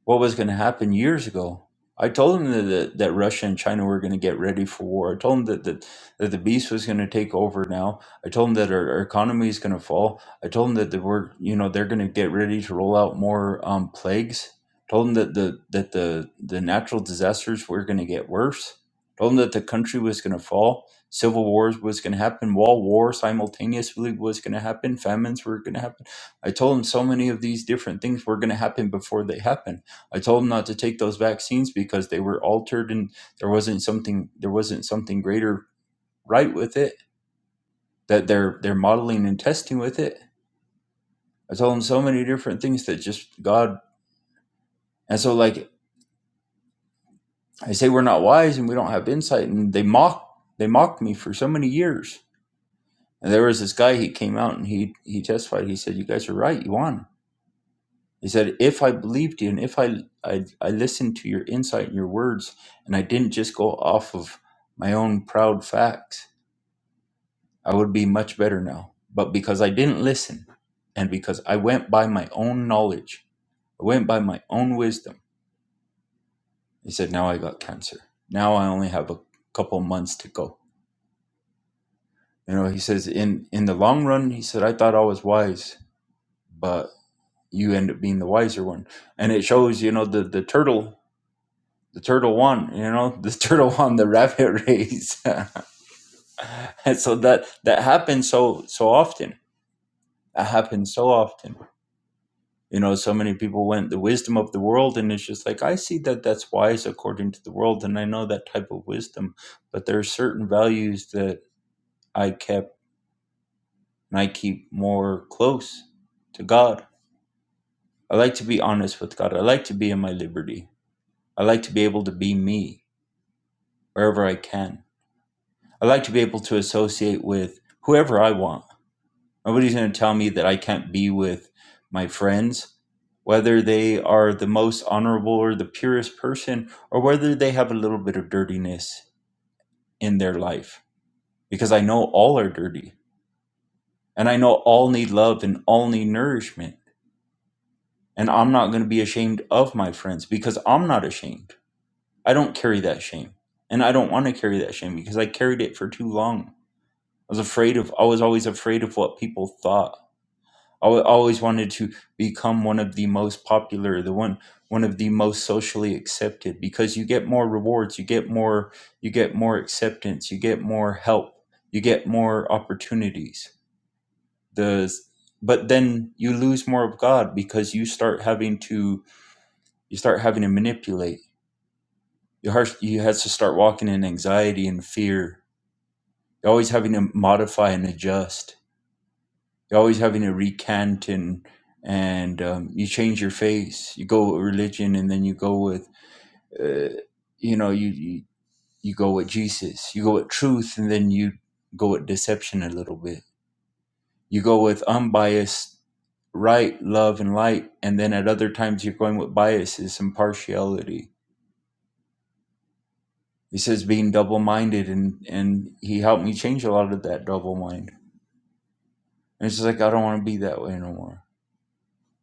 [SPEAKER 2] what was going to happen years ago. I told them that, that, that Russia and China were going to get ready for war. I told them that, that, that the beast was going to take over now. I told them that our, our economy is going to fall. I told them that they were, you know, they're going to get ready to roll out more um, plagues. Told them that the that the the natural disasters were going to get worse. Told them that the country was going to fall. Civil wars was going to happen. Wall war simultaneously was going to happen. Famines were going to happen. I told them so many of these different things were going to happen before they happened I told him not to take those vaccines because they were altered and there wasn't something there wasn't something greater right with it that they're they're modeling and testing with it. I told him so many different things that just God and so like I say we're not wise and we don't have insight and they mock they mocked me for so many years. And there was this guy he came out and he he testified. He said, "You guys are right. You won." He said, "If I believed you and if I I, I listened to your insight and your words and I didn't just go off of my own proud facts." I would be much better now. But because I didn't listen and because I went by my own knowledge, I went by my own wisdom, he said, Now I got cancer. Now I only have a couple months to go. You know, he says, in, in the long run, he said, I thought I was wise, but you end up being the wiser one. And it shows, you know, the, the turtle, the turtle won, you know, the turtle won the rabbit race. and so that, that happens so, so often. That happens so often you know so many people went the wisdom of the world and it's just like i see that that's wise according to the world and i know that type of wisdom but there are certain values that i kept and i keep more close to god i like to be honest with god i like to be in my liberty i like to be able to be me wherever i can i like to be able to associate with whoever i want Nobody's going to tell me that I can't be with my friends, whether they are the most honorable or the purest person, or whether they have a little bit of dirtiness in their life. Because I know all are dirty, and I know all need love and all need nourishment. And I'm not going to be ashamed of my friends because I'm not ashamed. I don't carry that shame. And I don't want to carry that shame because I carried it for too long. I was afraid of, I was always afraid of what people thought. I wa- always wanted to become one of the most popular, the one one of the most socially accepted because you get more rewards, you get more you get more acceptance, you get more help, you get more opportunities. The but then you lose more of God because you start having to you start having to manipulate. You har- you has to start walking in anxiety and fear. You're always having to modify and adjust You're always having to recant and and um, you change your face. You go with religion, and then you go with uh, you know you, you you go with Jesus. You go with truth, and then you go with deception a little bit. You go with unbiased right, love, and light, and then at other times you're going with biases and partiality. He says being double minded, and and he helped me change a lot of that double mind. And it's just like I don't want to be that way no more.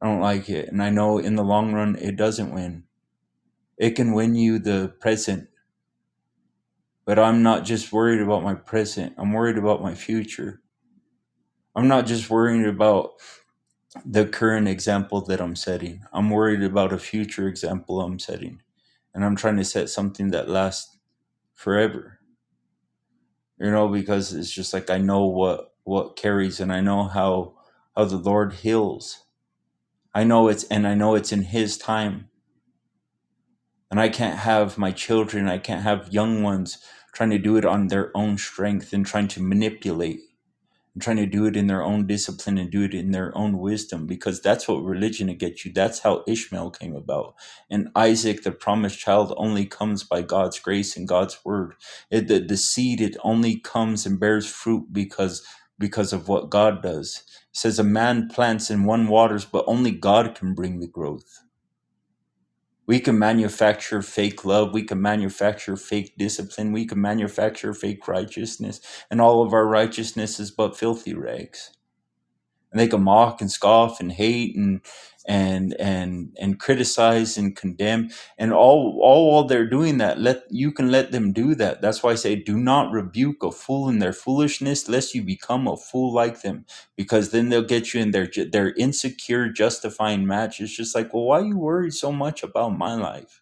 [SPEAKER 2] I don't like it, and I know in the long run it doesn't win It can win you the present, but I'm not just worried about my present. I'm worried about my future. I'm not just worried about the current example that I'm setting. I'm worried about a future example I'm setting. And I'm trying to set something that lasts forever. You know, because it's just like I know what what carries and I know how how the Lord heals. I know it's and I know it's in his time and I can't have my children, I can't have young ones trying to do it on their own strength and trying to manipulate and trying to do it in their own discipline and do it in their own wisdom because that's what religion will get you. That's how Ishmael came about. And Isaac, the promised child, only comes by God's grace and God's word. It, the, the seed, it only comes and bears fruit because because of what God does. It says a man plants and one waters, but only God can bring the growth we can manufacture fake love. We can manufacture fake discipline. We can manufacture fake righteousness. And all of our righteousness is but filthy rags. And they can mock and scoff and hate and and and and criticize and condemn and all all while they're doing that let you can let them do that that's why i say do not rebuke a fool in their foolishness lest you become a fool like them because then they'll get you in their their insecure justifying match it's just like well why are you worried so much about my life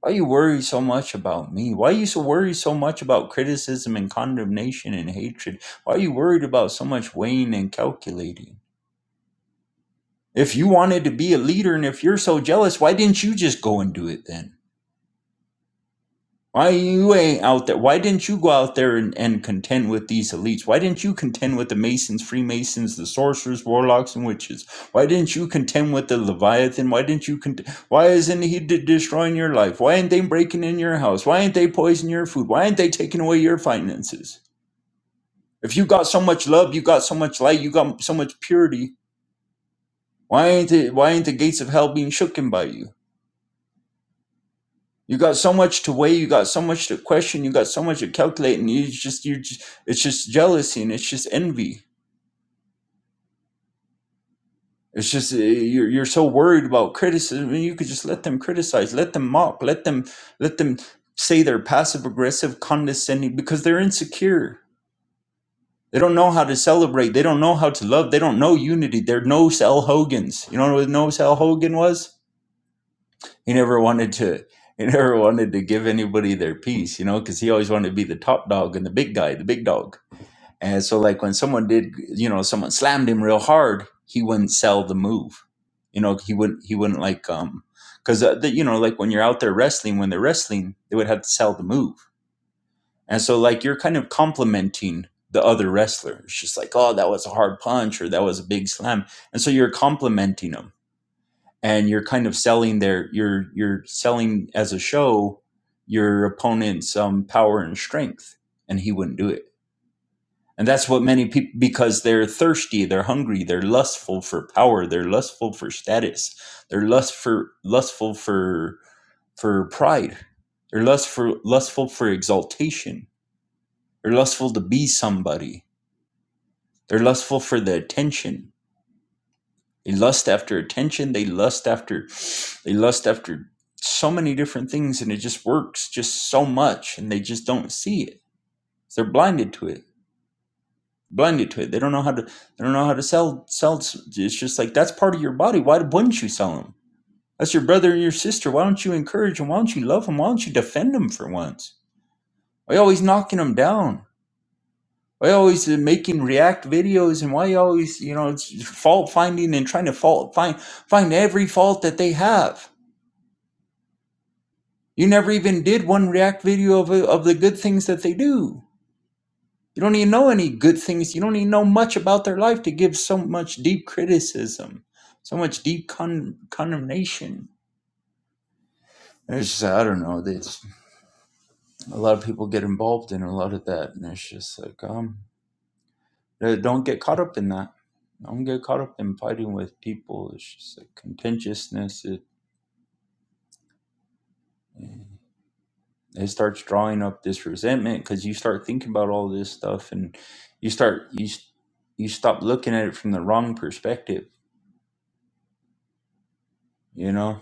[SPEAKER 2] why you worry so much about me? Why you so worry so much about criticism and condemnation and hatred? Why are you worried about so much weighing and calculating? If you wanted to be a leader and if you're so jealous, why didn't you just go and do it then? Why you ain't out there? Why didn't you go out there and, and contend with these elites? Why didn't you contend with the Masons, Freemasons, the sorcerers, warlocks, and witches? Why didn't you contend with the Leviathan? Why didn't you cont- Why isn't he de- destroying your life? Why ain't they breaking in your house? Why ain't they poisoning your food? Why ain't they taking away your finances? If you got so much love, you got so much light, you got so much purity. Why ain't it? Why ain't the gates of hell being shooken by you? You got so much to weigh. You got so much to question. You got so much to calculate, and you just you just it's just jealousy and it's just envy. It's just uh, you're you're so worried about criticism, and you could just let them criticize, let them mock, let them let them say they're passive aggressive, condescending because they're insecure. They don't know how to celebrate. They don't know how to love. They don't know unity. They're no Sal Hogan's. You know what no Sal Hogan was? He never wanted to. He never wanted to give anybody their piece, you know, because he always wanted to be the top dog and the big guy, the big dog. And so, like when someone did, you know, someone slammed him real hard, he wouldn't sell the move. You know, he wouldn't. He wouldn't like um, because uh, the, you know, like when you're out there wrestling, when they're wrestling, they would have to sell the move. And so, like you're kind of complimenting the other wrestler. It's just like, oh, that was a hard punch or that was a big slam, and so you're complimenting them and you're kind of selling their you're you're selling as a show your opponent's um, power and strength and he wouldn't do it and that's what many people because they're thirsty they're hungry they're lustful for power they're lustful for status they're lust for lustful for for pride they're lust for lustful for exaltation they're lustful to be somebody they're lustful for the attention They lust after attention. They lust after, they lust after so many different things, and it just works just so much, and they just don't see it. They're blinded to it. Blinded to it. They don't know how to. They don't know how to sell. Sell. It's just like that's part of your body. Why wouldn't you sell them? That's your brother and your sister. Why don't you encourage them? Why don't you love them? Why don't you defend them for once? Why are you always knocking them down? Why are you always uh, making react videos? And why are you always you know it's fault finding and trying to fault find find every fault that they have? You never even did one React video of, of the good things that they do. You don't even know any good things. You don't even know much about their life to give so much deep criticism, so much deep con- condemnation. And it's just, I don't know. It's, a lot of people get involved in a lot of that. And it's just like, um, uh, don't get caught up in that. Don't get caught up in fighting with people. It's just like contentiousness. It, yeah. it starts drawing up this resentment because you start thinking about all this stuff and you start you s- you stop looking at it from the wrong perspective you know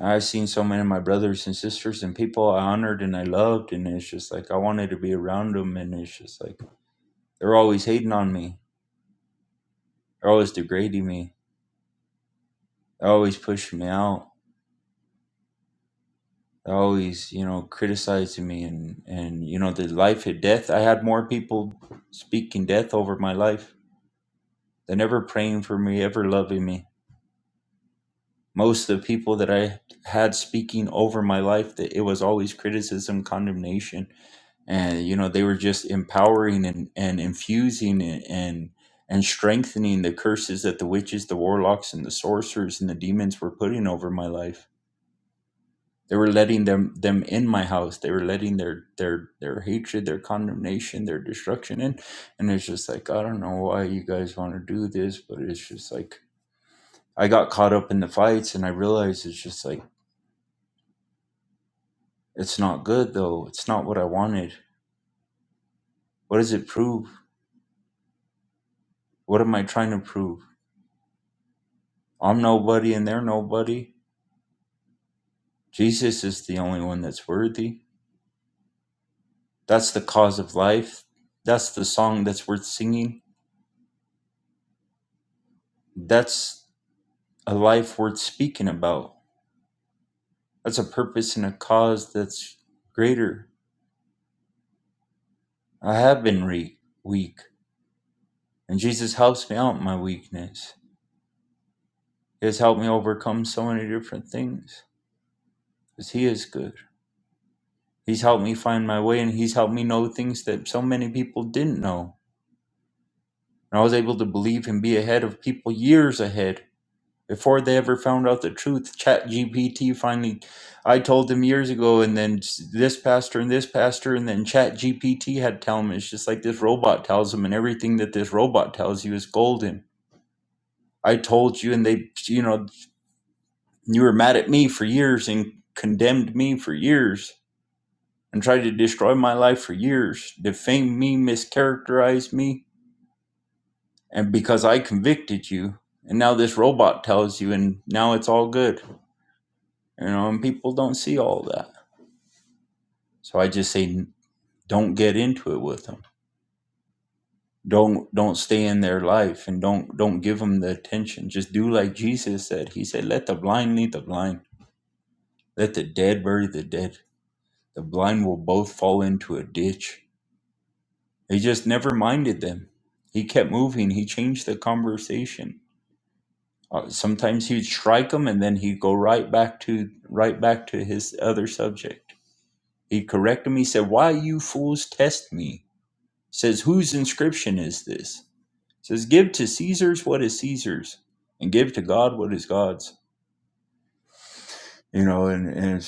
[SPEAKER 2] i've seen so many of my brothers and sisters and people i honored and i loved and it's just like i wanted to be around them and it's just like they're always hating on me they're always degrading me they're always pushing me out they're always you know criticizing me and and you know the life and death i had more people speaking death over my life they're never praying for me ever loving me most of the people that I had speaking over my life that it was always criticism, condemnation, and you know they were just empowering and and infusing and and, and strengthening the curses that the witches, the warlocks, and the sorcerers and the demons were putting over my life. They were letting them them in my house. They were letting their their their hatred, their condemnation, their destruction in. And it's just like I don't know why you guys want to do this, but it's just like I got caught up in the fights and I realized it's just like It's not good though. It's not what I wanted. What does it prove? What am I trying to prove? I'm nobody and they're nobody. Jesus is the only one that's worthy. That's the cause of life. That's the song that's worth singing. That's a life worth speaking about. That's a purpose and a cause that's greater. I have been re- weak, and Jesus helps me out in my weakness. He has helped me overcome so many different things because He is good. He's helped me find my way and he's helped me know things that so many people didn't know. And I was able to believe and be ahead of people years ahead before they ever found out the truth. Chat GPT finally, I told them years ago, and then s- this pastor and this pastor, and then Chat GPT had to tell them. It's just like this robot tells them, and everything that this robot tells you is golden. I told you, and they, you know, you were mad at me for years and condemned me for years and tried to destroy my life for years, defame me, mischaracterize me, and because I convicted you, and now this robot tells you, and now it's all good, you know, and people don't see all that. So I just say, don't get into it with them. Don't don't stay in their life, and don't don't give them the attention. Just do like Jesus said. He said, "Let the blind lead the blind. Let the dead bury the dead. The blind will both fall into a ditch." He just never minded them. He kept moving. He changed the conversation. Uh, sometimes he'd strike them, and then he'd go right back to right back to his other subject. He'd correct them. He said, "Why you fools test me?" Says, "Whose inscription is this?" Says, "Give to Caesar's what is Caesar's, and give to God what is God's." You know, and and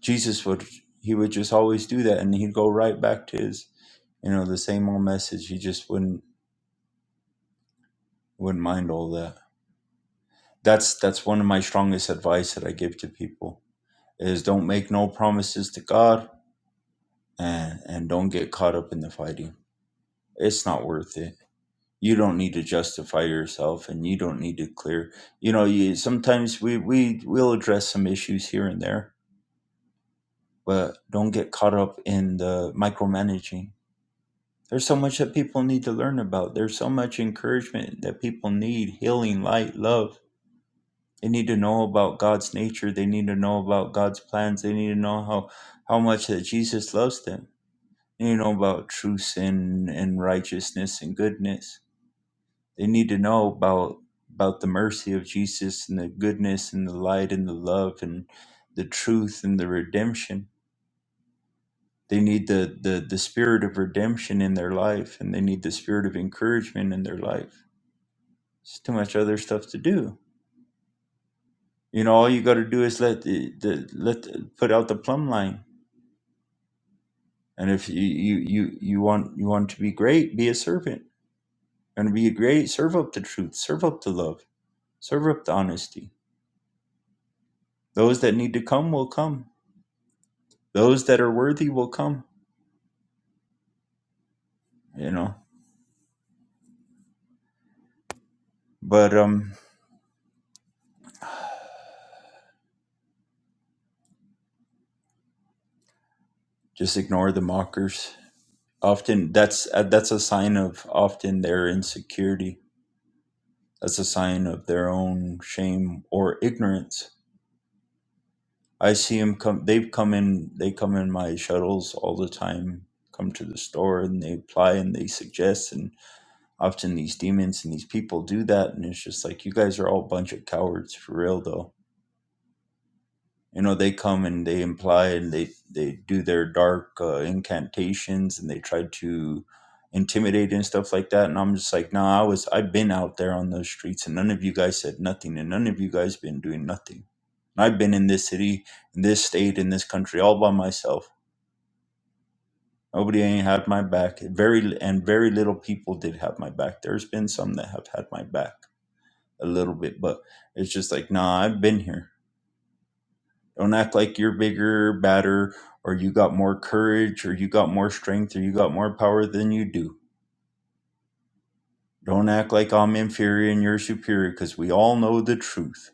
[SPEAKER 2] Jesus would he would just always do that, and he'd go right back to his you know the same old message. He just wouldn't wouldn't mind all that. That's that's one of my strongest advice that I give to people is don't make no promises to God and and don't get caught up in the fighting. It's not worth it. You don't need to justify yourself and you don't need to clear. You know, you sometimes we we will address some issues here and there, but don't get caught up in the micromanaging. There's so much that people need to learn about. There's so much encouragement that people need, healing, light, love They need to know about God's nature. They need to know about God's plans. They need to know how, how much that Jesus loves them. They need to know about true sin and righteousness and goodness. They need to know about about the mercy of Jesus and the goodness and the light and the love and the truth and the redemption. They need the, the, the spirit of redemption in their life and they need the spirit of encouragement in their life. It's too much other stuff to do. You know, all you got to do is let the, the let the, put out the plumb line And if you you you you want you want to be great, be a servant. And be great, serve up the truth, serve up the love, serve up the honesty. Those that need to come will come. Those that are worthy will come. You know. But um, just ignore the mockers. Often that's uh, that's a sign of often their insecurity. That's a sign of their own shame or ignorance. I see them come. They've come in. They come in my shuttles all the time. Come to the store and they apply and they suggest and. often these demons and these people do that and it's just like you guys are all a bunch of cowards for real though you know they come and they imply and they they do their dark uh, incantations and they try to intimidate and stuff like that and i'm just like nah i was i've been out there on those streets and none of you guys said nothing and none of you guys been doing nothing and i've been in this city in this state in this country all by myself nobody ain't had my back very and very little people did have my back there's been some that have had my back a little bit, but it's just like, nah, I've been here. Don't act like you're bigger, badder, or you got more courage, or you got more strength, or you got more power than you do. Don't act like I'm inferior and you're superior, because we all know the truth,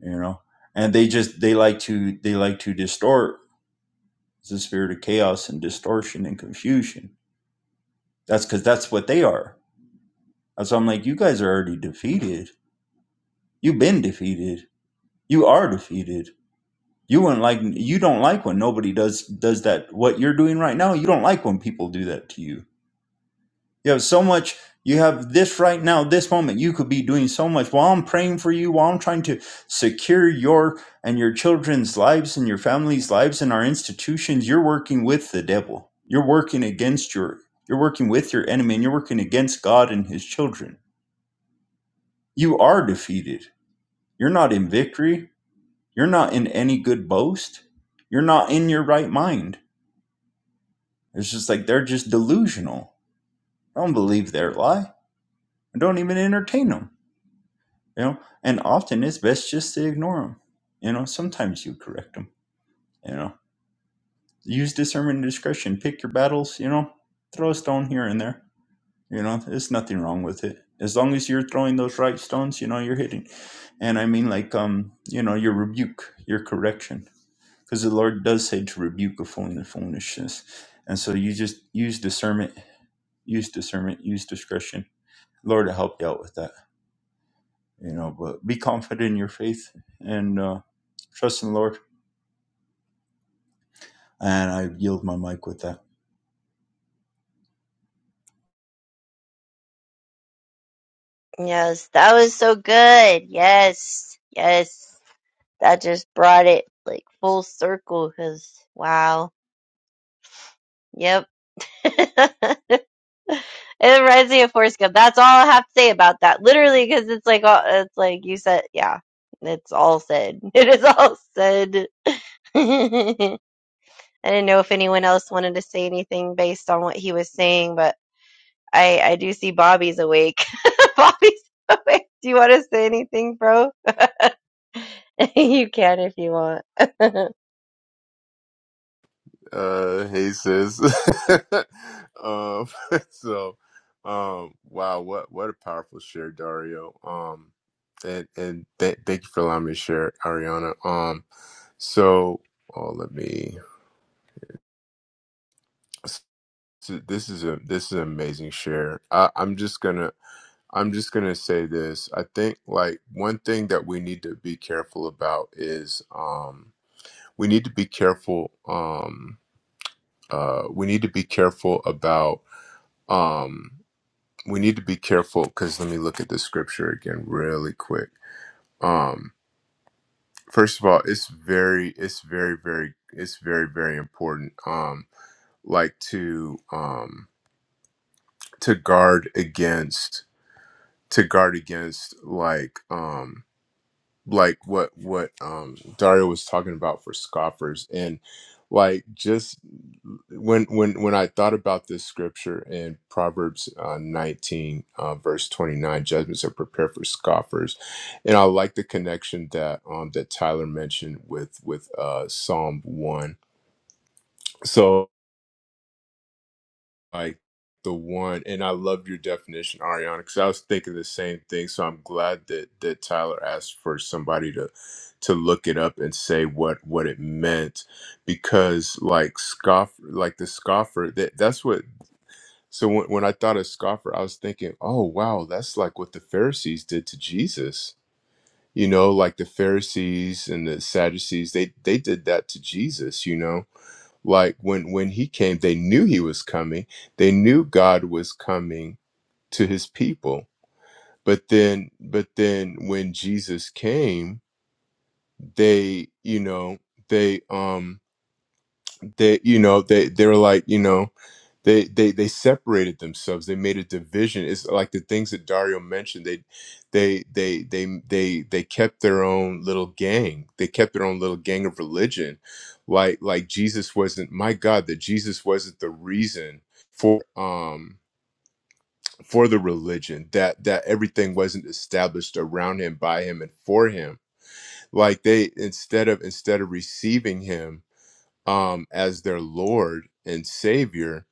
[SPEAKER 2] you know. And they just they like to they like to distort It's the spirit of chaos and distortion and confusion. That's because that's what they are. And so I'm like, you guys are already defeated. You've been defeated. You are defeated You wouldn't like you don't like when nobody does does that what you're doing right now. You don't like when people do that to you. You have so much you have this right now, this moment. You could be doing so much while I'm praying for you, while I'm trying to secure your and your children's lives and your family's lives and our institutions, you're working with the devil. You're working against your you're working with your enemy and you're working against God and his children. You are defeated. You're not in victory. You're not in any good boast. You're not in your right mind It's just like they're just delusional. I don't believe their lie. I don't even entertain them. You know, and often it's best just to ignore them. You know, sometimes you correct them. You know, use discernment and discretion. Pick your battles. You know, throw a stone here and there. You know, there's nothing wrong with it as long as you're throwing those right stones. You know, you're hitting. And I mean, like, um, you know, your rebuke, your correction, because the Lord does say to rebuke a fool in the foolishness. And so you just use discernment, use discernment, use discretion Lord will help you out with that. You know, but be confident in your faith and uh, trust in the Lord. And I yield my mic with that.
[SPEAKER 3] Yes, that was so good. Yes, yes. That just brought it like full circle because wow. Yep. It reminds me of Forrest Gump. That's all I have to say about that. Literally, because it's like all, it's like you said, yeah, it's all said. It is all said. I didn't know if anyone else wanted to say anything based on what he was saying, but I I do see Bobby's awake. Bobby's awake. Do you want to say anything, bro? you can if you want.
[SPEAKER 8] Uh, hey sis. um, so, um, wow, what what a powerful share, Dario. Um, and and th- thank you for allowing me to share, Ariana. Um, so, oh, let me. so this is a this is an amazing share. I, I'm just gonna I'm just gonna say this. I think like one thing that we need to be careful about is um we need to be careful um uh we need to be careful about um." we need to be careful because let me look at the scripture again really quick um first of all it's very it's very very it's very very important um like to um to guard against to guard against like um like what what um Dario was talking about for scoffers and like just when when when I thought about this scripture in Proverbs uh, 19 uh, verse 29 judgments are prepared for scoffers and I like the connection that um that Tyler mentioned with with uh Psalm 1 so like the one and i love your definition ariana because i was thinking the same thing so i'm glad that that tyler asked for somebody to to look it up and say what what it meant because like scoff like the scoffer that that's what so when, when i thought of scoffer i was thinking oh wow that's like what the pharisees did to jesus you know like the pharisees and the sadducees they they did that to jesus you know like when when he came they knew he was coming they knew god was coming to his people but then but then when jesus came they you know they um they you know they they were like you know they they they separated themselves they made a division it's like the things that dario mentioned they they they they they they kept their own little gang they kept their own little gang of religion like like jesus wasn't my god that jesus wasn't the reason for um for the religion that that everything wasn't established around him by him and for him like they instead of instead of receiving him um as their lord and savior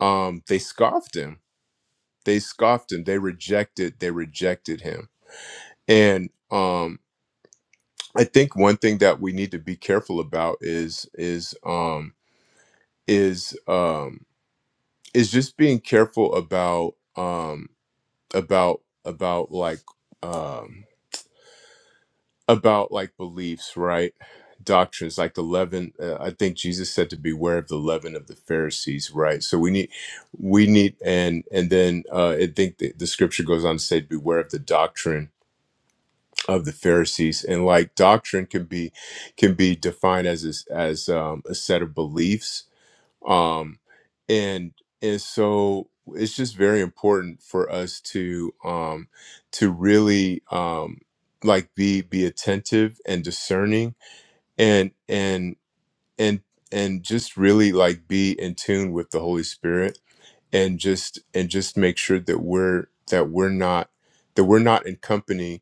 [SPEAKER 8] um they scoffed him they scoffed him they rejected they rejected him and um i think one thing that we need to be careful about is is um is um is just being careful about um about about like um about like beliefs right doctrines like the leaven uh, i think jesus said to beware of the leaven of the pharisees right so we need we need and and then uh i think the, the scripture goes on to say beware of the doctrine of the Pharisees, and like doctrine can be can be defined as as, as um, a set of beliefs, um, and and so it's just very important for us to um, to really um, like be be attentive and discerning, and and and and just really like be in tune with the Holy Spirit and just and just make sure that we're that we're not that we're not in company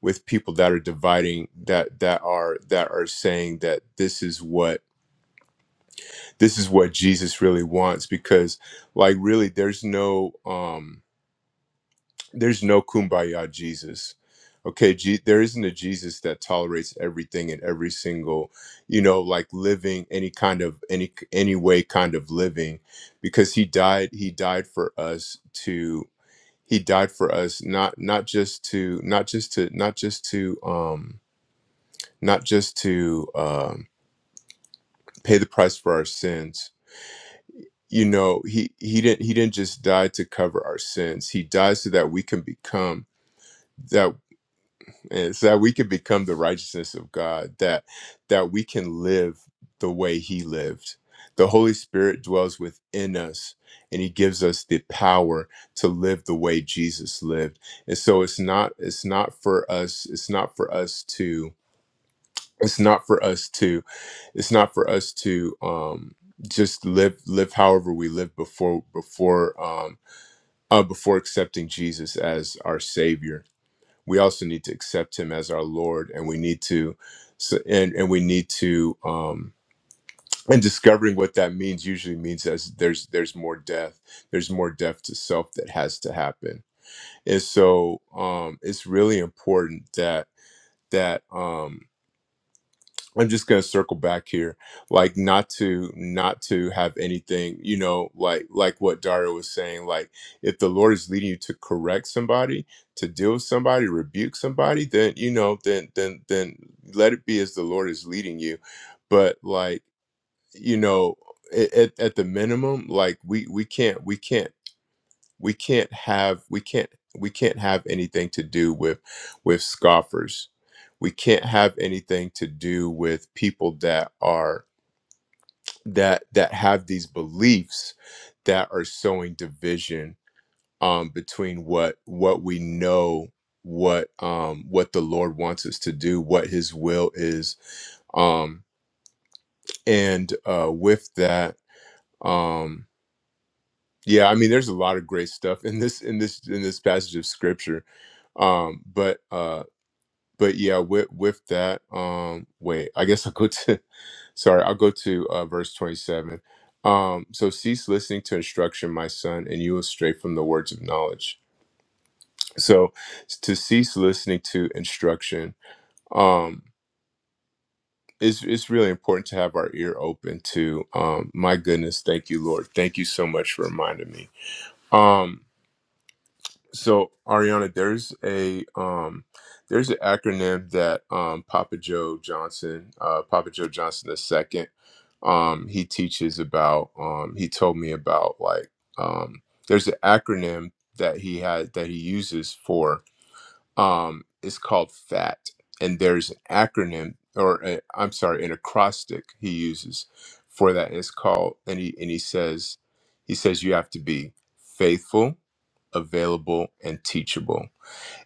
[SPEAKER 8] with people that are dividing that that are that are saying that this is what this is what Jesus really wants because like really there's no um there's no kumbaya Jesus okay G- there isn't a Jesus that tolerates everything and every single you know like living any kind of any any way kind of living because he died he died for us he died for us not not just to not just to not just to um not just to um pay the price for our sins you know he he didn't he didn't just die to cover our sins he died so that we can become that and so that we can become the righteousness of God, that that we can live the way He lived. The Holy Spirit dwells within us, and He gives us the power to live the way Jesus lived. And so it's not it's not for us it's not for us to it's not for us to it's not for us to um, just live live however we lived before before um, uh, before accepting Jesus as our Savior we also need to accept him as our lord and we need to so, and and we need to um and discovering what that means usually means as there's there's more death there's more death to self that has to happen and so um it's really important that that um I'm just gonna circle back here, like not to not to have anything, you know, like like what Dario was saying, like if the Lord is leading you to correct somebody, to deal with somebody, rebuke somebody, then you know, then then then let it be as the Lord is leading you. But like you know, at, at at the minimum, like we we can't we can't we can't have we can't we can't have anything to do with with scoffers we can't have anything to do with people that are that that have these beliefs that are sowing division um between what what we know what um what the lord wants us to do what his will is um and uh with that um, Yeah, I mean, there's a lot of great stuff in this in this in this passage of scripture. Um, but uh, but yeah, with with that, um, wait, I guess I'll go to sorry, I'll go to uh, verse 27. Um, so cease listening to instruction, my son, and you will stray from the words of knowledge. So to cease listening to instruction, um, it's it's really important to have our ear open to um, my goodness, thank you, Lord, thank you so much for reminding me. Um, So Ariana, there's a um, there's an acronym that um, Papa Joe Johnson, uh, Papa Joe Johnson the second, um, he teaches about. Um, he told me about like um, there's an acronym that he had that he uses for um, it's called FAT, and there's an acronym, or i I'm sorry, an acrostic he uses for that. And it's called, and he and he says, he says you have to be faithful, available, and teachable.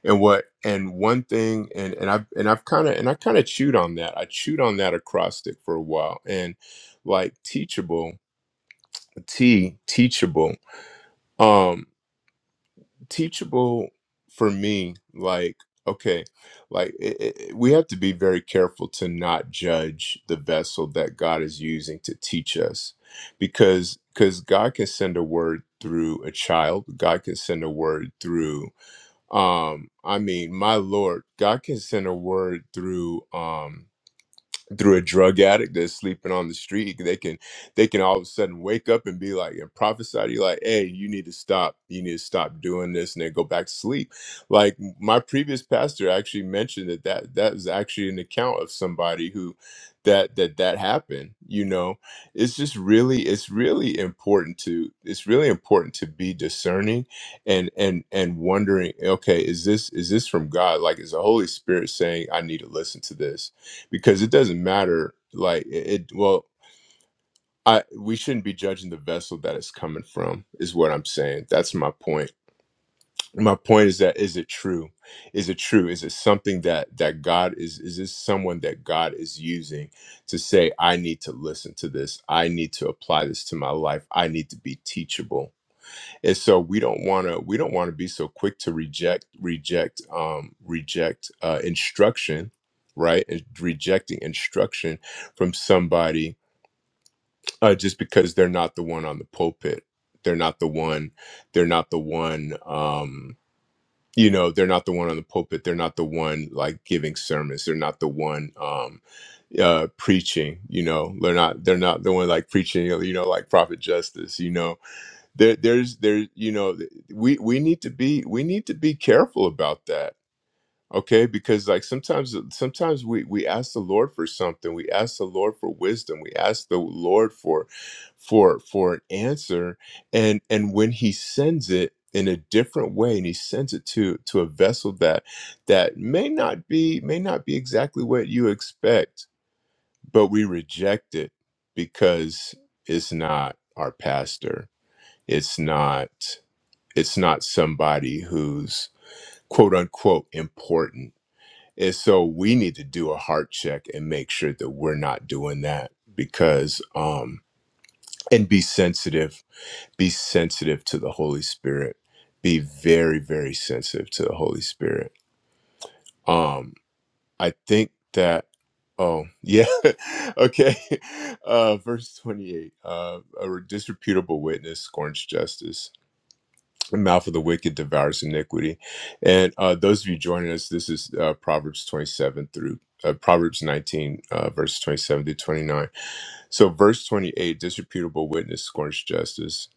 [SPEAKER 8] And what, and one thing, and and I've and I've kind of and I kind of chewed on that. I chewed on that acrostic for a while, and like teachable, T teachable. um teachable for me like okay like it, it, we have to be very careful to not judge the vessel that god is using to teach us because because god can send a word through a child god can send a word through um i mean my lord god can send a word through um through a drug addict that's sleeping on the street they can they can all of a sudden wake up and be like and prophesy to you like hey you need to stop you need to stop doing this and then go back to sleep like my previous pastor actually mentioned that that that was actually an account of somebody who that that that happened you know it's just really it's really important to it's really important to be discerning and and and wondering okay is this is this from god like is the holy spirit saying i need to listen to this because it doesn't matter like it, it well i we shouldn't be judging the vessel that it's coming from is what i'm saying that's my point my point is that is it true is it true is it something that that god is is this someone that god is using to say i need to listen to this i need to apply this to my life i need to be teachable and so we don't want to we don't want to be so quick to reject reject um reject uh instruction right And rejecting instruction from somebody uh just because they're not the one on the pulpit they're not the one they're not the one um you know they're not the one on the pulpit they're not the one like giving sermons they're not the one um uh preaching you know they're not they're not the one like preaching you know like prophet justice you know there there's there you know th- we we need to be we need to be careful about that okay because like sometimes sometimes we we ask the lord for something we ask the lord for wisdom we ask the lord for for for an answer and and when he sends it in a different way and he sends it to to a vessel that that may not be may not be exactly what you expect but we reject it because it's not our pastor it's not it's not somebody who's quote unquote important. And so we need to do a heart check and make sure that we're not doing that because, um, and be sensitive, be sensitive to the Holy Spirit. Be very, very sensitive to the Holy Spirit. Um, I think that, oh, yeah, okay. Uh, verse 28 uh, a disreputable witness scorns justice the mouth of the wicked devours iniquity. And uh, those of you joining us, this is uh, Proverbs 27 through uh, Proverbs 19, uh, verse 27 to 29. So, verse 28 disreputable witness scorns justice.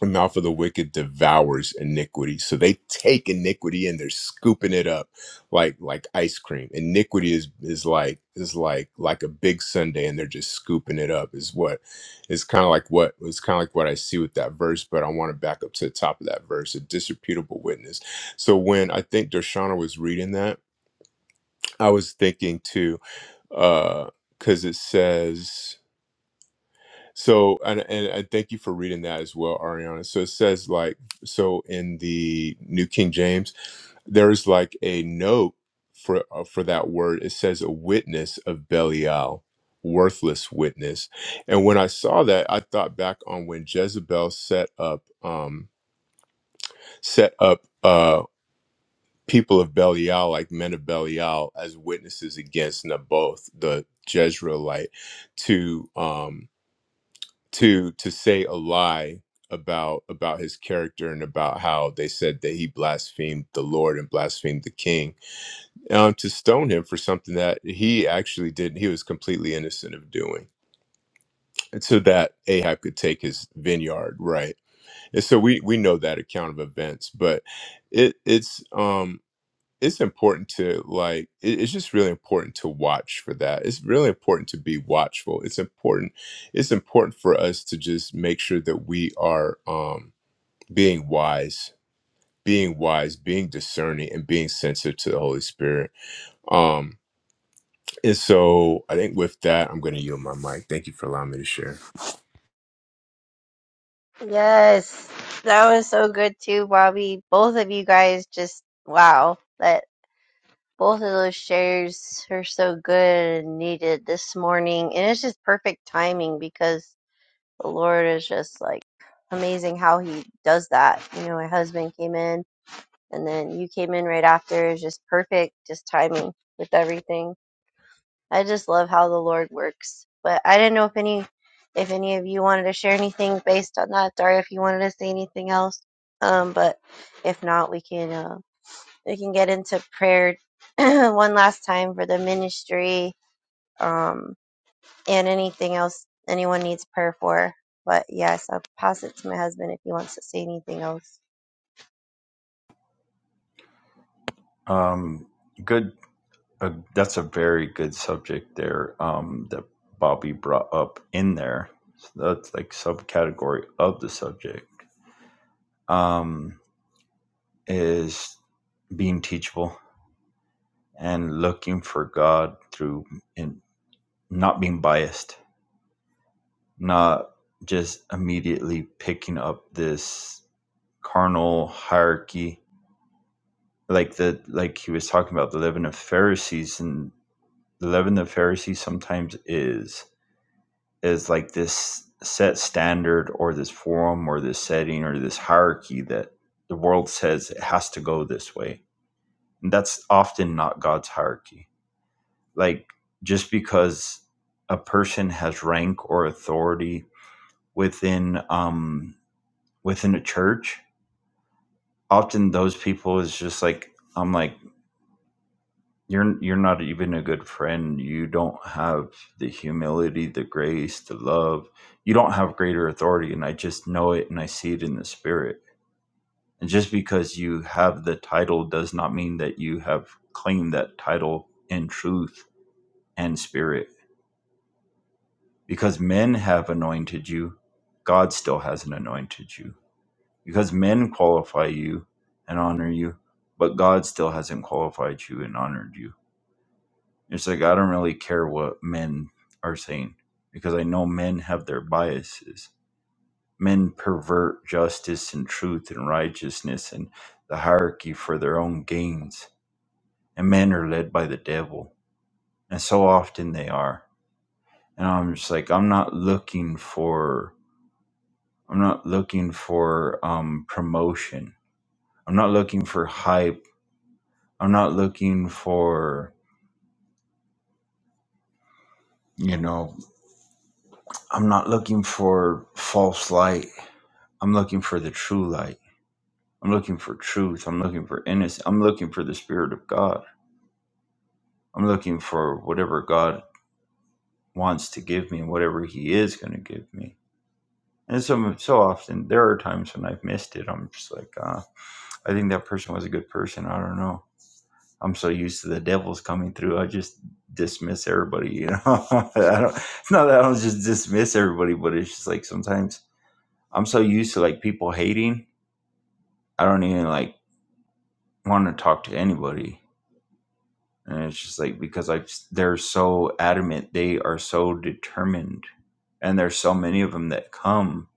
[SPEAKER 8] The mouth of the wicked devours iniquity. So they take iniquity and they're scooping it up like like ice cream. Iniquity is is like is like like a big sundae, and they're just scooping it up is what is kind of like what it's kind of like what I see with that verse, but I want to back up to the top of that verse, a disreputable witness. So when I think Darshana was reading that, I was thinking too, uh, because it says so, and, and I thank you for reading that as well, Ariana. So it says, like, so in the New King James, there is like a note for uh, for that word. It says a witness of Belial, worthless witness. And when I saw that, I thought back on when Jezebel set up um set up uh people of Belial, like men of Belial, as witnesses against Naboth the Jezreelite, to um to to say a lie about about his character and about how they said that he blasphemed the Lord and blasphemed the King um, to stone him for something that he actually did he was completely innocent of doing and so that Ahab could take his vineyard right and so we we know that account of events but it it's um it's important to like it- it's just really important to watch for that it's really important to be watchful it's important it's important for us to just make sure that we are um being wise being wise being discerning and being sensitive to the holy spirit um and so i think with that i'm going to yield my mic thank you for allowing me to share
[SPEAKER 3] Yes, that was so good too, Bobby. Both of you guys just wow. Both of those shares are so good and needed this morning. And it's just perfect timing because the Lord is just like amazing how He does that. You know, my husband came in and then you came in right after. It's just perfect, just timing with everything. I just love how the Lord works. But I didn't know if any. If any of you wanted to share anything based on that, Daria, if you wanted to say anything else, um, but if not, we can. uh, we can get into prayer one last time for the ministry um, and anything else anyone needs prayer for. But yes, I'll pass it to my husband if he wants to say anything else.
[SPEAKER 2] Um, good. Uh, that's a very good subject there um, that Bobby brought up in there. So that's like subcategory of the subject um, is being teachable and looking for God through and not being biased, not just immediately picking up this. carnal hierarchy like the like he was talking about the leaven of pharisees and the leaven of pharisees sometimes is is like this set standard or this forum or this setting or this hierarchy that the world says it has to go this way and that's often not god's hierarchy like just because a person has rank or authority within um within a church often those people is just like i'm like you're you're not even a good friend you don't have the humility the grace the love you don't have greater authority and i just know it and i see it in the spirit and just because you have the title does not mean that you have claimed that title in truth and spirit because men have anointed you god still hasn't anointed you because men qualify you and honor you but god still hasn't qualified you and honored you It's like I don't really care what men are saying because I know men have their biases. Men pervert justice and truth and righteousness and the hierarchy for their own gains. And men are led by the devil. And so often they are. And I'm just like, I'm not looking for I'm not looking for um promotion. I'm not looking for hype. I'm not looking for you know, I'm not looking for false light. I'm looking for the true light. I'm looking for truth. I'm looking for innocence. I'm looking for the Spirit of God. I'm looking for whatever God wants to give me and whatever He is going to give me. And so, so often, there are times when I've missed it. I'm just like, uh, I think that person was a good person. I don't know. I'm so used to the devils coming through. I just dismiss everybody. You know, I don't. It's not that I don't just dismiss everybody, but it's just like sometimes I'm so used to like people hating. I don't even like want to talk to anybody and it's just like because i they're so adamant they are so determined and there's so many of them that come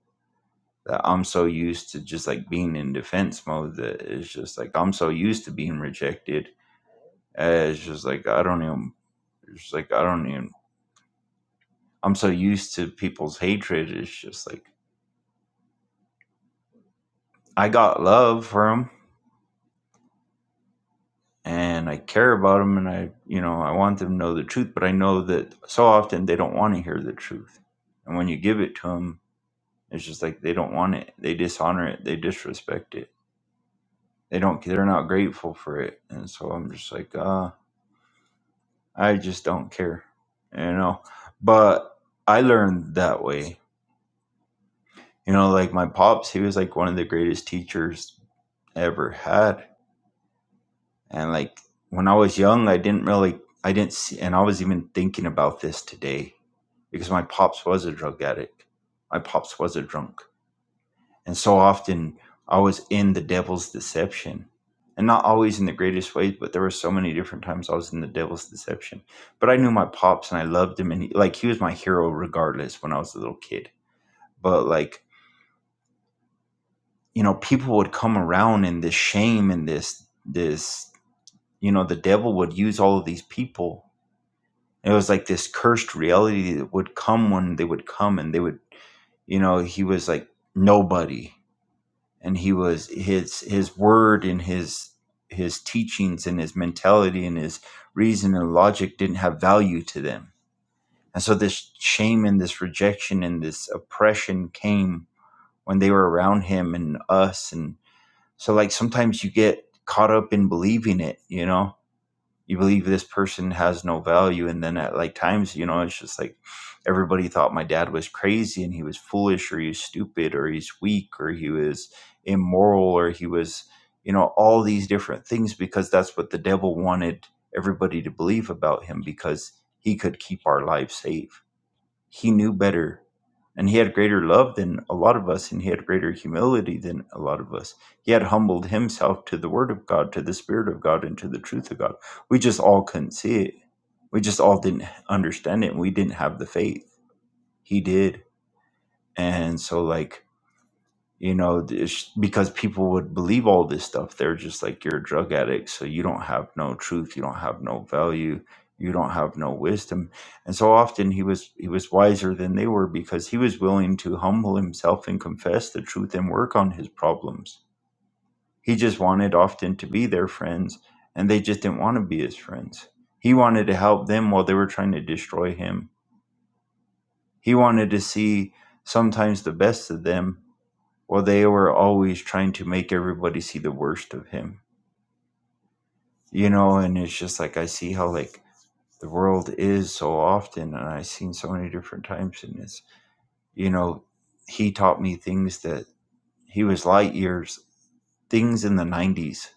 [SPEAKER 2] that i'm so used to just like being in defense mode that it's just like i'm so used to being rejected uh, it's just like i don't even it's just like i don't even i'm so used to people's hatred it's just like i got love for them and i care about them and i you know i want them to know the truth but i know that so often they don't want to hear the truth and when you give it to them. It's just like they don't want it. They dishonor it. They disrespect it. They don't. They're not grateful for it. And so I'm just like, uh, I just don't care, you know. But I learned that way, you know. Like my pops, he was like one of the greatest teachers I ever had. And like when I was young, I didn't really, I didn't see, and I was even thinking about this today because my pops was a drug addict. My pops was a drunk And so often I was in the devil's deception. And not always in the greatest ways, but there were so many different times I was in the devil's deception. But I knew my pops and I loved him. And he, like, he was my hero regardless when I was a little kid. But like, you know, people would come around in this shame and this, this, you know, the devil would use all of these people. It was like this cursed reality that would come when they would come and they would, you know, he was like nobody and he was his his word and his his teachings and his mentality and his reason and logic didn't have value to them and so this shame and this rejection and this oppression came when they were around him and us and so like sometimes you get caught up in believing it you know you believe this person has no value and then at like times you know it's just like everybody thought my dad was crazy and he was foolish or he was stupid or he's weak or he was immoral or he was you know all these different things because that's what the devil wanted everybody to believe about him because he could keep our lives safe he knew better and he had greater love than a lot of us and he had greater humility than a lot of us he had humbled himself to the word of god to the spirit of god and to the truth of god we just all couldn't see it we just all didn't understand it and we didn't have the faith he did and so like you know this- because people would believe all this stuff they're just like you're a drug addict so you don't have no truth you don't have no value you don't have no wisdom and so often he was he was wiser than they were because he was willing to humble himself and confess the truth and work on his problems he just wanted often to be their friends and they just didn't want to be his friends he wanted to help them while they were trying to destroy him he wanted to see sometimes the best of them well, they were always trying to make everybody see the worst of him, you know, and it's just like I see how like the world is so often, and I've seen so many different times in this, you know, he taught me things that he was light years, things in the 90s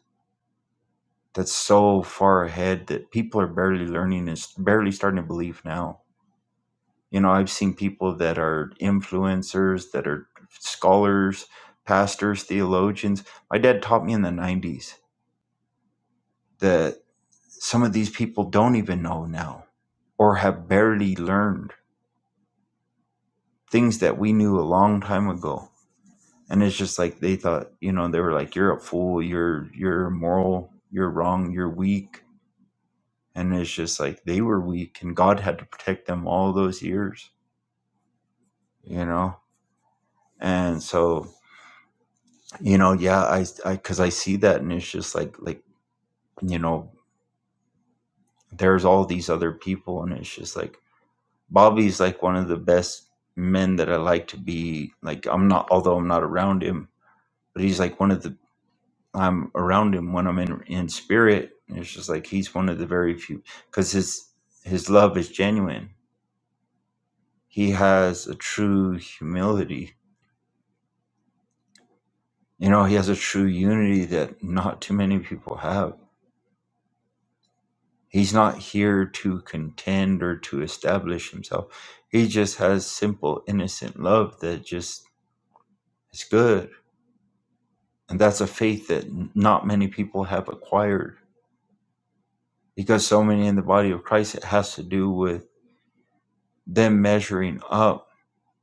[SPEAKER 2] that's so far ahead that people are barely learning and s- barely starting to believe now. You know, I've seen people that are influencers, that are scholars, pastors, theologians. My dad taught me in the 90s that. some of these people don't even know now or have barely learned things that we knew a long time ago and it's just like they thought you know they were like you're a fool you're you're immoral you're wrong you're weak and it's just like they were weak and god had to protect them all those years you know and so you know yeah i i because i see that and it's just like like you know there's all these other people and it's just like Bobby's like one of the best men that I like to be like I'm not although I'm not around him, but he's like one of the I'm around him when I'm in in spirit. And it's just like he's one of the very few because his his love is genuine. He has a true humility. You know, he has a true unity that not too many people have. He's not here to contend or to establish himself. He just has simple, innocent love that just is good And that's a faith that n- not many people have acquired because so many in the body of Christ, it has to do with them measuring up.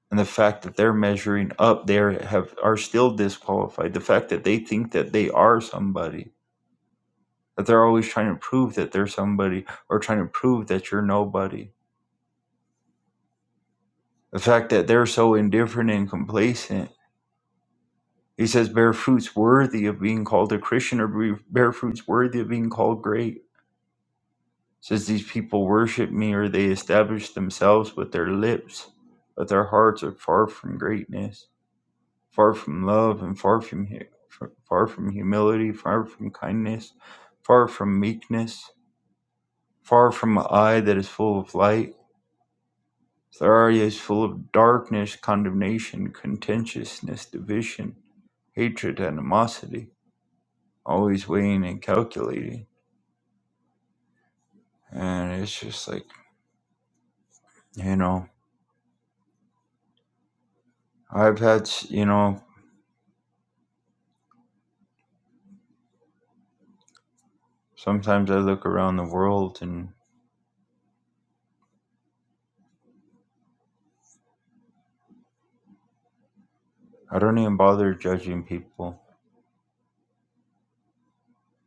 [SPEAKER 2] And the fact that they're measuring up, they are- have are still disqualified. The fact that they think that they are somebody, that they're always trying to prove that they're somebody or trying to prove that you're nobody. The fact that they're so indifferent and complacent. He says, bear fruits worthy of being called a Christian or be- bear fruits worthy of being called great Says these people worship me or they establish themselves with their lips, but their hearts are far from greatness, far from love, and far from hu- far from humility, far from kindness, far from meekness, far from an eye that is full of light. Their eye is full of darkness, condemnation, contentiousness, division, hatred, animosity, always weighing and calculating. And it's just like, you know, I've had, s- you know, Sometimes I look around the world and I don't even bother judging people.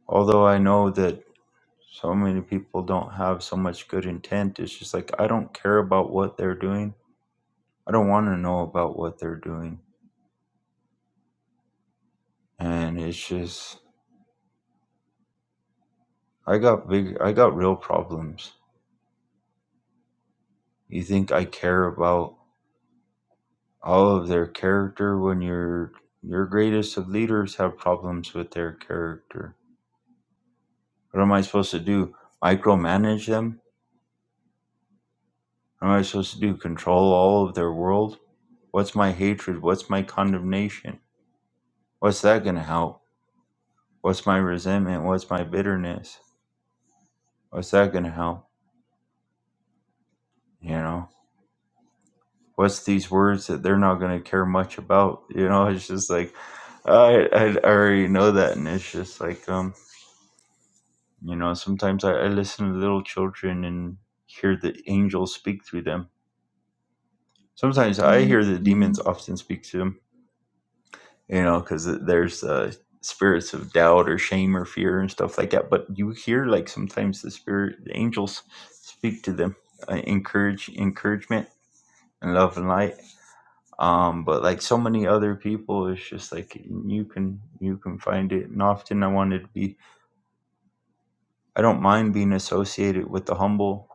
[SPEAKER 2] Although I know that so many people don't have so much good intent, it's just like I don't care about what they're doing. I don't want to know about what they're doing. And it's just, I got big, I got real problems. You think I care about all of their character when your your greatest of leaders have problems with their character. What am I supposed to do? Micromanage them? What am I supposed to do? Control all of their world? What's my hatred? What's my condemnation? What's that going to help? What's my resentment? What's my bitterness? What's that going to help? You know, what's these words that they're not going to care much about? You know, it's just like, I, I already know that. And it's just like, um, you know, sometimes I, I listen to little children and hear the angels speak through them. Sometimes I hear the demons often speak to them you know, because there's uh, spirits of doubt or shame or fear and stuff like that. But you hear like sometimes the spirit, the angels speak to them, uh, encourage, encouragement, and love and light. Um, but like so many other people, it's just like you can you can find it. And often I wanted to be, I don't mind being associated with the humble,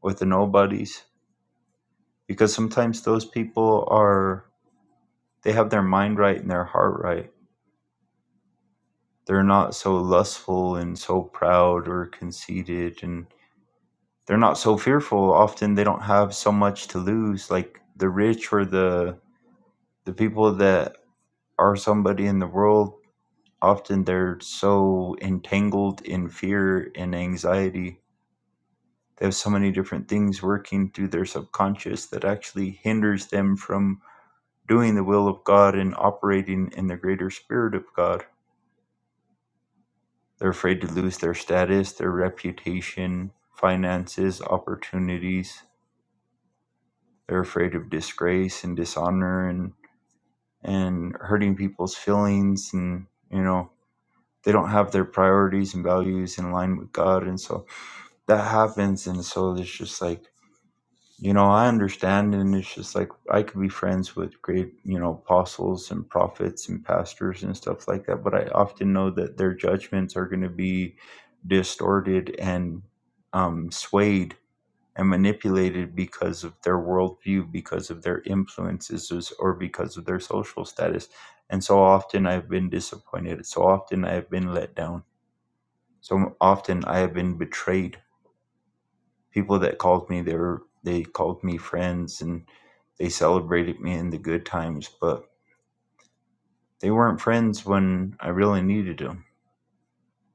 [SPEAKER 2] with the nobodies, because sometimes those people are they have their mind right and their heart right they're not so lustful and so proud or conceited and they're not so fearful often they don't have so much to lose like the rich or the the people that are somebody in the world often they're so entangled in fear and anxiety they have so many different things working through their subconscious that actually hinders them from doing the will of God and operating in the greater spirit of God They're afraid to lose their status, their reputation, finances, opportunities. They're afraid of disgrace and dishonor and and hurting people's feelings and you know they don't have their priorities and values in line with God and so that happens and so there's just like You know, I understand, and it's just like I could be friends with great, you know, apostles and prophets and pastors and stuff like that, but I often know that their judgments are going to be distorted and um, swayed and manipulated because of their worldview, because of their influences, is- or because of their social status. And so often I've been disappointed. So often I have been let down. So often I have been betrayed people that called me they were they called me friends and they celebrated me in the good times but they weren't friends when i really needed them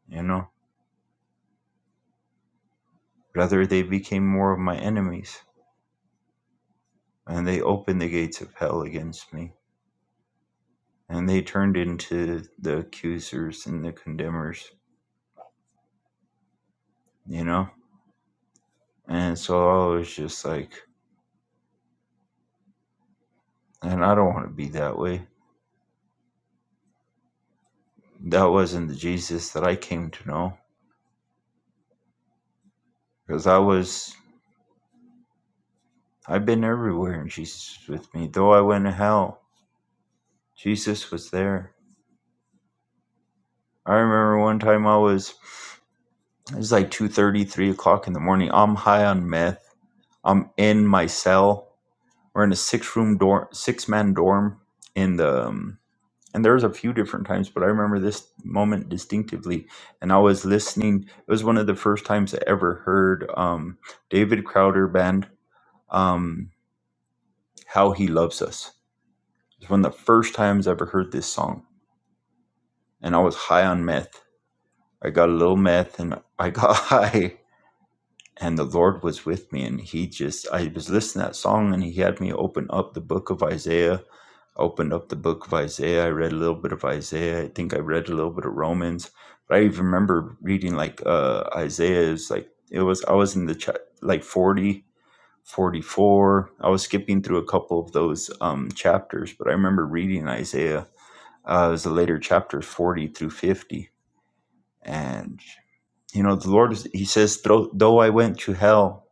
[SPEAKER 2] you know rather they became more of my enemies and they opened the gates of hell against me and they turned into the accusers and the condemners you know and so i was just like and i don't want to be that way that wasn't the jesus that i came to know because i was I've been everywhere and Jesus was with me. Though I went to hell, Jesus was there. I remember one time I was it was like two thirty, three o'clock in the morning. I'm high on meth. I'm in my cell. We're in a six room dorm six man dorm in the um, and there was a few different times, but I remember this moment distinctively. And I was listening. It was one of the first times I ever heard um, David Crowder band, um, "How He Loves Us." It was one of the first times I ever heard this song and I was high on meth. I got a little meth and I got high, and the Lord was with me. And He just, I was listening to that song, and He had me open up the book of Isaiah. I opened up the book of Isaiah. I read a little bit of Isaiah. I think I read a little bit of Romans. But I even remember reading like uh, Isaiah is like, it was, I was in the cha- like 40, 44. I was skipping through a couple of those um, chapters, but I remember reading Isaiah. Uh, it was the later chapters, 40 through 50 and you know, the Lord is- he says, "Though though I went to hell,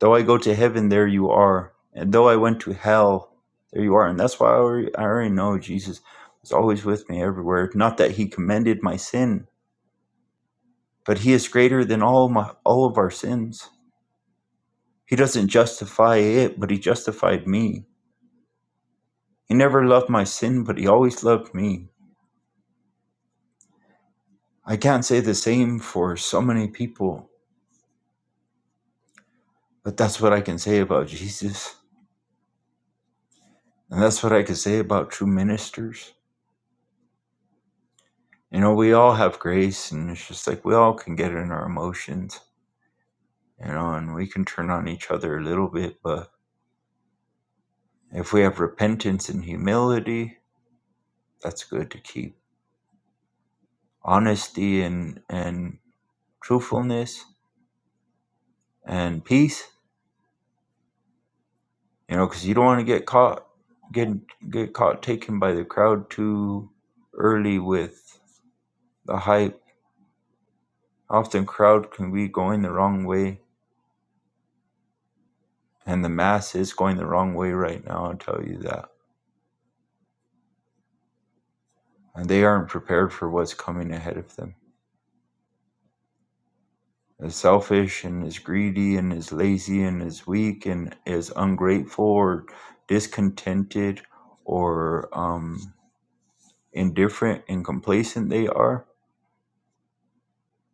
[SPEAKER 2] though I go to heaven, there you are. And though I went to hell, there you are." And that's why I already, I already know Jesus was always with me everywhere. Not that he commended my sin, but he is greater than all my all of our sins. He doesn't justify it, but he justified me. He never loved my sin, but he always loved me. I can't say the same for so many people, but that's what I can say about Jesus. And that's what I could say about true ministers. You know, we all have grace, and it's just like we all can get in our emotions, you know, and we can turn on each other a little bit. But if we have repentance and humility, that's good to keep. Honesty and, and truthfulness and peace, you know, because you don't want to get caught get get caught taken by the crowd too early with the hype. Often crowd can be going the wrong way And the mass is going the wrong way right now, I'll tell you that. And they aren't prepared for what's coming ahead of them. Is selfish and is greedy and is lazy and is weak and is ungrateful or discontented or um, indifferent and complacent they are,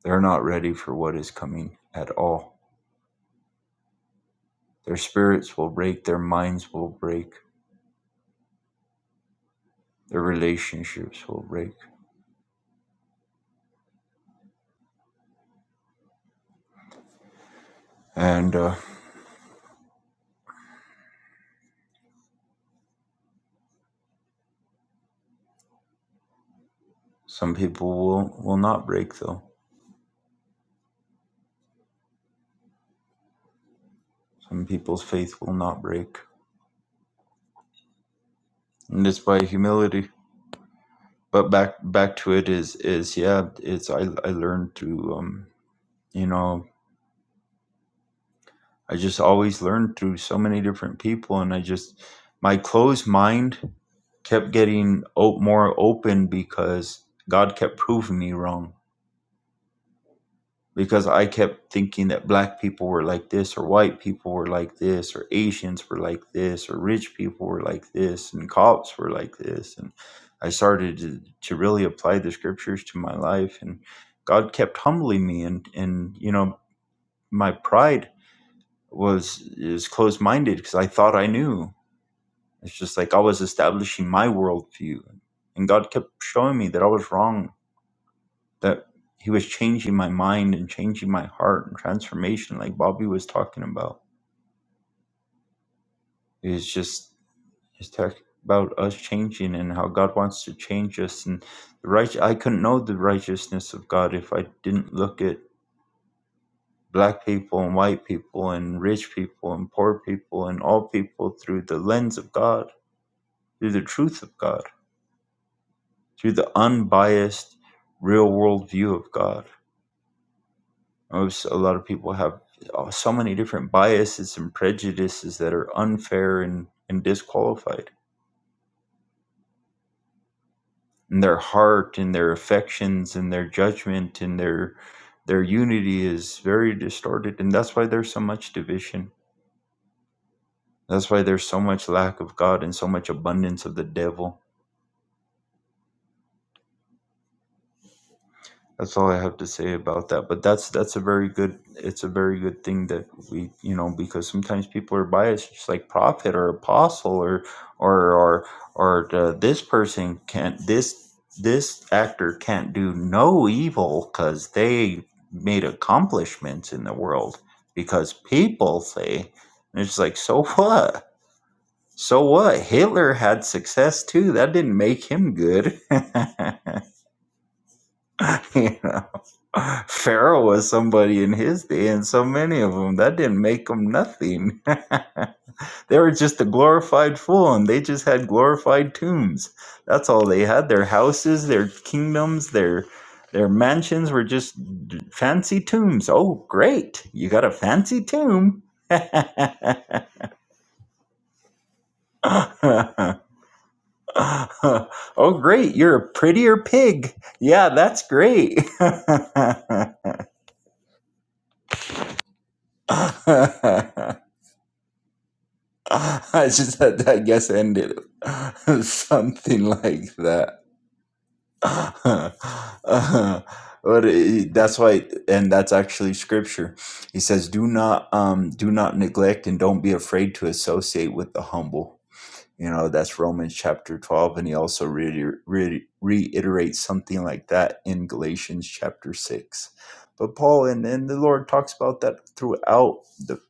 [SPEAKER 2] they're not ready for what is coming at all. Their spirits will break, their minds will break, their relationships will break. And uh, some people will, will not break, though Some people's faith will not break, and it's by humility. But back back to it is is yeah. It's I I learned through um you know I just always learned through so many different people, and I just my closed mind kept getting o- more open because God kept proving me wrong. because I kept thinking that black people were like this, or white people were like this, or Asians were like this, or rich people were like this, and cops were like this. And I started to, to really apply the scriptures to my life, and God kept humbling me. And, and you know, my pride was is closed minded because I thought I knew. It's just like I was establishing my worldview, and God kept showing me that I was wrong that he was changing my mind and changing my heart and transformation like bobby was talking about it just just talk about us changing and how god wants to change us and the right i couldn't know the righteousness of god if i didn't look at black people and white people and rich people and poor people and all people through the lens of god through the truth of god through the unbiased real world view of god Most a lot of people have uh, so many different biases and prejudices that are unfair and, and disqualified. And their heart and their affections and their judgment and their their unity is very distorted, and that's why there's so much division. That's why there's so much lack of God and so much abundance of the devil That's all I have to say about that. But that's that's a very good it's a very good thing that we you know because sometimes people are biased, just like prophet or apostle or or or or the, this person can't this this actor can't do no evil because they made accomplishments in the world because people say and it's like so what so what hitler had success too that didn't make him good Pharaoh was somebody in his day, and so many of them that didn't make them nothing. they were just a glorified fool, and they just had glorified tombs. That's all they had. Their houses, their kingdoms, their their mansions were just fancy tombs. Oh, great! You got a fancy tomb. oh, great! You're a prettier pig. Yeah, that's great. I just had to, I guess, end it something like that. Uh, but it, that's why, and that's actually scripture. He says, "Do not, um, do not neglect, and don't be afraid to associate with the humble." You know, that's Romans chapter 12. And he also re- re- reiterates something like that in Galatians chapter 6. But Paul and, and the Lord talks about that throughout the,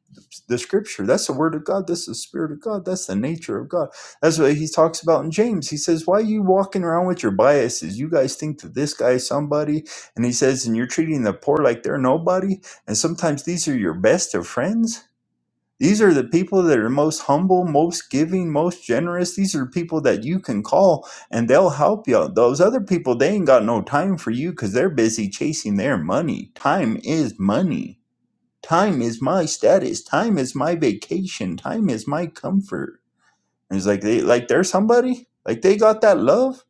[SPEAKER 2] the scripture. That's the word of God. That's the spirit of God. That's the nature of God. That's what he talks about in James. He says, Why are you walking around with your biases? You guys think that this guy is somebody. And he says, And you're treating the poor like they're nobody. And sometimes these are your best of friends these are the people that are most humble, most giving, most generous. These are people that you can call and they'll help you. Those other people, they ain't got no time for you because they're busy chasing their money. Time is money. Time is my status. Time is my vacation. Time is my comfort. And it's like they like they're somebody. Like they got that love.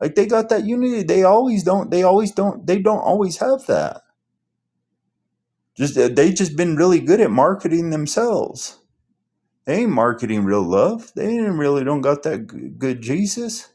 [SPEAKER 2] Like they got that unity. They always don't. They always don't. They don't always have that. Just they just been really good at marketing themselves they ain't marketing real love. They ain't really don't got that g- good Jesus,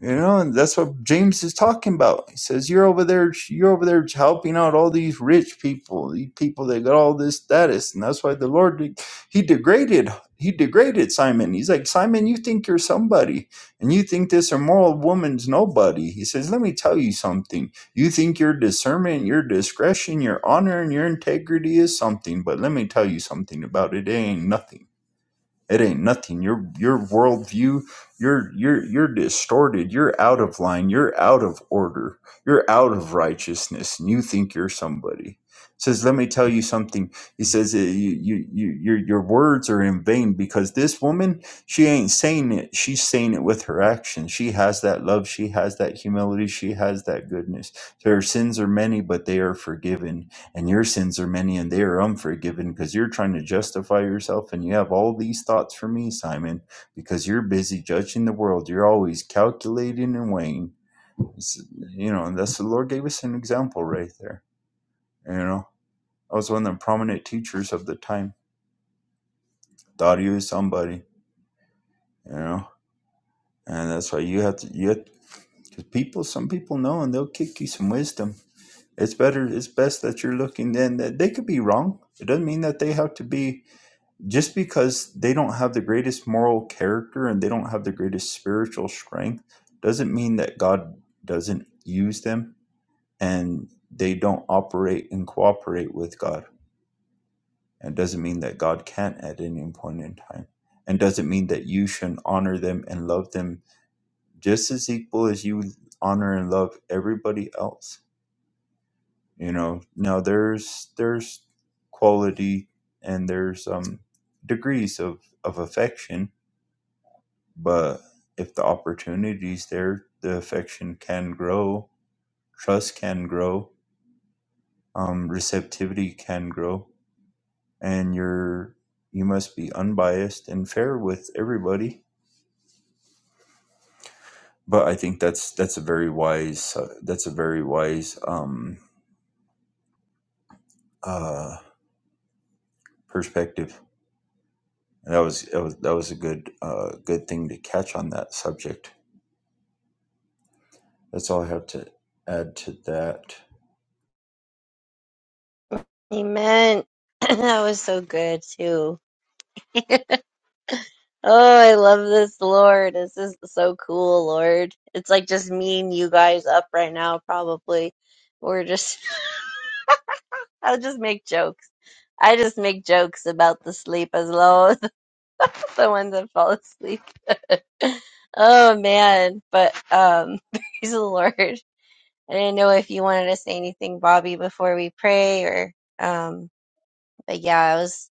[SPEAKER 2] you know. And that's what James is talking about. He says you're over there, you're over there helping out all these rich people, these people that got all this status, and that's why the Lord de- he degraded he degraded Simon. He's like Simon, you think you're somebody, and you think this immoral woman's nobody. He says, let me tell you something. You think your discernment, your discretion, your honor, and your integrity is something, but let me tell you something about it. It ain't nothing it ain't nothing. Your your worldview, you're you're you're distorted. You're out of line. You're out of order. You're out of righteousness, and you think you're somebody. He says, let me tell you something. He says, "Uh, you, you, you, your your words are in vain because this woman, she ain't saying it. She's saying it with her actions. She has that love. She has that humility. She has that goodness. So her sins are many, but they are forgiven and your sins are many and they are unforgiven because you're trying to justify yourself and you have all these thoughts for me simon because you're busy judging the world you're always calculating and weighing It's- you know and that's the lord gave us an example right there you know i was one of the prominent teachers of the time thought he was somebody you know and that's why you have to you have to, because people some people know and they'll kick you some wisdom it's better it's best that you're looking then that they could be wrong it doesn't mean that they have to be just because they don't have the greatest moral character and they don't have the greatest spiritual strength doesn't mean that God doesn't use them and they don't operate and cooperate with God. And doesn't mean that God can't at any point in time. And doesn't mean that you shouldn't honor them and love them just as equal as you honor and love everybody else. You know, now there's there's quality and there's um degrees of, of affection But if the opportunity's there, the affection can grow, trust can grow, um, receptivity can grow, and you're you must be unbiased and fair with everybody. But I think that's that's a very wise uh, that's a very wise um, uh, perspective. And that was that was that was a good uh, good thing to catch on that subject. That's all I have to add to that.
[SPEAKER 3] Amen. that was so good too. Oh, I love this, Lord. This is so cool, Lord. It's like just me and you guys up right now, probably. We're just, I'll just make jokes. I just make jokes about the sleep as well as the ones that fall asleep. Oh man, but um praise the Lord. I didn't know if you wanted to say anything, Bobby, before we pray or um but yeah, it was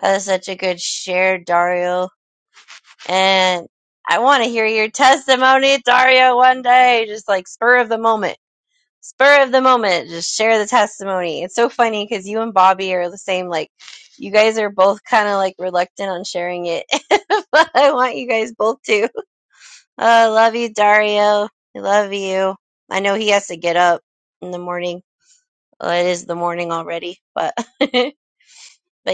[SPEAKER 3] that was such a good share, Dario. And I want to hear your testimony, Dario, one day, just like spur of the moment. Spur of the moment, just share the testimony. It's so funny because you and Bobby are the same. Like, you guys are both kind of like reluctant on sharing it, but I want you guys both to. Oh, I love you, Dario. I love you. I know he has to get up in the morning. Well, it is the morning already, but but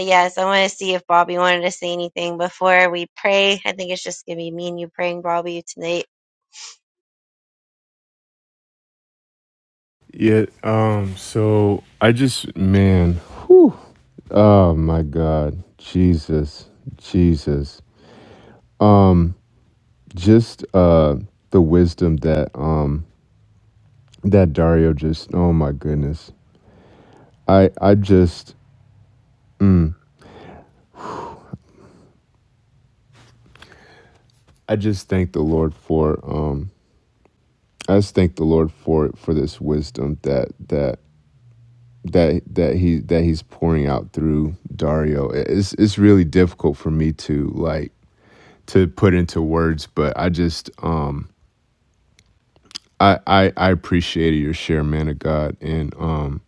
[SPEAKER 3] yes, I want to see if Bobby wanted to say anything before we pray. I think it's just gonna be me and you praying, Bobby, tonight.
[SPEAKER 8] Yeah, um, so I just man, oh my god, Jesus, Jesus. just uh the wisdom that um that Dario just oh my goodness. I I just I just thank the Lord for um I just thank the Lord for for this wisdom that that that that he that he's pouring out through Dario. It- It's it's really difficult for me to like to put into words, but I just um I I, I appreciated your share, man of God, and um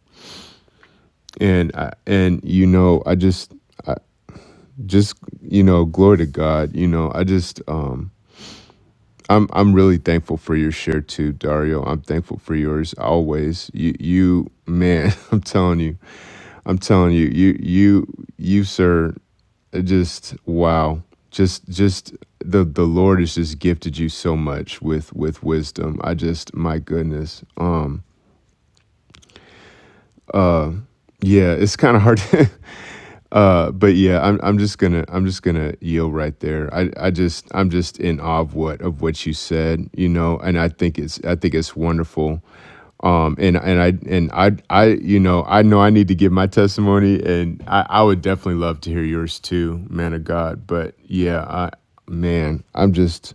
[SPEAKER 8] and I, and you know I just just you know glory to god you know i just um i'm i'm really thankful for your share too dario i'm thankful for yours always you you man i'm telling you i'm telling you you you you sir it just wow just just the the lord has just gifted you so much with with wisdom i just my goodness um yeah it's kind of hard Uh, but yeah, I'm I'm just gonna I'm just gonna yield right there. I, I just I'm just in awe of what of what you said, you know, and I think it's I think it's wonderful. Um, and and I and I I you know I know I need to give my testimony, and I I would definitely love to hear yours too, man of God. But yeah, I man, I'm just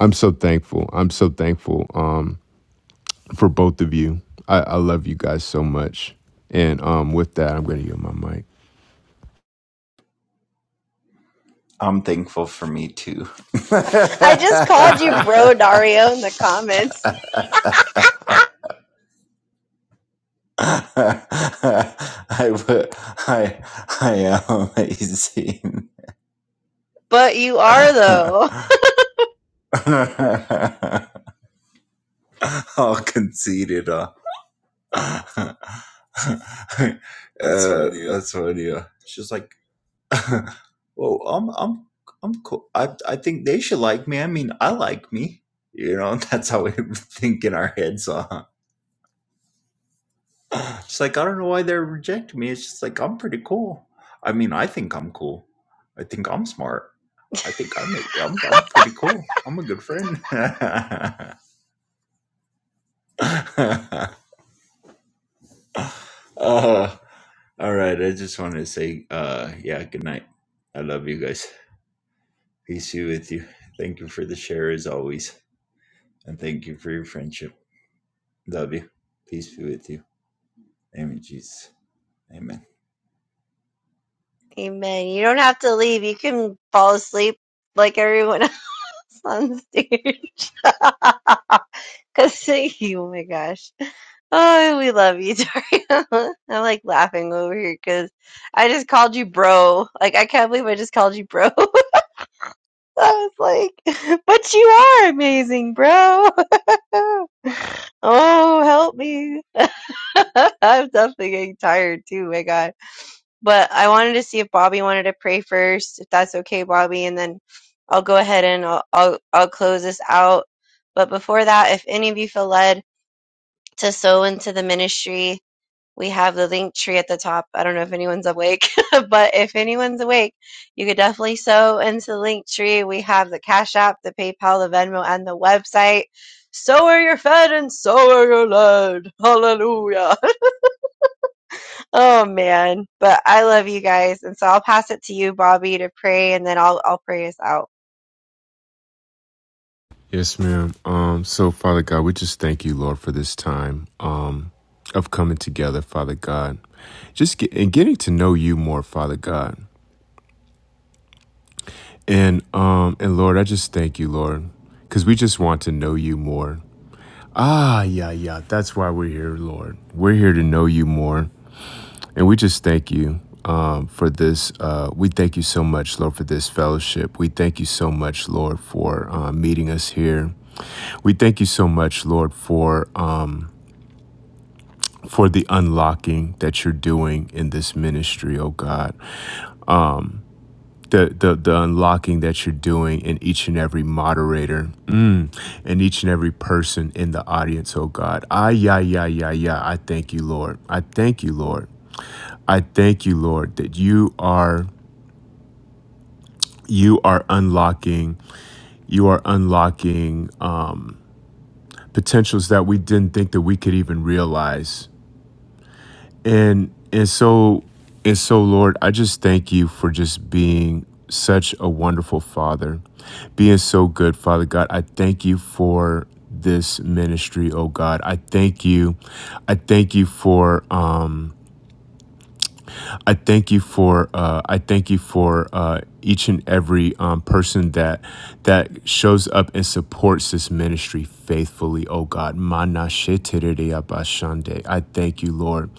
[SPEAKER 8] I'm so thankful. I'm so thankful um for both of you. I I love you guys so much, and um with that, I'm gonna yield my mic.
[SPEAKER 2] I'm thankful for me too.
[SPEAKER 3] I just called you bro Dario in the comments.
[SPEAKER 2] I would. I. I am amazing.
[SPEAKER 3] But you are though.
[SPEAKER 2] All conceited. Huh? uh, that's funny. Huh? She's like, "Well, I'm. I'm. I'm cool. I. I think they should like me. I mean, I like me. You know, that's how we think in our heads. huh?" She's like, I don't know why they're rejecting me. It's just like I'm pretty cool. I mean, I think I'm cool. I think I'm smart. I think I make I'm I'm pretty cool. I'm a good friend. uh, all right. I just wanted to say, uh, yeah, good night. I love you guys. Peace be with you. Thank you for the share as always, and thank you for your friendship. Love you. Peace be with you. Amen, Jesus. Amen.
[SPEAKER 3] Amen. You don't have to leave. You can fall asleep like everyone else on stage. Cause oh my gosh, oh we love you, Dario. I am like laughing over here because I just called you bro. Like I can't believe I just called you bro. I was like, but you are amazing, bro. oh help me. I'm definitely getting tired too. My God, but I wanted to see if Bobby wanted to pray first, if that's okay, Bobby, and then I'll go ahead and I'll I'll, I'll close this out. But before that, if any of you feel led. to sow into the ministry. We have the link tree at the top. I don't know if anyone's awake, but if anyone's awake, you could definitely sow into the link tree. We have the Cash App, the PayPal, the Venmo, and the website. So are you fed and so are you led. Hallelujah. Oh man. But I love you guys. And so I'll pass it to you, Bobby, to pray and then I'll I'll pray us out.
[SPEAKER 8] Yes, ma'am. Um, so, Father God, we just thank you, Lord, for this time um, of coming together, Father God, just get, and getting to know you more, Father God, and um, and Lord, I just thank you, Lord, because we just want to know you more. Ah, yeah, yeah. That's why we're here, Lord. We're here to know you more, and we just thank you um, for this. Uh, we thank you so much, Lord, for this fellowship. We thank you so much, Lord, for uh, meeting us here. We thank you so much, Lord, for. Um, for the unlocking that you're doing in this ministry, oh God. The the the unlocking that you're doing in each and every moderator, mm, in each and every person in the audience, oh God. Ah yeah, yeah, yeah, yeah. I thank you, Lord. I thank you, Lord. I thank you, Lord, that you are you are unlocking you are unlocking uh, potentials that we didn't think that we could even realize And and so and so Lord, I just thank you for just being such a wonderful father, being so good, Father God. I thank you for this ministry, oh God. I thank you. I thank you for um I thank you for uh, I thank you for uh, each and every um, person that that shows up and supports this ministry faithfully. Oh God, Mana shetereya bashande. I thank you, Lord.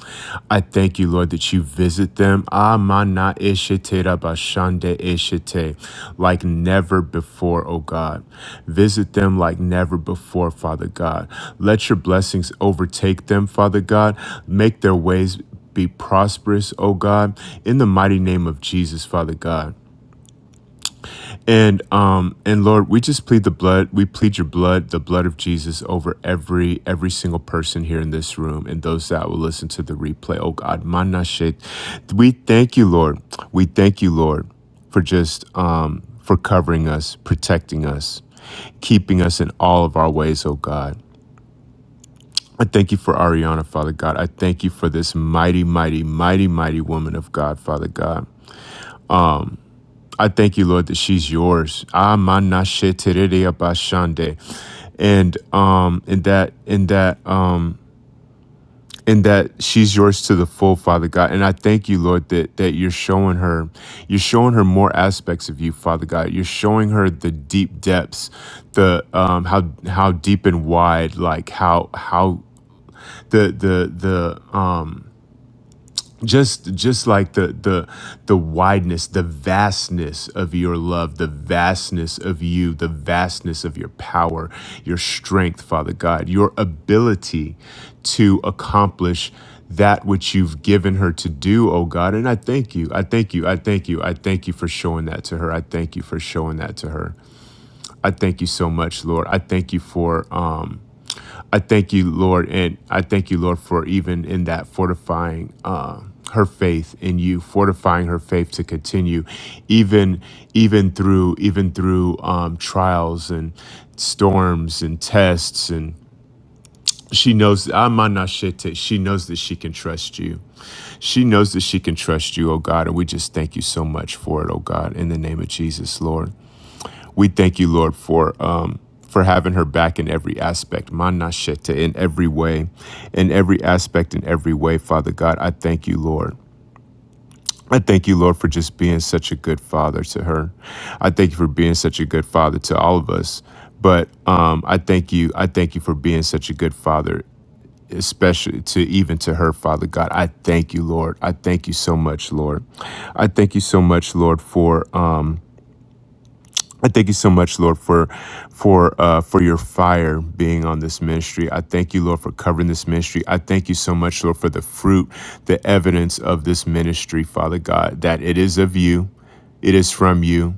[SPEAKER 8] I thank you, Lord, that you visit them. Ah, mana eshetera bashande eshete, like never before. Oh God, visit them like never before, Father God. Let your blessings overtake them, Father God. Make their ways be prosperous, oh God, in the mighty name of Jesus, Father God. And um and Lord, we just plead the blood, we plead your blood, the blood of Jesus over every every single person here in this room and those that will listen to the replay. Oh God, manashet. We thank you, Lord. We thank you, Lord, for just um for covering us, protecting us, keeping us in all of our ways, oh God. I thank you for Ariana, Father God. I thank you for this mighty, mighty, mighty, mighty woman of God, Father God. I thank you, Lord, that she's yours. Amanashe terere Amanasheterereabashande. And um in that in that um and that she's yours to the full, Father God. And I thank you, Lord, that that you're showing her, you're showing her more aspects of you, Father God. You're showing her the deep depths, the um how how deep and wide, like how how the the the um just just like the the the wideness the vastness of your love the vastness of you the vastness of your power your strength father god your ability to accomplish that which you've given her to do oh god and i thank you i thank you i thank you i thank you for showing that to her i thank you for showing that to her I thank you so much, Lord. I thank you for um I thank you, Lord, and I thank you, Lord, for even in that fortifying uh her faith in you, fortifying her faith to continue, even even through even through um trials and storms and tests and she knows Amanashete, she knows that she can trust you. She knows that she can trust you, oh God, and we just thank you so much for it, oh God, in the name of Jesus, Lord. We thank you, Lord, for um, for having her back in every aspect, manashete, in every way, in every aspect, in every way, Father God. I thank you, Lord. I thank you, Lord, for just being such a good father to her. I thank you for being such a good father to all of us. But um, I thank you. I thank you for being such a good father, especially to even to her, Father God. I thank you, Lord. I thank you so much, Lord. I thank you so much, Lord, for. Um, I thank you so much, Lord, for for uh, for your fire being on this ministry. I thank you, Lord, for covering this ministry. I thank you so much, Lord, for the fruit, the evidence of this ministry, Father God, that it is of you, it is from you,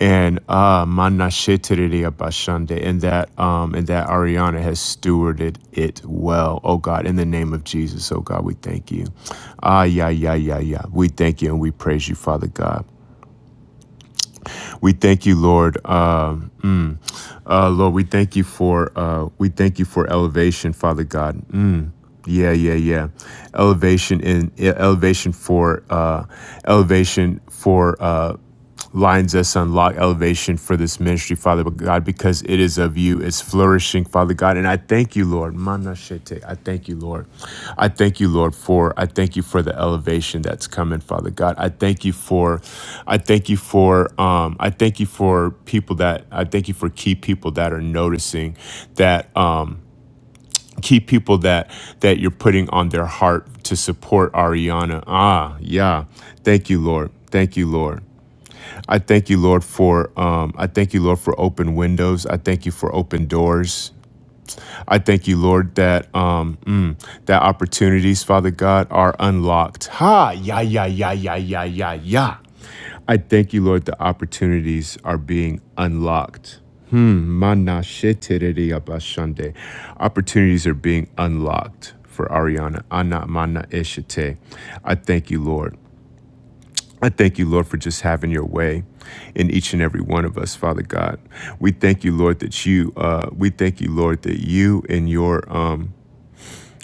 [SPEAKER 8] and uh, mana shetiriri abashande, and that um, and that Ariana has stewarded it well. Oh God, in the name of Jesus, oh God, we thank you. Ah, yeah, yeah, yeah, yeah. We thank you and we praise you, Father God. We thank you, Lord. Um, mm. Uh, Lord, we thank you for uh, we thank you for elevation, Father God. Mm. Yeah, yeah, yeah. Elevation in yeah, elevation for uh elevation for uh lines us unlock elevation for this ministry, Father God, because it is of you. It's flourishing, Father God. And I thank you, Lord. Mana shete. I thank you, Lord. I thank you, Lord, for I thank you for the elevation that's coming, Father God. I thank you for I thank you for um I thank you for people that I thank you for key people that are noticing that um key people that that you're putting on their heart to support Ariana. Ah, yeah. Thank you, Lord. Thank you, Lord. I thank you, Lord, for um, I thank you, Lord, for open windows. I thank you for open doors. I thank you, Lord, that um, mm, that opportunities, Father God, are unlocked. Ha! Yeah, yeah, yeah, yeah, yeah, yeah, yeah. I thank you, Lord, the opportunities are being unlocked. Hmm. mana shetiriri abashande. Opportunities are being unlocked for Ariana. Ana mana eshite. I thank you, Lord. I thank you, Lord, for just having your way in each and every one of us, Father God. We thank you, Lord, that you, uh, we thank you, Lord, that you and your, um,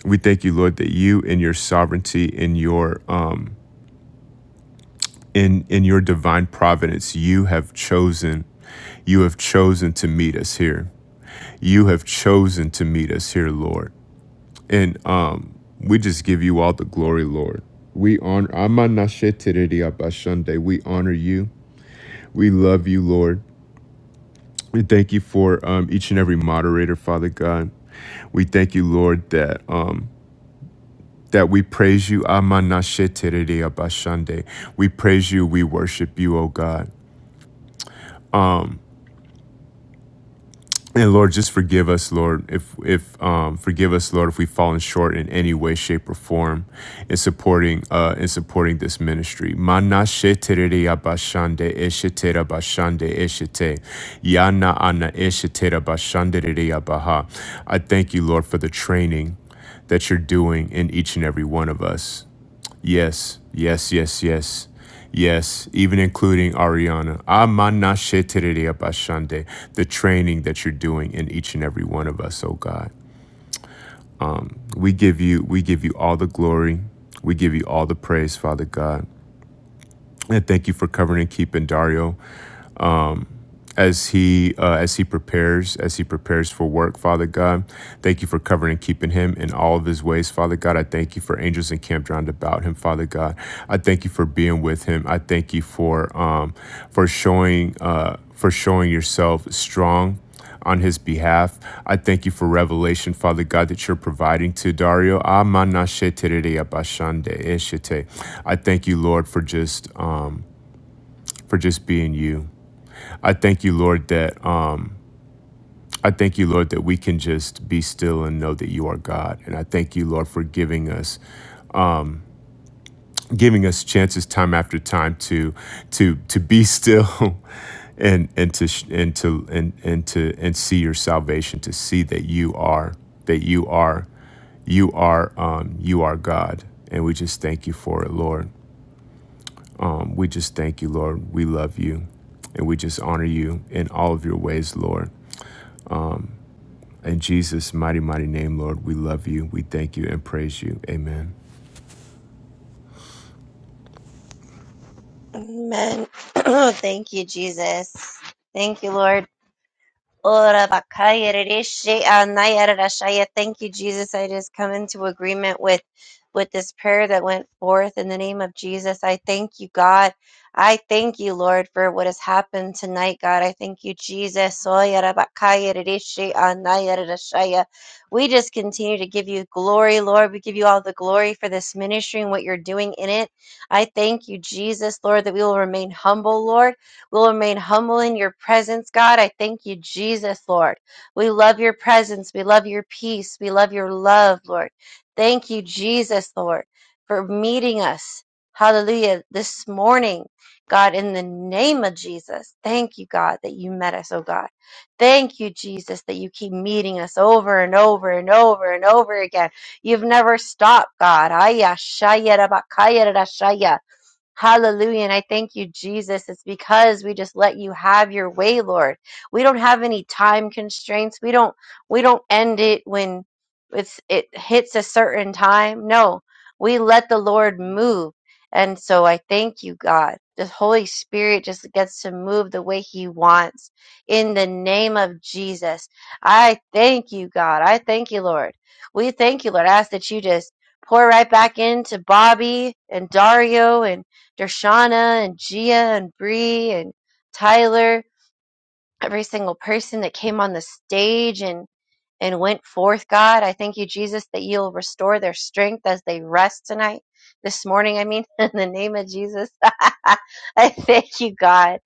[SPEAKER 8] we thank you, Lord, that you and your sovereignty in your, um, in in your divine providence you have chosen You have chosen to meet us here. You have chosen to meet us here, Lord. And um, we just give you all the glory, Lord. We honor We honor you. We love you, Lord. We thank you for um, each and every moderator, Father God. We thank you, Lord, that um, that we praise you. We praise you. We worship you, O God. And Lord, just forgive us, Lord, if if um, forgive us, Lord, if we've fallen short in any way, shape, or form in supporting uh, in supporting this ministry. Mana shetereya bashande eshetera bashande eshete yana ana eshetera bashandereya baha. I thank you, Lord, for the training that you're doing in each and every one of us. Yes, yes, yes, yes. Yes, even including Ariana. Amanashetereyabashande, The training that you're doing in each and every one of us, oh God. We give you we give you all the glory. We give you all the praise, Father God. And thank you for covering and keeping Dario. as he uh, as he prepares as he prepares for work father god thank you for covering and keeping him in all of his ways father god i thank you for angels encamped round about him father god i thank you for being with him i thank you for um for showing uh for showing yourself strong on his behalf. I thank you for revelation, Father God, that you're providing to Dario. I thank you, Lord, for just um, for just being you. I thank you, Lord, that I thank you, Lord, that we can just be still and know that you are God. And I thank you, Lord, for giving us giving us chances time after time to to to be still and and to sh- and to and and to and see your salvation, to see that you are that you are you are um, you are God. And we just thank you for it, Lord. Um, we just thank you, Lord. We love you, and we just honor you in all of your ways, Lord. In Jesus' mighty, mighty name, Lord, we love you. We thank you and praise you. Amen.
[SPEAKER 3] Amen. Thank you, Jesus. Thank you, Lord. Ora bakaya rereshe anaya rerashaya. Thank you, Jesus. I just come into agreement with with this prayer that went forth in the name of Jesus. I thank you, God. I thank you, Lord, for what has happened tonight, God. I thank you, Jesus. Oya rabakaya rereshe anaya rerashaya. We just continue to give you glory, Lord. We give you all the glory for this ministry and what you're doing in it. I thank you, Jesus, Lord, that we will remain humble, Lord. We'll remain humble in your presence, God. I thank you, Jesus, Lord. We love your presence. We love your peace. We love your love, Lord. Thank you, Jesus, Lord, for meeting us. Hallelujah. This morning, God, in the name of Jesus, thank you, God, that you met us, oh God. Thank you, Jesus, that you keep meeting us over and over and over and over again. You've never stopped, God. Ayah, shaya, rabakaya, rashaya. Hallelujah. And I thank you, Jesus. It's because we just let you have your way, Lord. We don't have any time constraints. We don't we don't end it when it's it hits a certain time. No. We let the Lord move. And so I thank you, God. The Holy Spirit just gets to move the way He wants. In the name of Jesus. I thank you, God. I thank you, Lord. We thank you, Lord. I ask that you just pour right back into Bobby and Dario and Darshana and Gia and Bree and Tyler, every single person that came on the stage. And and went forth, God. I thank you, Jesus, that you'll restore their strength as they rest tonight, this morning, I mean, in the name of Jesus. I thank you, God,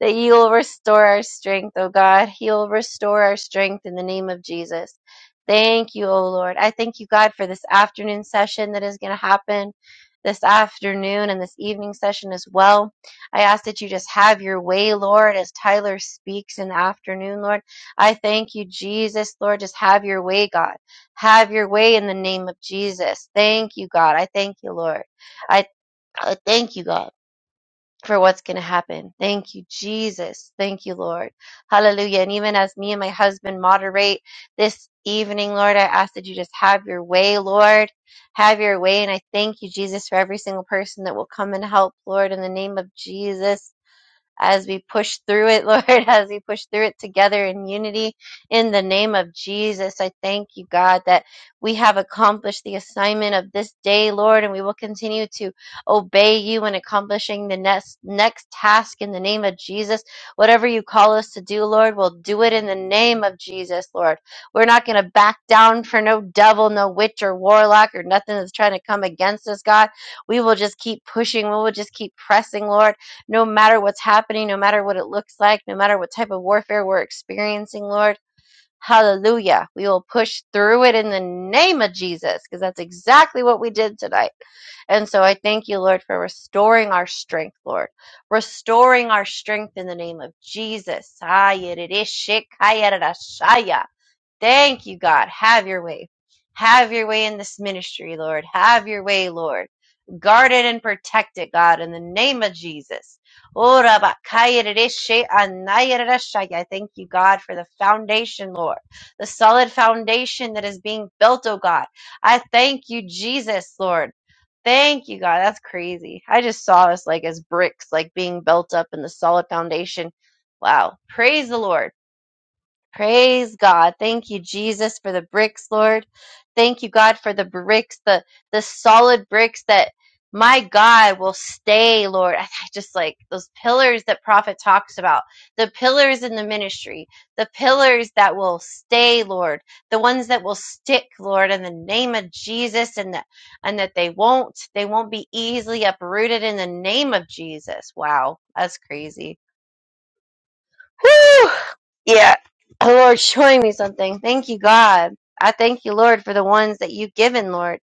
[SPEAKER 3] that you'll restore our strength, oh God. You'll restore our strength in the name of Jesus. Thank you, oh Lord. I thank you, God, for this afternoon session that is going to happen this afternoon and this evening session as well. I ask that you just have your way, Lord, as Tyler speaks in the afternoon, Lord. I thank you, Jesus, Lord. Just have your way, God. Have your way in the name of Jesus. Thank you, God. I thank you, Lord. I, I thank you, God, for what's going to happen. Thank you, Jesus. Thank you, Lord. Hallelujah. And even as me and my husband moderate this evening, Lord, I ask that you just have your way, Lord. Have your way. And I thank you, Jesus, for every single person that will come and help, Lord, in the name of Jesus as we push through it, Lord, as we push through it together in unity. In the name of Jesus, I thank you, God, that we have accomplished the assignment of this day, Lord, and we will continue to obey you in accomplishing the next, next task in the name of Jesus. Whatever you call us to do, Lord, we'll do it in the name of Jesus, Lord. We're not going to back down for no devil, no witch or warlock or nothing that's trying to come against us, God. We will just keep pushing. We will just keep pressing, Lord no matter what's happening, no matter what it looks like, no matter what type of warfare we're experiencing, Lord. Hallelujah. We will push through it in the name of Jesus because that's exactly what we did tonight. And so I thank you, Lord, for restoring our strength, Lord. Restoring our strength in the name of Jesus. Thank you, God. Have your way. Have your way in this ministry, Lord. Have your way, Lord. Guard it and protect it, God, in the name of Jesus. I thank you, God, for the foundation, Lord, the solid foundation that is being built, oh God. I thank you, Jesus, Lord. Thank you, God. That's crazy. I just saw us like as bricks, like being built up in the solid foundation. Wow. Praise the Lord. Praise God. Thank you, Jesus, for the bricks, Lord. Thank you, God, for the bricks, the the solid bricks that my God will stay, Lord. I I just like those pillars that prophet talks about, the pillars in the ministry, the pillars that will stay, Lord, the ones that will stick, Lord, in the name of Jesus, and that and that they won't, they won't be easily uprooted in the name of Jesus. Wow, that's crazy Whew. Yeah. The Lord showing me something. Thank you, God. I thank you, Lord, for the ones that you've given, Lord.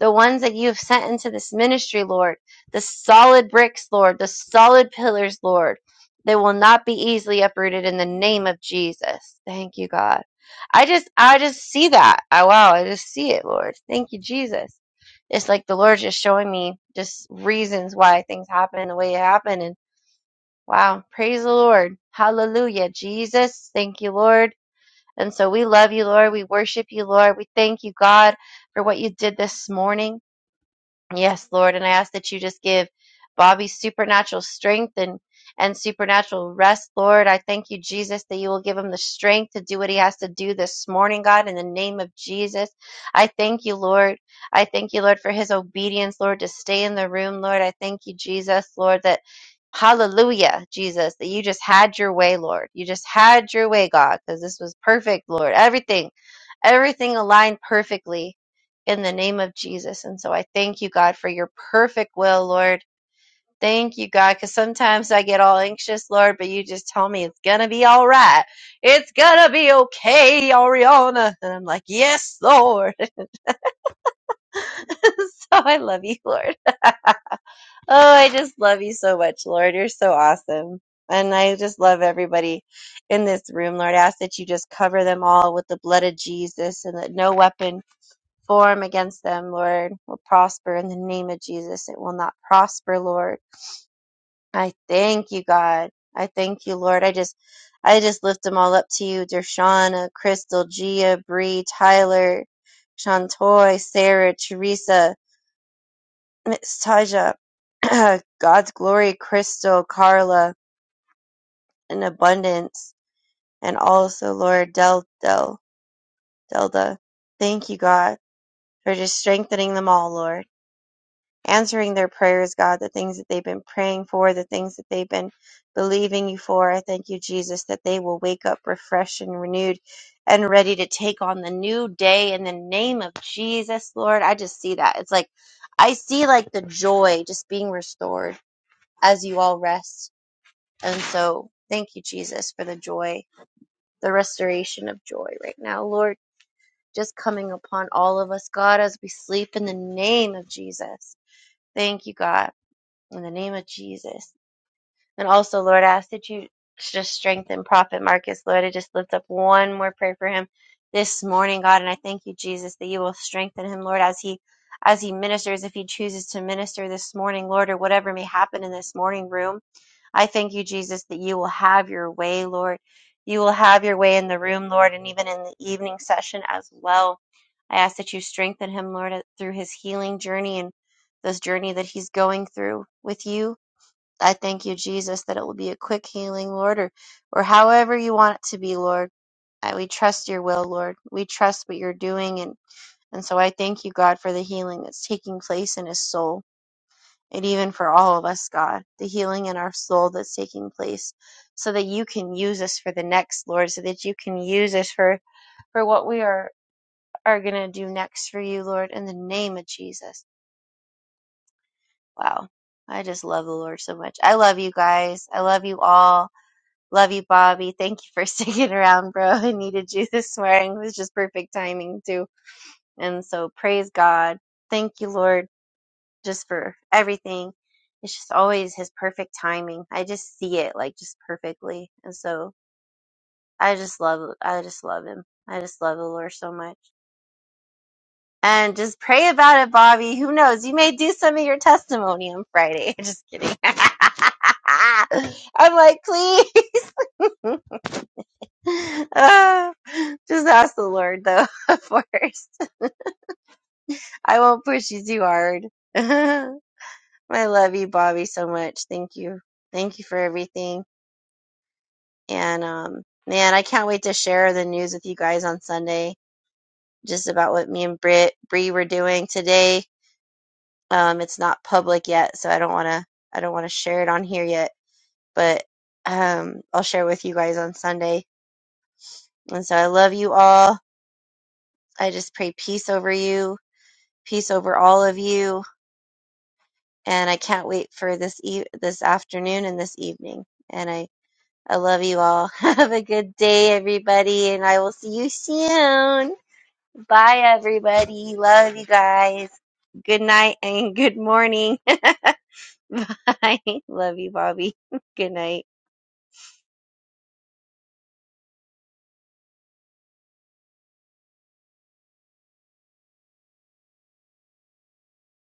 [SPEAKER 3] The ones that you have sent into this ministry, Lord. The solid bricks, Lord. The solid pillars, Lord. They will not be easily uprooted in the name of Jesus. Thank you, God. I just I just see that. I wow, I just see it, Lord. Thank you, Jesus. It's like the Lord just showing me just reasons why things happen the way it happened and Wow. Praise the Lord. Hallelujah. Jesus, thank you, Lord. And so we love you, Lord. We worship you, Lord. We thank you, God, for what you did this morning. Yes, Lord. And I ask that you just give Bobby supernatural strength and and supernatural rest, Lord. I thank you, Jesus, that you will give him the strength to do what he has to do this morning, God, in the name of Jesus. I thank you, Lord. I thank you, Lord, for his obedience, Lord, to stay in the room, Lord. I thank you, Jesus, Lord, that Hallelujah, Jesus, that you just had your way, Lord. You just had your way, God, because this was perfect, Lord. Everything, everything aligned perfectly in the name of Jesus. And so I thank you, God, for your perfect will, Lord. Thank you, God, because sometimes I get all anxious, Lord, but you just tell me it's going to be all right. It's going to be okay, Ariana. And I'm like, yes, Lord. so I love you, Lord. Oh, I just love you so much, Lord. You're so awesome. And I just love everybody in this room, Lord. I ask that you just cover them all with the blood of Jesus and that no weapon form against them, Lord, will prosper in the name of Jesus. It will not prosper, Lord. I thank you, God. I thank you, Lord. I just I just lift them all up to you. Dershana, Crystal, Gia, Bree, Tyler, Shantoy, Sarah, Teresa, Miss Taja, God's Glory Crystal, Carla, in abundance, and also, Lord, Del, Del, Delda. Thank you, God, for just strengthening them all, Lord. Answering their prayers, God, the things that they've been praying for, the things that they've been believing you for. I thank you, Jesus, that they will wake up refreshed and renewed and ready to take on the new day in the name of Jesus, Lord. I just see that. It's like, I see like the joy just being restored as you all rest And so, thank you, Jesus, for the joy, the restoration of joy right now. Lord, just coming upon all of us, God, as we sleep in the name of Jesus. Thank you, God, in the name of Jesus. And also, Lord, I ask that you just strengthen Prophet Marcus, Lord. I just lift up one more prayer for him this morning, God. And I thank you, Jesus, that you will strengthen him, Lord, as he as he ministers, if he chooses to minister this morning, Lord, or whatever may happen in this morning room. I thank you, Jesus, that you will have your way, Lord. You will have your way in the room, Lord, and even in the evening session as well. I ask that you strengthen him, Lord, through his healing journey and this journey that he's going through with you. I thank you, Jesus, that it will be a quick healing, Lord, or, or however you want it to be, Lord. I, we trust your will, Lord. We trust what you're doing. And, and so I thank you, God, for the healing that's taking place in his soul and even for all of us, God, the healing in our soul that's taking place so that you can use us for the next, Lord, so that you can use us for, for what we are, are going to do next for you, Lord, in the name of Jesus. Wow. I just love the Lord so much. I love you guys. I love you all. Love you, Bobby. Thank you for sticking around, bro. I needed you this morning. It was just perfect timing, too. And so, praise God. Thank you, Lord, just for everything. It's just always His perfect timing. I just see it like just perfectly. And so, I just love, I just love Him. I just love the Lord so much. And just pray about it, Bobby. Who knows? You may do some of your testimony on Friday. Just kidding. I'm like, please. Ah, just ask the Lord though first. I won't push you too hard. I love you, Bobby, so much. Thank you. Thank you for everything. And um man, I can't wait to share the news with you guys on Sunday just about what me and Britt Bree were doing today. Um it's not public yet, so I don't wanna I don't wanna share it on here yet. But um I'll share with you guys on Sunday. And so I love you all. I just pray peace over you, peace over all of you and I can't wait for this e- this afternoon and this evening. And I I love you all. Have a good day, everybody, and I will see you soon. Bye, everybody. Love you guys. Good night and good morning. Bye. Love you, Bobby. Good night.